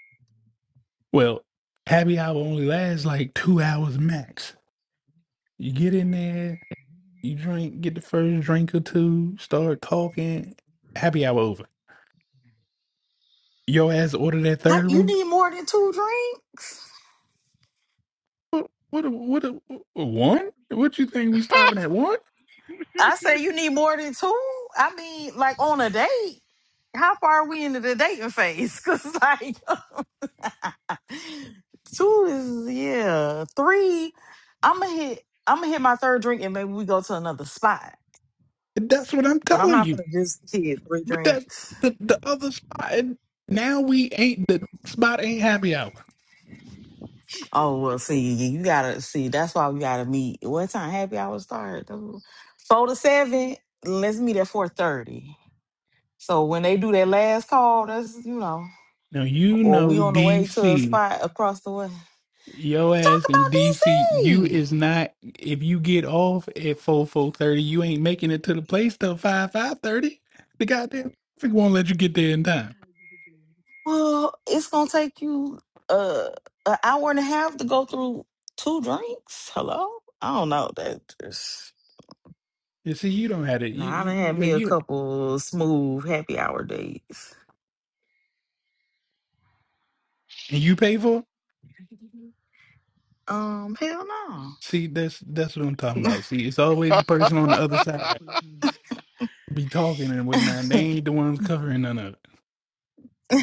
[SPEAKER 10] Well, happy hour only lasts like two hours max. You get in there, you drink, get the first drink or two, start talking. Happy hour over. Your ass order that
[SPEAKER 11] How-
[SPEAKER 10] third
[SPEAKER 11] You
[SPEAKER 10] one.
[SPEAKER 11] need more than two drinks.
[SPEAKER 10] What? What? What? what One? What you think we stopping at one?
[SPEAKER 11] I say you need more than two. I mean, like on a date. How far are we into the dating phase? Cause like two is yeah, three. I'm gonna hit. I'm gonna hit my third drink and maybe we go to another spot.
[SPEAKER 10] That's what I'm
[SPEAKER 11] But I'm
[SPEAKER 10] telling
[SPEAKER 11] not
[SPEAKER 10] you.
[SPEAKER 11] gonna just hit three
[SPEAKER 10] But that's
[SPEAKER 11] drinks.
[SPEAKER 10] the the other spot. And now we ain't the spot. Ain't happy hour.
[SPEAKER 11] Oh well, see, you gotta see. That's why we gotta meet. What time happy hour start? Four to seven. Let's meet at four thirty. So when they do that last call, that's you know,
[SPEAKER 10] Now you
[SPEAKER 11] or
[SPEAKER 10] know
[SPEAKER 11] we on the way to a
[SPEAKER 10] DC.
[SPEAKER 11] spot across the way.
[SPEAKER 10] Yo
[SPEAKER 11] Talk
[SPEAKER 10] ass in
[SPEAKER 11] about
[SPEAKER 10] DC, you
[SPEAKER 11] DC.
[SPEAKER 10] is not. If you get off at four four thirty, you ain't making it to the place till five five thirty. The goddamn traffic won't let you get there in time.
[SPEAKER 11] Well, it's gonna take you uh an hour and a half to go through two drinks. Hello, I don't know that. Just...
[SPEAKER 10] You see, you don't have it. You
[SPEAKER 11] Nah, I done
[SPEAKER 10] you
[SPEAKER 11] had
[SPEAKER 10] you,
[SPEAKER 11] me a
[SPEAKER 10] you-
[SPEAKER 11] couple smooth happy hour days.
[SPEAKER 10] and you pay for. it?
[SPEAKER 11] Um, hell
[SPEAKER 10] See, that's that's what I'm talking about. See, it's always the person on the other side be talking and whatnot. They ain't the ones covering none of it.
[SPEAKER 11] no.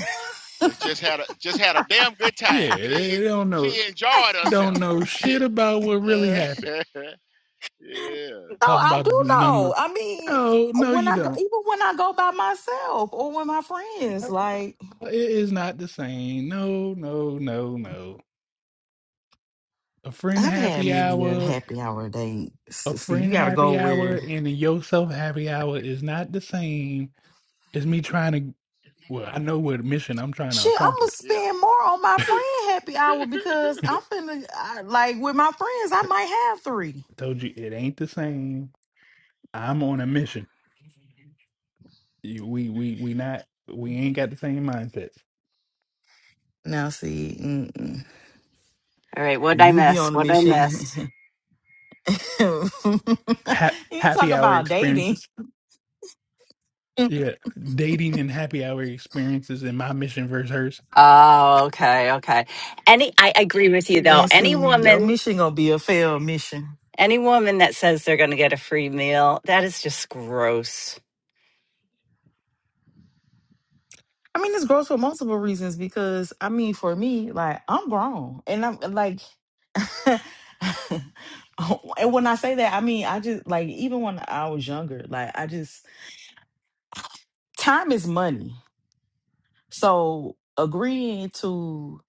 [SPEAKER 2] They just had a just had a damn good time.
[SPEAKER 10] Yeah,
[SPEAKER 2] She
[SPEAKER 10] they don't know
[SPEAKER 2] she enjoyed herself.
[SPEAKER 10] don't know shit
[SPEAKER 2] Shit.
[SPEAKER 10] about what really
[SPEAKER 2] Uh,
[SPEAKER 10] happened.
[SPEAKER 11] No,
[SPEAKER 2] yeah,
[SPEAKER 10] Talking
[SPEAKER 11] I
[SPEAKER 10] about
[SPEAKER 11] do
[SPEAKER 10] the
[SPEAKER 11] know.
[SPEAKER 10] number.
[SPEAKER 11] I mean,
[SPEAKER 10] Oh no,
[SPEAKER 11] when
[SPEAKER 10] you
[SPEAKER 11] I go,
[SPEAKER 10] don't.
[SPEAKER 11] even when I go by myself or with my friends, like
[SPEAKER 10] It is not the same. No, no, no, no. A friend
[SPEAKER 11] I've had
[SPEAKER 10] happy
[SPEAKER 11] many a
[SPEAKER 10] hour,
[SPEAKER 11] happy hour date.
[SPEAKER 10] a
[SPEAKER 11] See, you
[SPEAKER 10] friend
[SPEAKER 11] got to go
[SPEAKER 10] happy hour,
[SPEAKER 11] where.
[SPEAKER 10] and a yourself happy hour is not the same as me trying to. Well, I know what mission I'm trying to
[SPEAKER 11] Shit, I'm gonna
[SPEAKER 10] accomplish.
[SPEAKER 2] yeah,
[SPEAKER 11] spend more on my friend happy hour because I'm finna I, like with my friends. I
[SPEAKER 10] I
[SPEAKER 11] might have three.
[SPEAKER 10] told you it ain't the same. I'm on a mission. You- We we we not we ain't got the same mindsets.
[SPEAKER 11] Now, see, mm-mm.
[SPEAKER 7] All right, what'd I
[SPEAKER 11] you be
[SPEAKER 7] miss?
[SPEAKER 11] on a
[SPEAKER 7] What'd I
[SPEAKER 11] mission.
[SPEAKER 7] miss?
[SPEAKER 11] you
[SPEAKER 10] Ha-
[SPEAKER 11] talk
[SPEAKER 10] happy hour
[SPEAKER 11] about dating.
[SPEAKER 10] experiences. Yeah, dating and happy hour experiences in my mission versus
[SPEAKER 7] Oh, okay, okay. Any I agree with you though.
[SPEAKER 11] And
[SPEAKER 7] Any
[SPEAKER 11] see, your
[SPEAKER 7] woman
[SPEAKER 11] mission gonna be a failed mission.
[SPEAKER 7] any woman that says they're gonna get a free meal, that is just gross.
[SPEAKER 11] I mean, it's gross for multiple reasons because I mean, for me, like I'm grown, and I'm like, and when I say that, I mean I just like even when I was younger, like I just time is money. So agreeing to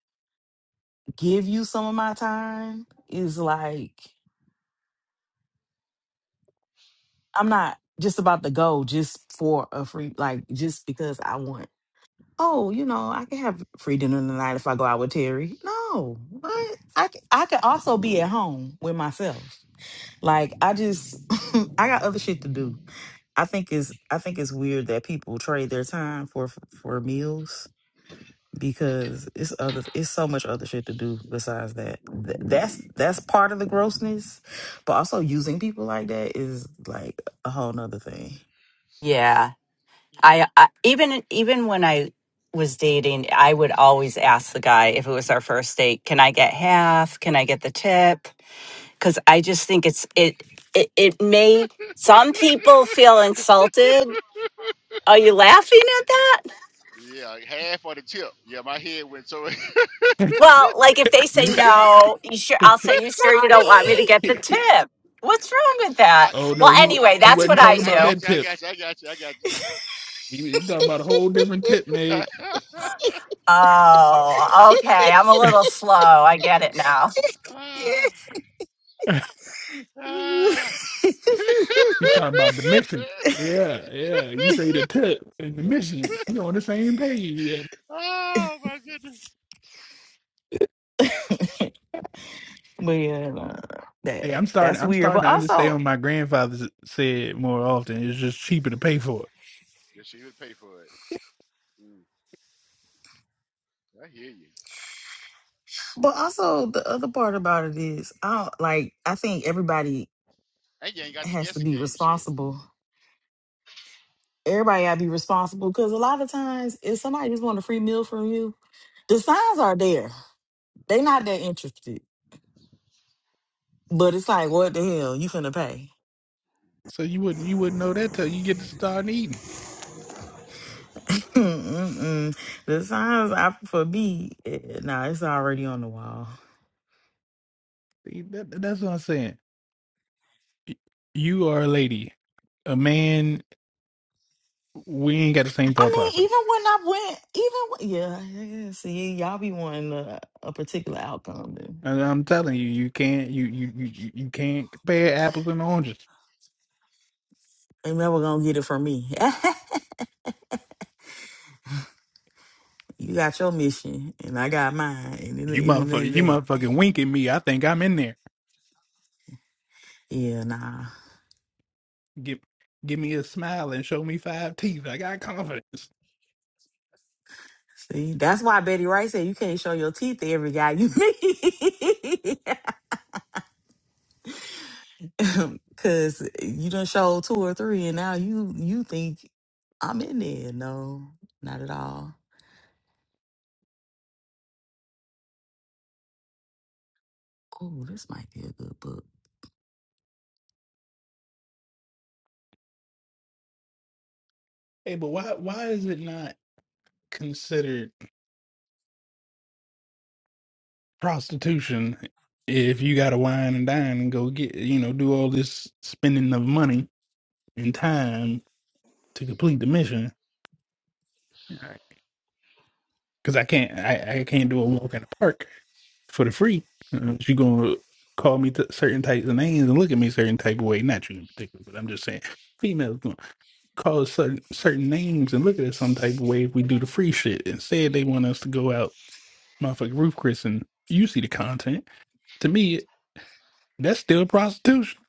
[SPEAKER 11] give you some of my time is like I'm not just about to go just for a free, like just because I want. oh, you know, I can have free dinner tonight if I go out with Terry. No, what? I c- I could also be at home with myself. Like I just I got other shit to do. I think it's I think it's weird that people trade their time for for meals because it's other it's so much other shit to do besides that. Th- that's that's part of the grossness, but also using people like that is like a whole nother thing.
[SPEAKER 7] Yeah. I, I even even when I was dating, I would always ask the guy if it was our first date, can I get half? Can I get the tip? because I just think it's it, it it may some people feel insulted. Are you laughing at that?
[SPEAKER 2] yeah. Half for the tip. Yeah, my head went so.
[SPEAKER 10] hers.
[SPEAKER 7] Well, like if they say no, you sure I'll say you sure you don't want me to get the
[SPEAKER 11] Sorry.
[SPEAKER 7] tip. What's wrong with
[SPEAKER 2] I
[SPEAKER 7] that?
[SPEAKER 10] Oh
[SPEAKER 7] Well,
[SPEAKER 10] no, he
[SPEAKER 2] oh, I
[SPEAKER 7] anyway,
[SPEAKER 10] he
[SPEAKER 2] got
[SPEAKER 7] that's
[SPEAKER 2] you,
[SPEAKER 7] what
[SPEAKER 10] wasn't
[SPEAKER 7] I
[SPEAKER 2] man.
[SPEAKER 10] talking
[SPEAKER 2] I
[SPEAKER 10] about
[SPEAKER 7] do.
[SPEAKER 2] got
[SPEAKER 10] that
[SPEAKER 2] you. I
[SPEAKER 10] tip.
[SPEAKER 2] got you. I got you. I got you.
[SPEAKER 10] He was talking about a whole different tip, Meg.
[SPEAKER 7] Oh, okay. I'm a little slow. I get it now.
[SPEAKER 2] Ah,
[SPEAKER 11] but
[SPEAKER 2] ah.
[SPEAKER 10] He talking about the mission. Yeah, yeah. You say the tip and the mission. We on the same page.
[SPEAKER 2] oh my goodness.
[SPEAKER 11] yeah, nah, that
[SPEAKER 10] Hey, I'm starting.
[SPEAKER 11] that's
[SPEAKER 10] I'm
[SPEAKER 11] weird.
[SPEAKER 10] starting
[SPEAKER 11] But
[SPEAKER 10] to understand
[SPEAKER 11] also,
[SPEAKER 10] what my grandfather s- said more often. It's just cheaper to pay for it.
[SPEAKER 2] Yeah, she would pay for it. Mm, I hear you.
[SPEAKER 11] but also the other part about it is, I don't, like I think everybody
[SPEAKER 2] And you ain't got the
[SPEAKER 11] has to
[SPEAKER 2] guessing
[SPEAKER 11] be
[SPEAKER 2] game shit.
[SPEAKER 11] responsible. Everybody gotta be responsible because a lot of times, if somebody just want a free meal from you, the signs are there. They not that interested, but it's like, what the hell, you finna pay?
[SPEAKER 10] So you wouldn't you wouldn't know that till you get to start eating.
[SPEAKER 11] Mm-mm-mm. The signs I, for me, eh, nah, it's already on the wall.
[SPEAKER 10] See, that- that's what I'm saying. Y- You are a lady, a man. We ain't got the same
[SPEAKER 11] I
[SPEAKER 10] thought
[SPEAKER 11] mean,
[SPEAKER 10] process.
[SPEAKER 11] even when I went, even when- yeah, yeah. yeah. See, y'all be wanting a, a particular outcome, and
[SPEAKER 10] And I'm telling you, you can't you you you you you can't compare apples and oranges.
[SPEAKER 11] they never gonna get it from me. you got your mission, and I got mine, and
[SPEAKER 10] You
[SPEAKER 11] it, and it
[SPEAKER 10] motherfucker,
[SPEAKER 11] ain't
[SPEAKER 10] you
[SPEAKER 11] that.
[SPEAKER 10] motherfucking wink at me. I think I'm in there.
[SPEAKER 11] Yeah, nah.
[SPEAKER 10] Give, give me a smile and show me five teeth. I got confidence.
[SPEAKER 11] See, that's why Betty Wright said you can't show your teeth to every guy you meet, cause you done showed two or three, and now you you think I'm in there. No, not at all. Oh, this might be a good book.
[SPEAKER 10] Hey, but why, why is it not considered prostitution if you got to wine and dine and go get, you know, do all this spending of money and time to complete the mission? Because I can't, I, I can't do a walk in the park for the free. Uh, You gonna call me t- certain types of names and look at me certain type of way? Not you in particular, but I'm just saying, females. call us certain certain names and look at it some type of way if we do the free shit. Instead, they want us to go out, motherfucking roof Chris, and you see the content. To me, that's still prostitution.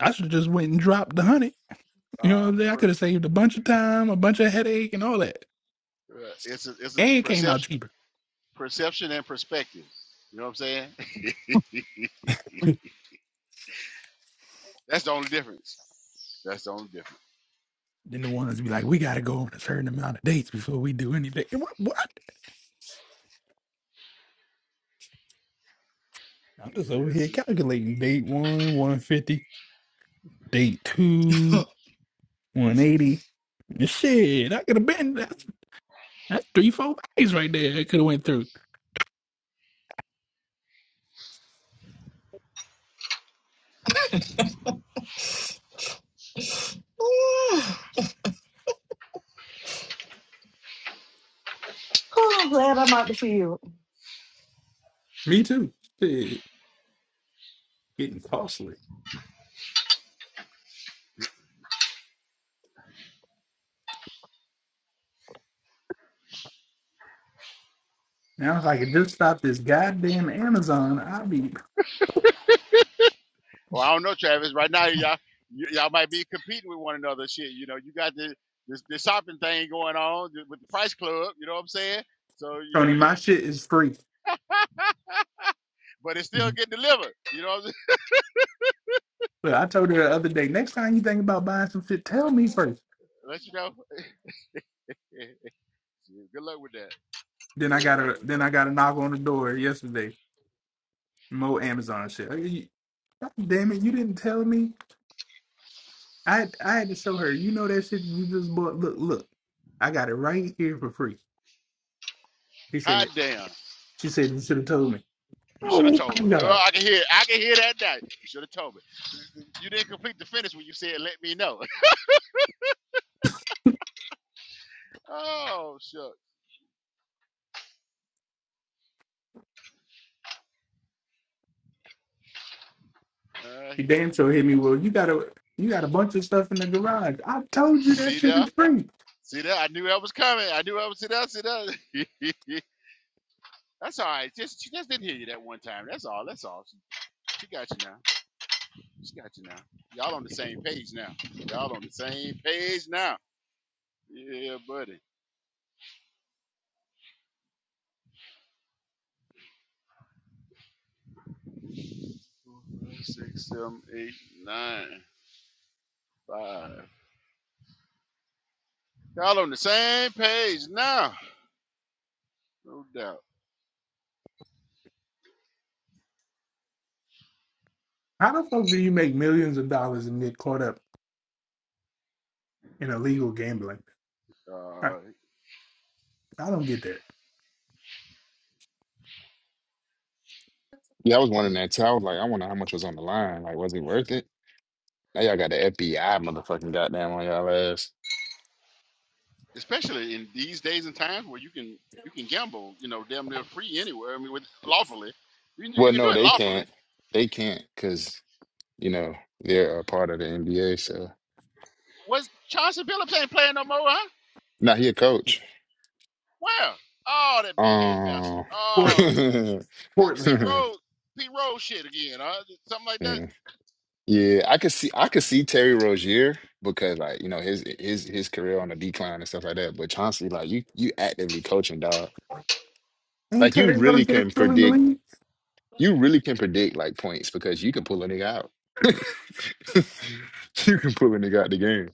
[SPEAKER 10] I should just went and dropped the honey. You know what
[SPEAKER 2] Uh,
[SPEAKER 10] I'm saying? I could
[SPEAKER 2] per,
[SPEAKER 10] have saved a bunch of time, a bunch of headache, and all that,
[SPEAKER 2] uh it's a, it's a
[SPEAKER 10] and it came out
[SPEAKER 2] perception,
[SPEAKER 10] cheaper
[SPEAKER 2] perception and perspective. You know what I'm saying? That's the only difference. That's the only difference.
[SPEAKER 10] than the ones be like, we got to go on a certain amount of dates before we do anything. What? what? I'm just over here
[SPEAKER 2] Yes, indeed.
[SPEAKER 10] calculating date one, one fifty, date two, one eighty. and Shit, I could have been. That's three, four plays right there. It could have went through.
[SPEAKER 11] oh, glad I'm out the field.
[SPEAKER 10] Me too. Shit, getting costly. Now, if I could just stop this goddamn Amazon, I'd be.
[SPEAKER 2] Well, I don't know, Travis. Right now, y'all y- y'all might be competing with one another. Shit, you know, you got the this, this shopping thing going on th- with the Price Club. You know what I'm saying? So you know,
[SPEAKER 10] Tony, my shit is free.
[SPEAKER 2] but it's still getting delivered. You know, what I'm saying?
[SPEAKER 10] But I told her the other day, next time you think about buying some shit, tell me first.
[SPEAKER 2] let you know. Good luck with that.
[SPEAKER 10] Then I
[SPEAKER 2] Good
[SPEAKER 10] got
[SPEAKER 2] luck
[SPEAKER 10] a
[SPEAKER 2] with
[SPEAKER 10] then
[SPEAKER 2] that.
[SPEAKER 10] I got a knock on the door yesterday. More Amazon shit. Like, you- God damn it, you didn't tell me. I had- I had to show her. You know that shit you just bought. Look, look. I got it right here for free. He
[SPEAKER 2] Hot
[SPEAKER 10] said
[SPEAKER 2] damn!
[SPEAKER 10] she said you should have told me.
[SPEAKER 2] You
[SPEAKER 10] Oh
[SPEAKER 2] should have
[SPEAKER 10] my
[SPEAKER 2] told her.
[SPEAKER 10] god.
[SPEAKER 2] Oh, I can hear. I can hear that now. You should have told me. You didn't complete the finish when you said "let me know." oh shuck. I
[SPEAKER 10] She
[SPEAKER 2] hear
[SPEAKER 10] damn
[SPEAKER 2] you.
[SPEAKER 10] sure hit me. Well, you got a you got a bunch of stuff in the garage. I told you that
[SPEAKER 2] See
[SPEAKER 10] shit
[SPEAKER 2] there?
[SPEAKER 10] is free.
[SPEAKER 2] See there? I knew that was coming. I knew I was see there. See there? That's all right. Just she just didn't hear you that one time. That's all. That's all. She, she got you now. She got you now. Y'all on the same page now. Y'all on the same page now. Yeah, buddy. Four, five, six, seven, eight, nine, five. Y'all on the same page now. No doubt.
[SPEAKER 10] How the fuck do you make millions of dollars and get caught up in illegal gambling? I,
[SPEAKER 2] Uh,
[SPEAKER 10] I don't get that.
[SPEAKER 9] Yeah, I was wondering that too. I was like, I wonder how much was on the line. Like, was it worth it? Now y'all got the FBI motherfucking goddamn on y'all ass.
[SPEAKER 2] especially in these days and times where you can you can gamble, you know, damn near free anywhere. I mean, with lawfully, you, can- you
[SPEAKER 9] Well,
[SPEAKER 2] can do
[SPEAKER 9] no,
[SPEAKER 2] it
[SPEAKER 9] they
[SPEAKER 2] lawfully.
[SPEAKER 9] can't. They can't because, you know, they're a part of the NBA. So,
[SPEAKER 2] What Chauncey Billups ain't playing no more, huh?
[SPEAKER 9] now he a coach.
[SPEAKER 2] Where? Oh, that big head bastard.
[SPEAKER 9] Um,
[SPEAKER 10] Port,
[SPEAKER 2] Oh, this P
[SPEAKER 10] Portland.
[SPEAKER 2] Rose, P Rose shit again, huh? Something like that.
[SPEAKER 9] Mm. yeah, I could see I could see Terry Rozier because like you know his his his career on the decline and stuff like that. But Chauncey, like you you actively coaching dog,
[SPEAKER 10] Ain't
[SPEAKER 9] like you
[SPEAKER 10] Terry
[SPEAKER 9] really
[SPEAKER 10] Rozier
[SPEAKER 9] can
[SPEAKER 10] still in the
[SPEAKER 9] predict
[SPEAKER 10] league?
[SPEAKER 9] you really can predict like points because you can pull a nigga out. You can pull a nigga out the game.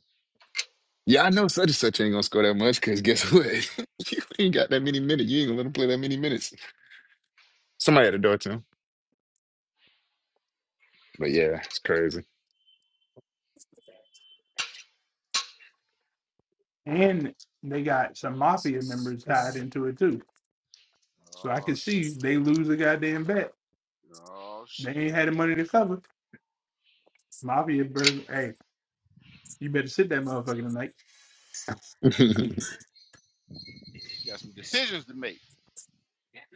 [SPEAKER 9] Yeah, I know such and such ain't gonna score that much because guess what? You ain't got that many minutes. You ain't gonna let him play that many minutes. Somebody at the door to him. But yeah, it's crazy.
[SPEAKER 10] And they got some mafia members tied into it too. So I
[SPEAKER 2] Oh
[SPEAKER 10] can see
[SPEAKER 2] shit.
[SPEAKER 10] they lose a goddamn bet.
[SPEAKER 2] Oh
[SPEAKER 10] They
[SPEAKER 2] shit.
[SPEAKER 10] ain't had the money to cover. Mafia, bur- hey, you better sit that motherfucker tonight.
[SPEAKER 2] You Got some decisions to make.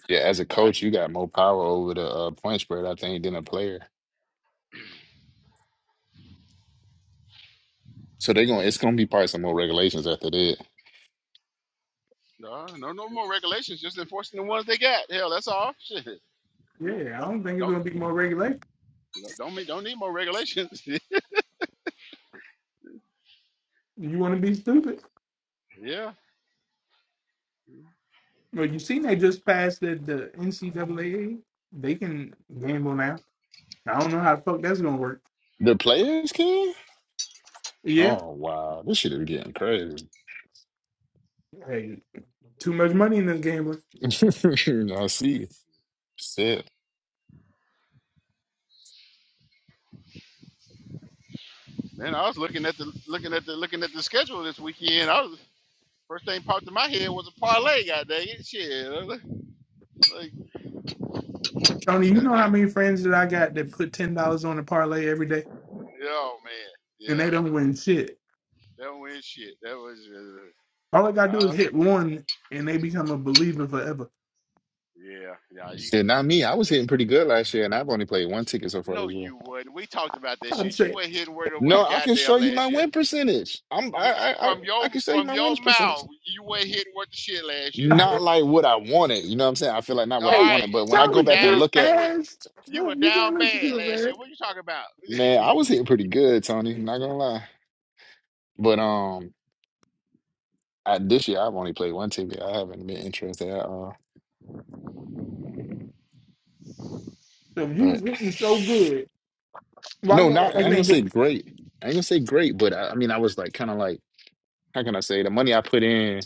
[SPEAKER 9] Yeah, as a
[SPEAKER 2] I
[SPEAKER 9] coach,
[SPEAKER 2] hear
[SPEAKER 9] you got
[SPEAKER 2] you.
[SPEAKER 9] more power over the uh, point spread, I think, than a player. So they're going. to It's going to be probably some more regulations after that.
[SPEAKER 2] No, no, no more regulations. Just enforcing the ones they got. Hell, that's all. Shit. Yeah.
[SPEAKER 10] Yeah, I
[SPEAKER 2] Don't,
[SPEAKER 10] don't think it's
[SPEAKER 2] don't,
[SPEAKER 10] gonna be more regulation.
[SPEAKER 2] don't mean, don't need more regulations.
[SPEAKER 10] You want to be stupid?
[SPEAKER 2] yeah.
[SPEAKER 10] Well, you seen they just passed the, the NCAA. They can gamble now. I don't know how the fuck that's gonna work.
[SPEAKER 9] The players can.
[SPEAKER 10] Yeah,
[SPEAKER 9] Oh wow, this shit is getting crazy.
[SPEAKER 10] hey, too much money in this gambling.
[SPEAKER 9] I see. Shit.
[SPEAKER 2] Man, I was looking at the, looking at the, looking at the schedule this weekend. I was first thing popped in my head was a parlay. God dang it. Shit. I was Like, like,
[SPEAKER 10] Tony,
[SPEAKER 2] just
[SPEAKER 10] you
[SPEAKER 2] gotta
[SPEAKER 10] know
[SPEAKER 2] go.
[SPEAKER 10] how many friends that I got that put ten dollars on a parlay every day
[SPEAKER 2] Yeah, Oh man.
[SPEAKER 10] and
[SPEAKER 2] Yeah.
[SPEAKER 10] they don't win shit.
[SPEAKER 2] That win shit. That was uh,
[SPEAKER 10] All I gotta do is
[SPEAKER 2] uh
[SPEAKER 10] hit one and they become a believer forever.
[SPEAKER 2] yeah, yeah. You
[SPEAKER 9] Shit, not me. I was hitting pretty good last year, and I've only played one ticket so far
[SPEAKER 2] no,
[SPEAKER 9] this year.
[SPEAKER 2] you wouldn't. We talked about that
[SPEAKER 10] I'm
[SPEAKER 2] shit. You
[SPEAKER 10] saying,
[SPEAKER 2] went hitting word over the
[SPEAKER 9] No, I can show
[SPEAKER 2] goddamn
[SPEAKER 9] you my
[SPEAKER 2] last year.
[SPEAKER 9] win percentage. I'm I
[SPEAKER 2] We
[SPEAKER 9] I I,
[SPEAKER 2] from your
[SPEAKER 9] I can show you
[SPEAKER 2] from
[SPEAKER 9] my
[SPEAKER 2] your
[SPEAKER 9] winners percentage.
[SPEAKER 2] mouth, you went hitting with the shit last year. You were-
[SPEAKER 9] Not
[SPEAKER 10] hey,
[SPEAKER 9] like what I wanted, you know what I'm saying? I feel like not what
[SPEAKER 2] all
[SPEAKER 9] I
[SPEAKER 2] right?
[SPEAKER 9] wanted, but when I
[SPEAKER 2] You
[SPEAKER 9] go
[SPEAKER 2] were
[SPEAKER 10] Tony,
[SPEAKER 9] back and
[SPEAKER 2] down.
[SPEAKER 10] his
[SPEAKER 9] look at,
[SPEAKER 2] You were
[SPEAKER 10] ass.
[SPEAKER 2] you were
[SPEAKER 10] Look, you can't
[SPEAKER 2] down
[SPEAKER 10] listen
[SPEAKER 2] bad
[SPEAKER 10] to
[SPEAKER 2] last year.
[SPEAKER 10] it,
[SPEAKER 2] What you talking about?
[SPEAKER 9] man, I was hitting pretty good, Tony.
[SPEAKER 10] man.
[SPEAKER 9] Not gonna lie. But um, I, this year I've only played one TV. I haven't been interested at all.
[SPEAKER 10] So if you was
[SPEAKER 9] But
[SPEAKER 10] hitting so good. Why
[SPEAKER 9] no,
[SPEAKER 10] your ass
[SPEAKER 9] not I
[SPEAKER 10] ain't
[SPEAKER 9] ain't gonna say
[SPEAKER 10] getting
[SPEAKER 9] great. I ain't gonna say great, but I, I mean I was like kind of like how can I say the money I put in,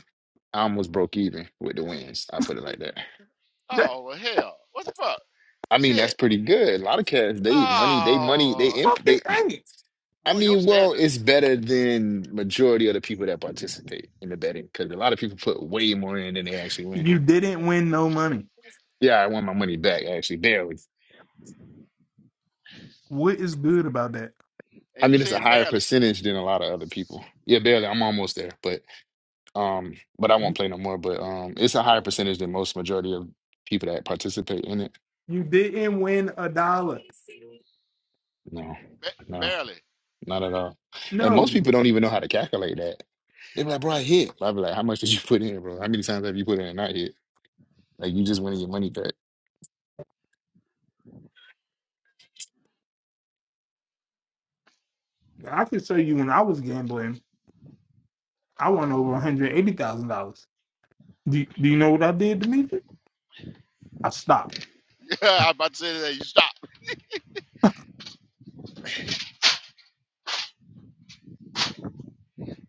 [SPEAKER 9] I almost broke even with the wins. I put it like that.
[SPEAKER 10] that
[SPEAKER 2] oh well, hell, what the fuck?
[SPEAKER 9] I mean that's
[SPEAKER 2] Shit.
[SPEAKER 9] pretty good. A lot of cats they money they money they
[SPEAKER 2] Oh
[SPEAKER 9] imp
[SPEAKER 10] fucking
[SPEAKER 9] they.
[SPEAKER 10] ain't.
[SPEAKER 9] I
[SPEAKER 2] boy, your
[SPEAKER 9] mean well
[SPEAKER 2] standard,
[SPEAKER 9] it's better than majority of the people that participate in the betting because a lot of people put way more in than they actually win.
[SPEAKER 10] You didn't win no money.
[SPEAKER 9] Yeah, I won my money back actually barely.
[SPEAKER 10] What is good about that?
[SPEAKER 2] and
[SPEAKER 9] I
[SPEAKER 2] you
[SPEAKER 9] mean, it's a
[SPEAKER 2] said
[SPEAKER 9] higher
[SPEAKER 2] barely,
[SPEAKER 9] percentage than a lot of other people. Yeah, barely. I'm almost there, but um, but I won't
[SPEAKER 10] You
[SPEAKER 9] play no more. But um, it's a higher percentage than most majority of people that participate in it.
[SPEAKER 10] you didn't win a dollar.
[SPEAKER 9] No,
[SPEAKER 2] ba-
[SPEAKER 9] no,
[SPEAKER 2] barely.
[SPEAKER 9] not at all. And
[SPEAKER 10] No.
[SPEAKER 9] most people don't even know how to calculate that. They be like, "Bro, I hit." I be like, "How much did you put in, bro? How many times have you put in and not hit? Like, you just winning your money back."
[SPEAKER 10] I can show you when I was gambling, I won over $180,000. Do, do you know what I did, Demetri? I stopped.
[SPEAKER 2] I was about to say that you stop.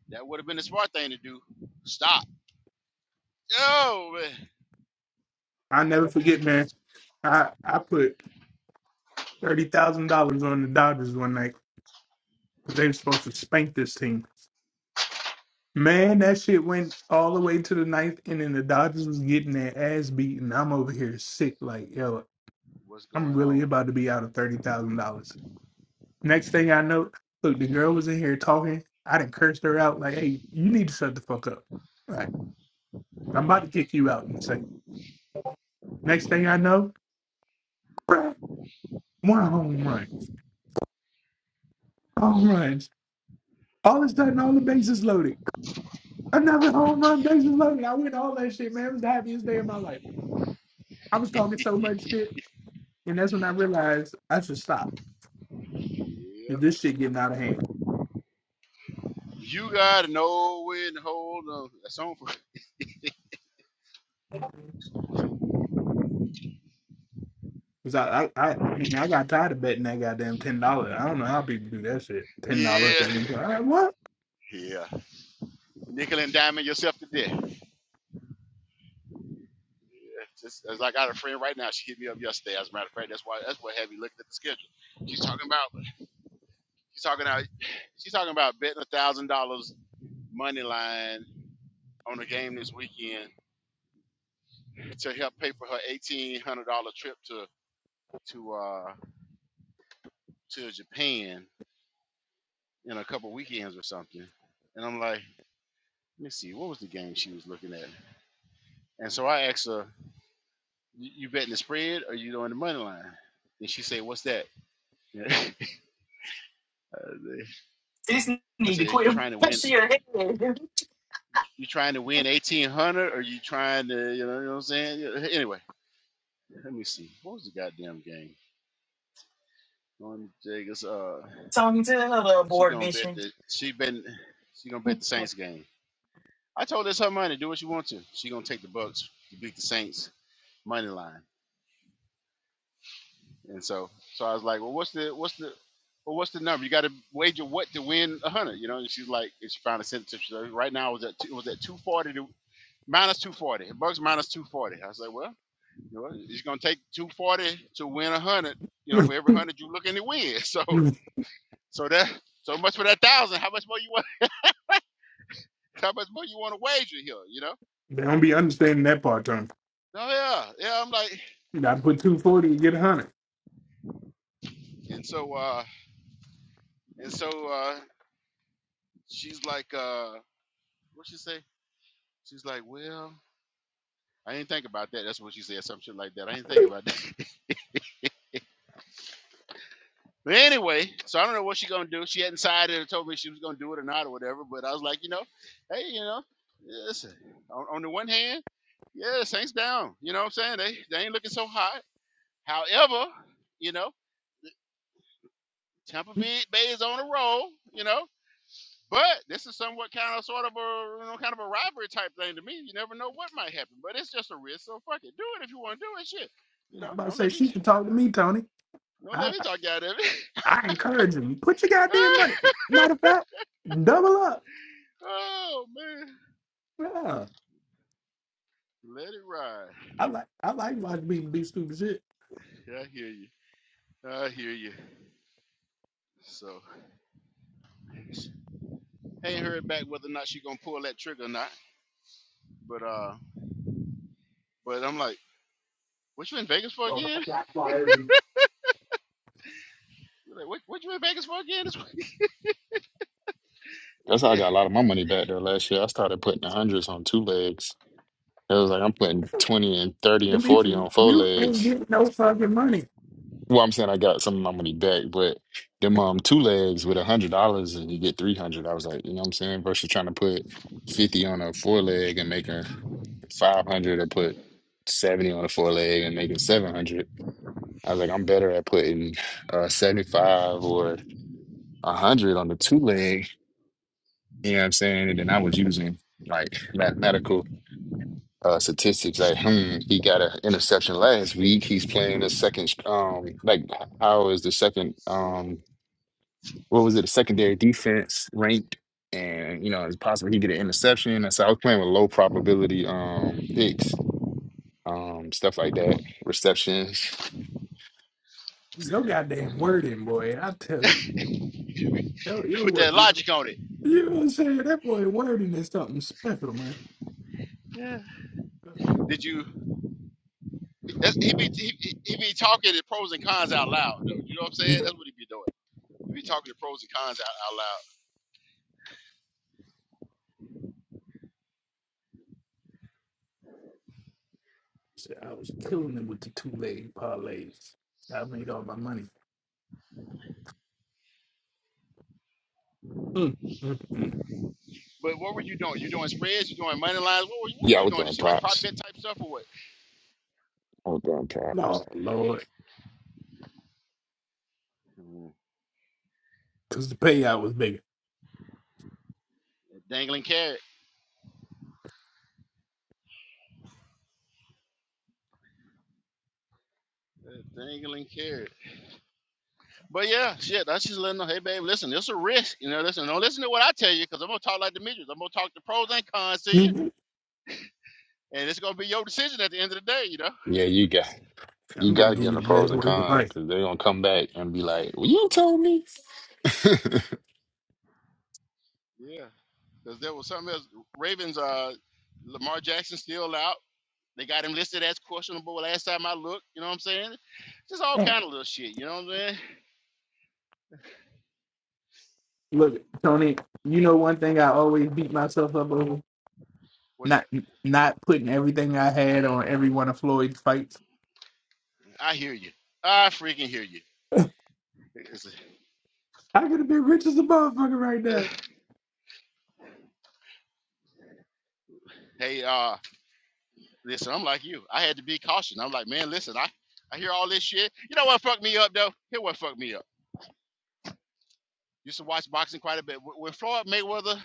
[SPEAKER 2] That would have been the smart thing to do. Stop Yo, man.
[SPEAKER 10] I never forget, man. I, I put $30,000 on the Dodgers one night because they were supposed to spank this team. Man, that shit went all the way to the ninth and then The Dodgers was getting their ass beaten. I'm over here sick. Like, yo,
[SPEAKER 2] What's
[SPEAKER 10] I'm
[SPEAKER 2] going
[SPEAKER 10] really
[SPEAKER 2] on?
[SPEAKER 10] about to be out of thirty thousand dollars. Next thing I know, look, the girl was in here talking. I done cursed her out. Like, hey, you need to shut the fuck up. Like, I'm about to kick you out and say. Next thing I know, crack, one home run, home runs. All of a sudden, all the bases loaded. Another home run, bases loaded. I went all that shit, man. It was the happiest day of my life. I was talking so much shit. And that's when I realized I should stop. 'Cause
[SPEAKER 2] Yep.
[SPEAKER 10] This shit getting out of hand.
[SPEAKER 2] You got no know to hold on. That's on for
[SPEAKER 10] Cause I, I, I, I mean, I got tired of betting that goddamn ten dollars. I don't know how people do that shit. Ten dollars,
[SPEAKER 2] Yeah.
[SPEAKER 10] Like, what?
[SPEAKER 2] Yeah. Nickel and diamond yourself to death. Yeah. Just as I got a friend right now, she hit me up yesterday. As a matter of fact, that's why that's what had me looking at the schedule. She's talking about she's talking about she's talking about betting a thousand dollars money line on a game this weekend to help pay for her eighteen hundred dollar trip to to uh to Japan in a couple weekends or something. And I'm like, let me see, what was the game she was looking at? And so I asked her, "You betting the spread or you doing the money line?" And she said, "What's that?" I
[SPEAKER 11] This need to
[SPEAKER 2] said, "Is you
[SPEAKER 11] quit.
[SPEAKER 2] trying to win?
[SPEAKER 11] She your head.
[SPEAKER 2] You trying to win eighteen hundred, or you trying to, you know, you know what I'm saying?" Yeah, Anyway, let me see, what was the goddamn game? Norman Jacobs. Uh,
[SPEAKER 11] Tony, tell her the
[SPEAKER 2] she
[SPEAKER 11] abort
[SPEAKER 2] gonna bet
[SPEAKER 11] mission
[SPEAKER 2] the she been she gonna bet the Saints game. I told her it's her money. Do what you want to. She gonna take the Bucks to beat the Saints money line. And so, so I was like, well, what's the what's the well, what's the number? You got to wager what to win a hundred, you know? And she's like, and she finally said it to me. She's like, right now it was at two, it was at two forty to minus two forty. Bucks minus two forty. I was like, well, you know, it's gonna take two forty to win a hundred. You know, for every hundred you looking to win. So,
[SPEAKER 10] they
[SPEAKER 2] so that so much for that thousand. How much more you want? How much more you want to wager here? You know?
[SPEAKER 10] don't be
[SPEAKER 2] And,
[SPEAKER 10] understanding that part, Tony.
[SPEAKER 2] oh yeah, yeah. I'm like,
[SPEAKER 10] You got to put two forty and get a hundred.
[SPEAKER 2] and so, uh, and so, uh, she's like, uh, what she say? She's like, well. I didn't think about that. That's what she said, some shit like that. I didn't think about that. but anyway, so I don't know what she gonna do. She hadn't decided or told me she was gonna do it or not or whatever. But I was like, you know, hey, you know, listen. On, on the one hand, yeah, Saints down. You know what I'm saying? They they ain't looking so hot. However, you know, Tampa Bay, Bay is on a roll. You know. But this is somewhat kind of sort of a you know kind of a rivalry type thing to me. You never know what might happen, but it's just a risk. So fuck it, do it if you want to do it. Shit, you know,
[SPEAKER 10] I'm about to
[SPEAKER 2] don't
[SPEAKER 10] say
[SPEAKER 2] let me
[SPEAKER 10] she should talk to me, Tony.
[SPEAKER 2] don't let
[SPEAKER 10] I,
[SPEAKER 2] me talk out of it.
[SPEAKER 10] I encourage him. Put your goddamn money. Matter of fact, double up.
[SPEAKER 2] oh man,
[SPEAKER 10] Yeah,
[SPEAKER 2] let it ride.
[SPEAKER 10] I like, I like watching people do stupid shit.
[SPEAKER 2] Yeah, I hear you. I hear you. So, I ain't heard back whether or not she gonna pull that trigger or not. But uh, but I'm like, what you in Vegas for
[SPEAKER 10] Well,
[SPEAKER 2] again?
[SPEAKER 10] that's why every-
[SPEAKER 2] You're like, what what you in Vegas for again? This week?
[SPEAKER 9] That's how I
[SPEAKER 2] yeah.
[SPEAKER 9] got a lot of my money back though. Last year, I started putting the hundreds on two legs. It was like I'm putting twenty and thirty and forty
[SPEAKER 10] Demetri,
[SPEAKER 9] on four
[SPEAKER 10] you ain't
[SPEAKER 9] legs.
[SPEAKER 10] getting no fucking money.
[SPEAKER 9] Well, I'm saying I got some of my money back, but them um two legs with a hundred dollars and you get three hundred. I was like, you know what I'm saying? Versus trying to put fifty on a four leg and making five hundred or put seventy on a four leg and making seven hundred. I was like, I'm better at putting uh seventy five or a hundred on the two leg, you know what I'm saying? And then I was using like mathematical uh statistics like, hmm, he got an interception last week. He's playing a second um like how is the second um what was it, a secondary defense ranked, and you know it's possible he get an interception. And so I was playing with low probability um picks, um stuff like that, receptions.
[SPEAKER 10] Your goddamn wording, boy. I tell you, your your
[SPEAKER 2] Put
[SPEAKER 10] word.
[SPEAKER 2] that
[SPEAKER 10] You
[SPEAKER 2] logic on it.
[SPEAKER 10] know what I'm saying? That boy wording is something special, man.
[SPEAKER 2] Yeah. Did you? That's, he be he, he he be talking the pros and cons out loud though. You know what I'm saying?
[SPEAKER 10] Shit,
[SPEAKER 2] That's what he be doing. He be talking the pros and cons out, out loud.
[SPEAKER 10] I was killing it with the two leg parlays. I made all my money. Mm, mm, mm.
[SPEAKER 2] But what were you doing? You doing spreads? You doing money lines? What were you, what were
[SPEAKER 9] Yeah, I
[SPEAKER 2] you
[SPEAKER 9] was
[SPEAKER 2] doing this
[SPEAKER 9] doing
[SPEAKER 2] shit? Like prop
[SPEAKER 9] props.
[SPEAKER 2] bet type stuff or what?
[SPEAKER 9] I was doing
[SPEAKER 10] No,
[SPEAKER 9] props.
[SPEAKER 10] Lord,
[SPEAKER 2] Mhm.
[SPEAKER 10] because the payout was bigger.
[SPEAKER 2] Dangling carrot. A Dangling carrot. But yeah, shit, that's just letting them, hey, babe, listen, it's a risk. You know, listen, don't listen to what I tell you because I'm going to talk like the Demetrius. I'm going to talk the pros and cons to you,
[SPEAKER 10] Mhm.
[SPEAKER 2] and it's going to be your decision at the end of the day, you know?
[SPEAKER 9] Yeah, you got you
[SPEAKER 10] I'm
[SPEAKER 9] got
[SPEAKER 2] It's
[SPEAKER 10] gonna
[SPEAKER 9] to
[SPEAKER 10] give
[SPEAKER 9] get
[SPEAKER 2] gonna,
[SPEAKER 9] in
[SPEAKER 10] you
[SPEAKER 9] the
[SPEAKER 10] the
[SPEAKER 9] pros
[SPEAKER 10] best
[SPEAKER 9] and
[SPEAKER 10] word of
[SPEAKER 9] cons
[SPEAKER 10] advice.
[SPEAKER 9] because they're gonna come back and be like, "Well, you told me."
[SPEAKER 2] yeah, because there was something else. Ravens, uh, Lamar Jackson still out. They got him listed as questionable last time I looked. You know what I'm saying? Just all
[SPEAKER 10] Mm.
[SPEAKER 2] kind of little shit. You know what I'm saying?
[SPEAKER 10] Look, Tony, you know one thing I always beat myself up over
[SPEAKER 2] What up?
[SPEAKER 10] not not putting everything I had on every one of Floyd's fights.
[SPEAKER 2] I hear you. I freaking hear you. It's-
[SPEAKER 10] I could have been rich as a motherfucker right
[SPEAKER 2] hey, uh, Listen, I'm like you. I had to be cautious. I'm like, man, listen, I, I hear all this shit. You know what fucked me up though? Here what fucked me up. Used to watch boxing quite a bit. When Floyd Mayweather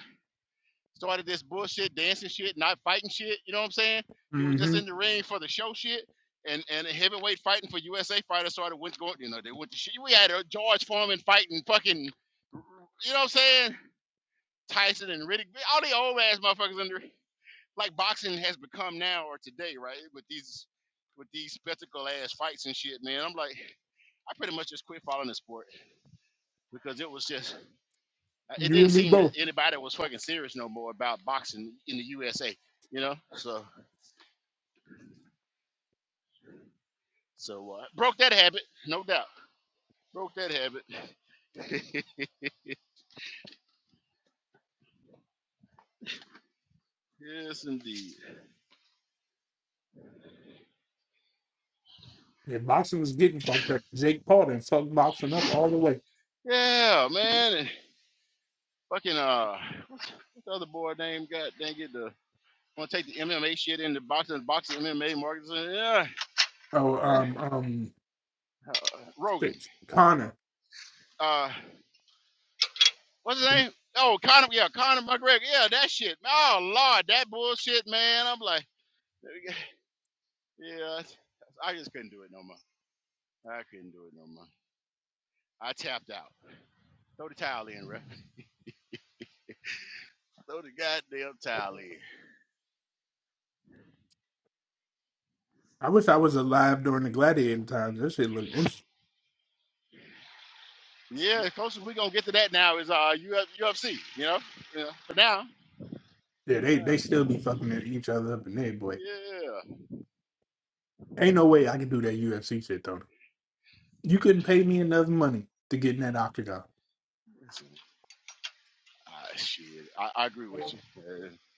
[SPEAKER 2] started this bullshit, dancing shit, not fighting shit, you know what I'm saying? He was just
[SPEAKER 10] now.
[SPEAKER 2] in the ring for the show shit. And and heavyweight fighting for USA fighters started went going, you know, they went to shit. We had a George Foreman fighting fucking you know what I'm saying? Tyson and Riddick, all the old ass motherfuckers in there. like boxing has become now or today, right? With these with these spectacle ass fights and shit, man. I'm like, I pretty much just quit following the sport because it was just uh, it
[SPEAKER 10] You
[SPEAKER 2] didn't
[SPEAKER 10] and me
[SPEAKER 2] seem that
[SPEAKER 10] both.
[SPEAKER 2] anybody was fucking serious no more about boxing in the USA, you know. So so uh, broke that habit, no doubt. Broke that habit. yes, indeed.
[SPEAKER 10] If boxing was getting fucked up, Jake Paul done fucked boxing up all the way.
[SPEAKER 2] Yeah, man. And fucking uh, what's what's the other boy name? God dang it, the want to take the MMA shit into boxing, boxing MMA markets. uh, Yeah,
[SPEAKER 10] Oh,
[SPEAKER 2] eh,
[SPEAKER 10] um, um,
[SPEAKER 2] uh, Rogan.
[SPEAKER 10] shit, Connor.
[SPEAKER 2] Uh, what's his name? Oh, Conor. Yeah, Conor McGregor. Yeah, that shit. Oh Lord, that bullshit, man. I'm like, yeah, that's- I just couldn't do it no more. I couldn't do it no more. I tapped out. Throw the towel in, bro. Throw the goddamn towel in.
[SPEAKER 10] I wish I was alive during the gladiator times. That shit look interesting.
[SPEAKER 2] Yeah, the closest we gonna get to that now is uh Uf- UFC. You know, yeah. For now,
[SPEAKER 10] Yeah, they
[SPEAKER 2] no.
[SPEAKER 10] they still be fucking at each other up in there, boy.
[SPEAKER 2] Yeah.
[SPEAKER 10] Ain't no way I can do that UFC shit though. You couldn't pay me enough money to get in that octagon.
[SPEAKER 2] Listen, Ah, shit. I, I agree with you. Uh,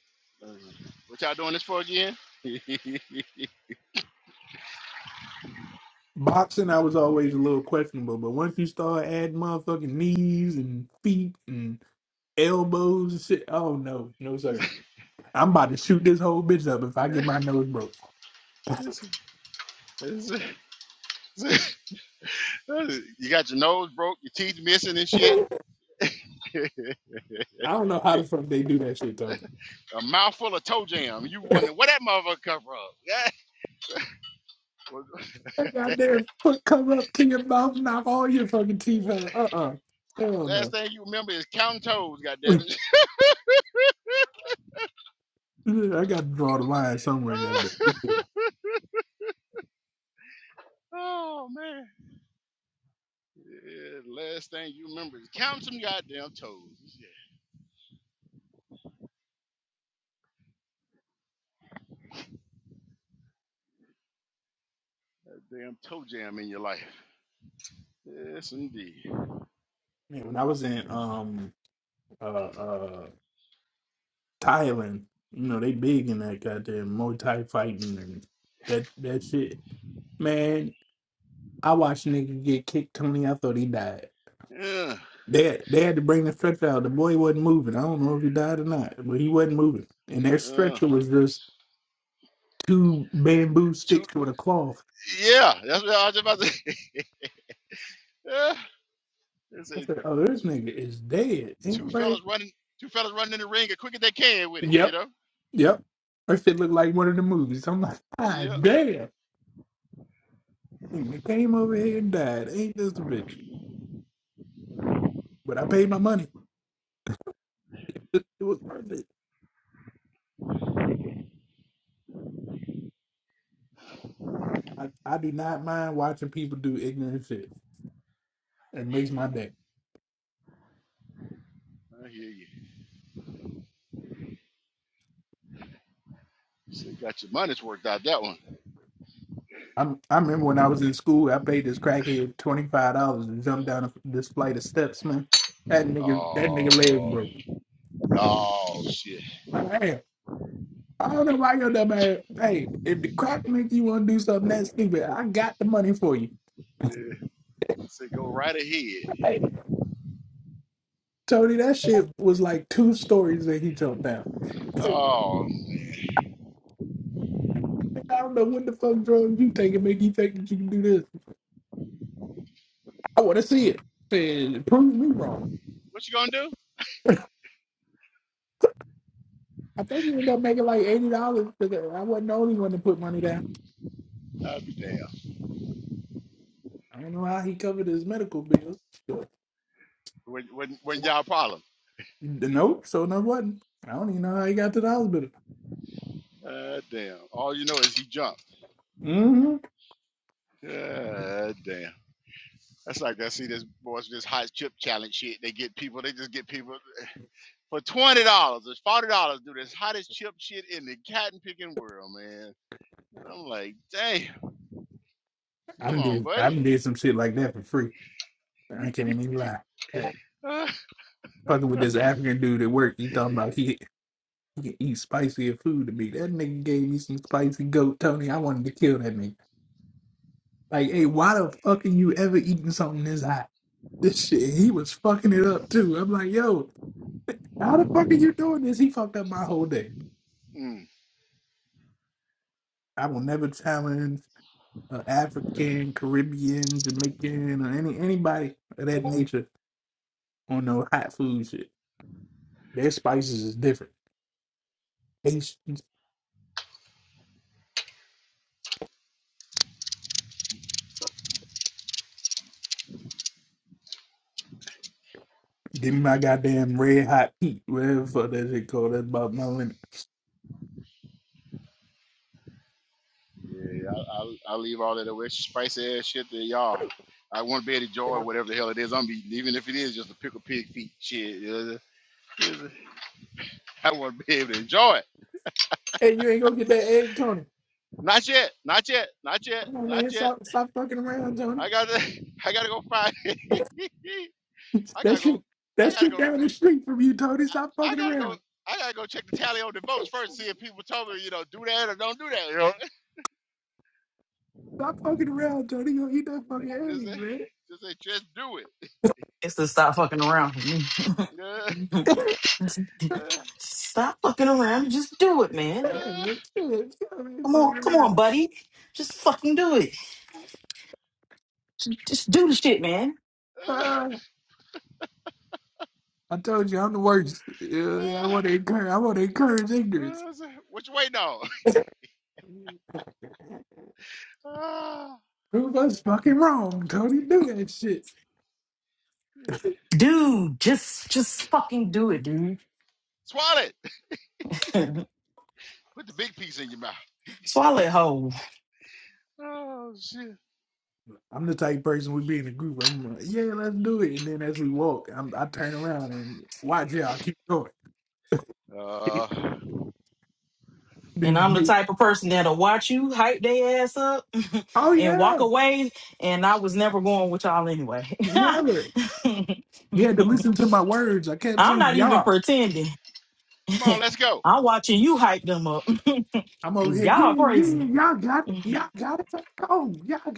[SPEAKER 2] uh, what y'all doing this for again?
[SPEAKER 10] Boxing, I was always a little questionable, but once you start adding motherfucking knees and feet and elbows and shit, oh no, no sir. I'm about to shoot this whole bitch up if I get my nose broke.
[SPEAKER 2] This you got your nose broke, your teeth missing and
[SPEAKER 10] I
[SPEAKER 2] shit. a
[SPEAKER 10] don't know how the fuck they do that shit, though.
[SPEAKER 2] mouthful of toe jam. You wondering where that motherfucker come from? Yeah.
[SPEAKER 10] That goddamn foot come up to your mouth, knock all your fucking teeth out. Uh uh Hell
[SPEAKER 2] Last
[SPEAKER 10] no.
[SPEAKER 2] thing you remember is counting toes. Goddammit.
[SPEAKER 10] I got to draw the line somewhere. gotta do-
[SPEAKER 2] oh man. Yeah, last thing you remember is counting some goddamn toes. Yeah, damn toe jam in your life. Yes, indeed.
[SPEAKER 10] Man, when I was in um uh uh Thailand, you know, they big in that goddamn Muay Thai fighting and that that shit. Man, I watched nigga get kicked Tony. I thought he died.
[SPEAKER 2] Yeah.
[SPEAKER 10] They had, they had to bring the stretcher out. The boy wasn't moving. I don't know if he died or not, but he wasn't moving. And their
[SPEAKER 2] Uh,
[SPEAKER 10] stretcher was just two bamboo
[SPEAKER 2] two.
[SPEAKER 10] sticks with a cloth.
[SPEAKER 2] Yeah. That's what I was about to. say. yeah. It's
[SPEAKER 10] I
[SPEAKER 2] a.
[SPEAKER 10] said, "Oh, this
[SPEAKER 2] two.
[SPEAKER 10] nigga is dead."
[SPEAKER 2] Two
[SPEAKER 10] Ain't right?
[SPEAKER 2] fellas running, two fellas running in the ring as quick as they can with it, you
[SPEAKER 10] Yep,
[SPEAKER 2] know?
[SPEAKER 10] yep. That shit looked like one of the movies. I'm like,
[SPEAKER 2] Yeah,
[SPEAKER 10] God damn! Nigga came over here and died. Ain't this a bitch? But I paid my money. It, it was worth it. I, I do not mind watching people do ignorant shit. It makes my day.
[SPEAKER 2] I hear you. So got your money's worked out that one.
[SPEAKER 10] I'm, I remember when I was in school, I paid this crackhead twenty five dollars to jump down this flight of steps, man. That nigga, that
[SPEAKER 2] Oh,
[SPEAKER 10] nigga leg broke.
[SPEAKER 2] oh shit.
[SPEAKER 10] I am. I don't know why you're dumb ass. Hey, if the crack make you want to do something that stupid, I got the money for you.
[SPEAKER 2] Yeah. Say go right ahead.
[SPEAKER 10] Hey, Tony, that shit was like two stories that he jumped down.
[SPEAKER 2] Oh,
[SPEAKER 10] I don't know what the fuck drugs you taking make you think that you can do this. I want to see it. Said, prove me wrong.
[SPEAKER 2] what you gonna do?
[SPEAKER 10] I think he ended up making like eighty dollars because I wasn't the only one to put money down.
[SPEAKER 2] I'll be damn.
[SPEAKER 10] I don't know how he covered his medical bill.
[SPEAKER 2] When when when y'all problem?
[SPEAKER 10] Nope, so no wasn't. I don't even know how he got to the hospital.
[SPEAKER 2] Uh, damn. All you know is he jumped.
[SPEAKER 10] Mm-hmm.
[SPEAKER 2] Uh, damn. That's like I see this boys this hot chip challenge shit. They get people. They just get people for twenty dollars. It's forty dollars. Do this hottest chip shit in the cotton picking world, man. And I'm like, damn,
[SPEAKER 10] I
[SPEAKER 2] come
[SPEAKER 10] done
[SPEAKER 2] on,
[SPEAKER 10] did I
[SPEAKER 2] buddy.
[SPEAKER 10] done did some shit like that for free. I can't even lie. Yeah.
[SPEAKER 2] Uh,
[SPEAKER 10] Fucking with this African dude at work, he talking about he he can eat spicier food than me. That nigga gave me some spicy goat, Tony. I wanted to kill that nigga. Like, hey, why the fuck are you ever eating something this hot? This shit, he was fucking it up too. I'm like, yo, how the fuck are you doing this? He fucked up my whole day.
[SPEAKER 2] Mm.
[SPEAKER 10] I will never challenge. uh, African, Caribbean, Jamaican, or any anybody of that nature on no hot food shit. Their spices is different. Haitians, give me my goddamn red hot heat, whatever the fuck that shit called. That's about my limit.
[SPEAKER 2] Yeah, I, I, I leave all that away spicy ass shit to y'all. I want to be able to enjoy whatever the hell it is I'm eating, even if it is just a pickle pig feet shit. you know, I want to be able to enjoy it.
[SPEAKER 10] Hey, you ain't gonna get that egg, Tony.
[SPEAKER 2] Not yet, not yet, not yet,
[SPEAKER 10] Come on,
[SPEAKER 2] not
[SPEAKER 10] man,
[SPEAKER 2] yet.
[SPEAKER 10] stop stop fucking around, Tony.
[SPEAKER 2] I gotta, I gotta go find. I
[SPEAKER 10] that
[SPEAKER 2] gotta go.
[SPEAKER 10] shit,
[SPEAKER 2] I
[SPEAKER 10] that
[SPEAKER 2] gotta
[SPEAKER 10] shit
[SPEAKER 2] go.
[SPEAKER 10] down the street from you, Tony. Stop
[SPEAKER 2] I
[SPEAKER 10] fucking
[SPEAKER 2] gotta go.
[SPEAKER 10] around.
[SPEAKER 2] I gotta go check the tally on the votes first, see if people told me, you know, do that or don't do that. You know,
[SPEAKER 10] Stop fucking around, Tony. You gonna eat that fucking
[SPEAKER 2] just,
[SPEAKER 10] egg, man.
[SPEAKER 2] just, just do it.
[SPEAKER 11] is to stop fucking around with me.
[SPEAKER 2] Yeah.
[SPEAKER 11] stop fucking around. Just do it, man.
[SPEAKER 10] Yeah,
[SPEAKER 2] Uh,
[SPEAKER 10] man, shit, shit,
[SPEAKER 11] Come on,
[SPEAKER 10] fucking
[SPEAKER 11] come on,
[SPEAKER 10] around.
[SPEAKER 11] buddy. Just fucking do it. J- Just do the shit, man.
[SPEAKER 2] uh,
[SPEAKER 10] Ah. I told you I'm the worst. Yeah, I want to
[SPEAKER 2] uh,
[SPEAKER 10] encourage. I want to encourage ignorance.
[SPEAKER 2] uh, what you waiting on? Uh,
[SPEAKER 10] Prove us fucking wrong, Tony. Do that shit.
[SPEAKER 11] Dude, just just fucking do it, dude.
[SPEAKER 2] swallow it. Put the big piece in your mouth.
[SPEAKER 11] Swallow it whole.
[SPEAKER 2] Oh shit.
[SPEAKER 10] I'm the type of person we be in a group. I'm like, yeah, let's do it. And then as we walk, I'm, I turn around and watch y'all keep going.
[SPEAKER 2] Uh, come
[SPEAKER 11] And
[SPEAKER 10] This
[SPEAKER 11] I'm the
[SPEAKER 10] bitch,
[SPEAKER 11] type of person that'll watch you hype their ass up
[SPEAKER 10] oh
[SPEAKER 11] and walk
[SPEAKER 10] yeah,
[SPEAKER 11] away. And I was never going with y'all anyway.
[SPEAKER 10] never. You had to listen to my words. I kept
[SPEAKER 11] I'm
[SPEAKER 10] saying
[SPEAKER 11] not even
[SPEAKER 10] y'all.
[SPEAKER 11] pretending.
[SPEAKER 2] on, let's go.
[SPEAKER 11] I'm watching you hype them up.
[SPEAKER 10] I'm over here. Yeah,
[SPEAKER 11] y'all
[SPEAKER 10] yeah,
[SPEAKER 11] crazy.
[SPEAKER 10] y'all got it. Y'all got it. Let's go. Y'all got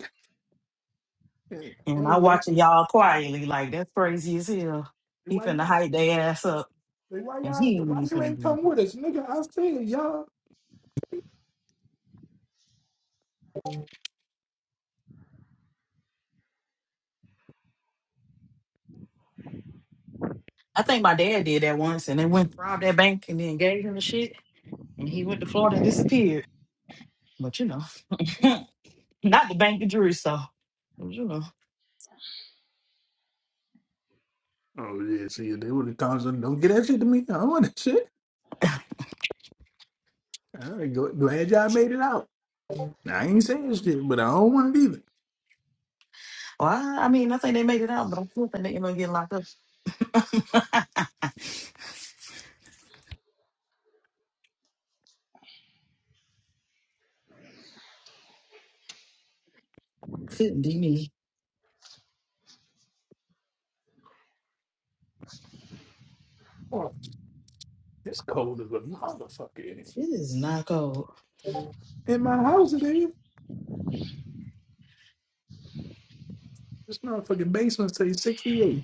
[SPEAKER 10] it.
[SPEAKER 11] And
[SPEAKER 10] Hey,
[SPEAKER 11] I
[SPEAKER 10] why,
[SPEAKER 11] watching y'all quietly, like that's crazy as hell. He
[SPEAKER 10] why
[SPEAKER 11] finna
[SPEAKER 10] you?
[SPEAKER 11] hype their ass up.
[SPEAKER 10] Like, why
[SPEAKER 11] And
[SPEAKER 10] y'all?
[SPEAKER 11] he ain't
[SPEAKER 10] Why
[SPEAKER 11] even
[SPEAKER 10] you
[SPEAKER 11] finna
[SPEAKER 10] ain't
[SPEAKER 11] do
[SPEAKER 10] come
[SPEAKER 11] it.
[SPEAKER 10] with us, nigga? I said y'all.
[SPEAKER 11] I think my dad did that once and they went robbed that bank and then gave him the shit. And he went to Florida and disappeared. But you know. Not the Bank of Jerusalem. You know.
[SPEAKER 10] Oh yeah, see, they were the times that don't get that shit to me. I don't want that shit. I ain't go, glad y'all made it out. I ain't saying shit, but I don't want it either.
[SPEAKER 11] Well, I I mean, I think they made it out, but I still think they are gonna get locked up. Couldn't be me.
[SPEAKER 10] Oh, it's cold as a motherfucker in
[SPEAKER 11] It is not cold.
[SPEAKER 10] here. In my house, It's ain't. This motherfucking basement say sixty eight.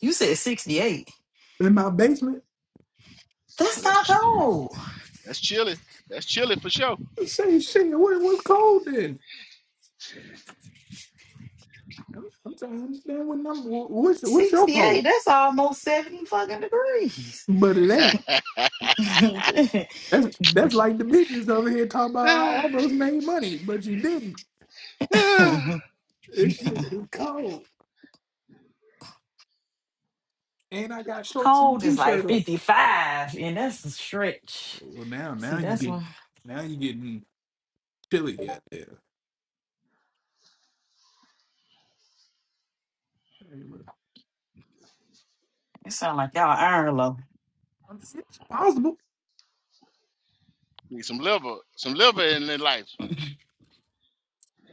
[SPEAKER 11] You said 68.
[SPEAKER 10] In my basement,
[SPEAKER 2] Oh,
[SPEAKER 11] That's
[SPEAKER 2] that's
[SPEAKER 11] not
[SPEAKER 2] ch-
[SPEAKER 11] cold.
[SPEAKER 2] that's chilly. That's chilly for sure.
[SPEAKER 10] it say shit. What was cold then? I'm, I'm trying to understand what number. What's what's your
[SPEAKER 11] 68,
[SPEAKER 10] code?
[SPEAKER 11] that's almost 70 fucking degrees.
[SPEAKER 10] But it ain't. That's that's like the bitches over here talking about I almost made money, but you didn't. This shit is cold, and I got shorts and a
[SPEAKER 11] cold is like
[SPEAKER 10] t-shirt on.
[SPEAKER 11] 55, and that's a stretch.
[SPEAKER 10] Well, now
[SPEAKER 11] See,
[SPEAKER 10] now you
[SPEAKER 11] that's
[SPEAKER 10] get
[SPEAKER 11] one.
[SPEAKER 10] now you getting chilly out there.
[SPEAKER 11] It sound like y'all iron low.
[SPEAKER 10] It's possible.
[SPEAKER 2] Need some liver, some liver in their life.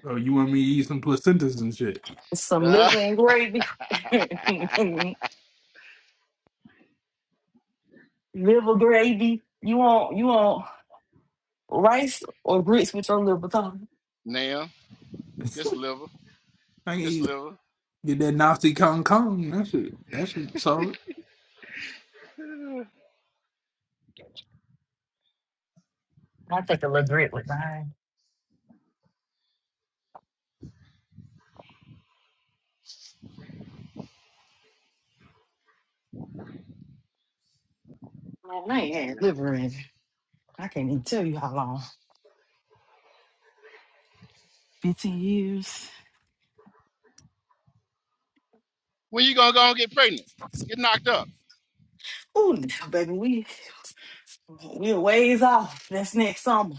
[SPEAKER 10] Oh, you want me to eat some placentas and shit?
[SPEAKER 11] Some
[SPEAKER 2] Uh,
[SPEAKER 11] liver and gravy. liver gravy. You want you want rice or grits with your liver Tony?
[SPEAKER 2] now, just liver,
[SPEAKER 10] I can
[SPEAKER 2] just
[SPEAKER 10] eat
[SPEAKER 2] liver.
[SPEAKER 10] get that nasty kong kong. That shit that shit solid.
[SPEAKER 11] I take a little grit with mine. Man, I ain't had liver in. I can't even tell you how long. Fifteen years.
[SPEAKER 2] When you gonna go and get pregnant? Get knocked up.
[SPEAKER 11] Ooh, now, baby, we we're ways off. That's next summer,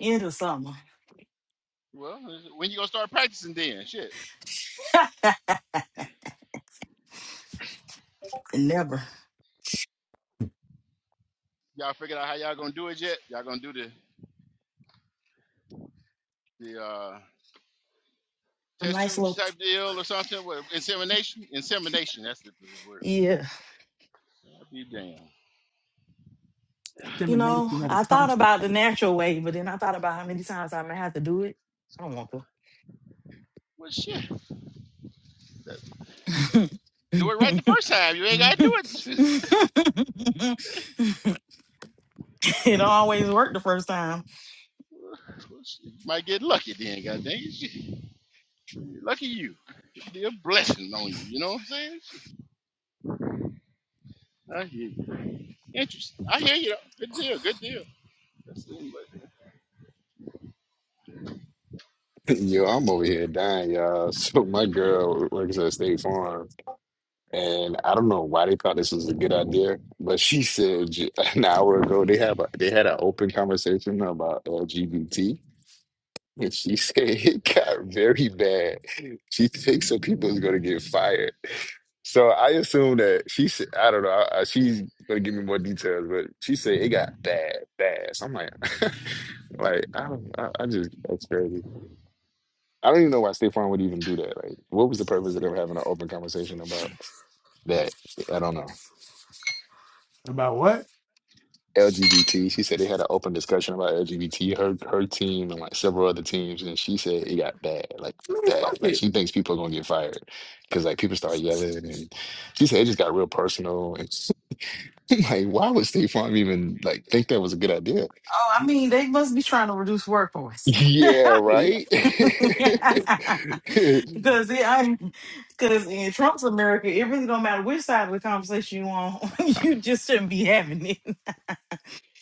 [SPEAKER 11] end of summer.
[SPEAKER 2] Well, when you gonna start practicing then? Shit.
[SPEAKER 11] Never
[SPEAKER 2] Y'all figured out how y'all gonna do it yet? Y'all gonna do the the uh,
[SPEAKER 11] a
[SPEAKER 2] test
[SPEAKER 11] nice
[SPEAKER 2] tube
[SPEAKER 11] little
[SPEAKER 2] type deal or something? What, insemination? Insemination. That's the word.
[SPEAKER 11] yeah.
[SPEAKER 2] I'll be damned.
[SPEAKER 11] You know,
[SPEAKER 10] discrimination when it
[SPEAKER 11] I thought
[SPEAKER 10] comes to
[SPEAKER 11] about the
[SPEAKER 10] faith.
[SPEAKER 11] natural way, but then I thought about how many times I may have to do it. I don't
[SPEAKER 2] Well, shit. that- Do it right the
[SPEAKER 11] want
[SPEAKER 2] first time. You ain't gotta do it.
[SPEAKER 11] to. It don't always work the first time.
[SPEAKER 2] Well, shit, you might get lucky then. God dang it. Shit. Lucky you. Could be a blessing on you. You know what I'm saying? Shit, I hear you. Interesting. I hear you. though. Good deal. Good deal. That's it, but-
[SPEAKER 9] Yo, I'm over here dying, y'all. So my girl works at State Farm. And I don't know why they thought this was a good idea, but she said j- an hour ago they have a they had an open conversation about LGBT, and she said it got very bad. She thinks some people is going to get fired. So I assume that she said I don't know. I, I- she's going to give me more details, but she said it got bad, bad. So I'm like, like I don't, I, I just that's crazy. I don't even know why State Farm would even do that. Like, what was the purpose of them having an open conversation about that? I don't know.
[SPEAKER 10] About what?
[SPEAKER 9] LGBT. She said they had an open discussion about LGBT, her her team and like several other teams, and she said it got bad, like
[SPEAKER 10] Man,
[SPEAKER 9] bad.
[SPEAKER 10] fuck
[SPEAKER 9] Like
[SPEAKER 10] it.
[SPEAKER 9] she thinks people are gonna get fired because like people start yelling, and she said it just got real personal. And I'm like, why would State Farm even like think that was a good idea?
[SPEAKER 11] Oh, I mean, they must be trying to reduce workforce.
[SPEAKER 9] Yeah,
[SPEAKER 10] Hey, yeah.
[SPEAKER 9] right.
[SPEAKER 10] yeah.
[SPEAKER 11] because it, I, because in Trump's America, it really don't matter which side of the conversation you on, you just shouldn't be having it.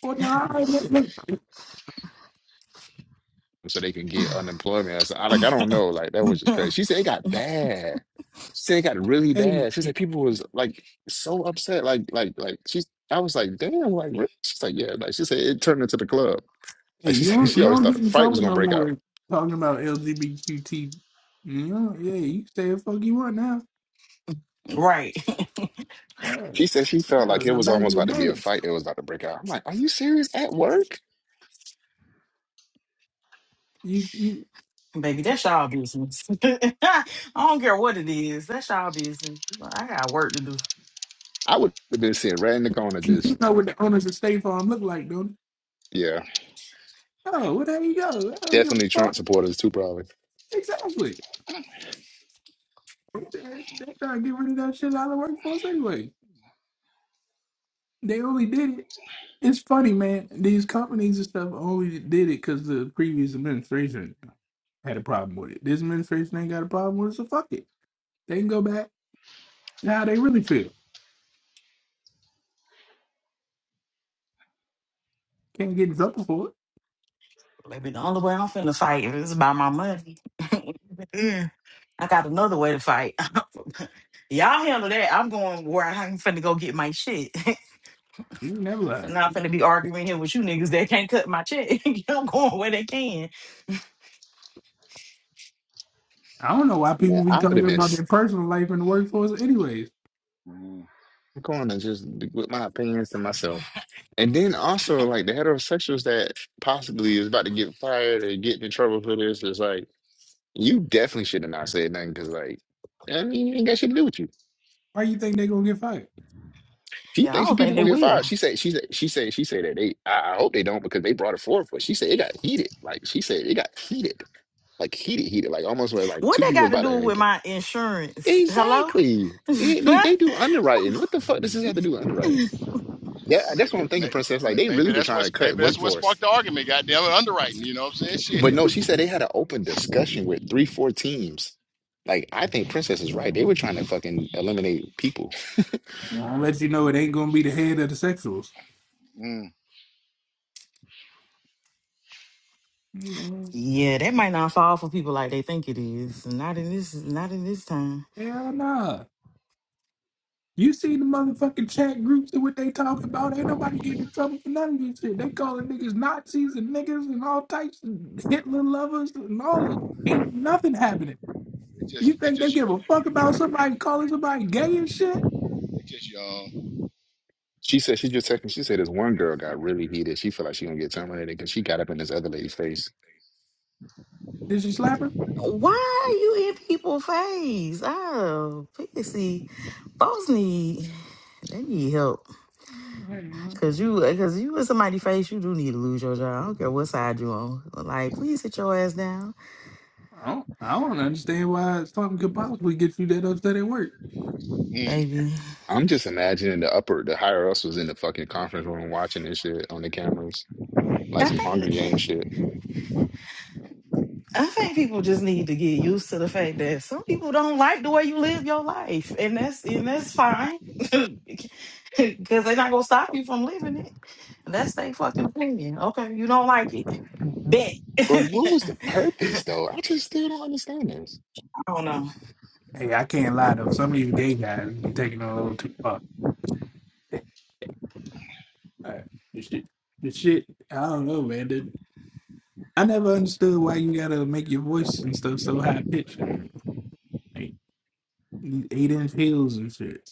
[SPEAKER 10] Well, nah, I look, look,
[SPEAKER 9] so they can get unemployment. I said, I like, I don't know. Like that was just crazy. She said it got bad. She said it got really
[SPEAKER 10] hey,
[SPEAKER 9] bad. She said
[SPEAKER 10] hey,
[SPEAKER 9] people was like so upset. Like, like, like she's I was like, damn, like really?" she's like, yeah, like she said it turned into the club.
[SPEAKER 10] hey,
[SPEAKER 9] Like she
[SPEAKER 10] you
[SPEAKER 9] said
[SPEAKER 10] don't,
[SPEAKER 9] she
[SPEAKER 10] you
[SPEAKER 9] always
[SPEAKER 10] don't
[SPEAKER 9] thought
[SPEAKER 10] get
[SPEAKER 9] a
[SPEAKER 10] in
[SPEAKER 9] fight was
[SPEAKER 10] trouble
[SPEAKER 9] gonna
[SPEAKER 10] no
[SPEAKER 9] break out.
[SPEAKER 10] more talking about LGBTQ. You know, yeah, you can say the fuck you want now.
[SPEAKER 11] right.
[SPEAKER 2] yeah.
[SPEAKER 10] Yeah,
[SPEAKER 9] She said she felt
[SPEAKER 10] yeah.
[SPEAKER 9] like it
[SPEAKER 10] Now
[SPEAKER 9] was
[SPEAKER 10] back in
[SPEAKER 9] almost
[SPEAKER 10] the
[SPEAKER 9] about to be a
[SPEAKER 10] day,
[SPEAKER 9] fight that was about to break out. I'm like, are you serious at work?
[SPEAKER 10] you you
[SPEAKER 11] Baby, that's y'all business. I don't care what it is. That's y'all business. I got work to do.
[SPEAKER 9] I would have been sitting right in the corner,
[SPEAKER 10] you
[SPEAKER 9] just
[SPEAKER 10] do know what the owners of State Farm look like, don't you?
[SPEAKER 9] yeah.
[SPEAKER 10] Oh, well, there you go. I don't give a
[SPEAKER 9] Definitely Trump
[SPEAKER 10] fuck.
[SPEAKER 9] supporters too, probably.
[SPEAKER 10] Exactly. They they trying to get rid of that shit out of the workforce anyway. They only did it It's funny, man. These companies and stuff only did it because the previous administration had a problem with it. This administration ain't got a problem with it, so fuck it. They can go back to how they really feel. Can't get in trouble for it.
[SPEAKER 11] Baby, the only way I'm finna fight is about my money. I got another way to fight. Y'all handle that. I'm going where I'm finna go get my shit.
[SPEAKER 10] You can never
[SPEAKER 11] I'm
[SPEAKER 10] lie.
[SPEAKER 11] not finna be arguing here with you niggas that can't cut my check. I'm going where they can.
[SPEAKER 10] I don't know why
[SPEAKER 9] Yeah,
[SPEAKER 10] people be
[SPEAKER 9] I would have
[SPEAKER 10] talking
[SPEAKER 9] been
[SPEAKER 10] about
[SPEAKER 9] sitting
[SPEAKER 10] their personal life in the workforce, anyways.
[SPEAKER 9] in the corner just with my opinions to myself. And then also like the heterosexuals that possibly is about to get fired or get in trouble for this is like you definitely should have not said nothing because like I mean you ain't got shit to do with you.
[SPEAKER 10] Why you think they gonna get fired?
[SPEAKER 9] She
[SPEAKER 11] Yeah, I
[SPEAKER 9] thinks
[SPEAKER 11] don't
[SPEAKER 9] people
[SPEAKER 11] think they
[SPEAKER 9] gonna get
[SPEAKER 11] will.
[SPEAKER 9] fired. She said she said she said she said that they I I hope they don't because they brought it forward but she said it got heated. Like she said it got heated. Like heated, heated. Like almost where like
[SPEAKER 11] What
[SPEAKER 9] two
[SPEAKER 11] they
[SPEAKER 9] people was
[SPEAKER 11] got to
[SPEAKER 9] about
[SPEAKER 11] do
[SPEAKER 9] to
[SPEAKER 11] with
[SPEAKER 9] get
[SPEAKER 11] my insurance? Hello?
[SPEAKER 9] Exactly. They, they they do underwriting. What the fuck does this have to do with underwriting? That that's what
[SPEAKER 2] Maybe,
[SPEAKER 9] I'm thinking,
[SPEAKER 2] may,
[SPEAKER 9] Princess. Like
[SPEAKER 2] may-
[SPEAKER 9] they really
[SPEAKER 2] maybe
[SPEAKER 9] were
[SPEAKER 2] that's
[SPEAKER 9] trying
[SPEAKER 2] what
[SPEAKER 9] to cut
[SPEAKER 2] maybe that's what
[SPEAKER 9] workforce
[SPEAKER 2] sparked the argument. Goddamn it, underwriting. You know what I'm saying?
[SPEAKER 9] But no,
[SPEAKER 2] Shit.
[SPEAKER 9] she said they had an open discussion with three, four teams. Like, I think Princess is right. They were trying to fucking eliminate people.
[SPEAKER 10] I'll let you know it ain't gonna be the head of the sexuals.
[SPEAKER 2] Mm.
[SPEAKER 10] Hey, man.
[SPEAKER 11] yeah, that might not fall for people like they think it is. Not in this. Not in this time.
[SPEAKER 10] Hell nah. You see the motherfucking chat groups and what they talking about. Ain't nobody getting in trouble for none of this shit. They calling niggas Nazis and niggas and all types and Hitler lovers and all that. Ain't nothing happening.
[SPEAKER 2] It's just,
[SPEAKER 10] You
[SPEAKER 2] it's
[SPEAKER 10] think they
[SPEAKER 2] just,
[SPEAKER 10] give a fuck about somebody calling somebody gay and shit?
[SPEAKER 2] it's just y'all.
[SPEAKER 9] She said she just texted. She said this one girl got really heated. She felt like she gonna get terminated because she got up in this other lady's face.
[SPEAKER 10] Did she slap her?
[SPEAKER 11] Why
[SPEAKER 9] Mm.
[SPEAKER 11] are you in people's face? Oh, pissy. Folks need. They need help.
[SPEAKER 10] I
[SPEAKER 11] Cause you, cause you in somebody's face, you do need to lose your job. I don't care what side you on. Like, please sit your ass down,
[SPEAKER 10] don't, I don't understand why something could possibly get you that upset at work.
[SPEAKER 2] Mm.
[SPEAKER 11] baby.
[SPEAKER 9] I'm just imagining the upper, the higher us was in the fucking conference room watching this shit on the cameras, like
[SPEAKER 11] I
[SPEAKER 9] some Hunger
[SPEAKER 11] think,
[SPEAKER 9] Games shit.
[SPEAKER 11] I think people just need to get used to the fact that some people don't like the way you live your life, and that's and that's fine, because they're not gonna stop you from living it. That's their fucking opinion. Okay, you don't like it, bet.
[SPEAKER 9] But
[SPEAKER 11] I
[SPEAKER 9] what was the purpose, though? I just still don't understand this.
[SPEAKER 11] don't know.
[SPEAKER 10] Hey, I can't lie though. Some of these gay guys be taking it a little too far. The shit, the shit. I don't know, man. I never understood why you gotta make your voice and stuff so high pitched and like eight inch heels and shit.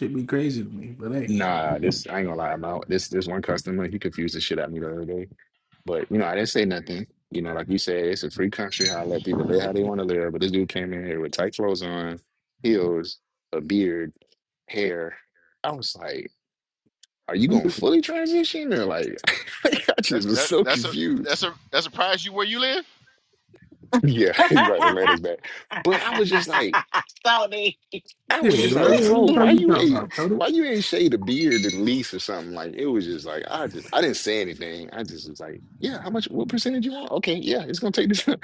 [SPEAKER 10] Should be crazy to me, but hey,
[SPEAKER 9] Nah, this I ain't gonna lie about this. This one customer, he confused the shit out of me the other day. But you know, I didn't say nothing. You know, like you said, it's a free country. How I let people live how they want to live. But this dude came in here with tight clothes on, heels, a beard, hair. I was like, "Are you
[SPEAKER 10] I'm
[SPEAKER 9] gonna
[SPEAKER 10] just-
[SPEAKER 9] fully transition?" Or like, I
[SPEAKER 2] That,
[SPEAKER 9] just was
[SPEAKER 2] that,
[SPEAKER 9] so
[SPEAKER 2] that's a,
[SPEAKER 9] confused.
[SPEAKER 2] that's a, that's a prize you where you live.
[SPEAKER 9] Yeah, you're right. Atlanta's back. But I was just like.
[SPEAKER 11] Howdy.
[SPEAKER 9] I
[SPEAKER 10] yeah,
[SPEAKER 9] was
[SPEAKER 10] what
[SPEAKER 9] just like, bro,
[SPEAKER 10] the fuck
[SPEAKER 9] why
[SPEAKER 10] you
[SPEAKER 9] you
[SPEAKER 10] talking
[SPEAKER 9] ain't
[SPEAKER 10] about, Toto?
[SPEAKER 9] why you ain't shade a beard at least or something? Like it was just like I just I didn't say anything. I just was like, yeah, how much what percentage you want? Okay, yeah, it's gonna take this.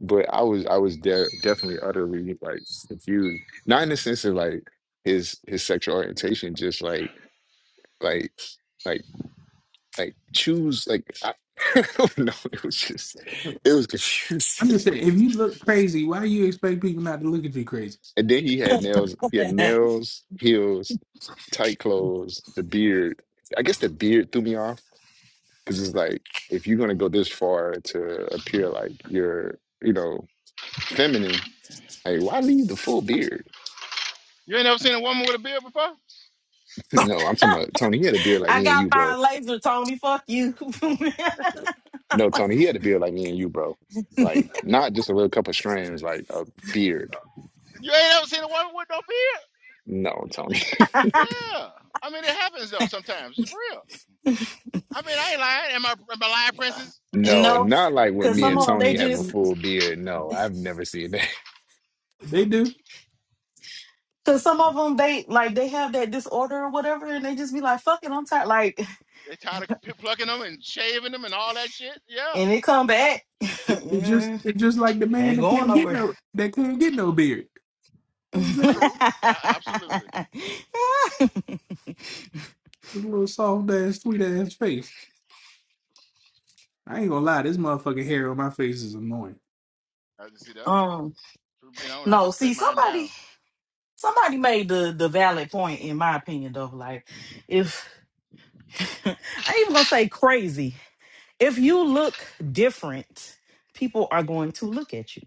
[SPEAKER 9] But I was I was de definitely utterly like confused. Not in the sense of like his his sexual orientation, just like like like like choose like I, I don't know. It was just it was confusing.
[SPEAKER 10] I'm just saying, if you look crazy, why you expect people not to look at you crazy?
[SPEAKER 9] And then he had nails. He had nails, heels, tight clothes, the beard. I guess the beard threw me off because it's like if you're gonna go this far to appear like you're, you know, feminine, like why leave the full beard?
[SPEAKER 2] You ain't ever seen a woman with a beard before.
[SPEAKER 9] no, I'm talking about Tony. He had a beard like
[SPEAKER 11] I
[SPEAKER 9] me and
[SPEAKER 11] got
[SPEAKER 9] you, bro.
[SPEAKER 11] fine laser, Tony. Fuck you.
[SPEAKER 9] No, Tony, he had a beard like me and you, bro. Like not just a little couple strands, like a beard.
[SPEAKER 2] You ain't ever seen a woman with no beard.
[SPEAKER 9] No, Tony.
[SPEAKER 2] Yeah. I mean, it happens though sometimes. It's for real. I mean, I ain't lying. Am I, am I lying, princess?
[SPEAKER 9] No,
[SPEAKER 11] no,
[SPEAKER 9] not like with
[SPEAKER 11] cause
[SPEAKER 9] me
[SPEAKER 11] some
[SPEAKER 9] and
[SPEAKER 11] of them they
[SPEAKER 9] Tony having a
[SPEAKER 11] just,
[SPEAKER 9] full beard. No, I've never seen that.
[SPEAKER 10] They do.
[SPEAKER 11] cause some of them they like they have that disorder or whatever, and they just be like, "Fuck it, I'm tired." Like,
[SPEAKER 2] They tired of p- plucking them and shaving them and all that shit. Yeah.
[SPEAKER 11] and they come back.
[SPEAKER 10] It's just
[SPEAKER 11] Yeah,
[SPEAKER 10] it's just like the
[SPEAKER 11] they
[SPEAKER 10] man
[SPEAKER 11] ain't
[SPEAKER 10] that
[SPEAKER 11] going
[SPEAKER 10] can't get
[SPEAKER 11] nowhere.
[SPEAKER 10] no that can not get no beard. His
[SPEAKER 2] True. Yeah, absolutely.
[SPEAKER 10] little soft ass, sweet ass face. I ain't gonna lie, this motherfucking hair on my face is annoying.
[SPEAKER 2] I just see that.
[SPEAKER 11] um,
[SPEAKER 2] True being on, I
[SPEAKER 11] no.
[SPEAKER 2] just
[SPEAKER 11] See,
[SPEAKER 2] cut mine
[SPEAKER 11] somebody,
[SPEAKER 2] down.
[SPEAKER 11] somebody made the the valid point in my opinion, though. Like, if I ain't even gonna say crazy. If you look different, people are going to look at you.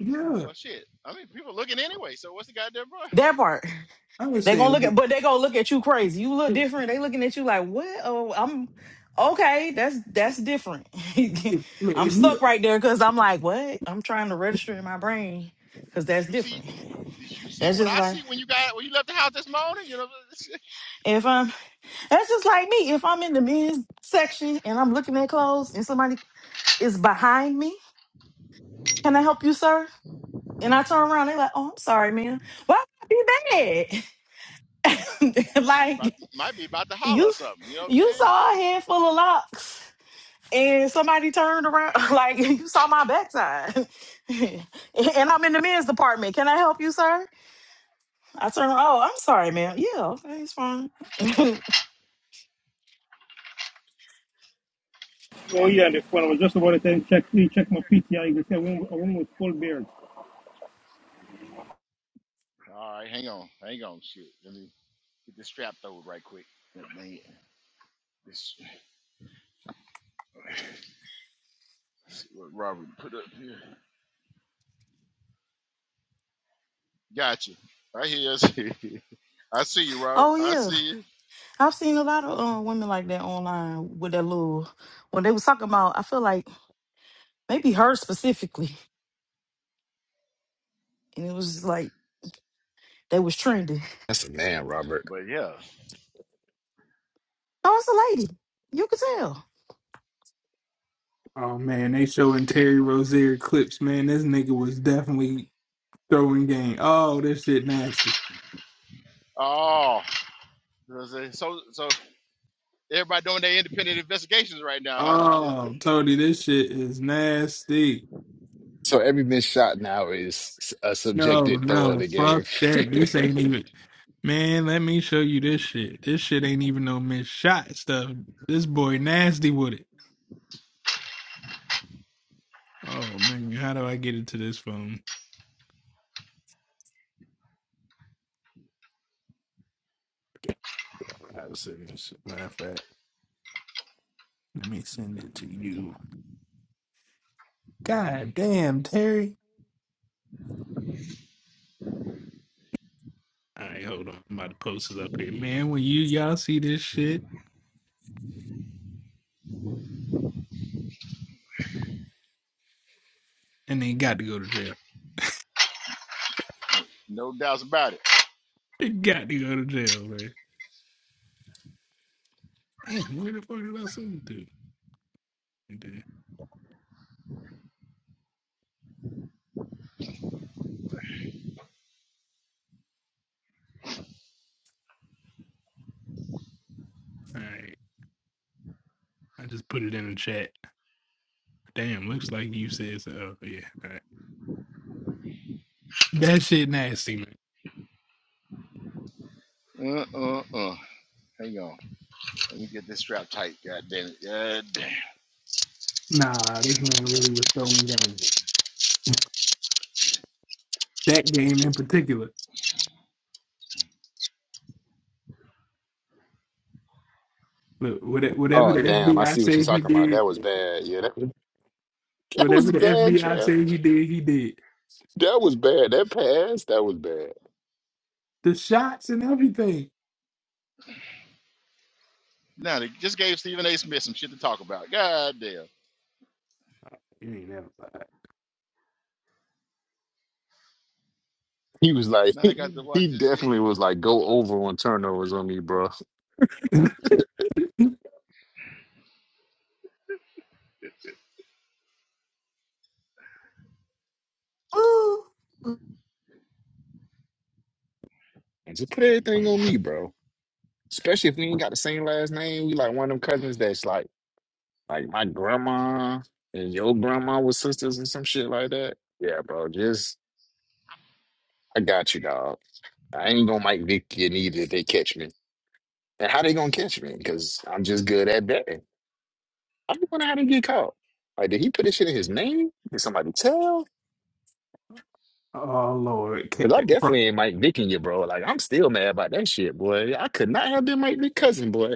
[SPEAKER 10] Yeah,
[SPEAKER 2] Well, shit. I mean, people looking anyway. So what's the goddamn problem?
[SPEAKER 11] That part.
[SPEAKER 10] I was
[SPEAKER 11] they gonna look
[SPEAKER 10] saying,
[SPEAKER 11] at but they gonna look at you crazy. You look
[SPEAKER 10] if,
[SPEAKER 11] different, they looking at you like, what? Oh, I'm okay, that's that's different.
[SPEAKER 10] if, look,
[SPEAKER 11] I'm
[SPEAKER 10] if you,
[SPEAKER 11] stuck right there because I'm like, what? I'm trying to register in my brain because
[SPEAKER 2] Did
[SPEAKER 11] that's
[SPEAKER 2] you see?
[SPEAKER 11] different.
[SPEAKER 2] Did you see
[SPEAKER 11] That's
[SPEAKER 2] what
[SPEAKER 11] just
[SPEAKER 2] I
[SPEAKER 11] like
[SPEAKER 2] see when you got when you left the house this morning? You know,
[SPEAKER 11] if I'm that's just like me. If I'm in the men's section and I'm looking at clothes and somebody is behind me, can I help you, sir? And I turn around, they like, oh, I'm sorry, man. Why would I be bad?
[SPEAKER 2] I be, I
[SPEAKER 11] like
[SPEAKER 2] might be about to holler or
[SPEAKER 11] you
[SPEAKER 2] something. You know what I'm
[SPEAKER 11] you
[SPEAKER 2] saying?
[SPEAKER 11] saw a
[SPEAKER 2] It-
[SPEAKER 11] head full of locks and somebody turned around like you saw my backside. and I'm in the men's department. Can I help you, sir? I turn around, oh, I'm sorry, ma'am. Yeah, okay, it's fine.
[SPEAKER 6] Oh yeah, and if when I was just about to check, check my PTI, you could say a woman, a woman with full beard.
[SPEAKER 2] all right, hang on, hang on, shit. Let me get this strap over right quick. Yeah, Man, this see what Robert put up here. Gotcha. Right here. I hear you. I see you, Robert.
[SPEAKER 11] oh
[SPEAKER 2] I
[SPEAKER 11] yeah.
[SPEAKER 2] see you.
[SPEAKER 11] I've seen a lot of uh, women like that online with that little when they was talking about I feel like maybe her specifically. And it was just like they was trending
[SPEAKER 9] That's a man, Robert.
[SPEAKER 2] But yeah.
[SPEAKER 11] No, it's a lady. You can tell.
[SPEAKER 10] oh man, they showing Terry Rozier clips, man. This nigga was definitely throwing game. Oh, this shit nasty.
[SPEAKER 2] Oh, so so so everybody doing their independent investigations right now, huh? Is-
[SPEAKER 10] Oh, Tony, this shit is nasty.
[SPEAKER 9] So every missed shot now is a
[SPEAKER 10] No,
[SPEAKER 9] subjected throw of
[SPEAKER 10] no,
[SPEAKER 9] the game.
[SPEAKER 10] fuck that. This ain't even, man. Let me show you this shit. This shit ain't even no missed shot stuff. This boy nasty with it. Oh man, how do I get into this phone? I was sending this- Matter of fact, let me send it to you. God damn, Terry. All right, hold on. I'm about to post it up here, man. When you y'all see this shit, and they got to go to jail.
[SPEAKER 2] no doubts about it.
[SPEAKER 10] They got to go to jail, man. Damn, where the fuck did I send it to? It did. All right, I just put it in the chat. Damn, looks like you said so. Oh, yeah, all right. That shit nasty, man.
[SPEAKER 2] Uh uh uh. Hang on. Let me get this strap tight. God damn it. God damn.
[SPEAKER 10] Nah, this man really was throwing game. That game in particular. Look, what- whatever
[SPEAKER 9] Oh
[SPEAKER 10] the
[SPEAKER 9] damn, I
[SPEAKER 10] FBI
[SPEAKER 9] see what you're
[SPEAKER 10] say he
[SPEAKER 9] talking about.
[SPEAKER 10] did,
[SPEAKER 9] That was bad. Yeah, that was that was
[SPEAKER 10] whatever the
[SPEAKER 9] bad,
[SPEAKER 10] FBI
[SPEAKER 9] Trav.
[SPEAKER 10] say he did, he did.
[SPEAKER 9] That was bad. That pass, that was bad.
[SPEAKER 10] The shots and everything.
[SPEAKER 2] Now they just gave Stephen A. Smith some shit to talk about. God damn.
[SPEAKER 10] You ain't never
[SPEAKER 9] He was like,
[SPEAKER 2] Now I got to watch
[SPEAKER 9] he
[SPEAKER 2] this bitch.
[SPEAKER 9] definitely was like, go over on turnovers on me, bro.
[SPEAKER 10] lied.
[SPEAKER 11] Ooh,
[SPEAKER 9] And Just put everything on me, bro. Especially if we ain't got the same last name. We like one of them cousins that's like, like my grandma and your grandma was sisters and some shit like that. Yeah, bro. Just I got you, dog. I ain't gonna Mike Vick You either if they catch me. And how they gonna catch me? Because I'm just good at betting. I just wonder how they get caught. Like, did he put this shit in his name? Did somebody tell?
[SPEAKER 10] oh Lord,
[SPEAKER 9] Because I
[SPEAKER 10] Ca-
[SPEAKER 9] definitely ain't Mike Vicking you, bro. Like, I'm still mad about that shit, boy. I could not have been Mike Vick cousin, boy.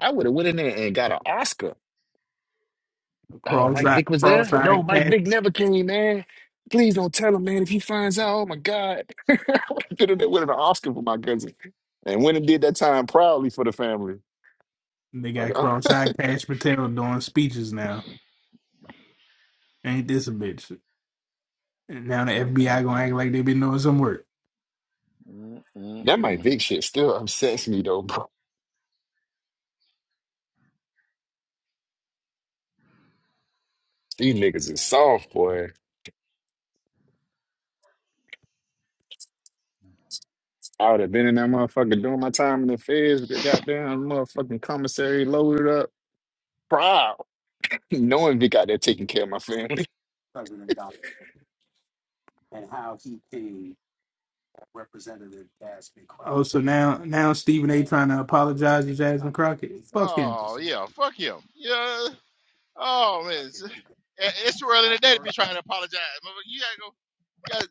[SPEAKER 9] I would have went in there and got an Oscar. Oh, Mike
[SPEAKER 10] cross-eyed,
[SPEAKER 9] Vick was there? No,
[SPEAKER 10] cross-eyed
[SPEAKER 9] Mike
[SPEAKER 10] cash.
[SPEAKER 9] Vick never came, man. Please don't tell him, man. If he finds out, oh my God. I would have been in there winning an Oscar for my cousin. And went and did that time proudly for the family.
[SPEAKER 10] They
[SPEAKER 9] like.
[SPEAKER 10] got
[SPEAKER 9] oh.
[SPEAKER 10] cross-eyed Cash Patel doing speeches now. Ain't this a bitch? And now the FBI gonna
[SPEAKER 2] Mm-mm-mm.
[SPEAKER 10] act like they been doing some work.
[SPEAKER 9] That Mike
[SPEAKER 2] Mm-mm-mm.
[SPEAKER 9] Vick shit still upsets me though, bro. These niggas is soft, boy. I would have been in that motherfucker doing my time in the feds with the goddamn motherfucking commissary loaded up. Proud. Knowing Vic out there taking care of my family.
[SPEAKER 10] Representative Jasmine Crockett. Oh, so now now Stephen A. trying to apologize to Jasmine Crockett. Fuck him.
[SPEAKER 2] Oh yeah, fuck him. Yeah. Oh man, it's, eh, it's too early in the day to be trying to apologize. You gotta go. You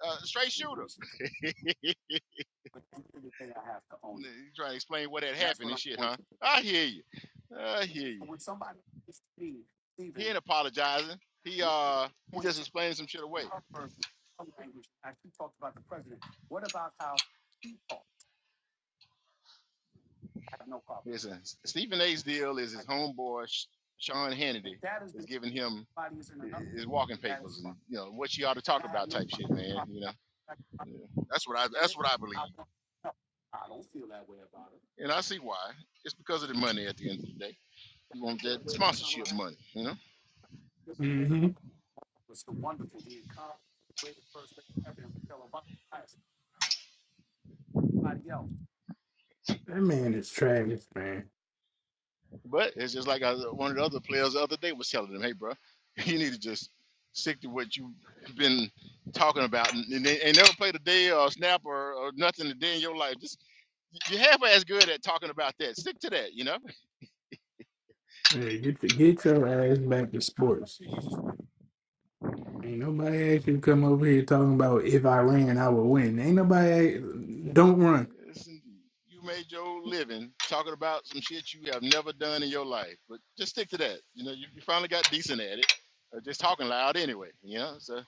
[SPEAKER 2] got uh, straight shooter. you trying to explain what had happened and shit, huh? I hear you. I hear you. He ain't apologizing. He uh he just explained some shit away. Listen, Stephen A's deal is his homeboy Sh- Sean Hannity is giving him hi- his walking papers and you know what you ought to talk about type shit, man. You know, Yeah. that's what I that's what I believe, and I see why. It's because of the money at the end of the day. You want that sponsorship money, you know.
[SPEAKER 10] hmm That man is trash, man.
[SPEAKER 2] But it's just like I, one of the other players the other day was telling him, "Hey, bro, you need to just stick to what you've been talking about, and, and, they, and never played a day or a snap or, or nothing a day in your life. Just you're half as good at talking about that. Stick to that, you know
[SPEAKER 10] Hey, get the, get your ass back to sports. Ain't nobody asked you to come over here talking about if I ran, I would win. Ain't nobody. ask- Don't run.
[SPEAKER 2] Yes, indeed. You made your living talking about some shit you have never done in your life, but just stick to that. You know, you, you finally got decent at it. Uh, just talking loud anyway. You know, so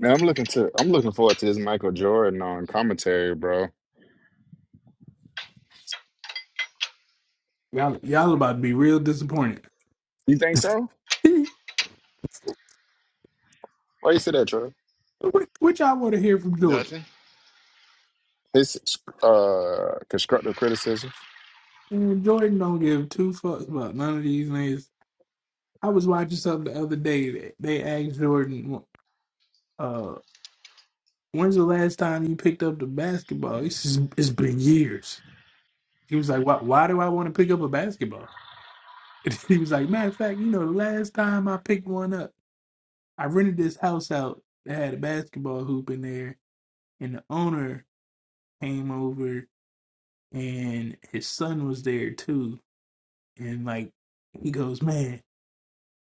[SPEAKER 9] Man, I'm looking to I'm looking forward to this Michael Jordan on commentary, bro.
[SPEAKER 10] Y'all, y'all about to be real disappointed.
[SPEAKER 9] You think so? Why you say that, Trey?
[SPEAKER 10] what, what y'all want to hear from Jordan?
[SPEAKER 2] nothing.
[SPEAKER 9] His uh constructive criticism.
[SPEAKER 10] Mm, Jordan don't give two fucks about none of these niggas. I was watching something the other day. That they asked Jordan, uh, "When's the last time you picked up the basketball?" He says, "It's been years." He was like, "Why? Why do I want to pick up a basketball?" And he was like, "Matter of fact, you know, the last time I picked one up, I rented this house out that had a basketball hoop in there, and the owner came over, and his son was there too, and like." He goes, man.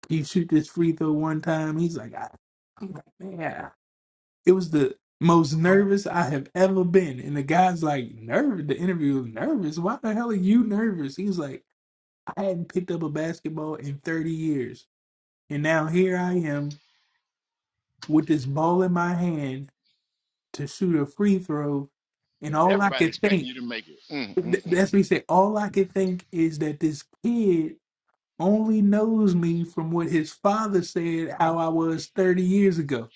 [SPEAKER 10] can You shoot this free throw one time. He's like, I, I'm like, man. It was the most nervous I have ever been. And the guy's like, nervous. The interview was nervous. Why the hell are you nervous? He's like, I hadn't picked up a basketball in 30 years. And now here I am with this ball in my hand to shoot a free throw. And
[SPEAKER 2] And
[SPEAKER 10] all I
[SPEAKER 2] everybody
[SPEAKER 10] could
[SPEAKER 2] expecting
[SPEAKER 10] think,
[SPEAKER 2] you to make it. Mm,
[SPEAKER 10] th-
[SPEAKER 2] mm, mm.
[SPEAKER 10] that's what he said, all I could think is that this kid only knows me from what his father said how I was 30 years ago.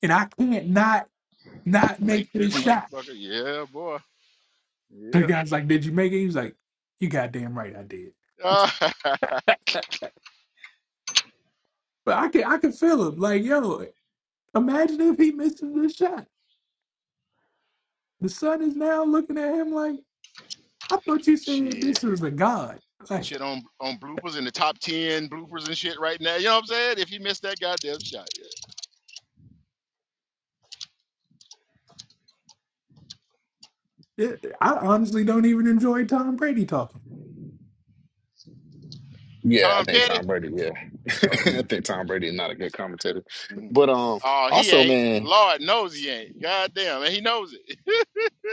[SPEAKER 10] And I can't not not make
[SPEAKER 2] Make this
[SPEAKER 10] this shot.
[SPEAKER 2] motherfucker. Yeah, boy.
[SPEAKER 10] The
[SPEAKER 2] Yeah.
[SPEAKER 10] guy's like, "Did you make it?" He's like, "You goddamn right, I did."
[SPEAKER 2] Ah,
[SPEAKER 10] But I can I can feel him. Like, yo, imagine if he misses the shot. The sun is now looking at him like, I thought you said
[SPEAKER 2] shit.
[SPEAKER 10] this was a god. Like,
[SPEAKER 2] Shit on on bloopers in the top ten bloopers and shit right now. You know what I'm saying? If you missed that goddamn shot, yeah.
[SPEAKER 10] it, I honestly don't even enjoy Tom Brady talking.
[SPEAKER 9] Yeah, I
[SPEAKER 2] Tom
[SPEAKER 9] think
[SPEAKER 2] Petty.
[SPEAKER 9] Tom Brady. Yeah,
[SPEAKER 2] Oh,
[SPEAKER 9] I think Tom Brady is not a good commentator.
[SPEAKER 2] mm.
[SPEAKER 9] But um,
[SPEAKER 2] Oh, he
[SPEAKER 9] also
[SPEAKER 2] ain't.
[SPEAKER 9] man,
[SPEAKER 2] Lord knows he ain't. Goddamn, and he knows it.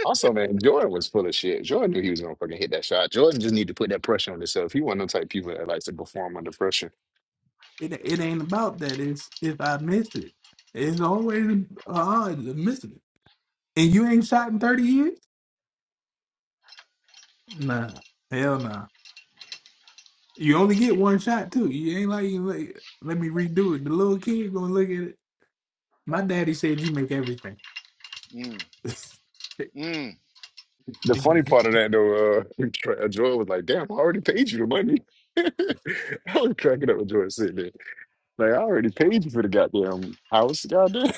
[SPEAKER 9] also man, Jordan was full of shit. Jordan knew he was gonna fucking hit that shot. Jordan just need to put that pressure on himself. He wasn't no type of people that likes to perform under pressure.
[SPEAKER 10] It it ain't about that. It's if I miss it, it's always a odds of missing it. And you ain't shot in thirty years? Nah, hell nah. You only get one shot too. You ain't like you like, let me redo it. The little kid gonna look at it. My daddy said you make everything.
[SPEAKER 2] Mm,
[SPEAKER 10] yeah,
[SPEAKER 2] mm.
[SPEAKER 9] The funny part of that though, uh, Tra- uh, Jordan was like, "Damn, I already paid you the money." I was cracking up with Jordan sitting there. Like, I already paid you for the goddamn house, goddamn.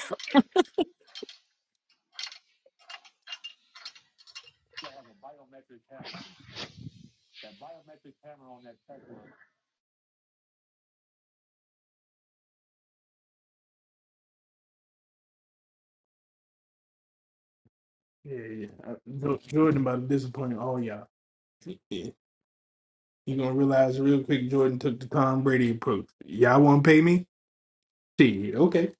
[SPEAKER 10] yeah. Uh, Jo- Jordan about to disappoint all y'all. Yeah. you gonna realize real quick Jordan took the Tom Brady approach. Y'all wanna pay me? See, okay.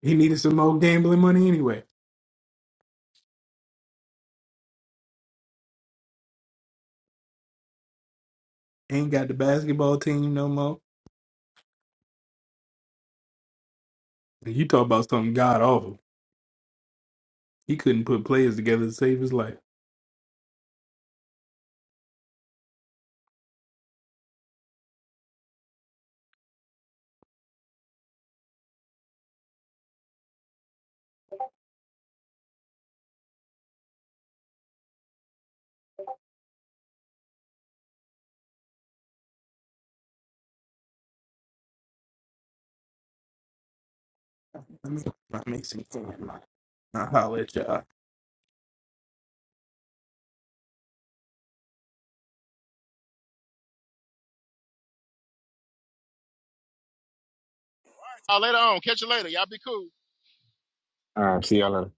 [SPEAKER 10] He needed some more gambling money anyway. Ain't got the basketball team no more. And you talk about something god awful. He couldn't put players together to save his life. Let me I make some fun. I'll holler at y'all.
[SPEAKER 2] Uh, later on. Catch you later. Y'all be cool.
[SPEAKER 9] All right, see y'all later.